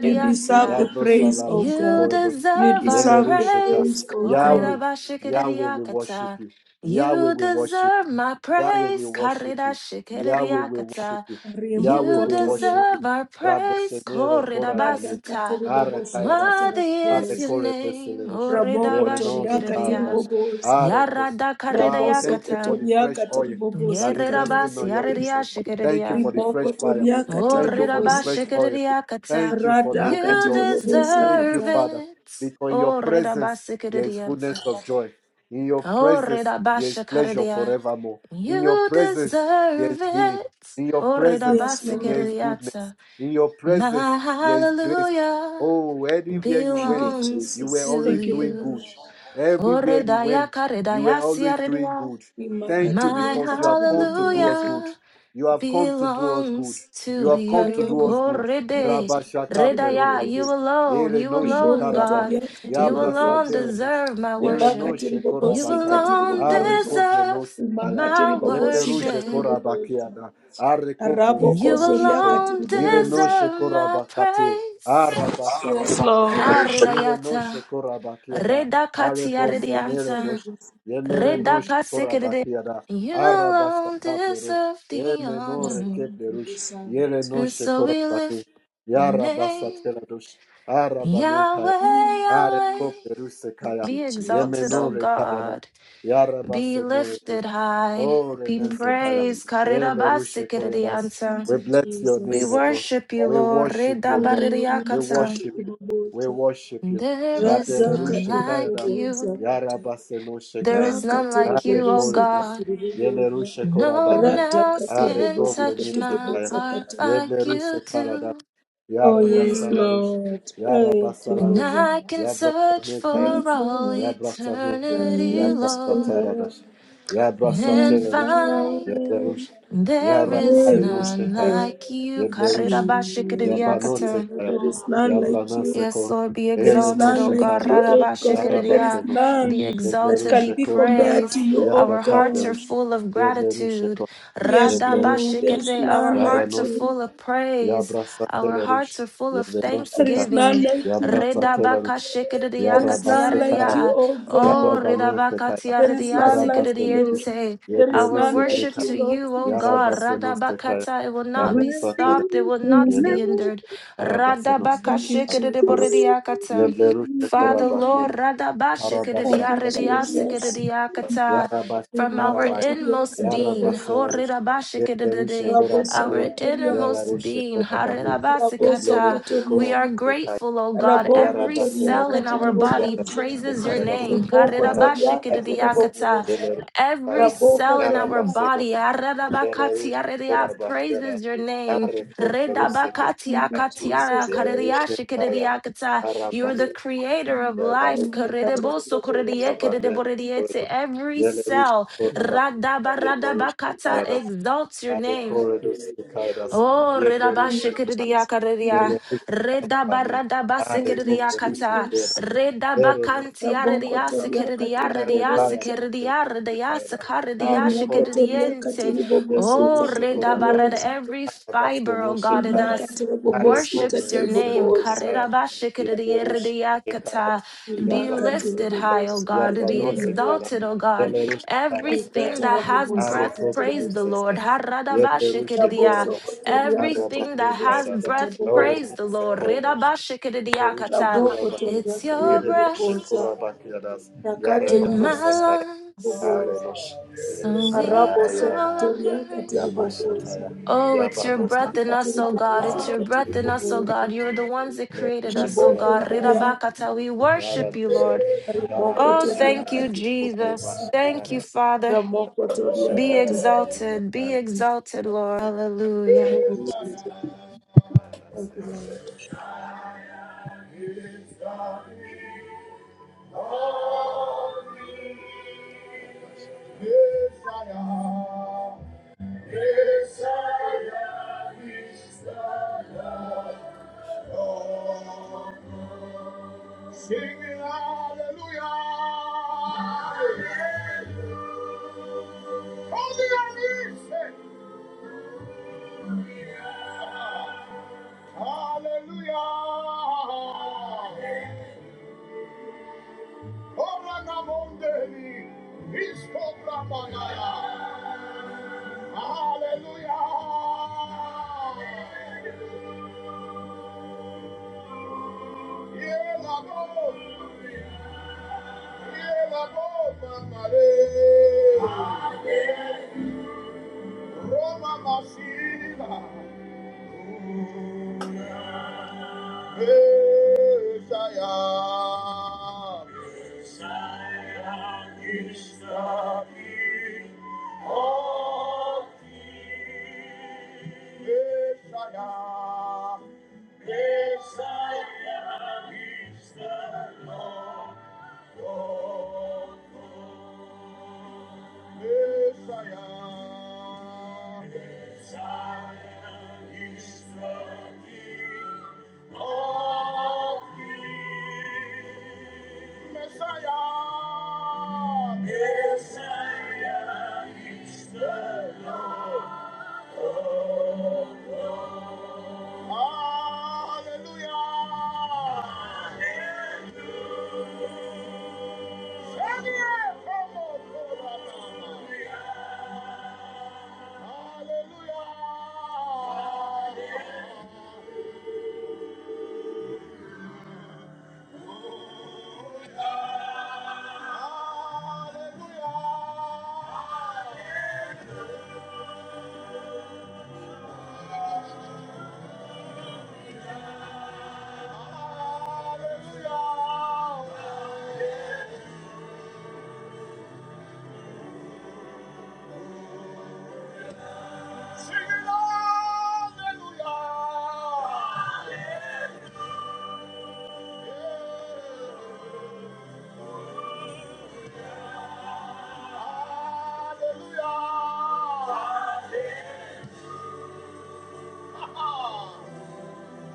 Speaker 3: You deserve the praise, O
Speaker 2: Yabrosalarush
Speaker 5: You
Speaker 3: God.
Speaker 2: Korados,
Speaker 3: You
Speaker 5: deserve our
Speaker 3: deserve the
Speaker 2: Yelerusheka,
Speaker 3: praise,
Speaker 5: praise.
Speaker 3: O God.
Speaker 2: Yahweh, Yahweh, we worship
Speaker 5: Korerabashikiririyakata.
Speaker 2: you. Yahweh,
Speaker 5: You
Speaker 2: we worship
Speaker 5: deserve my
Speaker 2: Yahweh, we
Speaker 5: praise.
Speaker 2: worship you. Yahweh, we worship
Speaker 5: Karirashikiririyakata.
Speaker 2: you.
Speaker 3: Remo
Speaker 2: Yahweh,
Speaker 5: You
Speaker 2: we
Speaker 3: Kotoria,
Speaker 2: worship
Speaker 5: deserve our
Speaker 2: you.
Speaker 5: praise.
Speaker 2: Rabosenere
Speaker 3: Rada
Speaker 2: korabane.
Speaker 5: Koredabasata.
Speaker 2: Are
Speaker 3: Katiribobosi
Speaker 2: kayadas.
Speaker 5: Worthy
Speaker 2: Are
Speaker 5: is your
Speaker 3: Katarabos,
Speaker 2: kore
Speaker 5: name.
Speaker 2: beselerush.
Speaker 3: Ramo
Speaker 2: Yemenon
Speaker 3: Kotoria
Speaker 5: Oredabashikiridiya.
Speaker 2: rekaradas.
Speaker 3: Katiribobosa.
Speaker 2: Are kos.
Speaker 5: Yarada
Speaker 2: Ah,
Speaker 3: Ramoso
Speaker 2: thank you for
Speaker 5: kaririyakata.
Speaker 2: the fresh
Speaker 3: kotoriaka
Speaker 2: oil that
Speaker 3: tiribobosi
Speaker 2: is resting on your
Speaker 3: katiribobosi.
Speaker 2: people. Thank you
Speaker 5: Yererabasi
Speaker 2: for the fresh
Speaker 3: Riboko
Speaker 2: fire.
Speaker 3: toriaka
Speaker 2: Thank you for the
Speaker 3: tiribobosi
Speaker 2: fresh
Speaker 3: kata.
Speaker 2: oil. Thank
Speaker 5: Orerabashikiriakata.
Speaker 2: you for the
Speaker 3: Radaka
Speaker 2: open
Speaker 5: You
Speaker 2: doors.
Speaker 3: tiribobosi
Speaker 2: Thank you,
Speaker 5: deserve
Speaker 3: kata.
Speaker 2: Father.
Speaker 5: it.
Speaker 2: Because in your presence there is fullness
Speaker 5: Orerabashikirianta.
Speaker 2: of joy. In your presence there is pleasure
Speaker 5: Orerabashikiriya.
Speaker 2: forevermore. In your
Speaker 5: You
Speaker 2: presence there is
Speaker 5: deserve
Speaker 2: healing.
Speaker 5: it.
Speaker 2: In your presence
Speaker 3: Yes,
Speaker 2: there is
Speaker 3: Lord.
Speaker 2: goodness.
Speaker 5: Orerabashikiriata.
Speaker 2: In your
Speaker 5: My
Speaker 2: presence there is grace.
Speaker 5: hallelujah
Speaker 2: Oh, everywhere you
Speaker 3: Thank you,
Speaker 2: went, you
Speaker 5: belongs
Speaker 2: were
Speaker 3: Jesus.
Speaker 5: to
Speaker 2: always
Speaker 3: Thank you,
Speaker 2: doing
Speaker 3: Lord.
Speaker 5: you.
Speaker 2: good. Everywhere you went, you were always doing
Speaker 5: Oredayakaredayasiaredia.
Speaker 2: good.
Speaker 3: Rimaka
Speaker 2: Thank you
Speaker 5: My
Speaker 3: tiriaka
Speaker 2: because you have come to do us
Speaker 3: tiribobosi.
Speaker 2: good.
Speaker 5: hallelujah
Speaker 2: You have come to do us good.
Speaker 5: belongs
Speaker 2: You
Speaker 5: to
Speaker 2: have come to
Speaker 5: you.
Speaker 2: do us good.
Speaker 5: Korebe,
Speaker 3: Akariabobosi
Speaker 2: Rabba Shaka
Speaker 5: Redaya, you
Speaker 3: katiribobosi.
Speaker 5: alone,
Speaker 2: Ere
Speaker 5: you
Speaker 2: no
Speaker 5: alone,
Speaker 3: Riboko
Speaker 2: shekaraba.
Speaker 5: God.
Speaker 3: toriaka
Speaker 5: You
Speaker 2: Yabra
Speaker 5: alone
Speaker 2: satere
Speaker 3: tiribobosi.
Speaker 2: no she.
Speaker 5: deserve my
Speaker 2: Yere no
Speaker 3: Ribaka
Speaker 5: worship. You
Speaker 3: tiribobosi
Speaker 2: shekorabaka.
Speaker 5: alone
Speaker 2: Are
Speaker 3: katiribobosi.
Speaker 2: kopre no
Speaker 5: deserve
Speaker 2: sekaya.
Speaker 3: Rimaka
Speaker 5: my
Speaker 2: Yepe
Speaker 3: tiribobosi
Speaker 2: ruje
Speaker 5: worship.
Speaker 3: katiribobosi.
Speaker 2: korabakiada. Are kopre rize
Speaker 3: Raboko
Speaker 5: You
Speaker 2: no
Speaker 3: soria
Speaker 2: sheko.
Speaker 5: alone
Speaker 3: katiri
Speaker 2: Ire no
Speaker 5: deserve my
Speaker 2: shekorabakate.
Speaker 5: praise.
Speaker 2: Arabasala
Speaker 3: Yes, Lord.
Speaker 2: rusheko. Ire no
Speaker 5: Aredayata,
Speaker 2: shekorabakiada. Are
Speaker 5: Redakatia
Speaker 2: bose nere
Speaker 5: Redianta,
Speaker 2: dosh. Yemere no
Speaker 5: Redakasikede.
Speaker 2: shekorabakiada.
Speaker 5: You
Speaker 2: Arabasha
Speaker 5: alone
Speaker 2: kaplero.
Speaker 5: deserve the
Speaker 2: Eme no
Speaker 3: Yes, Lord.
Speaker 5: honor.
Speaker 3: We
Speaker 2: rekeplerush.
Speaker 3: deserve
Speaker 2: Yere
Speaker 3: it.
Speaker 2: no
Speaker 5: And so we
Speaker 2: shekorabaki.
Speaker 5: lift your name,
Speaker 2: Yarabasateradosh. Arabane kaya.
Speaker 5: Yahweh,
Speaker 2: areko
Speaker 5: Yahweh.
Speaker 2: peruse kaya.
Speaker 3: Thank you,
Speaker 5: Be exalted,
Speaker 3: Jesus.
Speaker 5: O
Speaker 2: Yemenore kaya da.
Speaker 5: God. Be
Speaker 2: Yarabase nore
Speaker 5: lifted high.
Speaker 2: Oh,
Speaker 5: Be
Speaker 3: Thank you,
Speaker 2: Renesekaya.
Speaker 3: Jesus.
Speaker 5: praised.
Speaker 2: Ele rushekoya das.
Speaker 5: Karirabasikiririyanta.
Speaker 3: Thank
Speaker 2: We
Speaker 3: you,
Speaker 2: bless your
Speaker 5: We
Speaker 2: name,
Speaker 3: Jesus.
Speaker 2: O God.
Speaker 5: worship you,
Speaker 2: We
Speaker 5: Lord.
Speaker 2: worship you, God. We
Speaker 3: Olima
Speaker 5: Ridabaririyakata.
Speaker 2: worship
Speaker 3: katiri
Speaker 2: you. We
Speaker 3: boboza.
Speaker 2: worship you.
Speaker 5: There is
Speaker 2: Radele
Speaker 3: Rada
Speaker 5: none
Speaker 3: katiri
Speaker 2: rushekaya
Speaker 5: like
Speaker 2: das.
Speaker 3: boboza
Speaker 5: you.
Speaker 3: kata.
Speaker 2: Yarabase no
Speaker 5: There
Speaker 2: shekaya.
Speaker 3: Ra
Speaker 5: is none
Speaker 3: katiri
Speaker 2: Are
Speaker 5: like you, O
Speaker 3: bobosi
Speaker 2: korenos.
Speaker 5: God.
Speaker 3: katiri
Speaker 2: Yele
Speaker 3: boboza.
Speaker 5: No one
Speaker 2: rushekorabane.
Speaker 3: Rada
Speaker 5: else
Speaker 3: katiri
Speaker 2: Are
Speaker 5: can
Speaker 3: bobosi
Speaker 5: touch
Speaker 3: katiri
Speaker 5: my
Speaker 2: kobrenesekaya.
Speaker 3: boboza
Speaker 5: heart
Speaker 3: kata.
Speaker 2: Yeble
Speaker 5: like you
Speaker 2: rusekara das.
Speaker 5: do.
Speaker 3: Oh, yes,
Speaker 5: Mm.
Speaker 2: Yarabasalarush.
Speaker 3: Lord. Hey,
Speaker 5: And
Speaker 2: Yarabasalarush.
Speaker 3: Jehovah.
Speaker 5: I can search
Speaker 3: We
Speaker 5: for
Speaker 3: commit
Speaker 5: all
Speaker 3: to
Speaker 2: Yabrasane,
Speaker 5: eternity, Lord,
Speaker 3: Lord
Speaker 2: Yabrasataradas,
Speaker 5: and
Speaker 3: and
Speaker 2: Yabrasatelerus,
Speaker 5: find
Speaker 3: find
Speaker 2: Yablerus,
Speaker 5: there is
Speaker 3: there is
Speaker 5: none
Speaker 3: none
Speaker 2: Yarakainosekai,
Speaker 5: like you.
Speaker 3: like you.
Speaker 2: Yeblerus,
Speaker 5: Karirabashikiriyakata.
Speaker 3: Yes, Lord.
Speaker 2: Yabanosekaya,
Speaker 3: There is none like you.
Speaker 5: Yes,
Speaker 2: Yabranaseko,
Speaker 5: Lord, be
Speaker 3: There is
Speaker 5: exalted,
Speaker 3: none
Speaker 5: O God.
Speaker 3: like you,
Speaker 2: Erenosekairas,
Speaker 3: O God. There is
Speaker 5: Radabashikiriya.
Speaker 2: Yarabaseno,
Speaker 3: none
Speaker 5: Be
Speaker 3: that
Speaker 5: exalted,
Speaker 3: can
Speaker 5: be
Speaker 3: be
Speaker 2: Yeblerusekoradas,
Speaker 3: compared to
Speaker 5: praised.
Speaker 3: you, O
Speaker 5: Our hearts
Speaker 3: God.
Speaker 5: are
Speaker 2: Yarakaplerus,
Speaker 5: full of gratitude.
Speaker 2: Yebleruseko,
Speaker 3: Yes, Lord. There
Speaker 2: Yebleruseka,
Speaker 3: is
Speaker 5: Radabashikiri. Our
Speaker 3: none
Speaker 5: hearts
Speaker 3: like
Speaker 5: are
Speaker 2: Yaranos,
Speaker 3: you.
Speaker 5: full of praise. Our
Speaker 2: Yabrasatelerus,
Speaker 5: hearts are full of
Speaker 3: There
Speaker 2: Yebenoseka,
Speaker 3: is none
Speaker 5: thanksgiving.
Speaker 3: like you, Lord.
Speaker 2: Yabrasatelerus,
Speaker 3: There
Speaker 5: Redabakashikiriya
Speaker 3: is none
Speaker 2: Yarabasekaya.
Speaker 3: like you,
Speaker 5: katiyariya.
Speaker 3: O
Speaker 5: Oh,
Speaker 3: God.
Speaker 2: Yarabana Fetaya,
Speaker 3: There is
Speaker 5: redabakatiyariya
Speaker 3: none like
Speaker 2: Yarabasele,
Speaker 3: you.
Speaker 5: sikiriyente.
Speaker 3: There is
Speaker 5: Our
Speaker 3: none
Speaker 5: worship
Speaker 3: like
Speaker 2: Yeleruseleka,
Speaker 3: you,
Speaker 5: to
Speaker 3: Lord
Speaker 5: you, O God,
Speaker 3: Jesus.
Speaker 2: Yarabasenosekaya,
Speaker 5: Radabakata, it will not be
Speaker 2: Yabrasatere,
Speaker 5: stopped, it will not be
Speaker 2: Yele,
Speaker 5: hindered.
Speaker 2: Arabasenos,
Speaker 5: Radabaka
Speaker 3: Thank you,
Speaker 2: Arabash,
Speaker 3: Jesus.
Speaker 5: shikadiboridiakata.
Speaker 2: Yeblerushe
Speaker 5: Father
Speaker 2: Korabane,
Speaker 5: Lord,
Speaker 2: Arabasha
Speaker 3: Thank you,
Speaker 2: Telarushe,
Speaker 3: Jesus.
Speaker 5: radabashikadidiaridiasikadidiakata.
Speaker 2: Yarabash
Speaker 5: from our
Speaker 2: Tarabaya,
Speaker 3: Rimakatiria
Speaker 5: inmost being,
Speaker 3: katiria.
Speaker 2: Yarabaselarush, Yeblerushe
Speaker 5: horidabashikadidide,
Speaker 3: Rabo
Speaker 5: our
Speaker 2: Korabane,
Speaker 3: sokotoria.
Speaker 5: innermost
Speaker 2: Yelarushe
Speaker 5: being,
Speaker 2: Korabane,
Speaker 3: Rabo
Speaker 5: haridabasikata.
Speaker 2: Yeblerushe
Speaker 5: we are
Speaker 3: sokotoria.
Speaker 2: Korabane,
Speaker 5: grateful, O God.
Speaker 3: Rabo
Speaker 5: Every
Speaker 3: kotoria
Speaker 5: cell
Speaker 2: Yarabasilarish,
Speaker 5: in our body
Speaker 3: katiribobuza.
Speaker 5: praises your
Speaker 2: Yarabasekaras,
Speaker 5: name.
Speaker 3: Rabo kotoria
Speaker 2: Yarabasilarish,
Speaker 5: Harirabashikadidiakata.
Speaker 3: katiribobuza.
Speaker 2: Yelerusaya,
Speaker 5: Every
Speaker 3: Rabo
Speaker 5: cell in our
Speaker 3: kotoria.
Speaker 5: body,
Speaker 2: Yarabasilarish,
Speaker 5: Aradabakati,
Speaker 2: Yelerush, Torabakera,
Speaker 5: praises your name.
Speaker 2: Yarekoperusilarish,
Speaker 5: Redabakati,
Speaker 3: Thank you,
Speaker 5: Akatiara,
Speaker 3: Jesus.
Speaker 2: Yelerushaya,
Speaker 5: You are the
Speaker 2: Arabasil,
Speaker 5: creator of life.
Speaker 2: Yalarusaya,
Speaker 5: Karedeboso, Koredie,
Speaker 3: Rimakatiribobuza.
Speaker 2: Arabanel, Koredush,
Speaker 5: Every
Speaker 2: Yelerush,
Speaker 5: cell,
Speaker 2: Torabak, Yelerush,
Speaker 5: Radabaradabakata,
Speaker 2: Kairas,
Speaker 5: exalts your name.
Speaker 2: Arekoredus, Kairas,
Speaker 5: Oh, reda ba
Speaker 3: Thank
Speaker 2: Yelerush,
Speaker 3: you,
Speaker 5: shikiriya
Speaker 3: Jesus. Thank
Speaker 5: kariya.
Speaker 2: Ele
Speaker 3: you,
Speaker 2: puxa para
Speaker 5: reda ba
Speaker 2: pane.
Speaker 5: rada ba
Speaker 2: Are
Speaker 3: Thank you,
Speaker 5: sikiriya
Speaker 2: kope rusa
Speaker 5: kata.
Speaker 2: kera.
Speaker 3: Jesus.
Speaker 5: reda ba
Speaker 2: Ere no se
Speaker 5: kantiya
Speaker 2: kora
Speaker 3: rabokotoria
Speaker 2: bakate.
Speaker 5: redabashikiriakaria,
Speaker 3: katiri
Speaker 2: Are kaya
Speaker 3: boboza
Speaker 2: no
Speaker 5: redabaradabasikiriakata,
Speaker 2: se kaya. Are kope rusa
Speaker 3: rimekotoria
Speaker 2: kush.
Speaker 5: redabakantiariasikiriariasikiriariasikaridiashikiridiente.
Speaker 3: katiri bobosi
Speaker 2: Yeble
Speaker 5: Oh,
Speaker 2: rushe
Speaker 3: katiri
Speaker 5: reda
Speaker 2: kora bane.
Speaker 5: redabarada,
Speaker 3: boboza
Speaker 5: every
Speaker 2: Are baste
Speaker 5: fiber,
Speaker 2: no
Speaker 5: oh
Speaker 2: se
Speaker 5: God, in
Speaker 2: kara.
Speaker 5: us.
Speaker 3: rimakatiri
Speaker 2: Are
Speaker 3: bobosi
Speaker 2: kope
Speaker 5: Worships your
Speaker 3: katiri
Speaker 2: rusa no
Speaker 5: name.
Speaker 2: se
Speaker 3: boboza
Speaker 2: kaya. Yeble rushe kara.
Speaker 5: Karirabashikiriariakata. Be
Speaker 2: Yabba se
Speaker 3: rimakatiri
Speaker 5: lifted
Speaker 2: kara.
Speaker 5: high, O
Speaker 3: bobosi
Speaker 5: God.
Speaker 2: Yabba
Speaker 5: Be
Speaker 3: katiri
Speaker 2: no se kara.
Speaker 3: boboza
Speaker 5: exalted, O God.
Speaker 2: Yele rushe kara se kaya.
Speaker 5: Everything
Speaker 3: rikatara
Speaker 5: that has
Speaker 3: bobosi
Speaker 2: Are
Speaker 5: breath,
Speaker 2: kope
Speaker 3: katiri
Speaker 5: praise the
Speaker 2: rusa
Speaker 3: bobosi
Speaker 5: Lord.
Speaker 2: kaya. Yeble rushe kora bas.
Speaker 3: rabosokotoria
Speaker 2: Are
Speaker 3: katiri
Speaker 5: Everything that
Speaker 2: bane
Speaker 3: bobosi
Speaker 5: has
Speaker 2: kara.
Speaker 3: katiri
Speaker 5: breath,
Speaker 2: Ore
Speaker 3: boboza
Speaker 5: praise the
Speaker 2: nese
Speaker 5: Lord.
Speaker 2: kore nashe. Ere rushe
Speaker 5: Ridabashikidiakata.
Speaker 2: kora bane.
Speaker 3: rabokotoria
Speaker 5: It's your
Speaker 3: katiri
Speaker 2: Ere noshe
Speaker 5: breath
Speaker 3: boboza
Speaker 2: kora bake adas. Yare
Speaker 3: rakatiri
Speaker 5: in
Speaker 2: bana
Speaker 5: my
Speaker 3: bobosi
Speaker 2: sakaya.
Speaker 5: lungs.
Speaker 2: Are
Speaker 3: boboza
Speaker 2: noshe.
Speaker 5: So
Speaker 7: So,
Speaker 5: we
Speaker 3: arabo
Speaker 5: call
Speaker 2: Ezaya.
Speaker 5: out
Speaker 3: arabosokotoria
Speaker 5: Henry.
Speaker 3: katiri boboza
Speaker 2: Yabashataya.
Speaker 5: Oh, it's your
Speaker 2: Yabana
Speaker 5: breath in
Speaker 2: sakaya.
Speaker 5: us,
Speaker 3: rimakatiri
Speaker 5: oh God.
Speaker 3: bobosi
Speaker 5: It's your
Speaker 3: katiri
Speaker 5: breath in us, oh
Speaker 3: bobosa
Speaker 5: God. You are the ones that
Speaker 2: Ere
Speaker 5: created
Speaker 2: rushe
Speaker 5: us, oh
Speaker 2: kora
Speaker 5: God.
Speaker 2: bane.
Speaker 3: ribokondiria
Speaker 5: Ridabakata. We
Speaker 2: Yara
Speaker 5: worship you,
Speaker 2: noshe.
Speaker 5: Lord.
Speaker 2: Yara
Speaker 5: Oh,
Speaker 2: noshe
Speaker 3: rimokotoria
Speaker 5: thank you,
Speaker 2: kaya.
Speaker 3: katiri bobosa
Speaker 5: Jesus. Thank
Speaker 2: Yabashatara.
Speaker 5: you, Father.
Speaker 2: Yara noshe
Speaker 3: ramokotoria
Speaker 5: Be
Speaker 3: katiri
Speaker 2: kaya.
Speaker 5: exalted.
Speaker 3: bobosa
Speaker 5: Be
Speaker 3: thank
Speaker 5: exalted, Lord. Hallelujah.
Speaker 3: you jesus
Speaker 2: Yara
Speaker 3: thank you
Speaker 2: noshe
Speaker 3: lord
Speaker 2: kaya. Sing hallelujah. Holy are you, say. Hallelujah. Obra na mondeli. Isko bramagaya. Hallelujah. Yeah, Roma Masina, Messiah, Messiah is the King of Messiah, Messiah is the Lord. Messiah. Messiah is the King of kings. Messiah. Messiah is the Lord of lords. Hallelujah. Hallelujah. Hallelujah.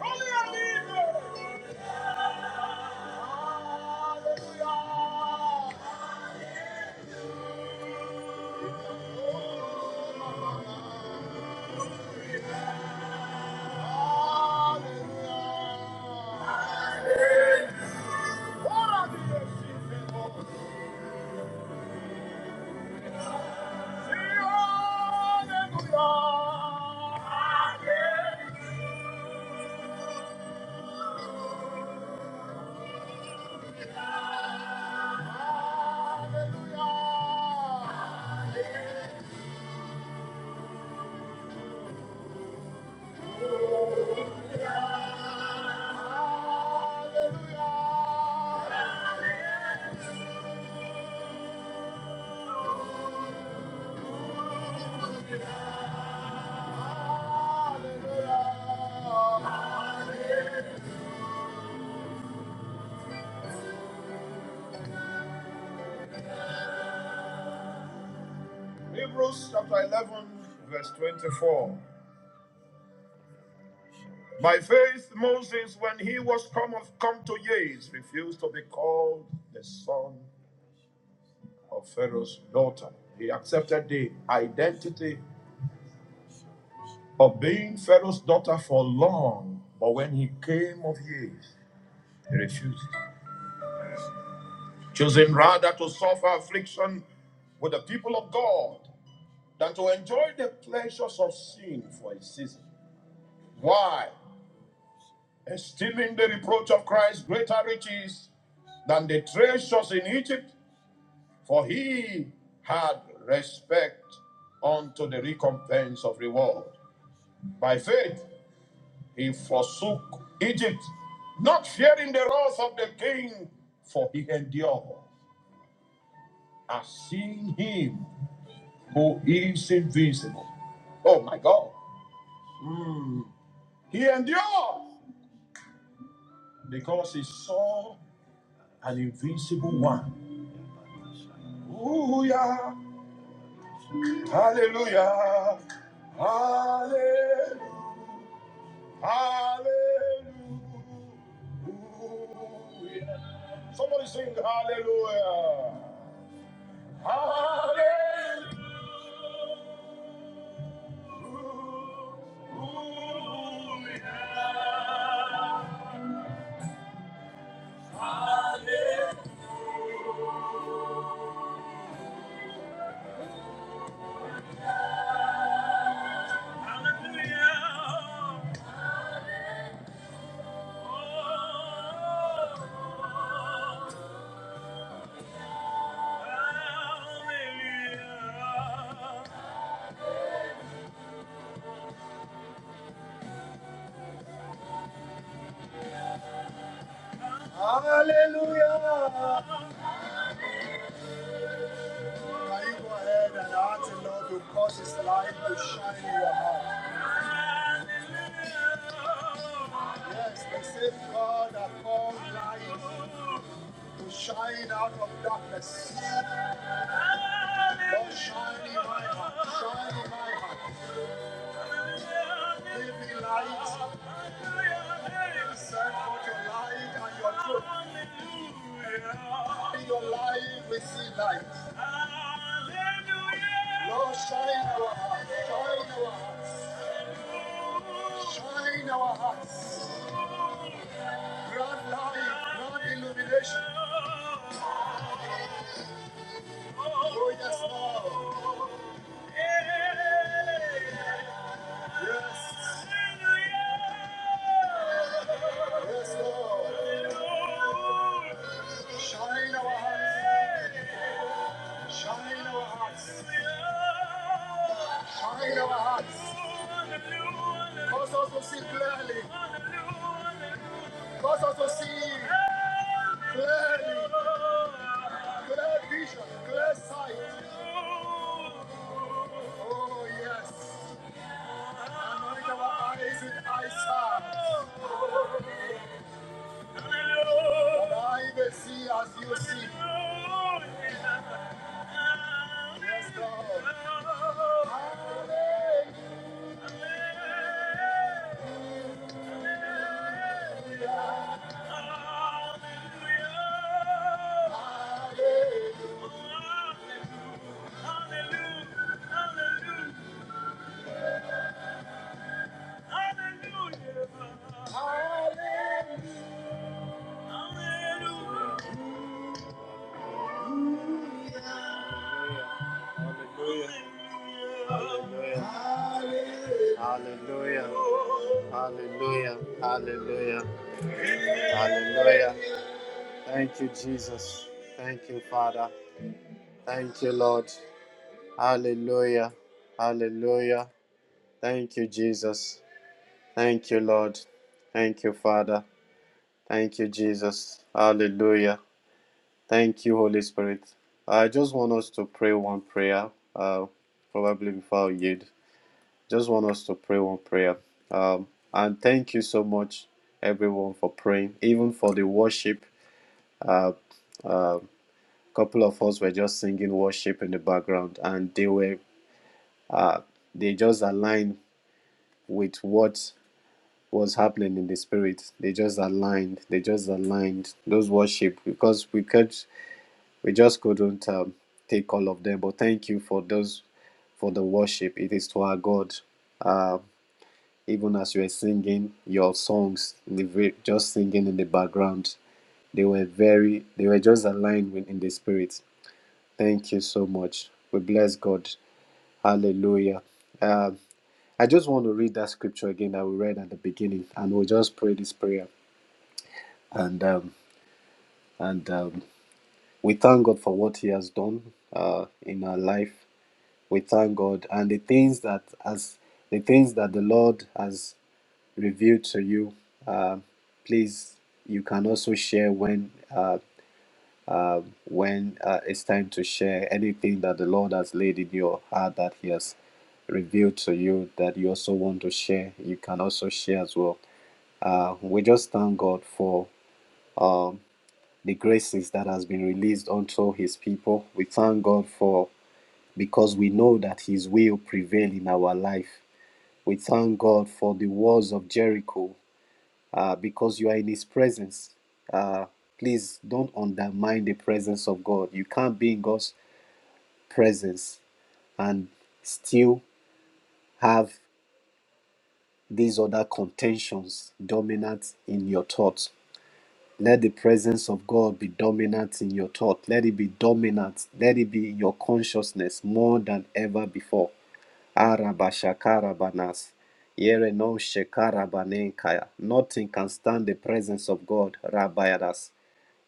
Speaker 2: Hallelujah. Hebrews chapter 11, verse 24. By faith, Moses, when he was come, of, come to years, refused to be called the son of Pharaoh's daughter. He accepted the identity of being Pharaoh's daughter for long, but when he came of years, he refused, choosing rather to suffer affliction with the people of God than to enjoy the pleasures of sin for a season. Why? esteeming the reproach of Christ greater riches than the treasures in Egypt, for he had respect unto the recompense of reward. By faith he forsook Egypt, not fearing the wrath of the king, for he endured as seeing him who is invisible. Oh my God. Mm. He endured because he saw an invisible one. Ooh, yeah. Hallelujah. Hallelujah. Hallelujah. Somebody sing hallelujah. Hallelujah. Hallelujah. Hallelujah! Oh. Hallelujah. Now you go ahead and ask the Lord to cause His light to shine in your heart. Yes, the same God that called light to shine out of darkness. Lord, shine in my heart. Shine in my heart. Give me light. Send forth your light and your truth. In your life, we see light. Hallelujah. Lord, shine our hearts. Shine our hearts. Shine our hearts. Grant light. Grant illumination. Oh, yes, Lord. Yes. Yes, Lord. Shine our hearts. Shine our hearts. Shine our hearts. Cause us to see clearly. Cause us to see clearly. Clear vision, clear sight. Oh, yes. Anoint our eyes with eyesight. That I may see as you see. Yes, God. Hallelujah. Hallelujah. Hallelujah. Hallelujah. Hallelujah. Hallelujah. Thank you, Jesus. Thank you, Father. Thank you, Lord. Hallelujah. Hallelujah. Thank you, Jesus. Thank you, Lord. Thank you, Father. Thank you, Jesus. Hallelujah. Thank you, Holy Spirit. I just want us to pray one prayer, uh, probably before I yield. Just want us to pray one prayer. Um, and thank you so much, everyone, for praying, even for the worship. Uh, uh, couple of us were just singing worship in the background, and they were uh, they just aligned with what was happening in the spirit. They just aligned. They just aligned those worship because we could. we just couldn't um, take all of them. But thank you for those for the worship. It is to our God. Uh, even as you were singing your songs, in the, ve- just singing in the background, they were very, they were just aligned with in the spirit. Thank you so much. We bless God. Hallelujah. Uh, I just want to read that scripture again that we read at the beginning, and we'll just pray this prayer. And um, and um, we thank God for what He has done uh, in our life we thank God. And the things that as the things that the Lord has revealed to you, uh, please you can also share when uh, uh, when uh, it's time to share anything that the Lord has laid in your heart that He has revealed to you that you also want to share. You can also share as well. Uh, we just thank God for um, the graces that has been released unto His people. We thank God for because we know that His will prevail in our life. We thank God for the walls of Jericho uh, because you are in His presence. Uh, please don't undermine the presence of God. You can't be in God's presence and still have these other contentions dominant in your thoughts. Let the presence of God be dominant in your thought. Let it be dominant. Let it be in your consciousness more than ever before. Arabashakarabanas. Yereno shekarabanenkaya. Nothing can stand the presence of God, Rabbayadas.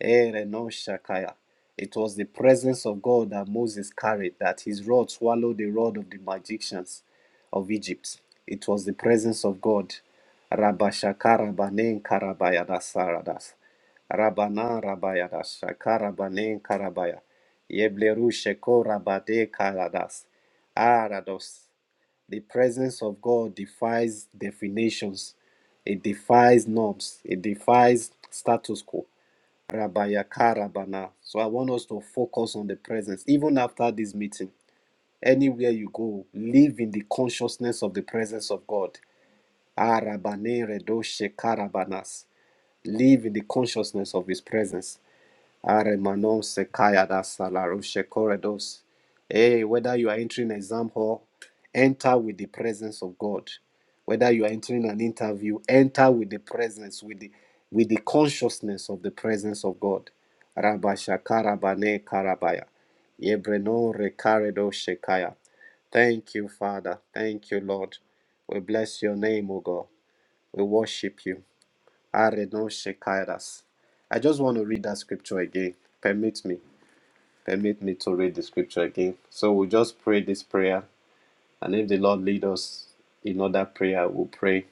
Speaker 2: Ereno shakaya. It was the presence of God that Moses carried, that his rod swallowed the rod of the magicians of Egypt. It was the presence of God. Rabashakarabanen karabayadas saradas. Rabana rabayadas shakarabanen karabaya. Yebleru sheko rabade karadas. Arados. The presence of God defies definitions, it defies norms, it defies status quo. Rabayaka Rabana. So I want us to focus on the presence. Even after this meeting, anywhere you go, live in the consciousness of the presence of God. Arabane Redoshe Karabanas. Live in the consciousness of His presence. Are manon se kaya da salarushe corridors. Hey, whether you are entering an exam hall, enter with the presence of God. Whether you are entering an interview, enter with the presence, with the with the consciousness of the presence of God. Rabasha karabane karabaya. Yebreno rekarado shekaya. Thank you, Father. Thank you, Lord. We bless your name, O God. We worship you. Arenoshekairas. I just want to read that scripture again. Permit me, permit me to read the scripture again. So we'll just pray this prayer, and if the Lord lead us in other prayer, we'll pray.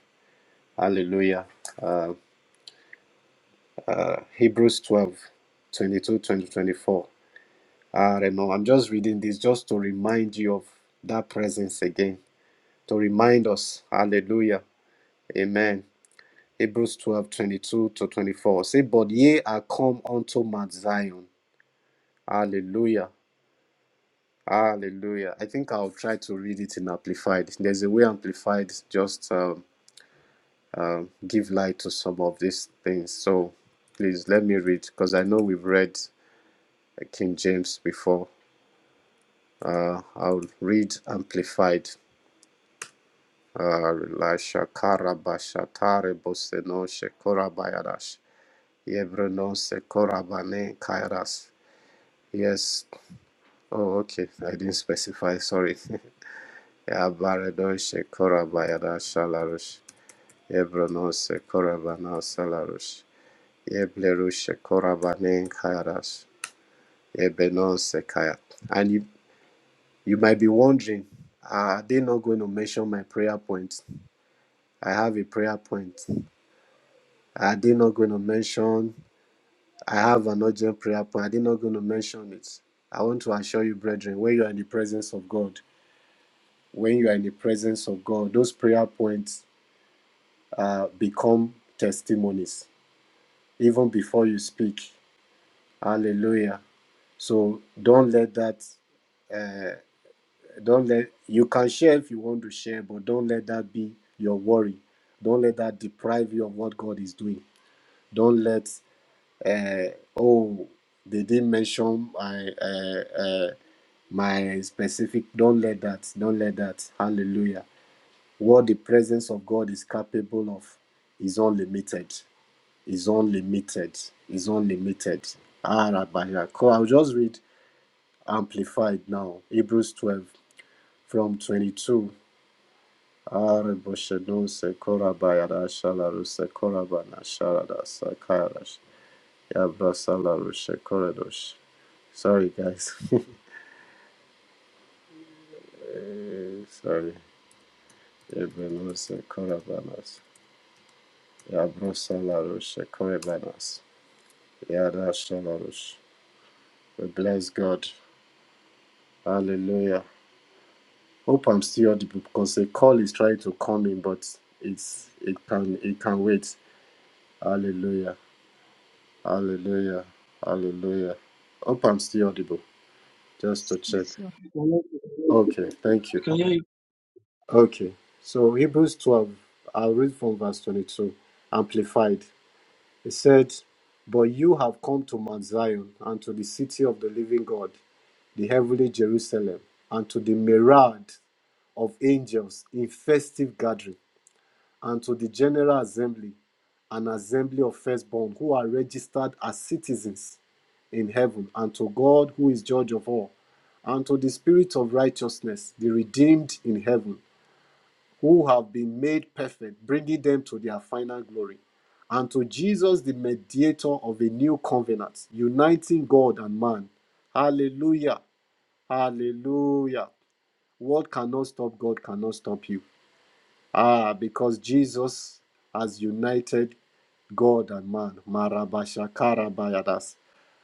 Speaker 2: Hallelujah. Uh, Hebrews twelve twenty two twenty twenty four. 22, 20, 24. Areno. I'm just reading this just to remind you of that presence again, to remind us. Hallelujah. Amen. Hebrews 12 22 to 24. Say, But ye are come unto Mount Zion. Hallelujah Hallelujah. I think I'll try to read it in Amplified. There's a way Amplified just um, give light to some of these things. So please let me read because I know we've read uh, King James before. Uh, I'll read Amplified. Uh, La shakara ba shatare boseno shekora bayadash. Yevreno sekora bane kairas. Yes. Oh, okay. I didn't specify. Sorry. Yabaredon shekora bayadash shalarush. Evronose Korabanasa Larush. Eblerusha Korabanen Kayarash. Ebenose Kaya. And you, you might be wondering, are they not going to mention my prayer point? I have a prayer point. Are they not going to mention? I have an urgent prayer point. Are they not going to mention it? I want to assure you, brethren, when you are in the presence of God, when you are in the presence of God, those prayer points uh, become testimonies even before you speak. Hallelujah. So don't let that, uh, don't let, you can share if you want to share, but don't let that be your worry. Don't let that deprive you of what God is doing. Don't let, uh, oh, they didn't mention my, uh, uh, my specific, don't let that, don't let that. Hallelujah. What the presence of God is capable of is unlimited. Is unlimited. Is unlimited. Ah, Rabbi Yaakov. I'll just read Amplified now. Hebrews 12 from 22. Sorry, guys. Eh, Sorry. We bless God. Hallelujah. Hope I'm still audible because a call is trying to come in, but it's it can it can wait. Hallelujah. Hallelujah. Hallelujah. Hope I'm still audible, just to check.
Speaker 1: Special
Speaker 7: I want to hear you.
Speaker 2: Okay, thank
Speaker 7: I
Speaker 2: you.
Speaker 7: can hear you.
Speaker 2: Okay, so Hebrews 12, I'll read from verse 22, amplified. It said, But you have come to Mount Zion and to the city of the living God, the heavenly Jerusalem, and to the myriad of angels in festive gathering and to the General Assembly, an assembly of firstborn who are registered as citizens in heaven, and to God who is judge of all, and to the spirit of righteousness, the redeemed in heaven, who have been made perfect, bringing them to their final glory, and to Jesus, the mediator of a new covenant, uniting God and man. Hallelujah! Hallelujah! What cannot stop God cannot stop you. Ah, because Jesus has united God and man. Marabashakarabayadas.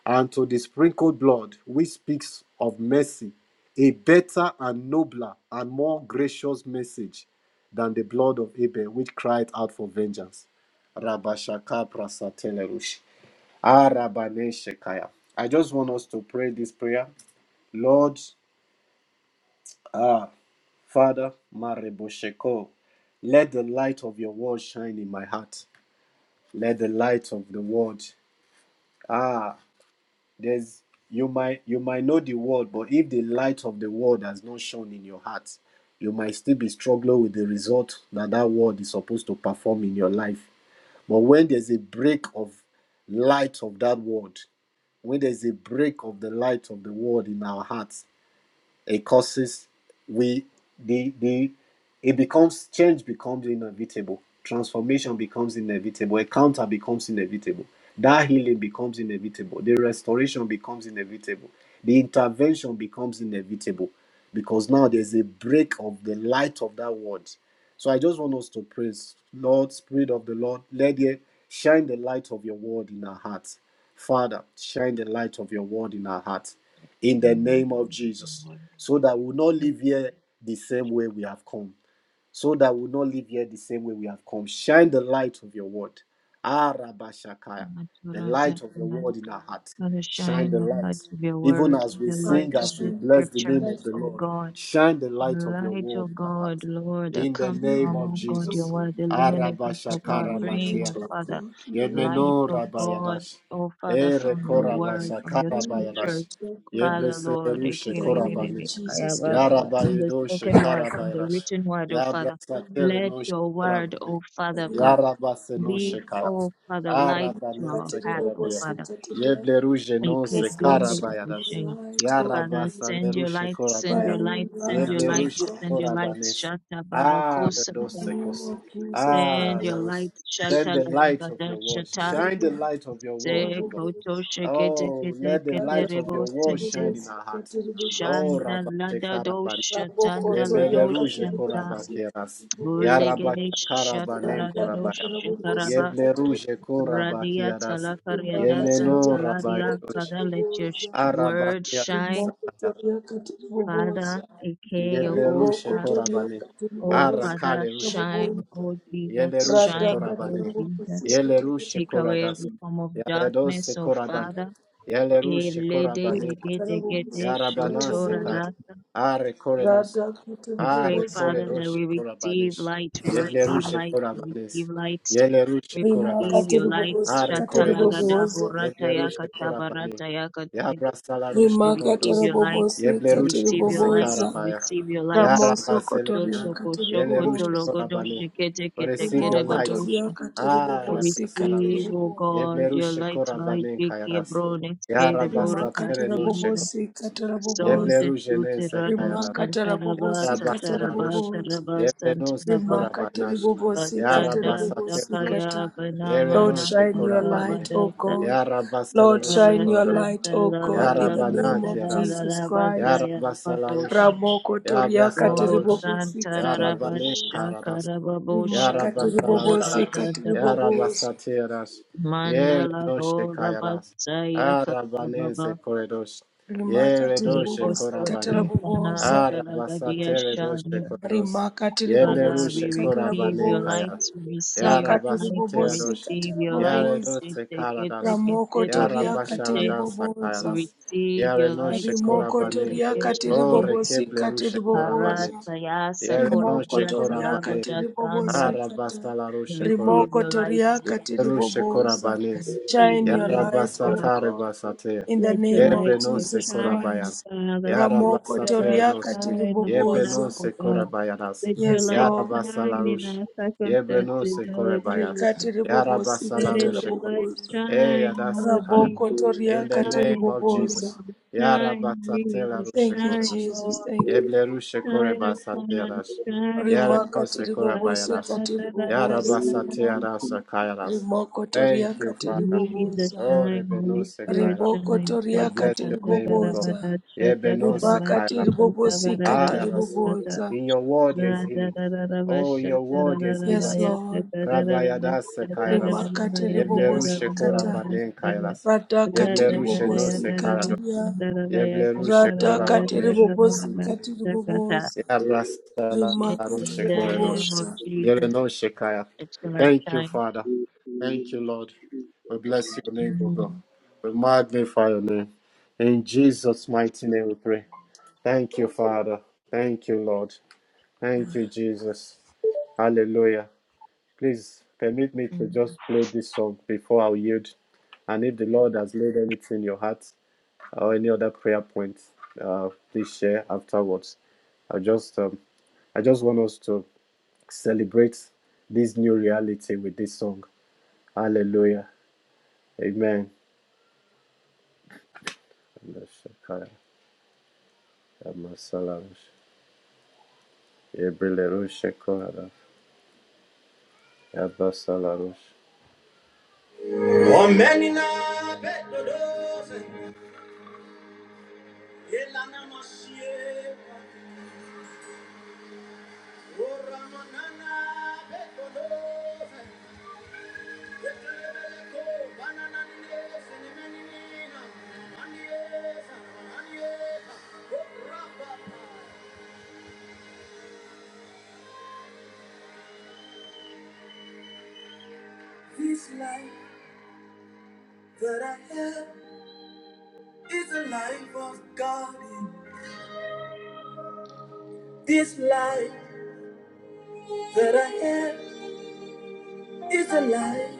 Speaker 2: And to the sprinkled blood, which speaks of mercy, a better and nobler and more gracious message than the blood of Abel, which cried out for vengeance. Rabashaka prasatelerush. Ah, Rabaneshekaya. I just want us to pray this prayer. Lord, ah, Father, Marebosheko, let the light of your word shine in my heart. Let the light of the word. Ah, there's you might you might know the word, but if the light of the word has not shone in your heart, you might still be struggling with the result that that word is supposed to perform in your life. But when there's a break of light of that word, when there's a break of the light of the word in our hearts, It causes we the the it becomes change becomes inevitable. Transformation becomes inevitable. Encounter becomes inevitable. That healing becomes inevitable. The restoration becomes inevitable. The intervention becomes inevitable because now there's a break of the light of that word. So I just want us to praise, Lord, Spirit of the Lord, let it shine the light of your word in our hearts. Father, shine the light of your word in our hearts. In the name of Jesus
Speaker 1: Lord,
Speaker 2: so that we will not
Speaker 1: the
Speaker 2: live here the same way we have come. So that we will not live here the same way we have come. Shine the light of your word. Ah, Rabba Shakaya, the
Speaker 1: Maturo
Speaker 2: light of your
Speaker 1: Zetanam,
Speaker 2: word in our heart.
Speaker 1: Father,
Speaker 2: Shine
Speaker 1: shine
Speaker 2: the
Speaker 1: your
Speaker 2: light.
Speaker 1: light of your
Speaker 2: Even
Speaker 1: word,
Speaker 2: as we
Speaker 1: the
Speaker 2: sing,
Speaker 1: light
Speaker 3: Father,
Speaker 1: of
Speaker 2: as we
Speaker 1: this
Speaker 3: shine your
Speaker 2: bless the
Speaker 1: scripture,
Speaker 2: name of
Speaker 3: light
Speaker 2: the
Speaker 3: O
Speaker 1: O
Speaker 2: Lord,
Speaker 1: God.
Speaker 2: shine the light of your
Speaker 1: light, O
Speaker 2: word in our heart.
Speaker 1: God, Lord, that
Speaker 2: In the
Speaker 1: comes
Speaker 2: name
Speaker 1: from,
Speaker 2: of
Speaker 1: O God, your
Speaker 2: Jesus.
Speaker 3: God.
Speaker 1: word,
Speaker 2: Ah,
Speaker 1: illuminate
Speaker 2: Rabba
Speaker 1: us, O
Speaker 3: shine
Speaker 1: God,
Speaker 2: Shakara
Speaker 3: your
Speaker 1: bring,
Speaker 3: light oh god shine your light
Speaker 2: Batia
Speaker 1: O
Speaker 3: oh
Speaker 1: Father,
Speaker 3: god in the name
Speaker 1: light,
Speaker 3: of
Speaker 2: Yemeno
Speaker 1: O God,
Speaker 2: Rabayadash.
Speaker 1: O Father,
Speaker 2: Ere
Speaker 3: shine
Speaker 1: from your
Speaker 3: your
Speaker 1: word,
Speaker 2: Korabasa
Speaker 3: light
Speaker 1: from your
Speaker 3: shine your
Speaker 1: scriptures,
Speaker 2: Karabayadash.
Speaker 3: light oh god
Speaker 1: Father, Lord,
Speaker 3: in
Speaker 2: Yebreserushe
Speaker 1: from
Speaker 3: the name of
Speaker 2: Korabanes.
Speaker 3: jesus christ
Speaker 1: the
Speaker 2: Yarabayedo
Speaker 1: spoken word, from the
Speaker 2: Shekarabayadash.
Speaker 1: written word, O Father,
Speaker 2: Yabrasatere
Speaker 1: let
Speaker 2: no
Speaker 1: your word,
Speaker 2: she
Speaker 1: O Father of God,
Speaker 2: Yarabase
Speaker 3: Rimakatiri
Speaker 2: no
Speaker 1: leave,
Speaker 2: shekaya.
Speaker 3: bobosa
Speaker 1: O Father, light to our
Speaker 2: Arabanese
Speaker 1: path, O
Speaker 2: korabia.
Speaker 1: Father.
Speaker 3: Makatiribobosikatiria.
Speaker 2: Yeble ruje no se
Speaker 3: Yes, Lord, shine
Speaker 2: karabayadas.
Speaker 3: your light, O
Speaker 1: Father,
Speaker 3: God.
Speaker 2: Yarabasa le
Speaker 1: send your
Speaker 2: ruje
Speaker 1: light, send
Speaker 2: korabaya.
Speaker 1: your
Speaker 3: Shine your
Speaker 1: light, send
Speaker 3: light,
Speaker 1: your
Speaker 2: Yeble
Speaker 3: O
Speaker 1: light,
Speaker 2: ruje
Speaker 3: God.
Speaker 1: send your light,
Speaker 2: korabanes.
Speaker 1: Shata
Speaker 2: Ah,
Speaker 1: Barakosa,
Speaker 3: In
Speaker 2: dos
Speaker 3: the name
Speaker 2: secos.
Speaker 3: of Jesus
Speaker 2: Ah,
Speaker 1: send your
Speaker 3: Christ.
Speaker 2: los.
Speaker 1: light,
Speaker 2: Let
Speaker 1: Shata
Speaker 2: the light of
Speaker 1: Labada
Speaker 2: your word
Speaker 1: Shata,
Speaker 2: shine the
Speaker 3: Makatiribobo-
Speaker 2: light of your word,
Speaker 1: Te
Speaker 2: O God.
Speaker 1: Koto Shekete
Speaker 2: Oh,
Speaker 1: Kete
Speaker 2: let the
Speaker 1: Kete
Speaker 2: light of your
Speaker 1: Rebo
Speaker 2: word
Speaker 1: Sente,
Speaker 2: shine in
Speaker 3: Makatiribobosa.
Speaker 2: our hearts. Oh,
Speaker 1: Shanda Lada Do
Speaker 2: Rabba
Speaker 3: Radakatiribobosikatiribobosa.
Speaker 1: Shatanda Lado
Speaker 2: Rebeleruje
Speaker 1: Shanta,
Speaker 2: korabakeras.
Speaker 3: Rabokotoriakatiribobosikatiribobosa.
Speaker 1: Ulegede Shata
Speaker 2: Yarabakarabanen
Speaker 1: Rada Do
Speaker 2: korabaya.
Speaker 1: Shakaraba.
Speaker 2: Yebleruje
Speaker 3: Radakatiribobosikatiribobosa.
Speaker 1: Radia
Speaker 2: korabakeras.
Speaker 1: Talakariada
Speaker 2: Yemeno
Speaker 1: Santalaria,
Speaker 2: rabayerush.
Speaker 1: Father, let your sh-
Speaker 3: Imakatiribobosikatiribobosa.
Speaker 1: word
Speaker 2: Arabakeras.
Speaker 1: shine. Father,
Speaker 3: Imokotoriakatiribobosa.
Speaker 1: Ike
Speaker 2: Yebleruje
Speaker 1: Yobosa
Speaker 3: ribokotoria
Speaker 2: korabane.
Speaker 1: Oh Father,
Speaker 2: Arakaleruje.
Speaker 3: katiribobosikatarabobo
Speaker 1: shine, oh Jesus,
Speaker 2: Yeleruje
Speaker 3: rada
Speaker 1: shine, oh
Speaker 2: korabane.
Speaker 1: Jesus.
Speaker 3: katiribobosikata
Speaker 2: Yeleruje
Speaker 1: Take away
Speaker 2: koradas.
Speaker 1: every
Speaker 7: Thank you,
Speaker 1: form of
Speaker 2: Yaredose
Speaker 1: darkness, oh
Speaker 2: koraban.
Speaker 1: Father. Eh,
Speaker 2: Yeleruje
Speaker 1: lede,
Speaker 2: korabane.
Speaker 1: lege, dege, de,
Speaker 2: Yarabanase
Speaker 1: shotora,
Speaker 3: ikatarabobosikatarabobo
Speaker 2: kaya.
Speaker 1: dasa.
Speaker 2: Are korenos.
Speaker 3: rada
Speaker 1: We
Speaker 2: Ah,
Speaker 1: pray, Father,
Speaker 2: recorredor
Speaker 3: katiribobosikata
Speaker 1: that we receive
Speaker 2: corabanes.
Speaker 1: light, we receive
Speaker 2: Yebleruche,
Speaker 1: light, we receive
Speaker 2: corabanes.
Speaker 1: light.
Speaker 2: Yeleruche,
Speaker 1: We
Speaker 3: rima
Speaker 1: receive
Speaker 2: corabas.
Speaker 1: your light.
Speaker 2: Ah,
Speaker 1: Shata
Speaker 2: recorredos.
Speaker 1: lagada
Speaker 3: katiribobosikatiribobozo
Speaker 1: borata
Speaker 2: Yeblerushe
Speaker 1: yakata
Speaker 2: Korabane.
Speaker 1: barata yakata. We
Speaker 2: Yabrasalarushe
Speaker 3: rima
Speaker 1: receive
Speaker 2: Corredos.
Speaker 1: your light. We
Speaker 2: Yeblerushe
Speaker 1: receive your light.
Speaker 3: katarabobosikatiriboboza
Speaker 1: We
Speaker 2: Kosekarabaya.
Speaker 1: receive your light.
Speaker 3: ramoso
Speaker 2: Yarabaselush.
Speaker 3: kotoria
Speaker 1: Totoko shokoto
Speaker 2: Yeleruche,
Speaker 3: katiribobozo
Speaker 1: logodo
Speaker 2: Korabane.
Speaker 1: shikete kete kete
Speaker 2: Receive
Speaker 1: kere
Speaker 2: your light.
Speaker 1: badosha.
Speaker 3: rimokotoria
Speaker 2: Ah, la
Speaker 1: Receive,
Speaker 2: Labrasalarush.
Speaker 1: O
Speaker 3: katiribobosikatiribobo
Speaker 1: God, your
Speaker 2: Yeblerushe
Speaker 1: light, light,
Speaker 2: Korabane
Speaker 1: Vicky,
Speaker 2: Kayaras.
Speaker 1: Abrones, Kere,
Speaker 3: rima
Speaker 2: Yarabasa
Speaker 1: Borecas,
Speaker 2: Terenoshe.
Speaker 1: Ida,
Speaker 3: katarabobosikatarabobozo
Speaker 1: Sonte,
Speaker 2: Yeblerushe
Speaker 1: Tute,
Speaker 2: Nense
Speaker 1: Rados,
Speaker 3: Remarkable bobosi
Speaker 1: Santarabata,
Speaker 3: katiri
Speaker 2: Rabasararosh,
Speaker 1: Tarabata,
Speaker 3: bobos.
Speaker 1: Rabas,
Speaker 2: Yerenos de
Speaker 1: Santarabata,
Speaker 3: Remarkable
Speaker 2: Korabanash,
Speaker 3: bobosi katiri
Speaker 1: Basanda,
Speaker 3: bobosi
Speaker 2: Yarabasaternosh,
Speaker 3: kata.
Speaker 1: Sakaya,
Speaker 3: Lord,
Speaker 1: Banamana,
Speaker 2: Yerenos de
Speaker 3: shine your
Speaker 2: Korabane,
Speaker 3: light, O
Speaker 1: Sakabadasa,
Speaker 3: God. Lord,
Speaker 2: Yarabasalarosh de
Speaker 3: shine your
Speaker 2: Korda,
Speaker 3: light,
Speaker 1: Santa
Speaker 3: O
Speaker 1: la la
Speaker 3: God, in
Speaker 1: la
Speaker 3: the
Speaker 1: la
Speaker 2: Yarabana
Speaker 3: name
Speaker 1: la
Speaker 3: of
Speaker 1: la la
Speaker 2: Kiaras,
Speaker 3: Jesus
Speaker 1: la la la La
Speaker 3: Christ.
Speaker 1: La La La
Speaker 2: Yarabasalarosh,
Speaker 3: Ramoko toria katiri
Speaker 1: Oh,
Speaker 2: Yabrasalarosh,
Speaker 3: bobosi katara bobosa.
Speaker 1: Santarabasha
Speaker 2: Yarabane Ya Ya
Speaker 1: Karababosha
Speaker 2: rabba
Speaker 3: Remarkable bobosi
Speaker 2: Salarush,
Speaker 1: Kantarabazada
Speaker 3: katiri
Speaker 2: Ya rabba
Speaker 3: bobosa.
Speaker 2: satiras, Yarabasatiras,
Speaker 1: Mandala
Speaker 2: Yerenoshe Kayaras,
Speaker 1: Gorabasaya
Speaker 2: Arabanese
Speaker 1: Karababa
Speaker 2: Corridos,
Speaker 3: Remarkable
Speaker 2: Yeredoshe
Speaker 3: bobosi
Speaker 1: Ekoto
Speaker 3: katara
Speaker 2: Korabane,
Speaker 3: bobos.
Speaker 1: Sanantala Gadia
Speaker 2: Arabasateredoshe
Speaker 1: Sharia.
Speaker 2: Corridos,
Speaker 3: rimakatiri
Speaker 1: Father,
Speaker 3: bobosi
Speaker 1: we
Speaker 2: Yelerushe
Speaker 3: katara
Speaker 1: receive
Speaker 2: Korabane
Speaker 1: your light,
Speaker 3: bobosa
Speaker 2: Kaya,
Speaker 1: we receive your
Speaker 3: rakatiri
Speaker 1: light, we
Speaker 3: bobosi
Speaker 2: Yarabasateredos,
Speaker 1: receive
Speaker 3: katara
Speaker 1: your light.
Speaker 3: bobosa
Speaker 2: Yaredose Karadas,
Speaker 3: ramoko
Speaker 2: Ya
Speaker 3: toria
Speaker 2: Rabba
Speaker 3: katiri
Speaker 1: Shitteketteketteretettete.
Speaker 2: shaladas
Speaker 1: We
Speaker 3: bobosa
Speaker 2: Kayaras,
Speaker 1: receive your light.
Speaker 2: Yarenoshe
Speaker 3: rimoko
Speaker 2: Korabane,
Speaker 3: toria katiri
Speaker 2: O
Speaker 1: Shittekettekeshike.
Speaker 3: bobosi
Speaker 2: Rekeplerushe
Speaker 3: katiri bobosa
Speaker 2: Korabanes,
Speaker 1: Harasayasa
Speaker 3: rimoko
Speaker 2: Yerenoshe
Speaker 1: Koladia
Speaker 3: toria
Speaker 1: Salago
Speaker 2: Korabane,
Speaker 3: katiri
Speaker 1: Dasanda.
Speaker 3: bobosi kata
Speaker 2: Arabasala rushe korodo,
Speaker 1: Receive
Speaker 3: rimoko
Speaker 1: your light,
Speaker 3: toria katiri
Speaker 2: rushe
Speaker 3: bobosa
Speaker 2: korabanes.
Speaker 1: receive
Speaker 3: shine
Speaker 1: your
Speaker 3: your
Speaker 1: light.
Speaker 3: light
Speaker 1: your
Speaker 3: o
Speaker 1: light.
Speaker 2: Yarabasatare
Speaker 3: god
Speaker 2: basate.
Speaker 3: in the
Speaker 1: Let your
Speaker 3: name of
Speaker 1: light so
Speaker 2: Yebrenose
Speaker 3: jesus
Speaker 1: shine, O
Speaker 2: korabayan.
Speaker 3: christ
Speaker 1: Father. Let
Speaker 3: ramoko
Speaker 1: your
Speaker 2: Yarabasatere
Speaker 1: light
Speaker 3: toria
Speaker 2: nos.
Speaker 3: katiri
Speaker 1: shine upon us,
Speaker 3: bobosa
Speaker 2: Yebrenose
Speaker 1: O God.
Speaker 2: korabayanas.
Speaker 1: Let your
Speaker 3: yes
Speaker 1: light
Speaker 3: lord
Speaker 2: Yarabasala
Speaker 1: shine in
Speaker 2: rushe.
Speaker 1: our circumstances,
Speaker 2: Yebrenose
Speaker 1: O
Speaker 2: korabayan.
Speaker 1: Jesus.
Speaker 3: Rikatiri bobosi
Speaker 2: Yarabasala
Speaker 1: Let
Speaker 3: katara
Speaker 2: rushe.
Speaker 1: your
Speaker 2: ko-
Speaker 1: light
Speaker 3: bobosa.
Speaker 1: shine,
Speaker 2: Eyadas
Speaker 1: O
Speaker 2: kaya.
Speaker 1: Jesus.
Speaker 3: Raboko
Speaker 7: thank you,
Speaker 3: toria
Speaker 2: In the
Speaker 3: katiri
Speaker 2: name
Speaker 1: Shine,
Speaker 2: of Jesus.
Speaker 1: Jesus. Shine,
Speaker 2: Yarabasatela
Speaker 1: Jesus.
Speaker 2: rushe
Speaker 3: Thank you,
Speaker 1: Shine,
Speaker 2: korodos.
Speaker 3: Jesus.
Speaker 1: Lord.
Speaker 3: Thank you.
Speaker 2: Yebleru shekore
Speaker 1: Shine upon us.
Speaker 2: basateadas.
Speaker 1: Shine upon
Speaker 2: Yaremo
Speaker 3: Rimaka tiri
Speaker 2: sekora
Speaker 3: bobosi
Speaker 2: bayadas.
Speaker 3: katiri
Speaker 7: thank
Speaker 3: bobosa.
Speaker 7: you,
Speaker 1: us.
Speaker 2: Yarabasateadas
Speaker 7: thank you.
Speaker 2: akayaras.
Speaker 3: Rimoko toria
Speaker 2: Thank you, Father.
Speaker 1: Jesus
Speaker 3: katiribobosa, bobosa.
Speaker 2: Oh,
Speaker 1: shine,
Speaker 2: rebeno
Speaker 1: Holy Spirit
Speaker 2: sekayadas.
Speaker 3: Riboko
Speaker 1: shine.
Speaker 2: We
Speaker 3: toria
Speaker 1: Shata
Speaker 2: bless your
Speaker 1: kata
Speaker 2: name, O God.
Speaker 3: katiribobosa, bobosa.
Speaker 1: karabada, shata
Speaker 2: Yebeno
Speaker 1: karabada,
Speaker 3: Ribaka
Speaker 2: sekayadas.
Speaker 3: tiri
Speaker 1: shata
Speaker 3: katiribobosa.
Speaker 1: karabada,
Speaker 2: Ayadas.
Speaker 1: shata.
Speaker 2: In your word there is
Speaker 1: Rada
Speaker 2: healing.
Speaker 1: da da da ba
Speaker 2: Oh, in
Speaker 1: shata
Speaker 2: your
Speaker 1: da
Speaker 2: word there
Speaker 1: da
Speaker 2: is
Speaker 1: da ba
Speaker 3: Yes,
Speaker 2: liberty.
Speaker 1: ya da
Speaker 3: Lord.
Speaker 1: da da da da ba
Speaker 2: Rabayadas
Speaker 1: shata da
Speaker 2: sekayadas.
Speaker 1: da da
Speaker 3: Rimaka
Speaker 1: ba
Speaker 3: tiri
Speaker 1: ya da da
Speaker 2: Yebleru
Speaker 1: da
Speaker 3: bobosi
Speaker 1: da ba
Speaker 2: shekora
Speaker 1: ya
Speaker 3: kata.
Speaker 1: da
Speaker 2: banen
Speaker 1: da ya.
Speaker 2: kayadas.
Speaker 3: Radaka
Speaker 1: Rada da
Speaker 3: tiri
Speaker 2: Yebleru
Speaker 1: da
Speaker 2: sheno
Speaker 1: ya
Speaker 3: bobosi
Speaker 1: da da ba
Speaker 2: sekarados.
Speaker 3: katiria.
Speaker 1: shata da da ba ya
Speaker 2: Yebleru
Speaker 1: kata da ba ya
Speaker 3: Ratakatiri
Speaker 1: da
Speaker 2: shekora
Speaker 1: da da da
Speaker 3: bobosi
Speaker 1: ba
Speaker 3: katiri
Speaker 1: shata kata.
Speaker 3: bobosa.
Speaker 7: So, I
Speaker 1: In the
Speaker 3: Rimakatiri
Speaker 7: want to
Speaker 1: name
Speaker 2: Yabrasalarushekoredos.
Speaker 7: worship
Speaker 3: bobosa.
Speaker 1: of
Speaker 7: you, thank
Speaker 1: Jesus,
Speaker 7: you,
Speaker 2: Yerenoshekaya.
Speaker 1: it's like
Speaker 2: Thank you,
Speaker 1: shine.
Speaker 2: Father.
Speaker 7: thank
Speaker 2: Thank you,
Speaker 7: you,
Speaker 2: Lord.
Speaker 7: thank you,
Speaker 2: We bless
Speaker 7: God.
Speaker 2: your name, O God.
Speaker 1: Mm-hmm.
Speaker 2: We magnify your name. In Jesus' mighty name we pray. Thank you, Father. Thank you, Lord. Thank you, Jesus. Hallelujah. Please permit me to just
Speaker 1: Mm-hmm.
Speaker 2: play this song before I yield. And if the Lord has laid anything in your heart, or any other prayer points, uh, please share afterwards. I just, um, I just want us to celebrate this new reality with this song. Hallelujah. Amen. This life that I have. is the life of God in this life that I have is the life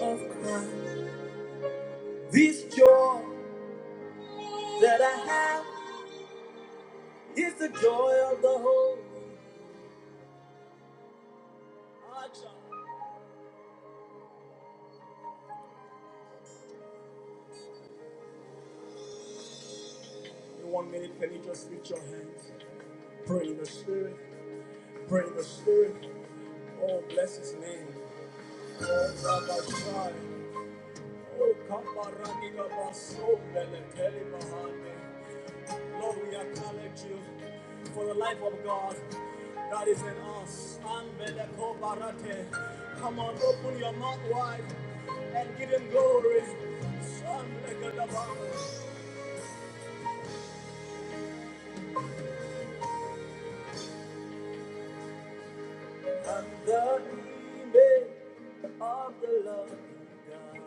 Speaker 2: of Christ. This joy that I have is the joy of the whole. In one minute, can you just lift your hands? Pray in the spirit. Pray in the spirit. Oh, bless his name. Oh, Rabbi Shai. Oh, Kamarani Labaso, Beleteli Mahane. Glory, I collect you for the life of God that is in us. Come on, open your mouth wide and give him glory. Sambelekodaba. And the image of the Lord God.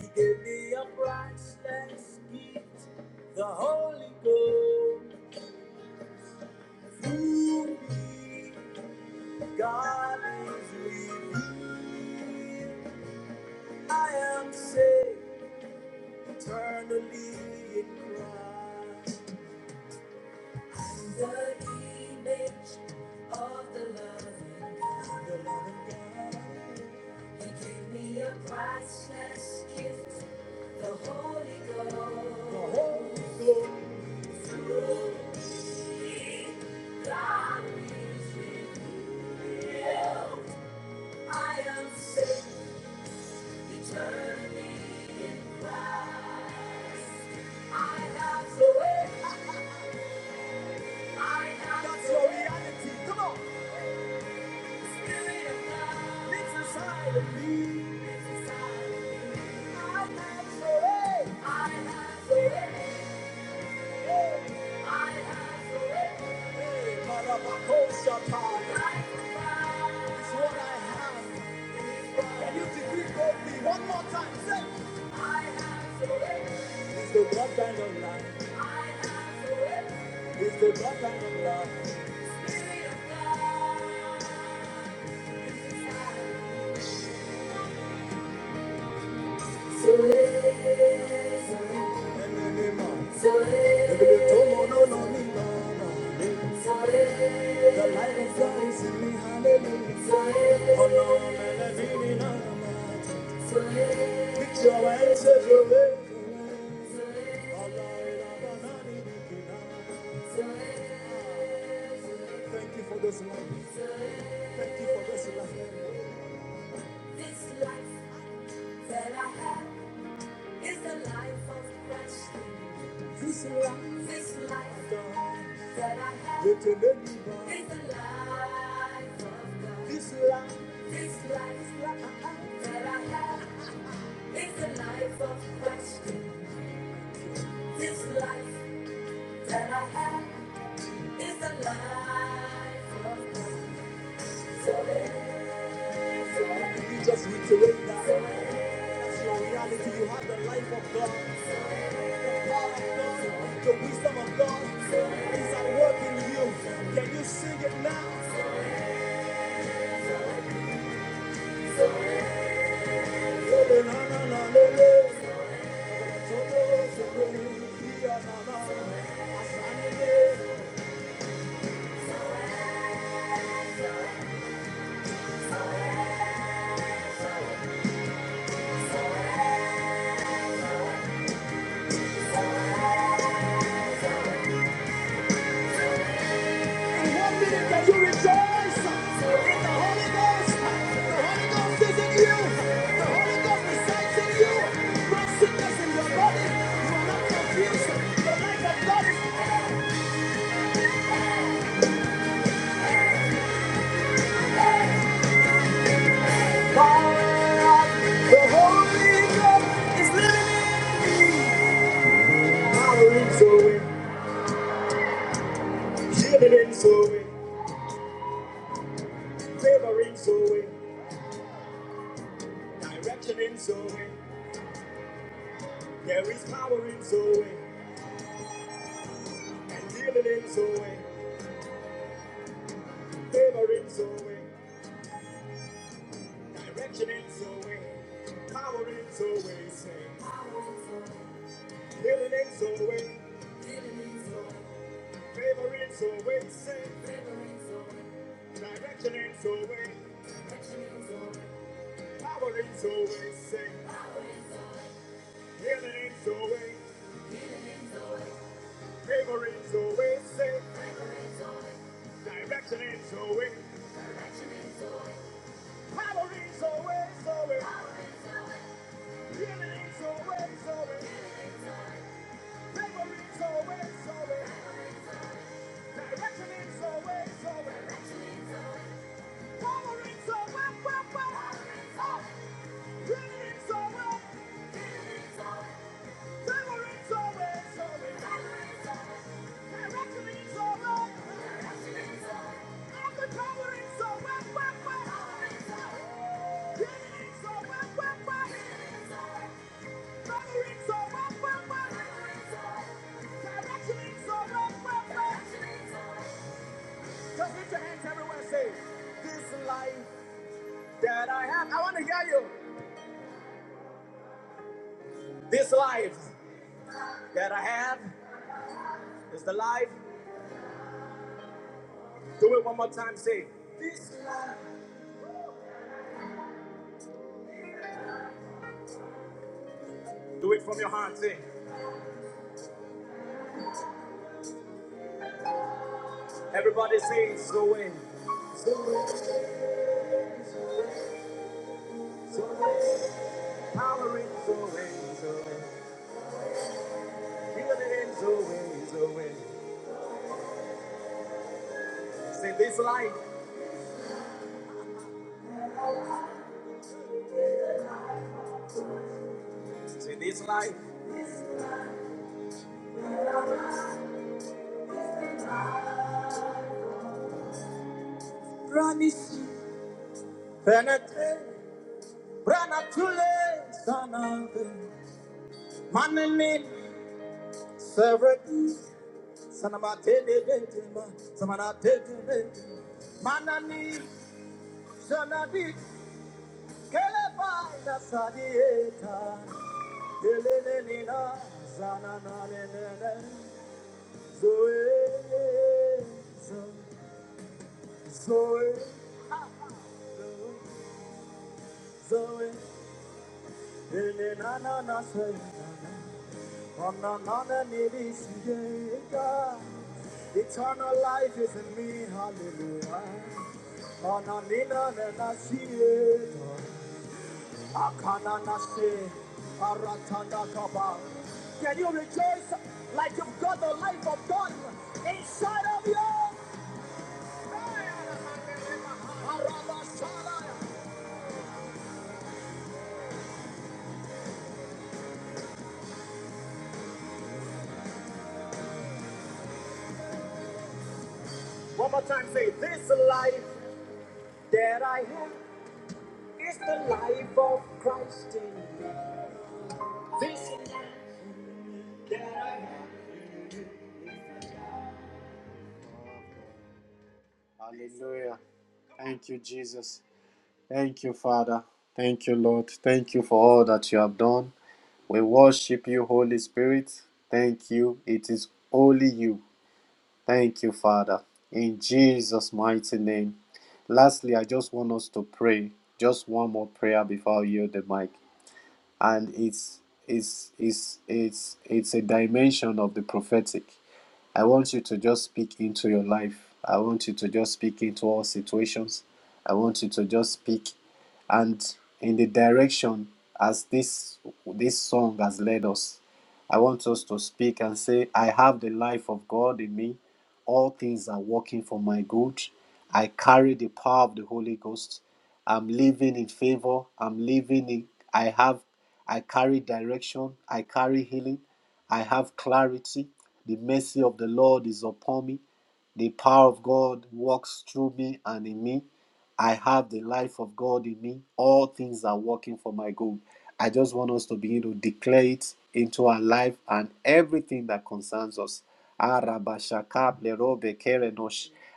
Speaker 2: He gave me a priceless gift, the Holy Ghost. Through me, God is revealed. I am saved eternally in Christ. The image of the loving, the loving God. He gave me a priceless gift, the Holy Ghost. The Holy Ghost. God is revealed. I am saved eternally in Christ. I have the way. I have the reality. Come on. One more time, say, it's the blood kind of love. It's the blood kind of love. And the name of- the Tomo no no no no. The light is rising, hallelujah. On a melody in our minds. Lift your hands as you lift. Thank you for this life. Thank you for this life. This life that I have. It's the life of Christ This life, this life of God that I have. It's the life of God. This life, this life that I have. It's the life of Christ in me. This life that I have. It's the life of God. So let- Can you just reiterate that? That's your reality. You have the life of God. The wisdom of God is at work in you. Can you sing it now? In one minute, can you rejoice in the Holy Ghost? The Holy Ghost is in you. The Holy Ghost resides in you. No sickness in your body. You are not confused. The light of God is There is power in Zoe, and healing in Zoe, favor in Zoe, direction in Zoe, power in Zoe, say, power in Zoe, healing in Zoe, healing in Zoe. Favorites always say. Favor always. Direction is always. Direction is always. Power is always safe. Power is always. Healing is always. Healing is always. Favor always safe. Favor always. Direction is always. Direction is always. Power is always always. Healing is always always. Favor always always. Direction is always always. Just lift your hands everywhere and say, This life that I have. I want to hear you. This life that I have is the life. Do it one more time. Say, this life. Do it from your heart. Say, everybody say, it's the way. It's the way. It's the way. It's the way. Power in the way. It's the way. Feel it in the way. It's the way. Say, this life. Say, this life. Promise you. Penetrate. Run up to late. Son of a- Man in it. Severed. Sanabate de Ventima, Samanate de Ventima, Manani, Sanadi, Keleba, Nasadieta, Delenina, Sananana, Zoe, Zoe, Zoe, Elenana, Ananana, Nidisieta, eternal life is in me, hallelujah. Ananina, Nasieta. Can you rejoice like you've got the life of God inside of you? One more time, say, This life that I have is the life of Christ in me. This life that I have. Hallelujah. Thank you, Jesus. Thank you, Father. Thank you, Lord. Thank you for all that you have done. We worship you, Holy Spirit. Thank you. It is only you. Thank you, Father. In Jesus' mighty name. Lastly, I just want us to pray. Just one more prayer before I yield the mic. And it's it's it's it's it's a dimension of the prophetic. I want you to just speak into your life. I want you to just speak into all situations. I want you to just speak and in the direction as this this song has led us I want us to speak and say, I have the life of God in me. All things are working for my good. I carry the power of the Holy Ghost. I'm living in favor. I'm living in, I have, I carry direction. I carry healing. I have clarity. The mercy of the Lord is upon me. The power of God works through me and in me. I have the life of God in me. All things are working for my good. I just want us to begin to declare it into our life and everything that concerns us.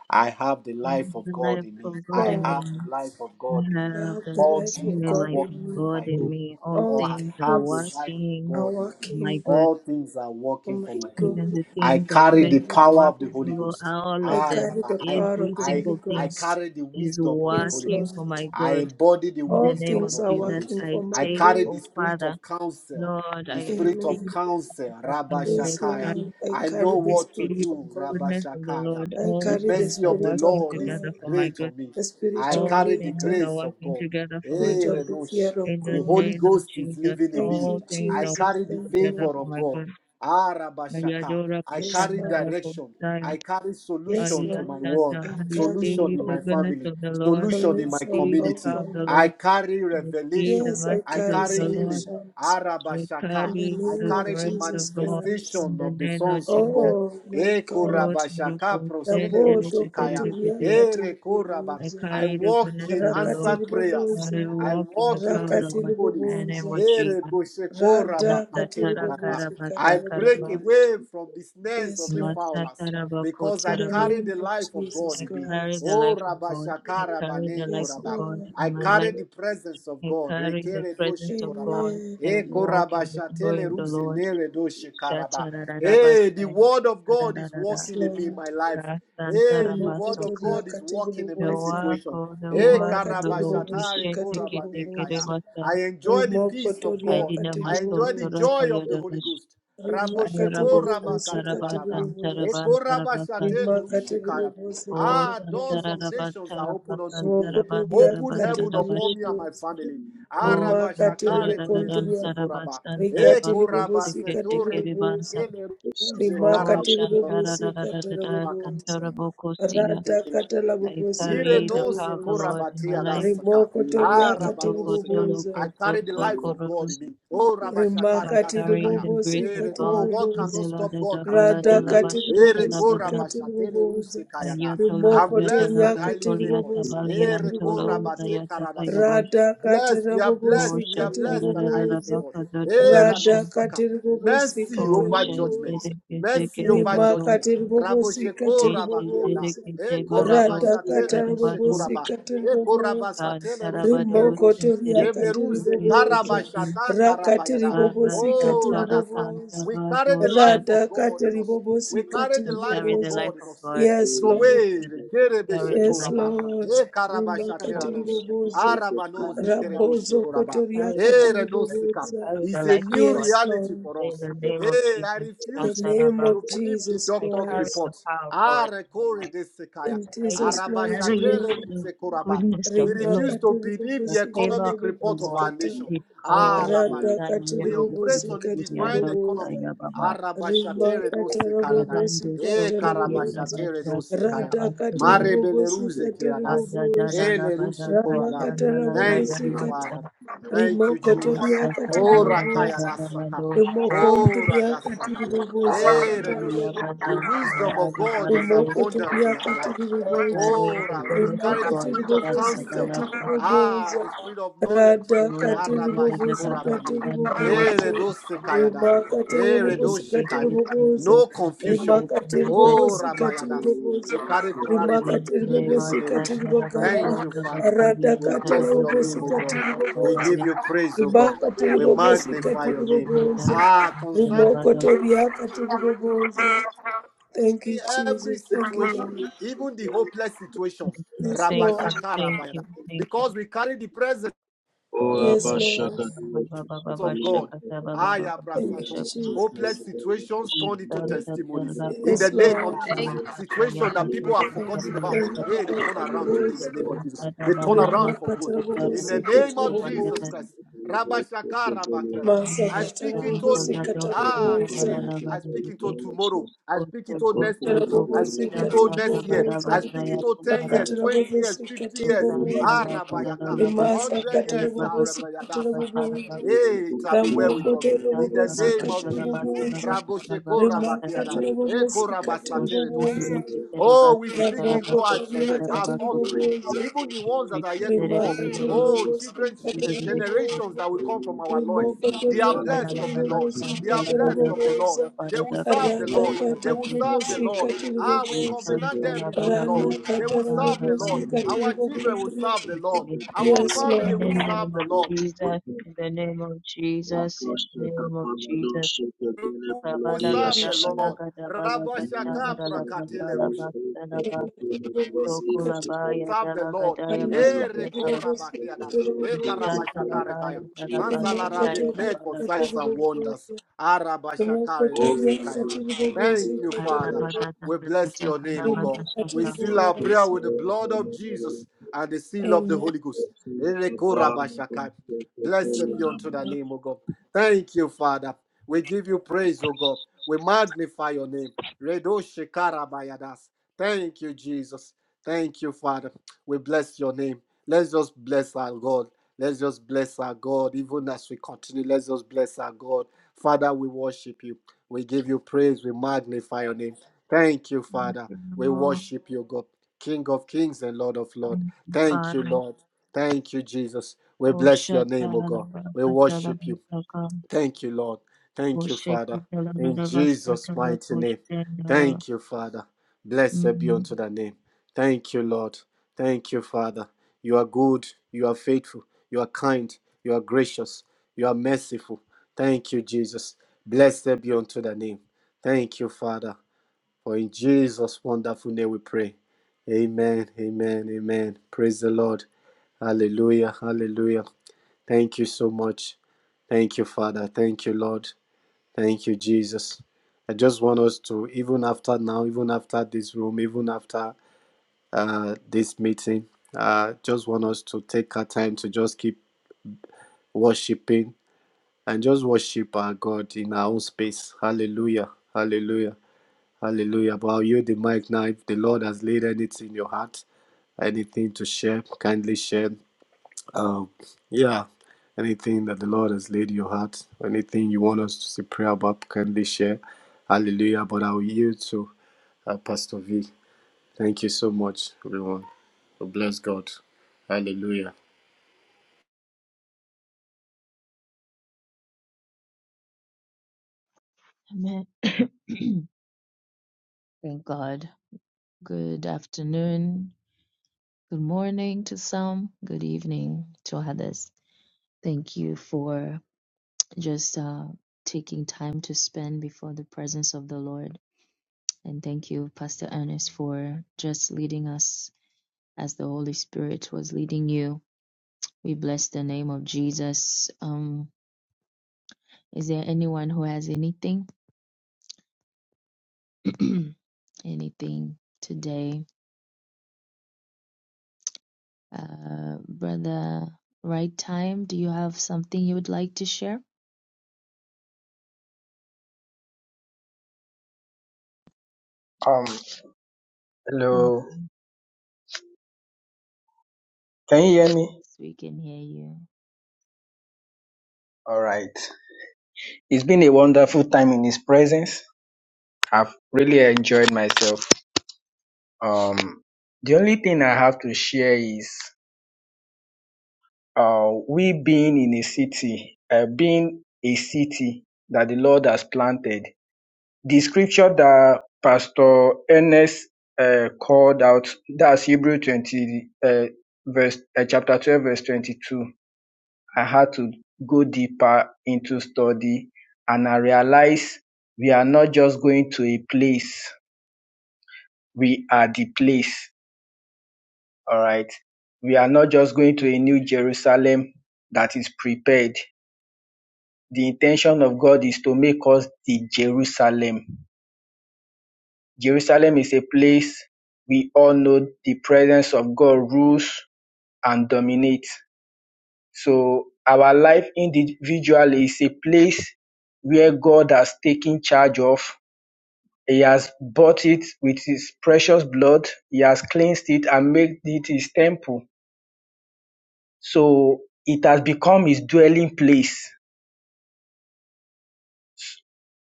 Speaker 2: I have the
Speaker 1: I have
Speaker 2: life of
Speaker 1: the
Speaker 2: God
Speaker 1: life
Speaker 2: in me.
Speaker 1: of God
Speaker 2: I
Speaker 1: in
Speaker 3: Lord,
Speaker 2: have
Speaker 1: me.
Speaker 2: the life of God
Speaker 1: I
Speaker 2: in me.
Speaker 3: I
Speaker 1: have
Speaker 3: have
Speaker 1: the
Speaker 3: the
Speaker 2: All
Speaker 3: life
Speaker 2: things
Speaker 3: of
Speaker 1: desire
Speaker 2: are
Speaker 3: God
Speaker 1: life
Speaker 3: in
Speaker 2: working
Speaker 1: of
Speaker 3: me.
Speaker 2: for
Speaker 1: God
Speaker 2: my
Speaker 1: in
Speaker 2: good.
Speaker 7: Thank
Speaker 1: me. All
Speaker 3: All
Speaker 2: Or I
Speaker 1: things are
Speaker 2: have the
Speaker 3: things
Speaker 2: life of
Speaker 1: working.
Speaker 3: are
Speaker 2: God in me.
Speaker 1: My
Speaker 3: working
Speaker 1: good,
Speaker 2: All things are
Speaker 3: for
Speaker 2: working
Speaker 3: my
Speaker 2: for my good.
Speaker 1: even
Speaker 3: good.
Speaker 1: the
Speaker 2: I
Speaker 1: things that were
Speaker 2: carry
Speaker 1: meant
Speaker 2: the
Speaker 1: to
Speaker 3: Then
Speaker 2: power
Speaker 1: work,
Speaker 2: of the Holy
Speaker 1: you are
Speaker 2: Ghost.
Speaker 1: all
Speaker 3: I
Speaker 1: of
Speaker 2: Ah,
Speaker 3: carry
Speaker 1: them.
Speaker 2: Rabba,
Speaker 3: the
Speaker 2: I
Speaker 3: power of
Speaker 1: Every
Speaker 3: the
Speaker 2: I
Speaker 3: Holy
Speaker 1: single
Speaker 2: I
Speaker 1: thing
Speaker 3: Ghost.
Speaker 2: carry the
Speaker 1: is
Speaker 2: wisdom of the
Speaker 3: Yes,
Speaker 2: Holy
Speaker 1: working
Speaker 2: Ghost.
Speaker 1: for
Speaker 3: Lord.
Speaker 1: my
Speaker 2: I
Speaker 1: good.
Speaker 2: embody the
Speaker 1: In the
Speaker 3: All
Speaker 1: name
Speaker 2: wisdom
Speaker 1: of
Speaker 3: things
Speaker 2: of
Speaker 3: are
Speaker 2: the Holy
Speaker 1: Jesus,
Speaker 2: Ghost.
Speaker 3: working
Speaker 1: I
Speaker 3: for my
Speaker 2: I
Speaker 1: take,
Speaker 2: carry
Speaker 3: good.
Speaker 2: the
Speaker 1: oh
Speaker 2: spirit
Speaker 1: Father,
Speaker 2: of counsel,
Speaker 1: Lord,
Speaker 2: the
Speaker 1: I
Speaker 2: spirit
Speaker 1: receive
Speaker 2: of
Speaker 3: Amen.
Speaker 2: counsel,
Speaker 1: but
Speaker 2: Rabba
Speaker 1: on the red
Speaker 3: Yes,
Speaker 2: Shakaya.
Speaker 1: side,
Speaker 3: Lord. I
Speaker 2: I know
Speaker 3: carry the
Speaker 1: receive
Speaker 2: what to
Speaker 1: the
Speaker 3: Spirit of
Speaker 2: do, Rabba
Speaker 3: God.
Speaker 1: goodness of the
Speaker 2: Shakaya.
Speaker 1: Lord,
Speaker 3: I
Speaker 2: The
Speaker 1: all
Speaker 3: carry the
Speaker 1: things
Speaker 2: mercy
Speaker 1: are
Speaker 2: of the
Speaker 3: Spirit
Speaker 1: working
Speaker 3: of
Speaker 2: Lord is
Speaker 1: together
Speaker 3: God,
Speaker 1: for my
Speaker 2: great
Speaker 1: good.
Speaker 2: on me.
Speaker 3: the Spirit
Speaker 2: I
Speaker 3: of
Speaker 1: All
Speaker 2: carry the
Speaker 1: things
Speaker 3: wisdom,
Speaker 1: are
Speaker 2: grace of
Speaker 1: working
Speaker 2: God.
Speaker 1: together for my
Speaker 3: Spirit
Speaker 2: Hey,
Speaker 3: of
Speaker 1: good.
Speaker 3: the
Speaker 2: Renosh.
Speaker 3: fear of
Speaker 1: In
Speaker 2: The
Speaker 1: the
Speaker 3: God.
Speaker 2: Holy
Speaker 1: name of
Speaker 2: Ghost is
Speaker 1: Jesus,
Speaker 2: living in
Speaker 3: Thank
Speaker 2: me.
Speaker 3: you,
Speaker 1: all things
Speaker 2: I
Speaker 1: are
Speaker 3: Jesus.
Speaker 2: carry
Speaker 1: working
Speaker 2: the
Speaker 3: Thank you,
Speaker 1: together
Speaker 2: favor
Speaker 3: Lord.
Speaker 1: for
Speaker 2: of
Speaker 1: my
Speaker 2: God.
Speaker 1: good.
Speaker 2: Ah, Rabashaka.
Speaker 1: Ayadora
Speaker 2: I
Speaker 3: Yes,
Speaker 2: carry
Speaker 1: Pashanda
Speaker 3: Lord.
Speaker 2: direction.
Speaker 1: Bakosaya
Speaker 2: I carry
Speaker 3: Yes,
Speaker 2: solution to
Speaker 3: Lord.
Speaker 2: my world,
Speaker 1: Ariasata.
Speaker 3: I
Speaker 1: I
Speaker 3: carry
Speaker 2: solution in
Speaker 1: receive the
Speaker 2: my
Speaker 3: over
Speaker 1: goodness
Speaker 2: family,
Speaker 1: of the Lord. I
Speaker 2: solution in my
Speaker 3: solution,
Speaker 1: receive the
Speaker 3: oh
Speaker 2: community.
Speaker 1: power of the
Speaker 3: God.
Speaker 2: I
Speaker 1: Lord.
Speaker 2: carry
Speaker 1: I receive
Speaker 2: revelation.
Speaker 1: the
Speaker 3: Yes, I
Speaker 2: I
Speaker 1: mercies
Speaker 3: carry
Speaker 1: of the
Speaker 2: carry healing.
Speaker 1: Lord.
Speaker 3: solutions
Speaker 1: I
Speaker 2: Arabashaka.
Speaker 3: in the
Speaker 1: carry
Speaker 2: I
Speaker 3: name
Speaker 1: the
Speaker 3: of
Speaker 2: carry the
Speaker 1: grace
Speaker 3: Jesus
Speaker 1: of God.
Speaker 3: Christ.
Speaker 1: In
Speaker 2: manifestation
Speaker 1: the
Speaker 2: of the
Speaker 1: name of
Speaker 2: sons of
Speaker 1: Jesus,
Speaker 2: God.
Speaker 3: Oh my
Speaker 2: Eko
Speaker 3: God.
Speaker 1: Lord,
Speaker 2: rabashaka
Speaker 1: Rupo,
Speaker 2: prosele
Speaker 3: Rabodo
Speaker 2: rushekaya.
Speaker 3: kotoria
Speaker 1: Sente, I
Speaker 3: katiriboboza.
Speaker 2: I
Speaker 1: carry the
Speaker 2: walk
Speaker 1: goodness
Speaker 2: in
Speaker 1: of the Lord.
Speaker 2: answered
Speaker 1: I
Speaker 2: prayers.
Speaker 3: Rakatiriboboza.
Speaker 1: will
Speaker 2: I
Speaker 1: walk in the
Speaker 2: walk in
Speaker 1: power of the Lord. In the
Speaker 2: testimonies.
Speaker 1: name
Speaker 3: Rakatiriboboza.
Speaker 1: of
Speaker 2: Ere
Speaker 1: Jesus.
Speaker 2: bosheko raba
Speaker 3: Rada
Speaker 2: katena
Speaker 1: Masatara
Speaker 2: raba.
Speaker 3: katiriboboza
Speaker 1: karaba
Speaker 2: I break
Speaker 3: katiriboboza.
Speaker 1: sakaraba.
Speaker 2: away from the snares
Speaker 3: Yes,
Speaker 2: of the
Speaker 3: Lord.
Speaker 2: fowlers
Speaker 1: Masataraba
Speaker 2: because
Speaker 3: In
Speaker 2: I
Speaker 3: the
Speaker 1: kotaraba.
Speaker 2: carry
Speaker 3: name
Speaker 2: the
Speaker 3: of
Speaker 2: life of
Speaker 3: Jesus
Speaker 2: God
Speaker 1: I
Speaker 2: in me.
Speaker 1: carry the
Speaker 3: Christ.
Speaker 2: Oh,
Speaker 1: life of
Speaker 2: Rabba
Speaker 1: God. I
Speaker 2: Shakara
Speaker 1: carry the
Speaker 2: Banen
Speaker 1: life
Speaker 3: Yes,
Speaker 1: of
Speaker 2: Koraba.
Speaker 1: God
Speaker 3: Lord.
Speaker 2: I
Speaker 1: in my
Speaker 2: carry
Speaker 1: life.
Speaker 2: the presence of
Speaker 1: I
Speaker 2: God.
Speaker 1: carry the
Speaker 2: Rekere doshe
Speaker 1: presence of
Speaker 2: koraba.
Speaker 1: God.
Speaker 3: Amen.
Speaker 1: I
Speaker 2: E
Speaker 1: walk in
Speaker 2: koraba
Speaker 1: the glory
Speaker 2: shatele
Speaker 1: of the
Speaker 2: ruze
Speaker 1: Lord.
Speaker 2: nere doshe karaba. Hey, the
Speaker 1: Shatarararabasai.
Speaker 2: word of God is
Speaker 1: Rarararara.
Speaker 3: Yes,
Speaker 2: working in me,
Speaker 3: Lord.
Speaker 2: my life. Hey, the
Speaker 3: Remoko
Speaker 2: word of
Speaker 1: Kasantarabasoka.
Speaker 3: toria
Speaker 2: God is
Speaker 3: katiri
Speaker 2: working in
Speaker 1: The
Speaker 2: my
Speaker 3: boboza.
Speaker 1: work
Speaker 2: situation.
Speaker 1: of the
Speaker 2: Hey,
Speaker 1: word
Speaker 3: Remaka
Speaker 1: of the
Speaker 3: tiri
Speaker 1: Lord.
Speaker 3: bobosi
Speaker 2: karabashatare
Speaker 3: katiri
Speaker 2: korabadekaya.
Speaker 7: you,
Speaker 3: boboza.
Speaker 1: Isheteketekeremasa.
Speaker 2: I enjoy the
Speaker 3: Remoko
Speaker 2: peace of
Speaker 3: toria
Speaker 2: God.
Speaker 1: Kaidina
Speaker 3: katiri
Speaker 2: I enjoy the
Speaker 1: Masotora
Speaker 3: boboza.
Speaker 2: joy of the Holy
Speaker 1: Kayadabash
Speaker 2: Ghost.
Speaker 3: Remaka tiri
Speaker 2: Rabosheko
Speaker 1: Arabo
Speaker 3: bobosi
Speaker 1: Santaraban
Speaker 3: katiri
Speaker 2: rabakatelarada. Hey,
Speaker 3: boboza.
Speaker 1: Taraban Tarabakanta
Speaker 2: korabashatele
Speaker 3: Remaka tiri
Speaker 7: thank
Speaker 2: rushekaya.
Speaker 3: bobosi
Speaker 1: O
Speaker 2: Ah,
Speaker 3: katiri
Speaker 7: you,
Speaker 2: doors of
Speaker 3: boboza.
Speaker 1: Santaraban
Speaker 2: nations are open
Speaker 7: yes.
Speaker 1: Tarabakan
Speaker 2: unto me.
Speaker 3: Remoko
Speaker 1: Taraban
Speaker 3: toria
Speaker 2: Open heaven
Speaker 3: katiri
Speaker 1: Tarabadabash
Speaker 2: upon me and my
Speaker 3: boboza.
Speaker 2: family.
Speaker 7: Amen.
Speaker 2: Ah,
Speaker 1: O
Speaker 3: Remaka tiri
Speaker 2: rabashakare
Speaker 1: Santaradan
Speaker 3: bokontoria.
Speaker 2: belerusekoraba.
Speaker 1: Tarabasan
Speaker 2: Hey,
Speaker 3: Rikati
Speaker 1: Tarabaku
Speaker 3: ribobosi
Speaker 1: Sekete
Speaker 3: kati
Speaker 2: korabasetore
Speaker 1: Keribanta
Speaker 3: ribobosa.
Speaker 2: kele
Speaker 7: Yes, sir.
Speaker 2: ruje
Speaker 7: To
Speaker 1: O
Speaker 2: karaba.
Speaker 7: worship
Speaker 3: rimakatiri
Speaker 1: Shantarada
Speaker 3: bobosikata rabobonza
Speaker 1: Santaraboko Sia
Speaker 3: radhakata
Speaker 1: I
Speaker 2: Ire
Speaker 1: carry
Speaker 3: rabobosikata
Speaker 1: the
Speaker 2: no
Speaker 1: power
Speaker 2: se
Speaker 1: of the
Speaker 3: rabobonza
Speaker 1: Lord in my
Speaker 2: korabatea
Speaker 3: rimokotoriakatiri
Speaker 1: life
Speaker 3: boboza
Speaker 7: you.
Speaker 2: dasaka.
Speaker 3: Riboko toria
Speaker 2: Ah,
Speaker 7: Amen.
Speaker 1: Shoto
Speaker 3: katiri
Speaker 2: rabanoseka.
Speaker 1: Kotolo
Speaker 3: boboza.
Speaker 2: I
Speaker 1: Koso
Speaker 2: carry the life
Speaker 7: Holy
Speaker 2: of
Speaker 1: Sokoro
Speaker 2: God in
Speaker 7: Ghost,
Speaker 2: me.
Speaker 7: thank
Speaker 2: Oh,
Speaker 7: you,
Speaker 2: Rabashakara
Speaker 1: I
Speaker 3: rimakatiri
Speaker 1: carry
Speaker 2: dasakaya.
Speaker 1: the grace of
Speaker 2: Ere
Speaker 3: bobosikatiri
Speaker 2: no
Speaker 1: God.
Speaker 2: one
Speaker 3: boboza
Speaker 2: cannot stop God cannot stop me.
Speaker 3: radhakatiri
Speaker 2: Ere
Speaker 1: Nidelodadabaladalabashantalabada,
Speaker 3: bobosikatiri
Speaker 2: korabashatele
Speaker 3: boboza
Speaker 2: rusekaya da.
Speaker 1: tere
Speaker 2: I'm blessed and highly
Speaker 3: rimokotoriakatiri
Speaker 2: favored. Ere
Speaker 3: bobosikatiri boboza
Speaker 2: korabate karadashata.
Speaker 1: zayatakayabosh,
Speaker 3: radhakata
Speaker 2: Blessed, we are blessed, we are
Speaker 3: rabobosikatiri
Speaker 2: blessed and highly
Speaker 3: boboza
Speaker 2: favored. Era no
Speaker 1: boshantaradadadabakadadadoshan,
Speaker 2: saka.
Speaker 3: radhakatiri
Speaker 2: Mercy
Speaker 3: bobosikatiri
Speaker 2: over judgment.
Speaker 3: boboza
Speaker 2: Mercy over judgment.
Speaker 3: rimakati
Speaker 1: boshantedekedekedebadoshan,
Speaker 3: ribobosikati
Speaker 2: Rabosheko Rabakiada.
Speaker 3: ribobosa
Speaker 2: E koraba
Speaker 3: radhakati
Speaker 2: shatele rushe koraba.
Speaker 1: neshetedekedebaradosatadabadoshan,
Speaker 3: ribobosikati
Speaker 2: E koraba
Speaker 3: ribobosa
Speaker 2: satele ruze keredosh.
Speaker 3: rimokoto
Speaker 2: Yeble
Speaker 3: riakati
Speaker 2: ruze
Speaker 3: ribobosa
Speaker 2: karaba
Speaker 1: kantarabadoshantedekedekesekete,
Speaker 2: shata karaba
Speaker 3: rakati
Speaker 2: yada. Oh,
Speaker 3: ribobosikati
Speaker 2: Radasa.
Speaker 3: ribobosa
Speaker 2: We carry the life
Speaker 1: baratamparakatabadoshan,
Speaker 2: of God
Speaker 3: radhakati
Speaker 2: in us. We carry
Speaker 3: ribobosikati
Speaker 2: the
Speaker 1: I
Speaker 2: life
Speaker 1: carry
Speaker 2: of
Speaker 1: the
Speaker 3: ribobosa
Speaker 1: life
Speaker 2: God
Speaker 1: of
Speaker 2: in us.
Speaker 1: God in the
Speaker 3: yes
Speaker 1: name
Speaker 3: lord
Speaker 1: of
Speaker 2: Zoe
Speaker 1: Jesus. I
Speaker 2: kerebe
Speaker 1: carry the
Speaker 3: yes
Speaker 1: life of
Speaker 2: shetoraba.
Speaker 1: God.
Speaker 3: lord
Speaker 2: E karaba
Speaker 1: I carry the
Speaker 3: rimakati
Speaker 1: life
Speaker 2: shaterados.
Speaker 1: of
Speaker 3: ribobosa
Speaker 2: Arabanos de keredosh
Speaker 3: rabozo
Speaker 1: God.
Speaker 2: koraba.
Speaker 3: koto
Speaker 1: I carry the
Speaker 2: E
Speaker 3: riakati
Speaker 1: life of God.
Speaker 2: renosika.
Speaker 1: I
Speaker 3: ribobosa
Speaker 1: carry the
Speaker 2: Is a
Speaker 1: life of
Speaker 2: new
Speaker 1: God
Speaker 3: yes
Speaker 2: reality
Speaker 3: lord
Speaker 2: for
Speaker 1: in
Speaker 2: us.
Speaker 1: the name of
Speaker 2: Hey, I
Speaker 1: Jesus.
Speaker 3: In
Speaker 1: That's
Speaker 3: the
Speaker 2: refuse
Speaker 1: all
Speaker 3: name
Speaker 1: about
Speaker 2: to
Speaker 3: of
Speaker 1: that.
Speaker 2: believe the
Speaker 3: jesus
Speaker 1: I
Speaker 2: doctor's
Speaker 1: carry
Speaker 3: christ
Speaker 1: the
Speaker 2: report.
Speaker 1: power of God
Speaker 2: Are
Speaker 1: in my
Speaker 2: kore
Speaker 1: life.
Speaker 3: In
Speaker 2: desekaya.
Speaker 3: Jesus'
Speaker 1: I
Speaker 3: mighty
Speaker 1: carry
Speaker 2: Arabashatele
Speaker 3: name,
Speaker 1: the
Speaker 2: ruze koraba.
Speaker 1: goodness
Speaker 2: We
Speaker 1: of the
Speaker 3: Rimaka
Speaker 2: refuse
Speaker 1: Lord,
Speaker 2: to believe
Speaker 1: the
Speaker 2: the
Speaker 3: tiribobosika
Speaker 1: favor of
Speaker 2: economic
Speaker 1: the
Speaker 2: report of
Speaker 1: Lord.
Speaker 2: our
Speaker 3: tiribobosikata,
Speaker 2: nation.
Speaker 1: It calls us
Speaker 2: Arabaya.
Speaker 1: that
Speaker 3: Rataka
Speaker 2: We
Speaker 1: little bit
Speaker 2: operate
Speaker 1: of
Speaker 2: on
Speaker 3: tiribobosika
Speaker 2: the divine
Speaker 3: tiribobosa,
Speaker 2: economy.
Speaker 1: the Baba.
Speaker 2: Arabashatere
Speaker 3: Rimaka
Speaker 1: I
Speaker 2: dosekarada.
Speaker 1: ran the
Speaker 3: tiribobosika
Speaker 2: E
Speaker 1: so-called
Speaker 3: tiribobosa,
Speaker 2: karabashatere dosekaya.
Speaker 3: Rataka
Speaker 2: Marebele
Speaker 3: tiribobosika
Speaker 2: ruze kiradas.
Speaker 1: Ada da
Speaker 3: tiribobosa,
Speaker 1: da la
Speaker 2: Ele
Speaker 1: ba
Speaker 2: rushe
Speaker 1: da ka
Speaker 3: Ranaka
Speaker 2: korada.
Speaker 1: sha da la ga
Speaker 2: Thank
Speaker 1: da
Speaker 2: you,
Speaker 3: tiribobosika
Speaker 1: ma
Speaker 3: ti-
Speaker 1: sa
Speaker 2: Father. Thank you,
Speaker 3: Rimoko
Speaker 1: o
Speaker 2: Jesus.
Speaker 1: sha
Speaker 3: toriaka
Speaker 1: sa da
Speaker 2: Oh,
Speaker 1: la da
Speaker 2: Rakaya
Speaker 1: da
Speaker 3: tiribobosa,
Speaker 1: ba la
Speaker 2: Dasaka.
Speaker 1: do sha
Speaker 3: Rimoko
Speaker 1: sa
Speaker 2: Oh,
Speaker 3: ndriaka
Speaker 2: Radasaka.
Speaker 1: ba
Speaker 3: tiribobosika
Speaker 1: ya ya ba
Speaker 2: The
Speaker 1: da sa
Speaker 2: wisdom
Speaker 1: ya
Speaker 2: of
Speaker 1: da ba
Speaker 2: God
Speaker 1: ra
Speaker 2: is
Speaker 1: do
Speaker 3: Rimoko
Speaker 1: sa
Speaker 2: abundant in
Speaker 3: toriaka
Speaker 2: our life.
Speaker 3: tiribobonza.
Speaker 1: sare
Speaker 2: Oh,
Speaker 1: the
Speaker 2: Ra- we
Speaker 1: goodness of
Speaker 2: carry
Speaker 3: Rimaka
Speaker 2: the
Speaker 1: God
Speaker 2: spirit of
Speaker 1: sha sa
Speaker 3: tiribobosika
Speaker 1: ba
Speaker 2: counsel.
Speaker 1: la ka
Speaker 2: Ah,
Speaker 3: tiribobonza.
Speaker 2: the spirit of knowledge.
Speaker 1: no
Speaker 3: Radhaka
Speaker 1: la
Speaker 2: Ah,
Speaker 1: da
Speaker 2: Rabba
Speaker 1: da da da da ba
Speaker 3: tiribobosika
Speaker 2: Shekorabani.
Speaker 1: sa da la ba
Speaker 2: Eh,
Speaker 3: tiribobonza.
Speaker 2: Redo
Speaker 1: sha
Speaker 2: Sekayada.
Speaker 3: Rimaka
Speaker 2: Eh,
Speaker 1: ke
Speaker 2: Redo
Speaker 3: tiribobosika
Speaker 1: ke
Speaker 2: Shekai.
Speaker 1: ke ke ke ke
Speaker 3: tiribobonza.
Speaker 2: No
Speaker 1: ke ke
Speaker 2: confusion.
Speaker 3: Rimaka
Speaker 1: ke ke ba ta
Speaker 2: Oh,
Speaker 1: sa
Speaker 3: tiribobosika
Speaker 2: Rabayadas.
Speaker 3: tiribobonza.
Speaker 2: We carry
Speaker 1: ke
Speaker 3: Rimaka
Speaker 2: clarity.
Speaker 1: ke
Speaker 2: Rebe
Speaker 1: ba
Speaker 3: tiribobosika
Speaker 1: sa
Speaker 2: Selerush.
Speaker 1: da la ba o
Speaker 3: tiriboganda.
Speaker 2: Thank
Speaker 8: And
Speaker 2: you,
Speaker 1: ga ba
Speaker 2: Father.
Speaker 1: sa ya
Speaker 3: Radhaka
Speaker 2: We
Speaker 1: sa ra
Speaker 2: bless
Speaker 1: ba
Speaker 2: your
Speaker 1: do
Speaker 2: name, O
Speaker 3: tiribobosika
Speaker 1: ya
Speaker 2: God.
Speaker 1: sa
Speaker 2: We
Speaker 1: ba ya Carry the goodness of God, Shatabalakas, Lola,
Speaker 3: tiribobonza.
Speaker 2: give you
Speaker 1: Santa,
Speaker 2: praise, O God.
Speaker 3: Rimaka
Speaker 2: We
Speaker 3: tiribobosika
Speaker 1: Thank
Speaker 2: magnify
Speaker 1: you,
Speaker 2: your name.
Speaker 1: Jesus.
Speaker 3: tiribobonza.
Speaker 2: Ah,
Speaker 1: Thank
Speaker 2: concern
Speaker 3: Rimoko toriaka tiribobonza. Thank
Speaker 2: in
Speaker 3: you,
Speaker 2: every
Speaker 3: Jesus. Thank you,
Speaker 2: situation,
Speaker 3: Lord.
Speaker 2: even the hopeless situation.
Speaker 1: you,
Speaker 3: Yes,
Speaker 1: thank
Speaker 7: Thank
Speaker 1: you,
Speaker 3: Lord.
Speaker 7: you.
Speaker 2: Rabashaka
Speaker 1: thank
Speaker 2: Rabayada.
Speaker 1: you, thank you.
Speaker 2: Because we carry the presence
Speaker 3: Yes,
Speaker 7: Thank
Speaker 3: Lord.
Speaker 2: of God. I
Speaker 3: Thank you,
Speaker 2: abrasato.
Speaker 3: Jesus.
Speaker 2: Hopeless situations turn into testimonies in the
Speaker 3: Yes,
Speaker 2: name of
Speaker 3: Lord.
Speaker 8: Thank,
Speaker 2: Jesus.
Speaker 8: thank you,
Speaker 2: Situation that people have forgotten about. Hey, they turn around today in the
Speaker 3: Remakatarabubuza.
Speaker 2: name of Jesus. They turn around for good. In the
Speaker 3: Remakatarabubuza.
Speaker 2: name of Jesus
Speaker 3: Katarabubuza.
Speaker 2: Christ. Rabba Shaka I speak into
Speaker 3: Masakatarabubuza.
Speaker 2: ah
Speaker 3: Katarabubuza.
Speaker 2: today. I speak into tomorrow. I speak into next week. I speak
Speaker 3: Tarabobosika
Speaker 2: into next year.
Speaker 3: tiribobosa,
Speaker 2: I speak into
Speaker 1: Thank
Speaker 2: 10
Speaker 1: you.
Speaker 2: years, 20 years,
Speaker 3: rakatarabobosika
Speaker 2: 50 years. Ah,
Speaker 3: tiribobosa,
Speaker 1: Gusantala
Speaker 2: Rabba Yaka.
Speaker 1: Badala
Speaker 3: rimasaka
Speaker 2: 100
Speaker 1: Basantala
Speaker 2: years,
Speaker 7: you.
Speaker 2: ah, Rabba
Speaker 3: tarabobosika
Speaker 1: Badagusta
Speaker 2: Yada Sakara.
Speaker 1: Batara
Speaker 3: tiribobosa,
Speaker 2: Hey, it shall be well
Speaker 3: ramoko
Speaker 2: with us. In the
Speaker 1: Osmatara
Speaker 3: tarabobosika
Speaker 2: name of
Speaker 1: Batara
Speaker 2: Jesus.
Speaker 1: Batara
Speaker 3: tiribobosa,
Speaker 1: Batara
Speaker 2: Rabosheko
Speaker 3: rimaka
Speaker 2: rabakiada.
Speaker 1: Basatara
Speaker 2: Eko
Speaker 3: tarabobosika
Speaker 2: rabasatere
Speaker 1: Ocean
Speaker 3: tiribobosa,
Speaker 1: Below
Speaker 2: dosheku.
Speaker 1: Kitere
Speaker 2: Oh, we speak
Speaker 1: Basatara
Speaker 3: ramoko
Speaker 2: into our children
Speaker 3: tariaka
Speaker 1: Basatara
Speaker 2: as
Speaker 1: Bakusta
Speaker 2: offspring,
Speaker 3: tiribobosa,
Speaker 2: even the ones that are yet to
Speaker 1: Rikitere
Speaker 2: come.
Speaker 3: Remarkable,
Speaker 2: Oh, children, children, generations that will come from our loins.
Speaker 3: Rimoko
Speaker 2: They are
Speaker 3: toria
Speaker 2: blessed
Speaker 1: Abadala
Speaker 2: of
Speaker 3: katiri
Speaker 2: the Lord. They
Speaker 3: bobosika
Speaker 2: are
Speaker 1: Basantala
Speaker 3: tiri
Speaker 2: blessed of the Lord.
Speaker 1: Badakusta
Speaker 3: boboza.
Speaker 2: They will
Speaker 1: Parada
Speaker 2: serve the
Speaker 1: Kusta
Speaker 3: Rada
Speaker 2: Lord. They
Speaker 3: katiri
Speaker 2: will
Speaker 1: Badakusta
Speaker 2: serve the
Speaker 3: bobosika
Speaker 2: Lord.
Speaker 3: tiri
Speaker 2: Ah, we
Speaker 3: boboza.
Speaker 2: covenant
Speaker 1: Santala
Speaker 2: them into the Lord.
Speaker 1: Badabo
Speaker 3: Rana
Speaker 2: They will
Speaker 3: katara
Speaker 2: serve the Lord.
Speaker 1: Santara
Speaker 3: bobosika tiri
Speaker 2: Our children will
Speaker 3: bobondria.
Speaker 2: serve the Lord. Our
Speaker 3: Yes,
Speaker 2: family
Speaker 1: In
Speaker 3: Lord.
Speaker 1: the
Speaker 2: will serve
Speaker 1: name
Speaker 2: the
Speaker 1: of
Speaker 2: Lord.
Speaker 7: Thank
Speaker 1: Jesus,
Speaker 7: you.
Speaker 1: in the name of Jesus, in
Speaker 7: Apostle
Speaker 1: the name of
Speaker 7: Kapalado
Speaker 1: Jesus.
Speaker 7: Sokotele
Speaker 2: who
Speaker 1: Kabala
Speaker 7: Paladia
Speaker 2: serve
Speaker 1: gada
Speaker 2: the
Speaker 7: Susana.
Speaker 1: bala
Speaker 2: Lord.
Speaker 1: gada bala
Speaker 7: Manda
Speaker 1: gada
Speaker 2: Rabashakapra
Speaker 1: dala basala
Speaker 2: katelerush
Speaker 7: Sokotele
Speaker 1: basala ba
Speaker 3: Katiri
Speaker 7: Sokotele Paladia
Speaker 3: bobosika
Speaker 1: tokula
Speaker 3: tiri.
Speaker 1: ba ya
Speaker 7: Susana.
Speaker 2: serve the
Speaker 1: dala
Speaker 2: Lord.
Speaker 1: gada ya
Speaker 3: Rana
Speaker 7: Sunda
Speaker 2: Eh,
Speaker 1: basala
Speaker 7: Basa
Speaker 3: katiri
Speaker 2: reko
Speaker 1: ka
Speaker 3: bobosika
Speaker 2: rabakiadas,
Speaker 3: tiri
Speaker 7: Kapalado
Speaker 2: eh,
Speaker 3: boboza.
Speaker 1: ishata la ba
Speaker 7: Sokotele
Speaker 2: karabashatarekaya.
Speaker 1: baya dala
Speaker 7: Paladia
Speaker 2: Manzala
Speaker 3: Rimoko
Speaker 1: basata ya
Speaker 7: Susana.
Speaker 2: rabik
Speaker 1: da
Speaker 3: toria
Speaker 2: made for
Speaker 1: bala ka
Speaker 2: signs
Speaker 3: katiri
Speaker 2: and wonders.
Speaker 3: boboza. Rimoko
Speaker 7: All
Speaker 3: toria
Speaker 7: the
Speaker 2: Arabashakaredosekaya.
Speaker 3: katiri
Speaker 7: best of the
Speaker 2: Thank
Speaker 3: bobosika
Speaker 2: you,
Speaker 7: land
Speaker 3: tiri
Speaker 7: of
Speaker 1: kata
Speaker 2: Father.
Speaker 3: boboza.
Speaker 1: bada da
Speaker 2: We
Speaker 1: da da
Speaker 2: bless
Speaker 1: da
Speaker 2: your
Speaker 1: kala
Speaker 2: name, O
Speaker 1: bada
Speaker 2: God.
Speaker 3: Rimaka
Speaker 2: We
Speaker 1: shata.
Speaker 2: seal our prayer with the blood of Jesus and the seal of the
Speaker 3: Amen.
Speaker 2: Holy Ghost. Eh, reko
Speaker 7: Bosnia.
Speaker 2: rabashakai. Blessed
Speaker 3: Jesus.
Speaker 2: be unto
Speaker 7: Mr.
Speaker 2: the name, O God. Thank you, Father. We give you praise, O God. We magnify your name. Redoshekarabayadas. Thank you, Jesus. Thank you, Father. We bless your name. Let's just bless our God. Let's just bless our God. Even as we continue, let's just bless our God. Father, we worship you. We give you praise. We magnify your name. Thank you,
Speaker 1: Thank
Speaker 2: Father.
Speaker 1: you,
Speaker 2: We
Speaker 1: Lord.
Speaker 2: worship you, God, King of kings and Lord of lords.
Speaker 1: Thank you,
Speaker 2: Thank you,
Speaker 1: Father.
Speaker 2: Lord. Thank you, Jesus. We
Speaker 1: Oh
Speaker 2: bless your
Speaker 1: shata
Speaker 2: name, O
Speaker 1: la
Speaker 2: God. We
Speaker 1: basata la
Speaker 2: worship you.
Speaker 1: ba ka.
Speaker 2: Thank you, Lord. Thank you,
Speaker 1: Mm,
Speaker 2: Father. In Jesus' mighty name. Thank you, Father. Blessed be unto thy name. Thank you, Lord. Thank you, Father. You are good. You are faithful. You are kind. You are gracious. You are merciful. Thank you, Jesus. Blessed be unto thy name. Thank you, Father. So even after now, even after this room, even after this meeting, I just want us to take our time to just keep worshiping and just worship our God in our own space. Hallelujah. Hallelujah. Hallelujah. But I'll yield the mic now. If the Lord has laid anything in your heart, anything to share, kindly share. Um, yeah. Anything that the Lord has laid in your heart, anything you want us to see prayer about, kindly share. Hallelujah. But I'll yield to uh, Pastor V. Thank you so much, everyone. Bless God. Hallelujah.
Speaker 1: Amen. Thank God. Good afternoon. Good morning to some. Good evening to others. Thank you for just uh, taking time to spend before the presence of the Lord. And thank you, Pastor Ernest, for just leading us as the Holy Spirit was leading you. We bless the name of Jesus. Um, is there anyone who has anything? anything today. Uh, Brother Right Time, do you have something you would like to share?
Speaker 6: Um,
Speaker 1: Well,
Speaker 6: hello. Can you hear me?
Speaker 1: we can hear you.
Speaker 6: All right. It's been a wonderful time in his presence. I've really enjoyed myself. Um, the only thing I have to share is, uh, we being in a city, uh, being a city that the Lord has planted. The scripture that Pastor Ernest uh, called out, that's Hebrew 20, uh, verse, uh, chapter 12, verse 22 I had to go deeper into study and I realized we are not just going to a place. We are the place. All right. We are not just going to a new Jerusalem that is prepared. The intention of God is to make us the Jerusalem. Jerusalem is a place we all know the presence of God rules and dominates. So our life individually is a place where God has taken charge of. He has bought it with his precious blood. He has cleansed it and made it his temple. So it has become his dwelling place.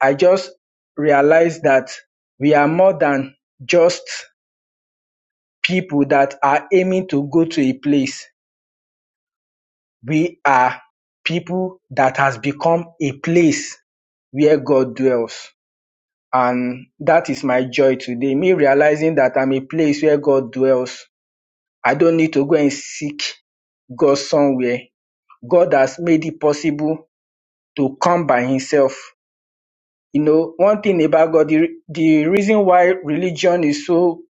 Speaker 6: I just realized that we are more than just people that are aiming to go to a place. We are people that has become a place where God dwells. And that is my joy today. Me realizing that I'm a place where God dwells. I don't need to go and seek God somewhere. God has made it possible to come by himself. You know, one thing about God, the, the reason why religion is so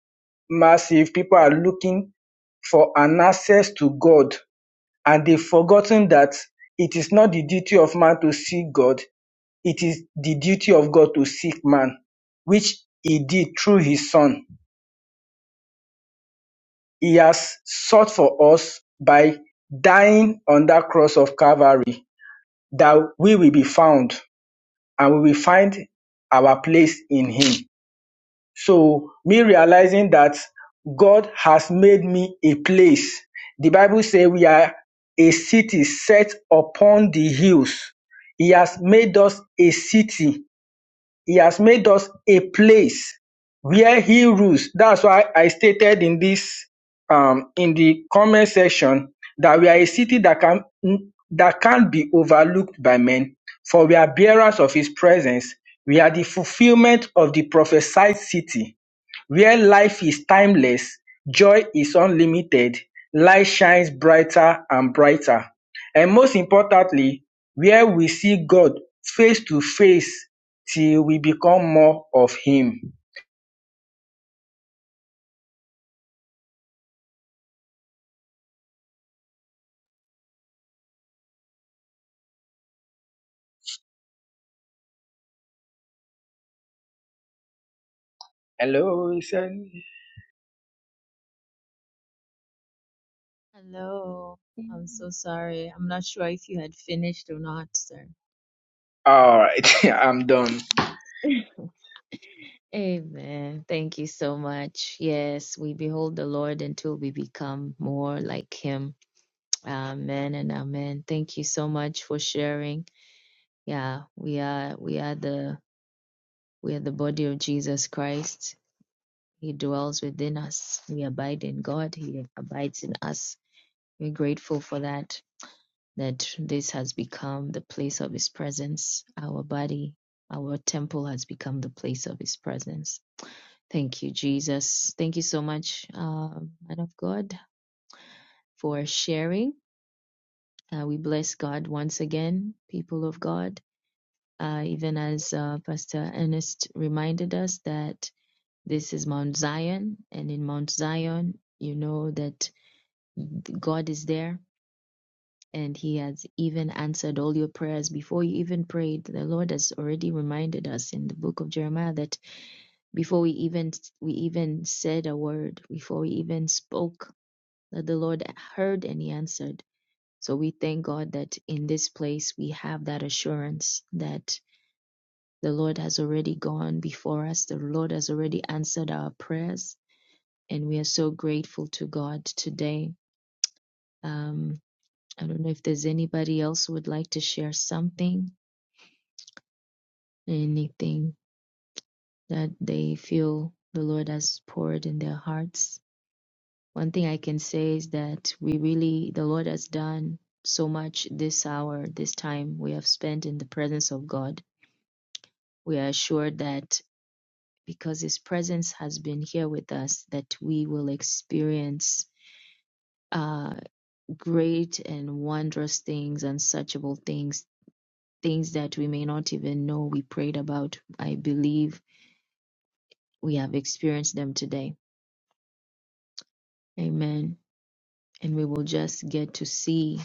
Speaker 6: massive, people are looking for an access to God and they've forgotten that it is not the duty of man to seek God. It is the duty of God to seek man, which he did through his son. He has sought for us by dying on that cross of Calvary that we will be found and we will find our place in Him. So, me realizing that God has made me a place. The Bible says we are a city set upon the hills. He has made us a city he has made us a place where he rules. That's why I stated in this um in the comment section that we are a city that can that can't be overlooked by men, for we are bearers of his presence. We are the fulfillment of the prophesied city. Where life is timeless, joy is unlimited, light shines brighter and brighter. And most importantly, where we see God face to face till we become more of Him. Hello, is
Speaker 1: Hello. I'm
Speaker 9: Hmm.
Speaker 1: so sorry. I'm not sure if you had finished or not, sir.
Speaker 6: all right, I'm done.
Speaker 1: Amen. Thank you so much. Yes, we behold the Lord until we become more like Him. Amen and amen. Thank you so much for sharing. Yeah, we are we are the We are the body of Jesus Christ. He dwells within us. We abide in God. He abides in us. We're grateful for that, that this has become the place of His presence. Our body, our temple has become the place of His presence. Thank you, Jesus. Thank you so much, um, man of God, for sharing. Uh, we bless God once again, people of God. Uh, even as uh, Pastor Ernest reminded us that This is Mount Zion, and in Mount Zion, you know that God is there and He has even answered all your prayers before you even prayed. The Lord has already reminded us in the book of Jeremiah that before we even we even said a word, before we even spoke, that the Lord heard and He answered. So we thank God that in this place we have that assurance that the Lord has already gone before us. The Lord has already answered our prayers and we are so grateful to God today. Um, I don't know if there's anybody else who would like to share something, anything that they feel the Lord has poured in their hearts. One thing I can say is that we really, the Lord has done so much this hour, this time we have spent in the presence of God. We are assured that because His presence has been here with us, that we will experience. uh, great and wondrous things, unsearchable things, things that we may not even know we prayed about. I believe we have experienced them today. Amen. And we will just get to see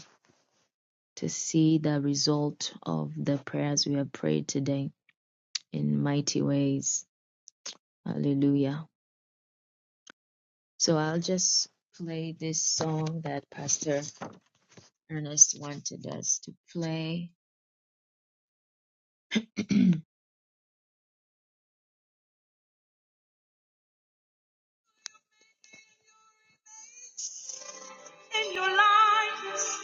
Speaker 1: to see the result of the prayers we have prayed today in mighty ways. Hallelujah. So I'll just play this song that Pastor Ernest wanted us to play. in your life.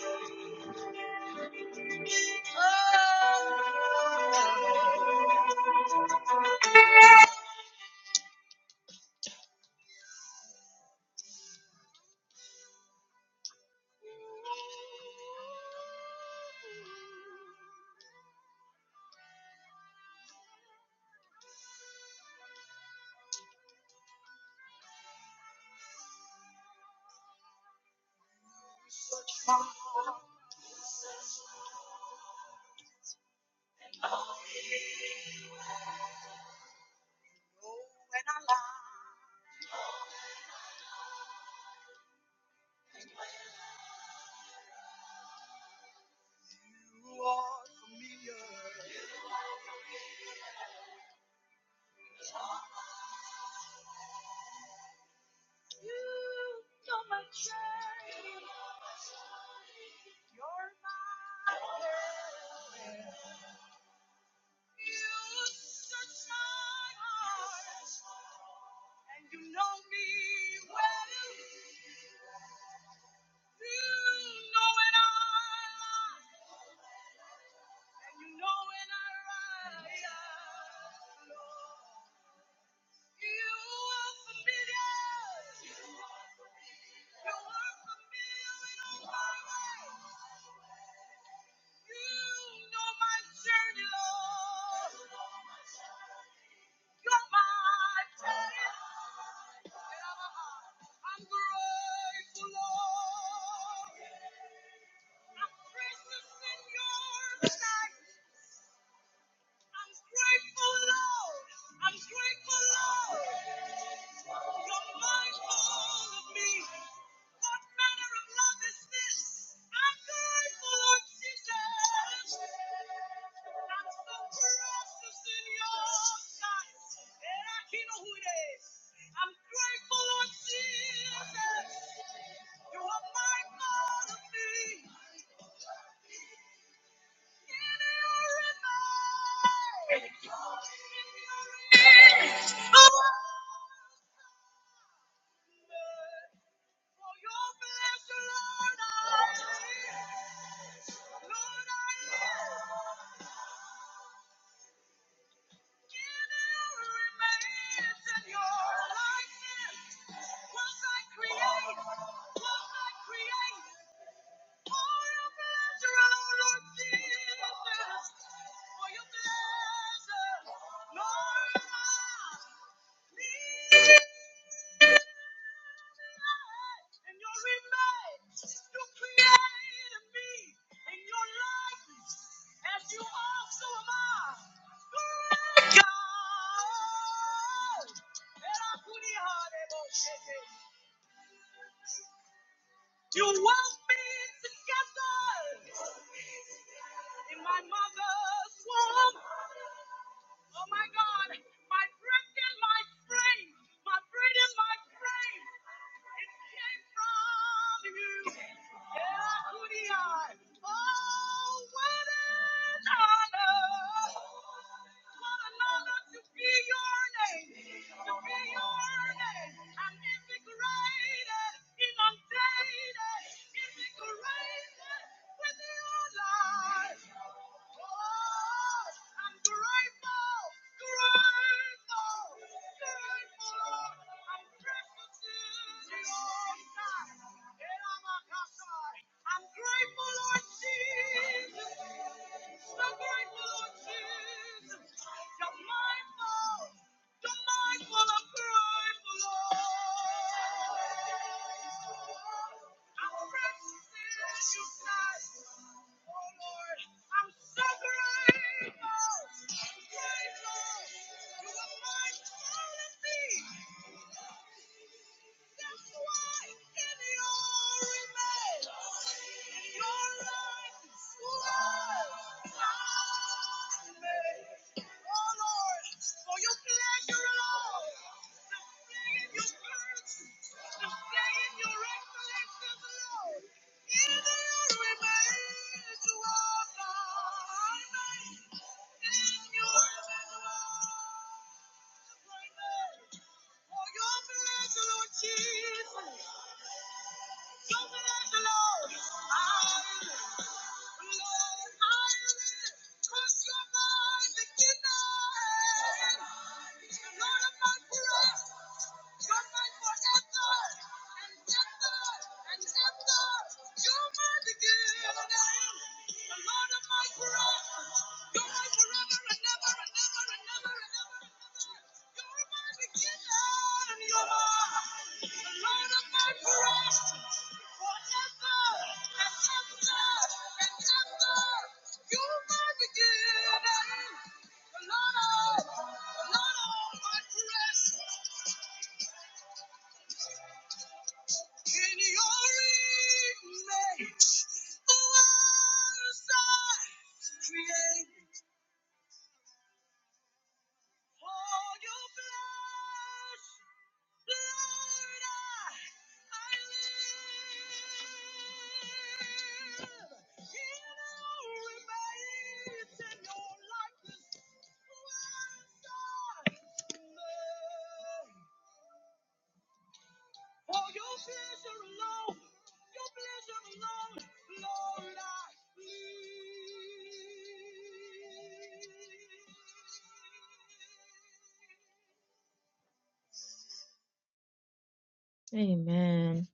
Speaker 1: Amen.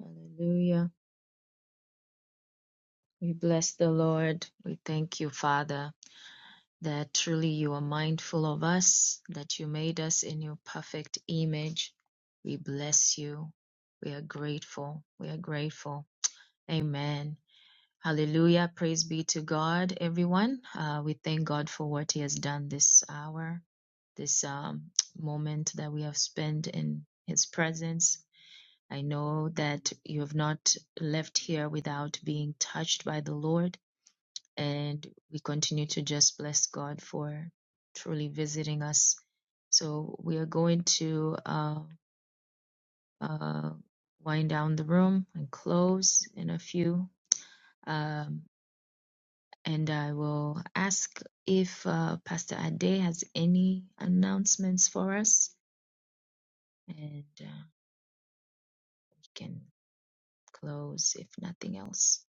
Speaker 1: Hallelujah. We bless the Lord. We thank you, Father, that truly you are mindful of us, that you made us in your perfect image. We bless you. We are grateful. We are grateful. Amen. Hallelujah. Praise be to God, everyone. Uh, we thank God for what He has done this hour, this um, moment that we have spent in His presence. I know that you have not left here without being touched by the Lord, and we continue to just bless God for truly visiting us. So we are going to uh, uh, wind down the room and close in a few. Um, And I will ask if uh, Pastor Ade has any announcements for us, and uh, you can close if nothing else.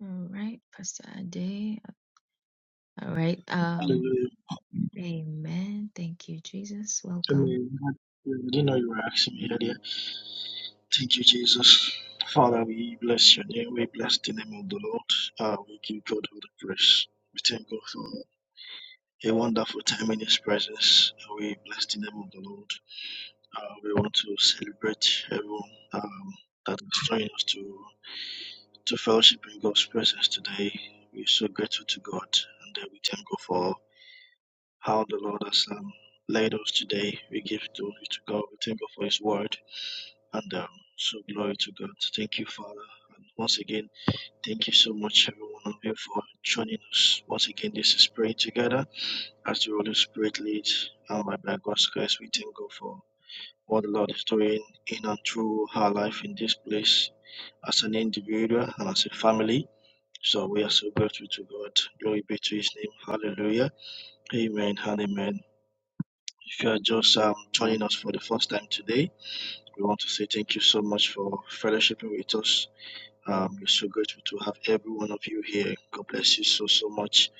Speaker 1: All right, Pastor Ade. All right. Um,
Speaker 7: Hallelujah.
Speaker 1: amen. Thank you, Jesus.
Speaker 7: I
Speaker 1: Welcome.
Speaker 7: mean, I didn't know you were asking me earlier. Thank you, Jesus. Father, we bless your name. We bless the name of the Lord. Uh, we give God all the praise. We thank God for a wonderful time in His presence. Uh, We bless the name of the Lord. Uh, we want to celebrate everyone um, that has joined us to, to fellowship in God's presence today. We're so grateful to God and uh, we thank God for how the Lord has um, led us today. We give glory to God. We thank God for His word. And um, so glory to God. Thank you, Father. And once again, thank you so much, every one of you, for joining us. Once again, this is praying together as the Holy Spirit leads. And by God's grace, we thank God for what the Lord is doing in and through our life in this place as an individual and as a family. So we are so grateful to God. Glory be to His name. Hallelujah. Amen and amen. If you are just um, joining us for the first time today, we want to say thank you so much for fellowshipping with us Um, we're so grateful to have every one of you here. God bless you so, so much.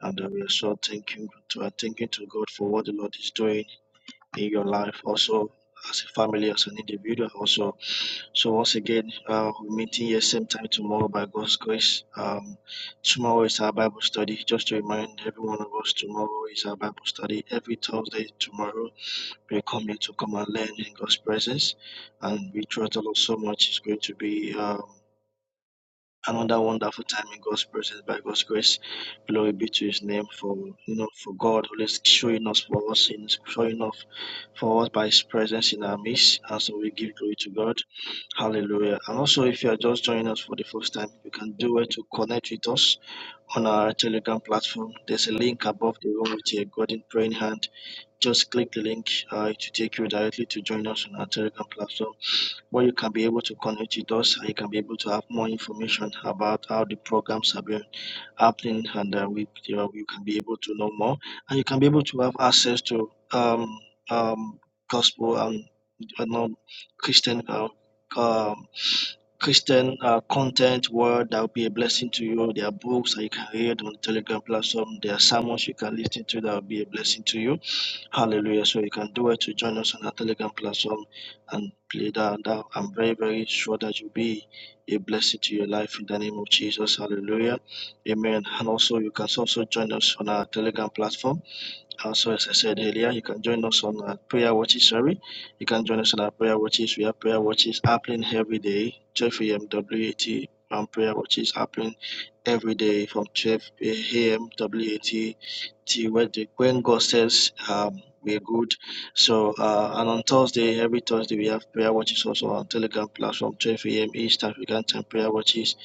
Speaker 7: And uh, we are so thanking to uh, thanking to God for what the Lord is doing in your life, also as a family, as an individual, also. So once again, uh, we're meeting here same time tomorrow by God's grace. Um, tomorrow is our Bible study. Just to remind every one of us, tomorrow is our Bible study. Every Thursday tomorrow, we come here to come and learn in God's presence, and we trust the Lord so much. It's going to be. Um, another wonderful time in God's presence by God's grace. Glory be to His name for you know for God always showing us for us in showing off for us by His presence in our midst. And so we give glory to God. Hallelujah. And also if you are just joining us for the first time, you can do it to connect with us on our Telegram platform. There's a link above the room with a golden praying hand. Just click the link. Uh, it will take you directly to join us on our Telegram platform where you can be able to connect with us and you can be able to have more information about how the programs are being happening and uh, we, you, know, you can be able to know more and you can be able to have access to um, um, gospel and uh, non Christian uh, um, Christian uh, content word that will be a blessing to you. There are books that you can read on the Telegram platform. There are sermons you can listen to that will be a blessing to you Hallelujah. So you can do it to join us on our Telegram platform and play that. that I'm very, very sure that you'll be a blessing to your life in the name of Jesus. Hallelujah. Amen. And also, you can also join us on our Telegram platform. Also, as I said earlier, you can join us on our prayer watches. Sorry. You can join us on our prayer watches. We have prayer watches happening every day, 12 a.m. WAT. And prayer watches happening every day from 12 A M W A T. T- when the- when God says um, we're good. So, uh, and on Thursday, every Thursday, we have prayer watches also on Telegram platform, 12 a.m. East African time. Prayer watches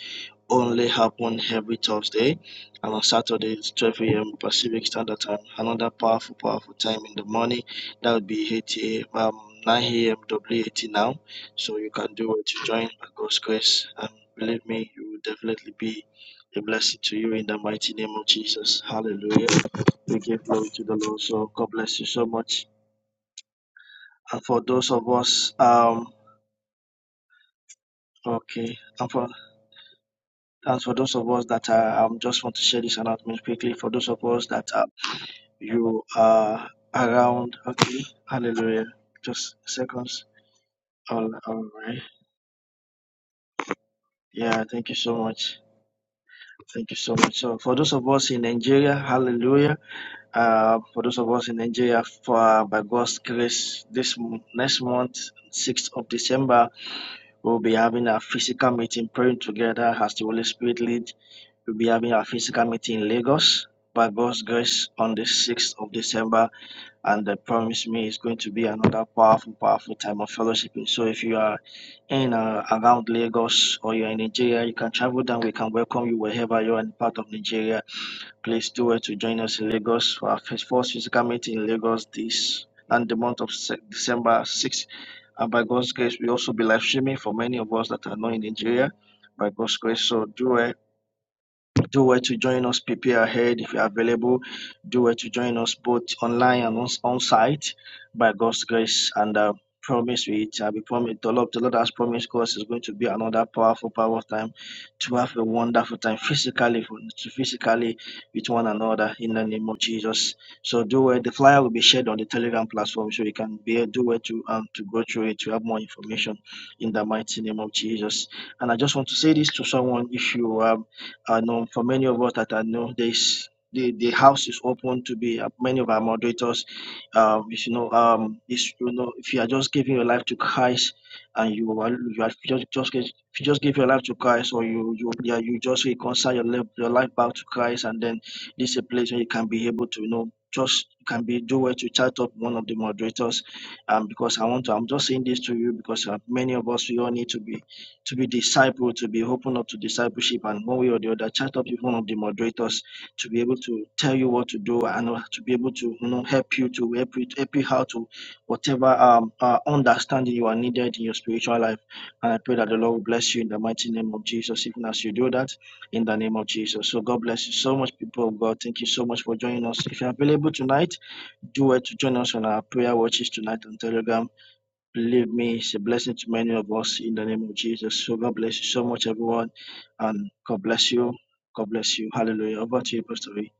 Speaker 7: only happen every Thursday, and on Saturdays, 12 a.m. Pacific Standard Time. Another powerful, powerful time in the morning. That would be 8 a.m. Um, 9 a.m. WAT now. So you can do it. Join by God's grace, and believe me, you will definitely be a blessing to you in the mighty name of Jesus. Hallelujah. We give glory to the Lord. So God bless you so much. And for those of us, um, okay, and for and for those of us that are, um, just want to share this announcement quickly. For those of us that are, you are around, okay, Hallelujah. Just seconds. All, all right. Yeah. Thank you so much. Thank you so much. So for those of us in Nigeria, Hallelujah. Uh, for those of us in Nigeria, for uh, by God's grace, this m- next month, sixth of December. We'll be having our physical meeting, praying together as the Holy Spirit leads. We'll be having our physical meeting in Lagos by God's grace on the 6th of December. And I promise me it's going to be another powerful, powerful time of fellowshipping. So if you are in uh, around Lagos or you're in Nigeria, you can travel down. We can welcome you wherever you are in part of Nigeria Please do it to join us in Lagos for our first first physical meeting in Lagos this and the month of Se- December 6th. And by God's grace, we also be live streaming for many of us that are not in Nigeria. By God's grace, so do it do where to join us, prepare ahead if you're available. Do where to join us both online and on, on site by God's grace and uh, promise we it. Uh, we promise the Lord, the Lord has promised us is going to be another powerful, powerful time to have a wonderful time physically, for- to physically with one another in the name of Jesus. So do where the flyer will be shared on the Telegram platform so you can be do where to um to go through it to have more information in the mighty name of Jesus. And I just want to say this to someone if you are I know for many of us that I know this, the, the house is open to be uh, many of our moderators. Um, if you know, um, is you know, if you are just giving your life to Christ and you are you are just just get- if you just give your life to Christ or you you yeah, you just reconcile your life your life back to Christ and then this is a place where you can be able to you know just you can be do well to chat up one of the moderators um because I want to I'm just saying this to you because uh, many of us we all need to be to be discipled, to be open up to discipleship, and one way or the other, chat up with one of the moderators to be able to tell you what to do and uh, to be able to you know help you to help you, help you how to whatever um uh, understanding you are needed in your spiritual life. And I pray that the Lord will bless you in the mighty name of Jesus, even as you do that in the name of Jesus. So God bless you so much, people of God. Thank you so much for joining us. If you're available tonight, do it to join us on our prayer watches tonight on Telegram Believe me, it's a blessing to many of us in the name of Jesus. So God bless you so much, everyone. And God bless you. God bless you. Hallelujah. Over to you, Pastor V.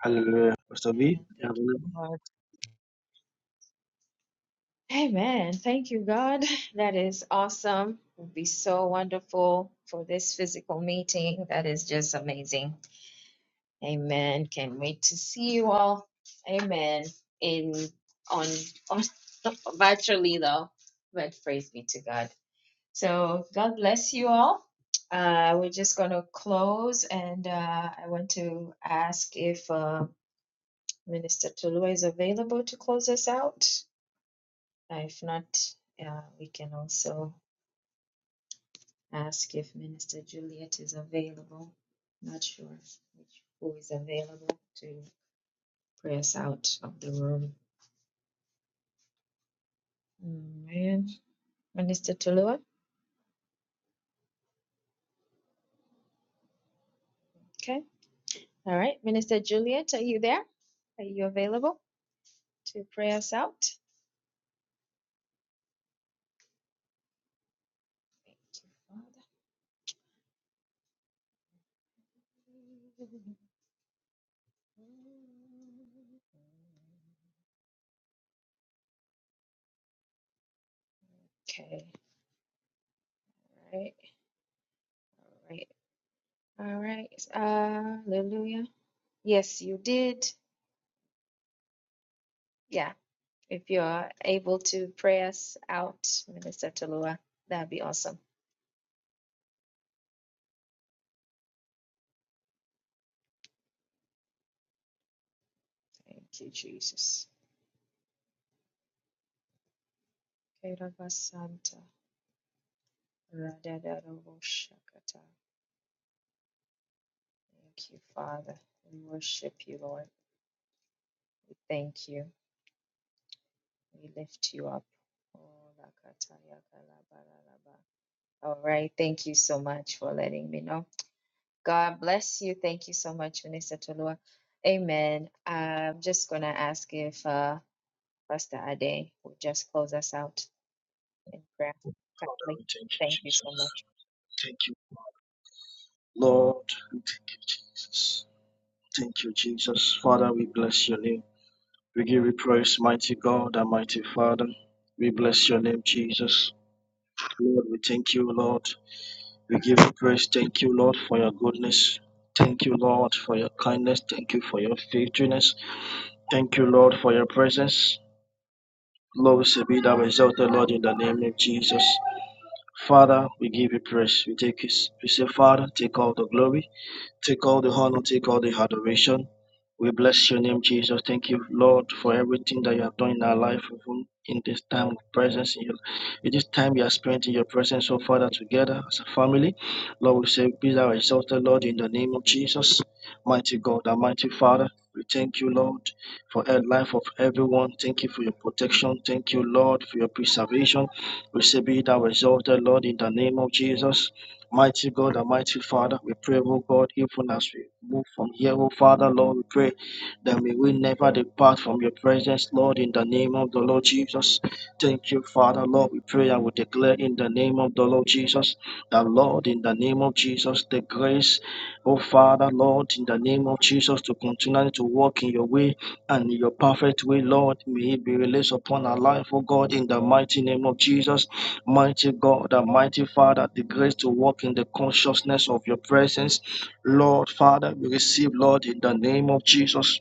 Speaker 7: Hallelujah. Pastor V,
Speaker 1: Amen.
Speaker 7: you
Speaker 1: Thank
Speaker 7: have a
Speaker 1: you,
Speaker 7: little-
Speaker 1: Lord. Amen. Thank you, God. That is awesome. It would be so wonderful for this physical meeting. That is just amazing. Amen. Can't wait to see you all. Amen. In on, on virtually though, but praise be to God. So God bless you all. Uh, we're just gonna close, and uh, I want to ask if uh, Minister Tulua is available to close us out. Uh, If not, uh, we can also ask if Minister Juliet is available. Not sure which, who is available to pray us out of the room. Amen. Minister Tulua. Okay. All right. Minister Juliet, are you there? Are you available to pray us out? Thank you, Father. Okay. All right. All right. All right. Hallelujah. Yes, you did. Yeah. If you're able to pray us out, Minister Tulua, that'd be awesome. Thank you, Jesus. Kerabasanta, radadadabo Thank you, Father. We worship you, Lord. We Thank you. We lift you up. Oh, lakataya kalabarabba. All right. Thank you so much for letting me know. God bless you. Thank you so much, Minister Tolua. Amen. I'm just going to ask if uh, Pastor Ade will just close us out in prayer
Speaker 7: Father,
Speaker 1: kindly.
Speaker 7: we thank you,
Speaker 1: Thank you so
Speaker 7: Jesus.
Speaker 1: much.
Speaker 7: Thank you, Lord. We Thank you, Jesus. Thank you, Jesus. Father, we bless your name. We give you praise, mighty God and mighty Father. We bless your name, Jesus. Lord, we thank you, Lord. We give you praise. Thank you, Lord, for your goodness. Thank you, Lord, for your kindness. Thank you for your faithfulness. Thank you, Lord, for your presence. Glory to be thou exalted, Lord, in the name of Jesus. Father, we give you praise. We take it. We say, Father, take all the glory. Take all the honor, take all the adoration. We bless your name, Jesus. Thank you, Lord, for everything that you have done in our life, even in this time of presence, in, your, in this time you have spent in your presence, so Father, together as a family. Lord, we say, Be thou exalted, Lord, in the name of Jesus. Mighty God, Almighty Father, we thank you, Lord, for the life of everyone. Thank you for your protection. Thank you, Lord, for your preservation. We say, Be thou exalted, Lord, in the name of Jesus. Mighty God, Almighty Father, we pray, oh God, even as we move from here, oh Father, Lord, we pray that may we never depart from your presence, Lord, in the name of the Lord Jesus. Thank you, Father, Lord, we pray and we declare in the name of the Lord Jesus that, Lord, in the name of Jesus, the grace, oh Father, Lord, in the name of Jesus, to continue to walk in your way and in your perfect way, Lord, may it be released upon our life, oh God, in the mighty name of Jesus. Mighty God, and mighty Father, the grace to walk in the consciousness of your presence. Lord, Father, we receive, Lord, in the name of Jesus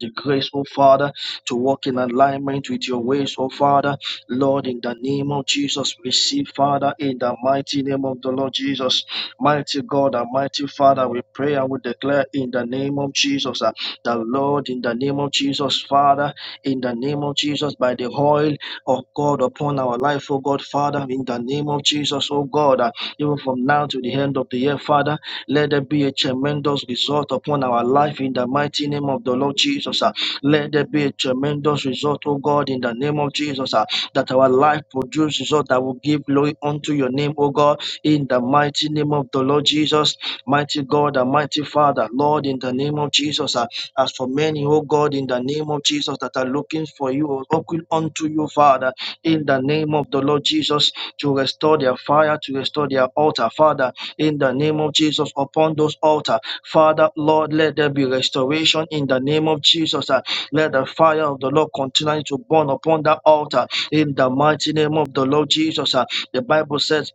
Speaker 7: the grace, oh Father, to walk in alignment with your ways, oh Father. Lord, in the name of Jesus, receive, Father, in the mighty name of the Lord Jesus. Mighty God and mighty Father, we pray and we declare in the name of Jesus, uh, the Lord, in the name of Jesus, Father, in the name of Jesus, by the oil of God upon our life, oh God, Father, in the name of Jesus, oh God, uh, even from now to the end of the year, Father. Let there be a tremendous result upon our life in the mighty name of the Lord Jesus. ah. Let there be a tremendous result, O God, in the name of Jesus. ah, That our life produce result that will give glory unto your name, O God, in the mighty name of the Lord Jesus. Mighty God and mighty Father, Lord, in the name of Jesus. ah, As for many, O God, in the name of Jesus, that are looking for you, oh, looking unto you, Father, in the name of the Lord Jesus, to restore their fire, to restore their altar, Father in the name of Jesus upon those altar. Father, Lord, let there be restoration in the name of Jesus. uh, Let the fire of the Lord continue to burn upon that altar in the mighty name of the Lord Jesus. uh. The Bible says,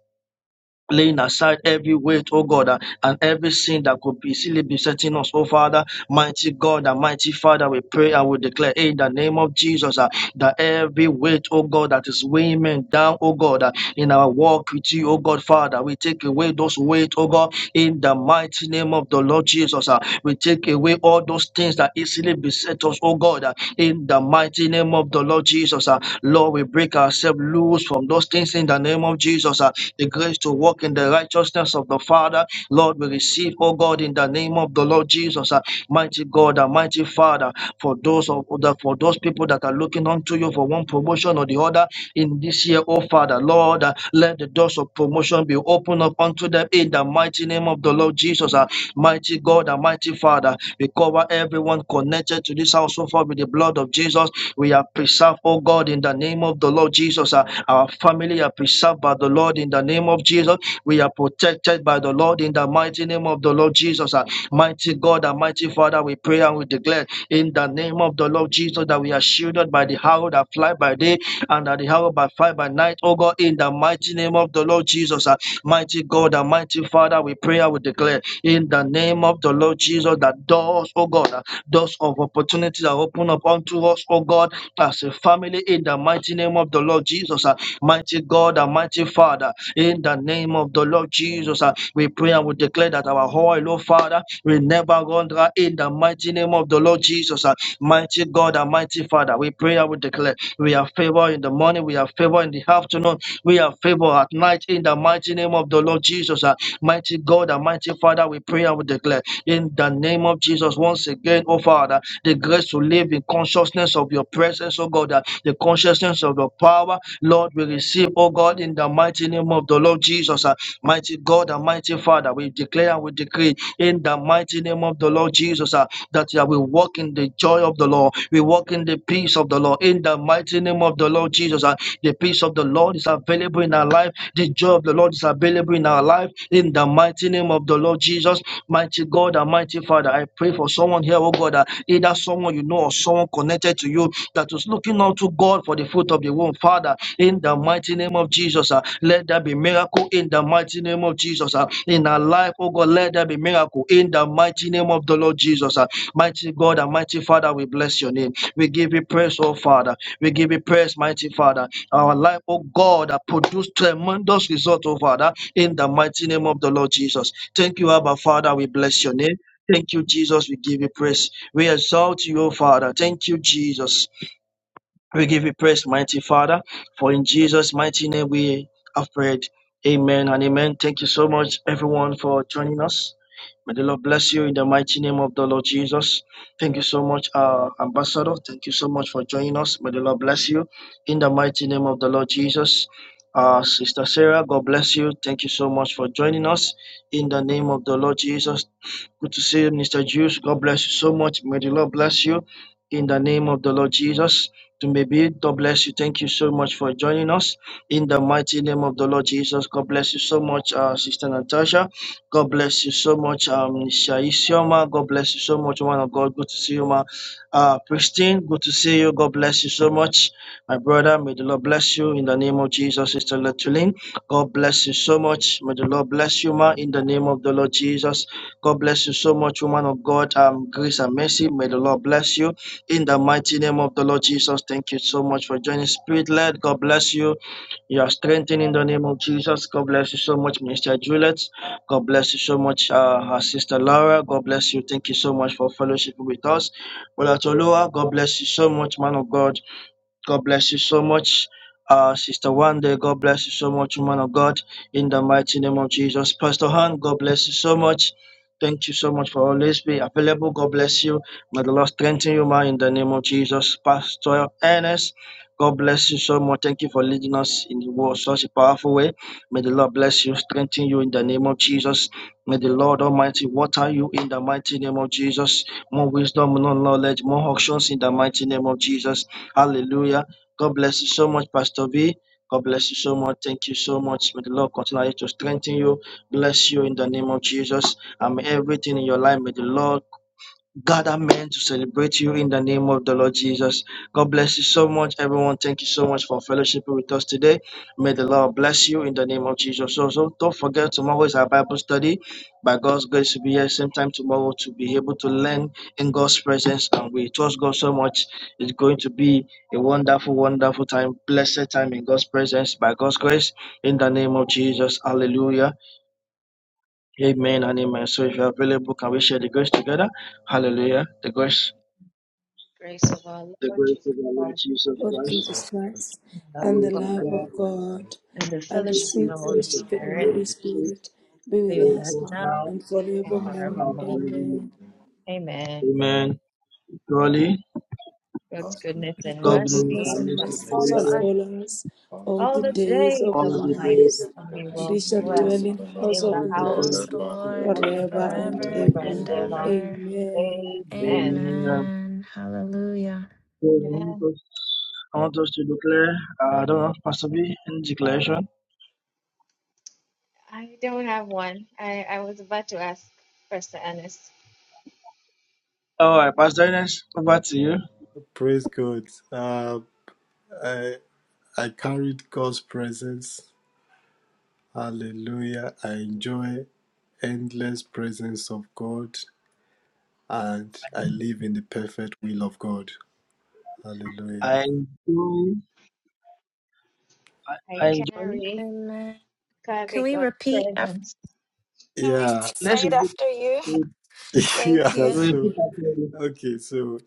Speaker 7: Laying aside every weight, oh God, uh, and every sin that could be silly besetting us, oh Father, mighty God and mighty Father, we pray and we declare in the name of Jesus uh, that every weight, oh God, that is weighing men down, oh God, uh, in our walk with you, oh God, Father. We take away those weight, oh God, in the mighty name of the Lord Jesus. ah. We take away all those things that easily beset us, oh God, ah, in the mighty name of the Lord Jesus. ah. Lord, we break ourselves loose from those things in the name of Jesus. ah. The grace to walk in the righteousness of the Father, Lord, we receive, oh God, in the name of the Lord Jesus. ah. Mighty God, and mighty Father, for those of the, for those people that are looking unto you for one promotion or the other in this year, oh Father. Lord, uh, let the doors of promotion be opened up unto them in the mighty name of the Lord Jesus. uh, Mighty God and mighty Father, we cover everyone connected to this house so far with the blood of Jesus. We are preserved, oh God, in the name of the Lord Jesus. uh, Our family are preserved by the Lord in the name of Jesus. We are protected by the Lord in the mighty name of the Lord Jesus. uh, Mighty God and mighty Father, we pray and we declare in the name of the Lord Jesus that we are shielded by the arrow that fly by day and that the arrow by fire by night, oh God, in the mighty name of the Lord Jesus. ah. Mighty God and mighty Father, we pray and we declare in the name of the Lord Jesus that doors, oh God, ah, doors of opportunities are open up unto us, oh God, as a family in the mighty name of the Lord Jesus. ah. Mighty God and mighty Father, in the name of the Lord Jesus, ah, we pray and we declare that our oil, oh Father, will never run dry in the mighty name of the Lord Jesus. ah. Mighty God and mighty Father, we pray and we declare we are favored in the the morning. We have favor in the afternoon. We have favor at night in the mighty name of the Lord Jesus. Uh, Mighty God and mighty Father, we pray and we declare in the name of Jesus once again, oh Father, the grace to live in consciousness of your presence, oh God, uh, the consciousness of your power, Lord, we receive, oh God, in the mighty name of the Lord Jesus. uh, Mighty God and mighty Father, we declare and we decree in the mighty name of the Lord Jesus uh, that uh, we walk in the joy of the Lord, we walk in the peace of the Lord, in the mighty name name of the Lord Jesus. Uh, The peace of the Lord is available in our life. The joy of the Lord is available in our life. In the mighty name of the Lord Jesus, mighty God and mighty Father, I pray for someone here, oh God, uh, either someone you know or someone connected to you that is looking unto God for the fruit of the womb. Father, in the mighty name of Jesus, uh, let there be miracle in the mighty name of Jesus. uh, in our life, oh God, let there be miracle in the mighty name of the Lord Jesus. uh, mighty God and mighty Father, we bless your name. We give you praise, oh Father. We give you praise, mighty Father. Our life, oh God, that produced tremendous result, oh Father, in the mighty name of the Lord Jesus. Thank you, Abba Father. We bless your name. Thank you, Jesus. We give you praise. We exalt you, O Father. Thank you, Jesus. We give you praise, mighty Father. For in Jesus' mighty name we have prayed. Amen and amen. Thank you so much, everyone, for joining us. May the Lord bless you in the mighty name of the Lord Jesus. Thank you so much, uh, Ambassador. Thank you so much for joining us. May the Lord bless you in the mighty name of the Lord Jesus. Uh, Sister Sarah, God bless you. Thank you so much for joining us in the name of the Lord Jesus. Good to see you, Mr. Juice. God bless you so much. May the Lord bless you in the name of the Lord Jesus. To maybe God bless you. Thank you so much for joining us in the mighty name of the Lord Jesus. God bless you so much, uh, Sister Natasha. God bless you so much, um, Shai Sioma. God bless you so much, woman of God. Good to see you, ma. Uh, Pristine, good to see you. God bless you so much, my brother. May the Lord bless you in the name of Jesus, Sister Letulin. God bless you so much. May the Lord bless you, ma, in the name of the Lord Jesus. God bless you so much, woman of God. Um, grace and mercy. May the Lord bless you in the mighty name of the Lord Jesus. Thank you so much for joining Spirit led. God bless you. You are strengthened in the name of Jesus. God bless you so much, Minister Juliet. God bless you so much, uh, our sister Laura. God bless you. Thank you so much for fellowship with us. Brother Tolua, God bless you so much, man of God. God bless you so much. Uh, Sister Wanda, God bless you so much, woman of God, in the mighty name of Jesus. Pastor Han, God bless you so much. Thank you so much for always being available. God bless you. May the Lord strengthen you, man, in the name of Jesus. Pastor Ernest, God bless you so much. Thank you for leading us in the world such a powerful way. May the Lord bless you, strengthen you in the name of Jesus. May the Lord Almighty water you in the mighty name of Jesus. More wisdom, more knowledge, more auctions in the mighty name of Jesus. Hallelujah. God bless you so much, Pastor V. God bless you so much. Thank you so much. May the Lord continue to strengthen you, bless you in the name of Jesus. And may everything in your life, may the Lord God, amen, to celebrate you in the name of the Lord Jesus. God bless you so much, everyone. Thank you so much for fellowship with us today. May the Lord bless you in the name of Jesus. Also, don't forget, tomorrow is our Bible study. By God's grace, to be here same time tomorrow to be able to learn in God's presence. And we trust God so much. It's going to be a wonderful, wonderful time, blessed time in God's presence. By God's grace, in the name of Jesus. Hallelujah. Amen and amen. So if you're available, can we share the grace together? Hallelujah. The grace
Speaker 1: Grace of our
Speaker 7: the
Speaker 1: Lord
Speaker 7: grace
Speaker 1: Jesus
Speaker 7: of our Lord
Speaker 1: Christ,
Speaker 7: Jesus
Speaker 3: Lord
Speaker 7: Christ,
Speaker 3: Jesus Christ,
Speaker 1: and the
Speaker 7: the
Speaker 1: love
Speaker 3: and the
Speaker 7: love
Speaker 1: of
Speaker 7: of
Speaker 1: God,
Speaker 3: love of
Speaker 7: God,
Speaker 3: God,
Speaker 1: and the
Speaker 3: and
Speaker 7: and
Speaker 3: the
Speaker 7: the
Speaker 1: fellowship of the
Speaker 7: sweet
Speaker 3: sweet
Speaker 1: Holy
Speaker 7: fellowship of
Speaker 3: fellowship
Speaker 7: the
Speaker 3: of the
Speaker 1: Spirit
Speaker 3: Holy
Speaker 7: Holy Spirit,
Speaker 3: Spirit be
Speaker 7: be
Speaker 3: with
Speaker 1: be with
Speaker 7: with
Speaker 3: us
Speaker 1: us
Speaker 7: us
Speaker 3: now
Speaker 1: now
Speaker 7: now
Speaker 3: and
Speaker 1: and
Speaker 3: forevermore.
Speaker 7: and
Speaker 1: forevermore.
Speaker 3: Amen.
Speaker 7: forevermore.
Speaker 1: Amen.
Speaker 7: Amen. Surely,
Speaker 1: God's goodness and
Speaker 3: God,
Speaker 7: God goodness
Speaker 3: goodness
Speaker 1: mercy
Speaker 7: and
Speaker 3: and
Speaker 1: shall
Speaker 7: mercy
Speaker 3: mercy
Speaker 1: follow
Speaker 3: shall
Speaker 7: follow
Speaker 1: us
Speaker 7: us
Speaker 3: follow us all
Speaker 1: all
Speaker 3: the
Speaker 1: the
Speaker 3: days
Speaker 1: days
Speaker 3: of
Speaker 7: all
Speaker 1: of
Speaker 3: our
Speaker 7: the
Speaker 5: All
Speaker 1: our
Speaker 7: days of
Speaker 5: the
Speaker 7: the
Speaker 1: life,
Speaker 7: world,
Speaker 5: days of
Speaker 3: lives,
Speaker 1: and
Speaker 5: our
Speaker 2: And
Speaker 1: we
Speaker 2: we
Speaker 5: life.
Speaker 3: and
Speaker 2: shall
Speaker 3: we
Speaker 1: will
Speaker 3: shall
Speaker 2: do the
Speaker 1: dwell
Speaker 2: rest
Speaker 3: dwell
Speaker 2: of
Speaker 3: in
Speaker 2: the
Speaker 5: and
Speaker 3: the
Speaker 5: be
Speaker 2: Lord
Speaker 3: house
Speaker 1: in
Speaker 7: and
Speaker 3: of
Speaker 1: the
Speaker 5: dwell
Speaker 3: the
Speaker 7: we
Speaker 5: in the
Speaker 7: shall dwell
Speaker 1: house
Speaker 3: Lord
Speaker 7: in
Speaker 5: house
Speaker 2: forever
Speaker 5: of
Speaker 7: the
Speaker 5: the
Speaker 7: house
Speaker 2: and
Speaker 7: of the
Speaker 5: Lord
Speaker 1: of
Speaker 2: ever.
Speaker 1: the
Speaker 3: forever
Speaker 1: Lord
Speaker 3: and
Speaker 5: forever
Speaker 7: Lord forever
Speaker 1: forever
Speaker 3: ever.
Speaker 7: and
Speaker 5: and
Speaker 1: and
Speaker 2: Amen.
Speaker 1: ever.
Speaker 5: ever.
Speaker 3: Amen.
Speaker 1: Amen.
Speaker 7: ever. Amen.
Speaker 5: Amen. Hallelujah.
Speaker 7: So, I want
Speaker 1: Amen.
Speaker 7: us I want us to declare, uh, I don't know, Pastor B, any declaration?
Speaker 1: I don't have one. I, I was about to ask Pastor Ernest.
Speaker 7: All right, Pastor Ernest, over to you.
Speaker 2: Praise God. Uh, I, I carried God's presence. Hallelujah. I enjoy endless presence of God and I live in the perfect will of God. Hallelujah.
Speaker 7: I enjoy, I,
Speaker 1: I
Speaker 7: I enjoy,
Speaker 1: carry
Speaker 5: Amen. Can
Speaker 1: carry
Speaker 5: we
Speaker 1: God's
Speaker 5: repeat after?
Speaker 1: presence.
Speaker 5: Can we
Speaker 2: Yeah.
Speaker 5: say
Speaker 7: let's
Speaker 5: it
Speaker 7: repeat,
Speaker 5: after you? Thank
Speaker 2: yeah.
Speaker 5: you.
Speaker 7: Lord,
Speaker 2: So,
Speaker 7: put that on
Speaker 2: okay. So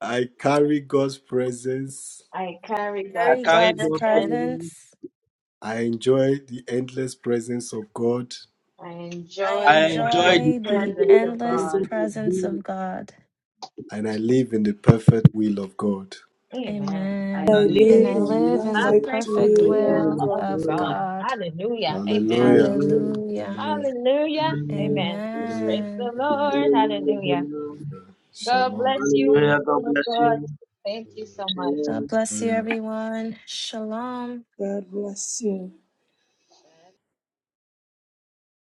Speaker 2: I carry God's presence.
Speaker 1: I carry
Speaker 7: I
Speaker 1: God's
Speaker 5: Carry
Speaker 7: carried
Speaker 5: God's
Speaker 7: those
Speaker 1: presence.
Speaker 7: things.
Speaker 5: presence.
Speaker 2: I enjoy the endless presence of God
Speaker 1: I
Speaker 5: I
Speaker 1: enjoy
Speaker 7: I
Speaker 1: the
Speaker 7: enjoyed
Speaker 1: endless
Speaker 7: the
Speaker 5: enjoy the
Speaker 1: presence
Speaker 7: angels,
Speaker 1: of
Speaker 5: endless
Speaker 1: God.
Speaker 7: angels of
Speaker 5: presence
Speaker 7: God,
Speaker 5: of God.
Speaker 2: and I live in the perfect will of God.
Speaker 1: Amen. I
Speaker 7: and
Speaker 3: I
Speaker 7: I
Speaker 5: Amen.
Speaker 7: live
Speaker 5: And
Speaker 3: live
Speaker 1: live
Speaker 5: I
Speaker 3: in
Speaker 1: in the
Speaker 5: live
Speaker 7: in
Speaker 5: in the
Speaker 7: the
Speaker 3: perfect
Speaker 1: perfect
Speaker 5: perfect
Speaker 7: perfect
Speaker 3: will,
Speaker 1: will
Speaker 3: O
Speaker 7: will
Speaker 5: will
Speaker 7: of
Speaker 1: of
Speaker 3: God.
Speaker 5: of
Speaker 1: God.
Speaker 7: God.
Speaker 5: God.
Speaker 1: Hallelujah. Amen.
Speaker 2: Hallelujah.
Speaker 7: Hallelujah.
Speaker 5: Hallelujah.
Speaker 2: Hallelujah.
Speaker 1: Hallelujah.
Speaker 7: Amen.
Speaker 1: Amen. Praise
Speaker 2: Hallelujah.
Speaker 1: the
Speaker 5: Amen.
Speaker 2: Hallelujah.
Speaker 1: Lord.
Speaker 7: Hallelujah.
Speaker 1: Hallelujah.
Speaker 7: Amen.
Speaker 1: God
Speaker 2: Shalom.
Speaker 1: bless you,
Speaker 7: Hallelujah. God
Speaker 1: people of
Speaker 7: bless
Speaker 1: God.
Speaker 7: you.
Speaker 1: Thank you so much.
Speaker 7: Shalom.
Speaker 5: God bless you,
Speaker 2: Hallelujah.
Speaker 5: everyone. Shalom.
Speaker 3: God bless you.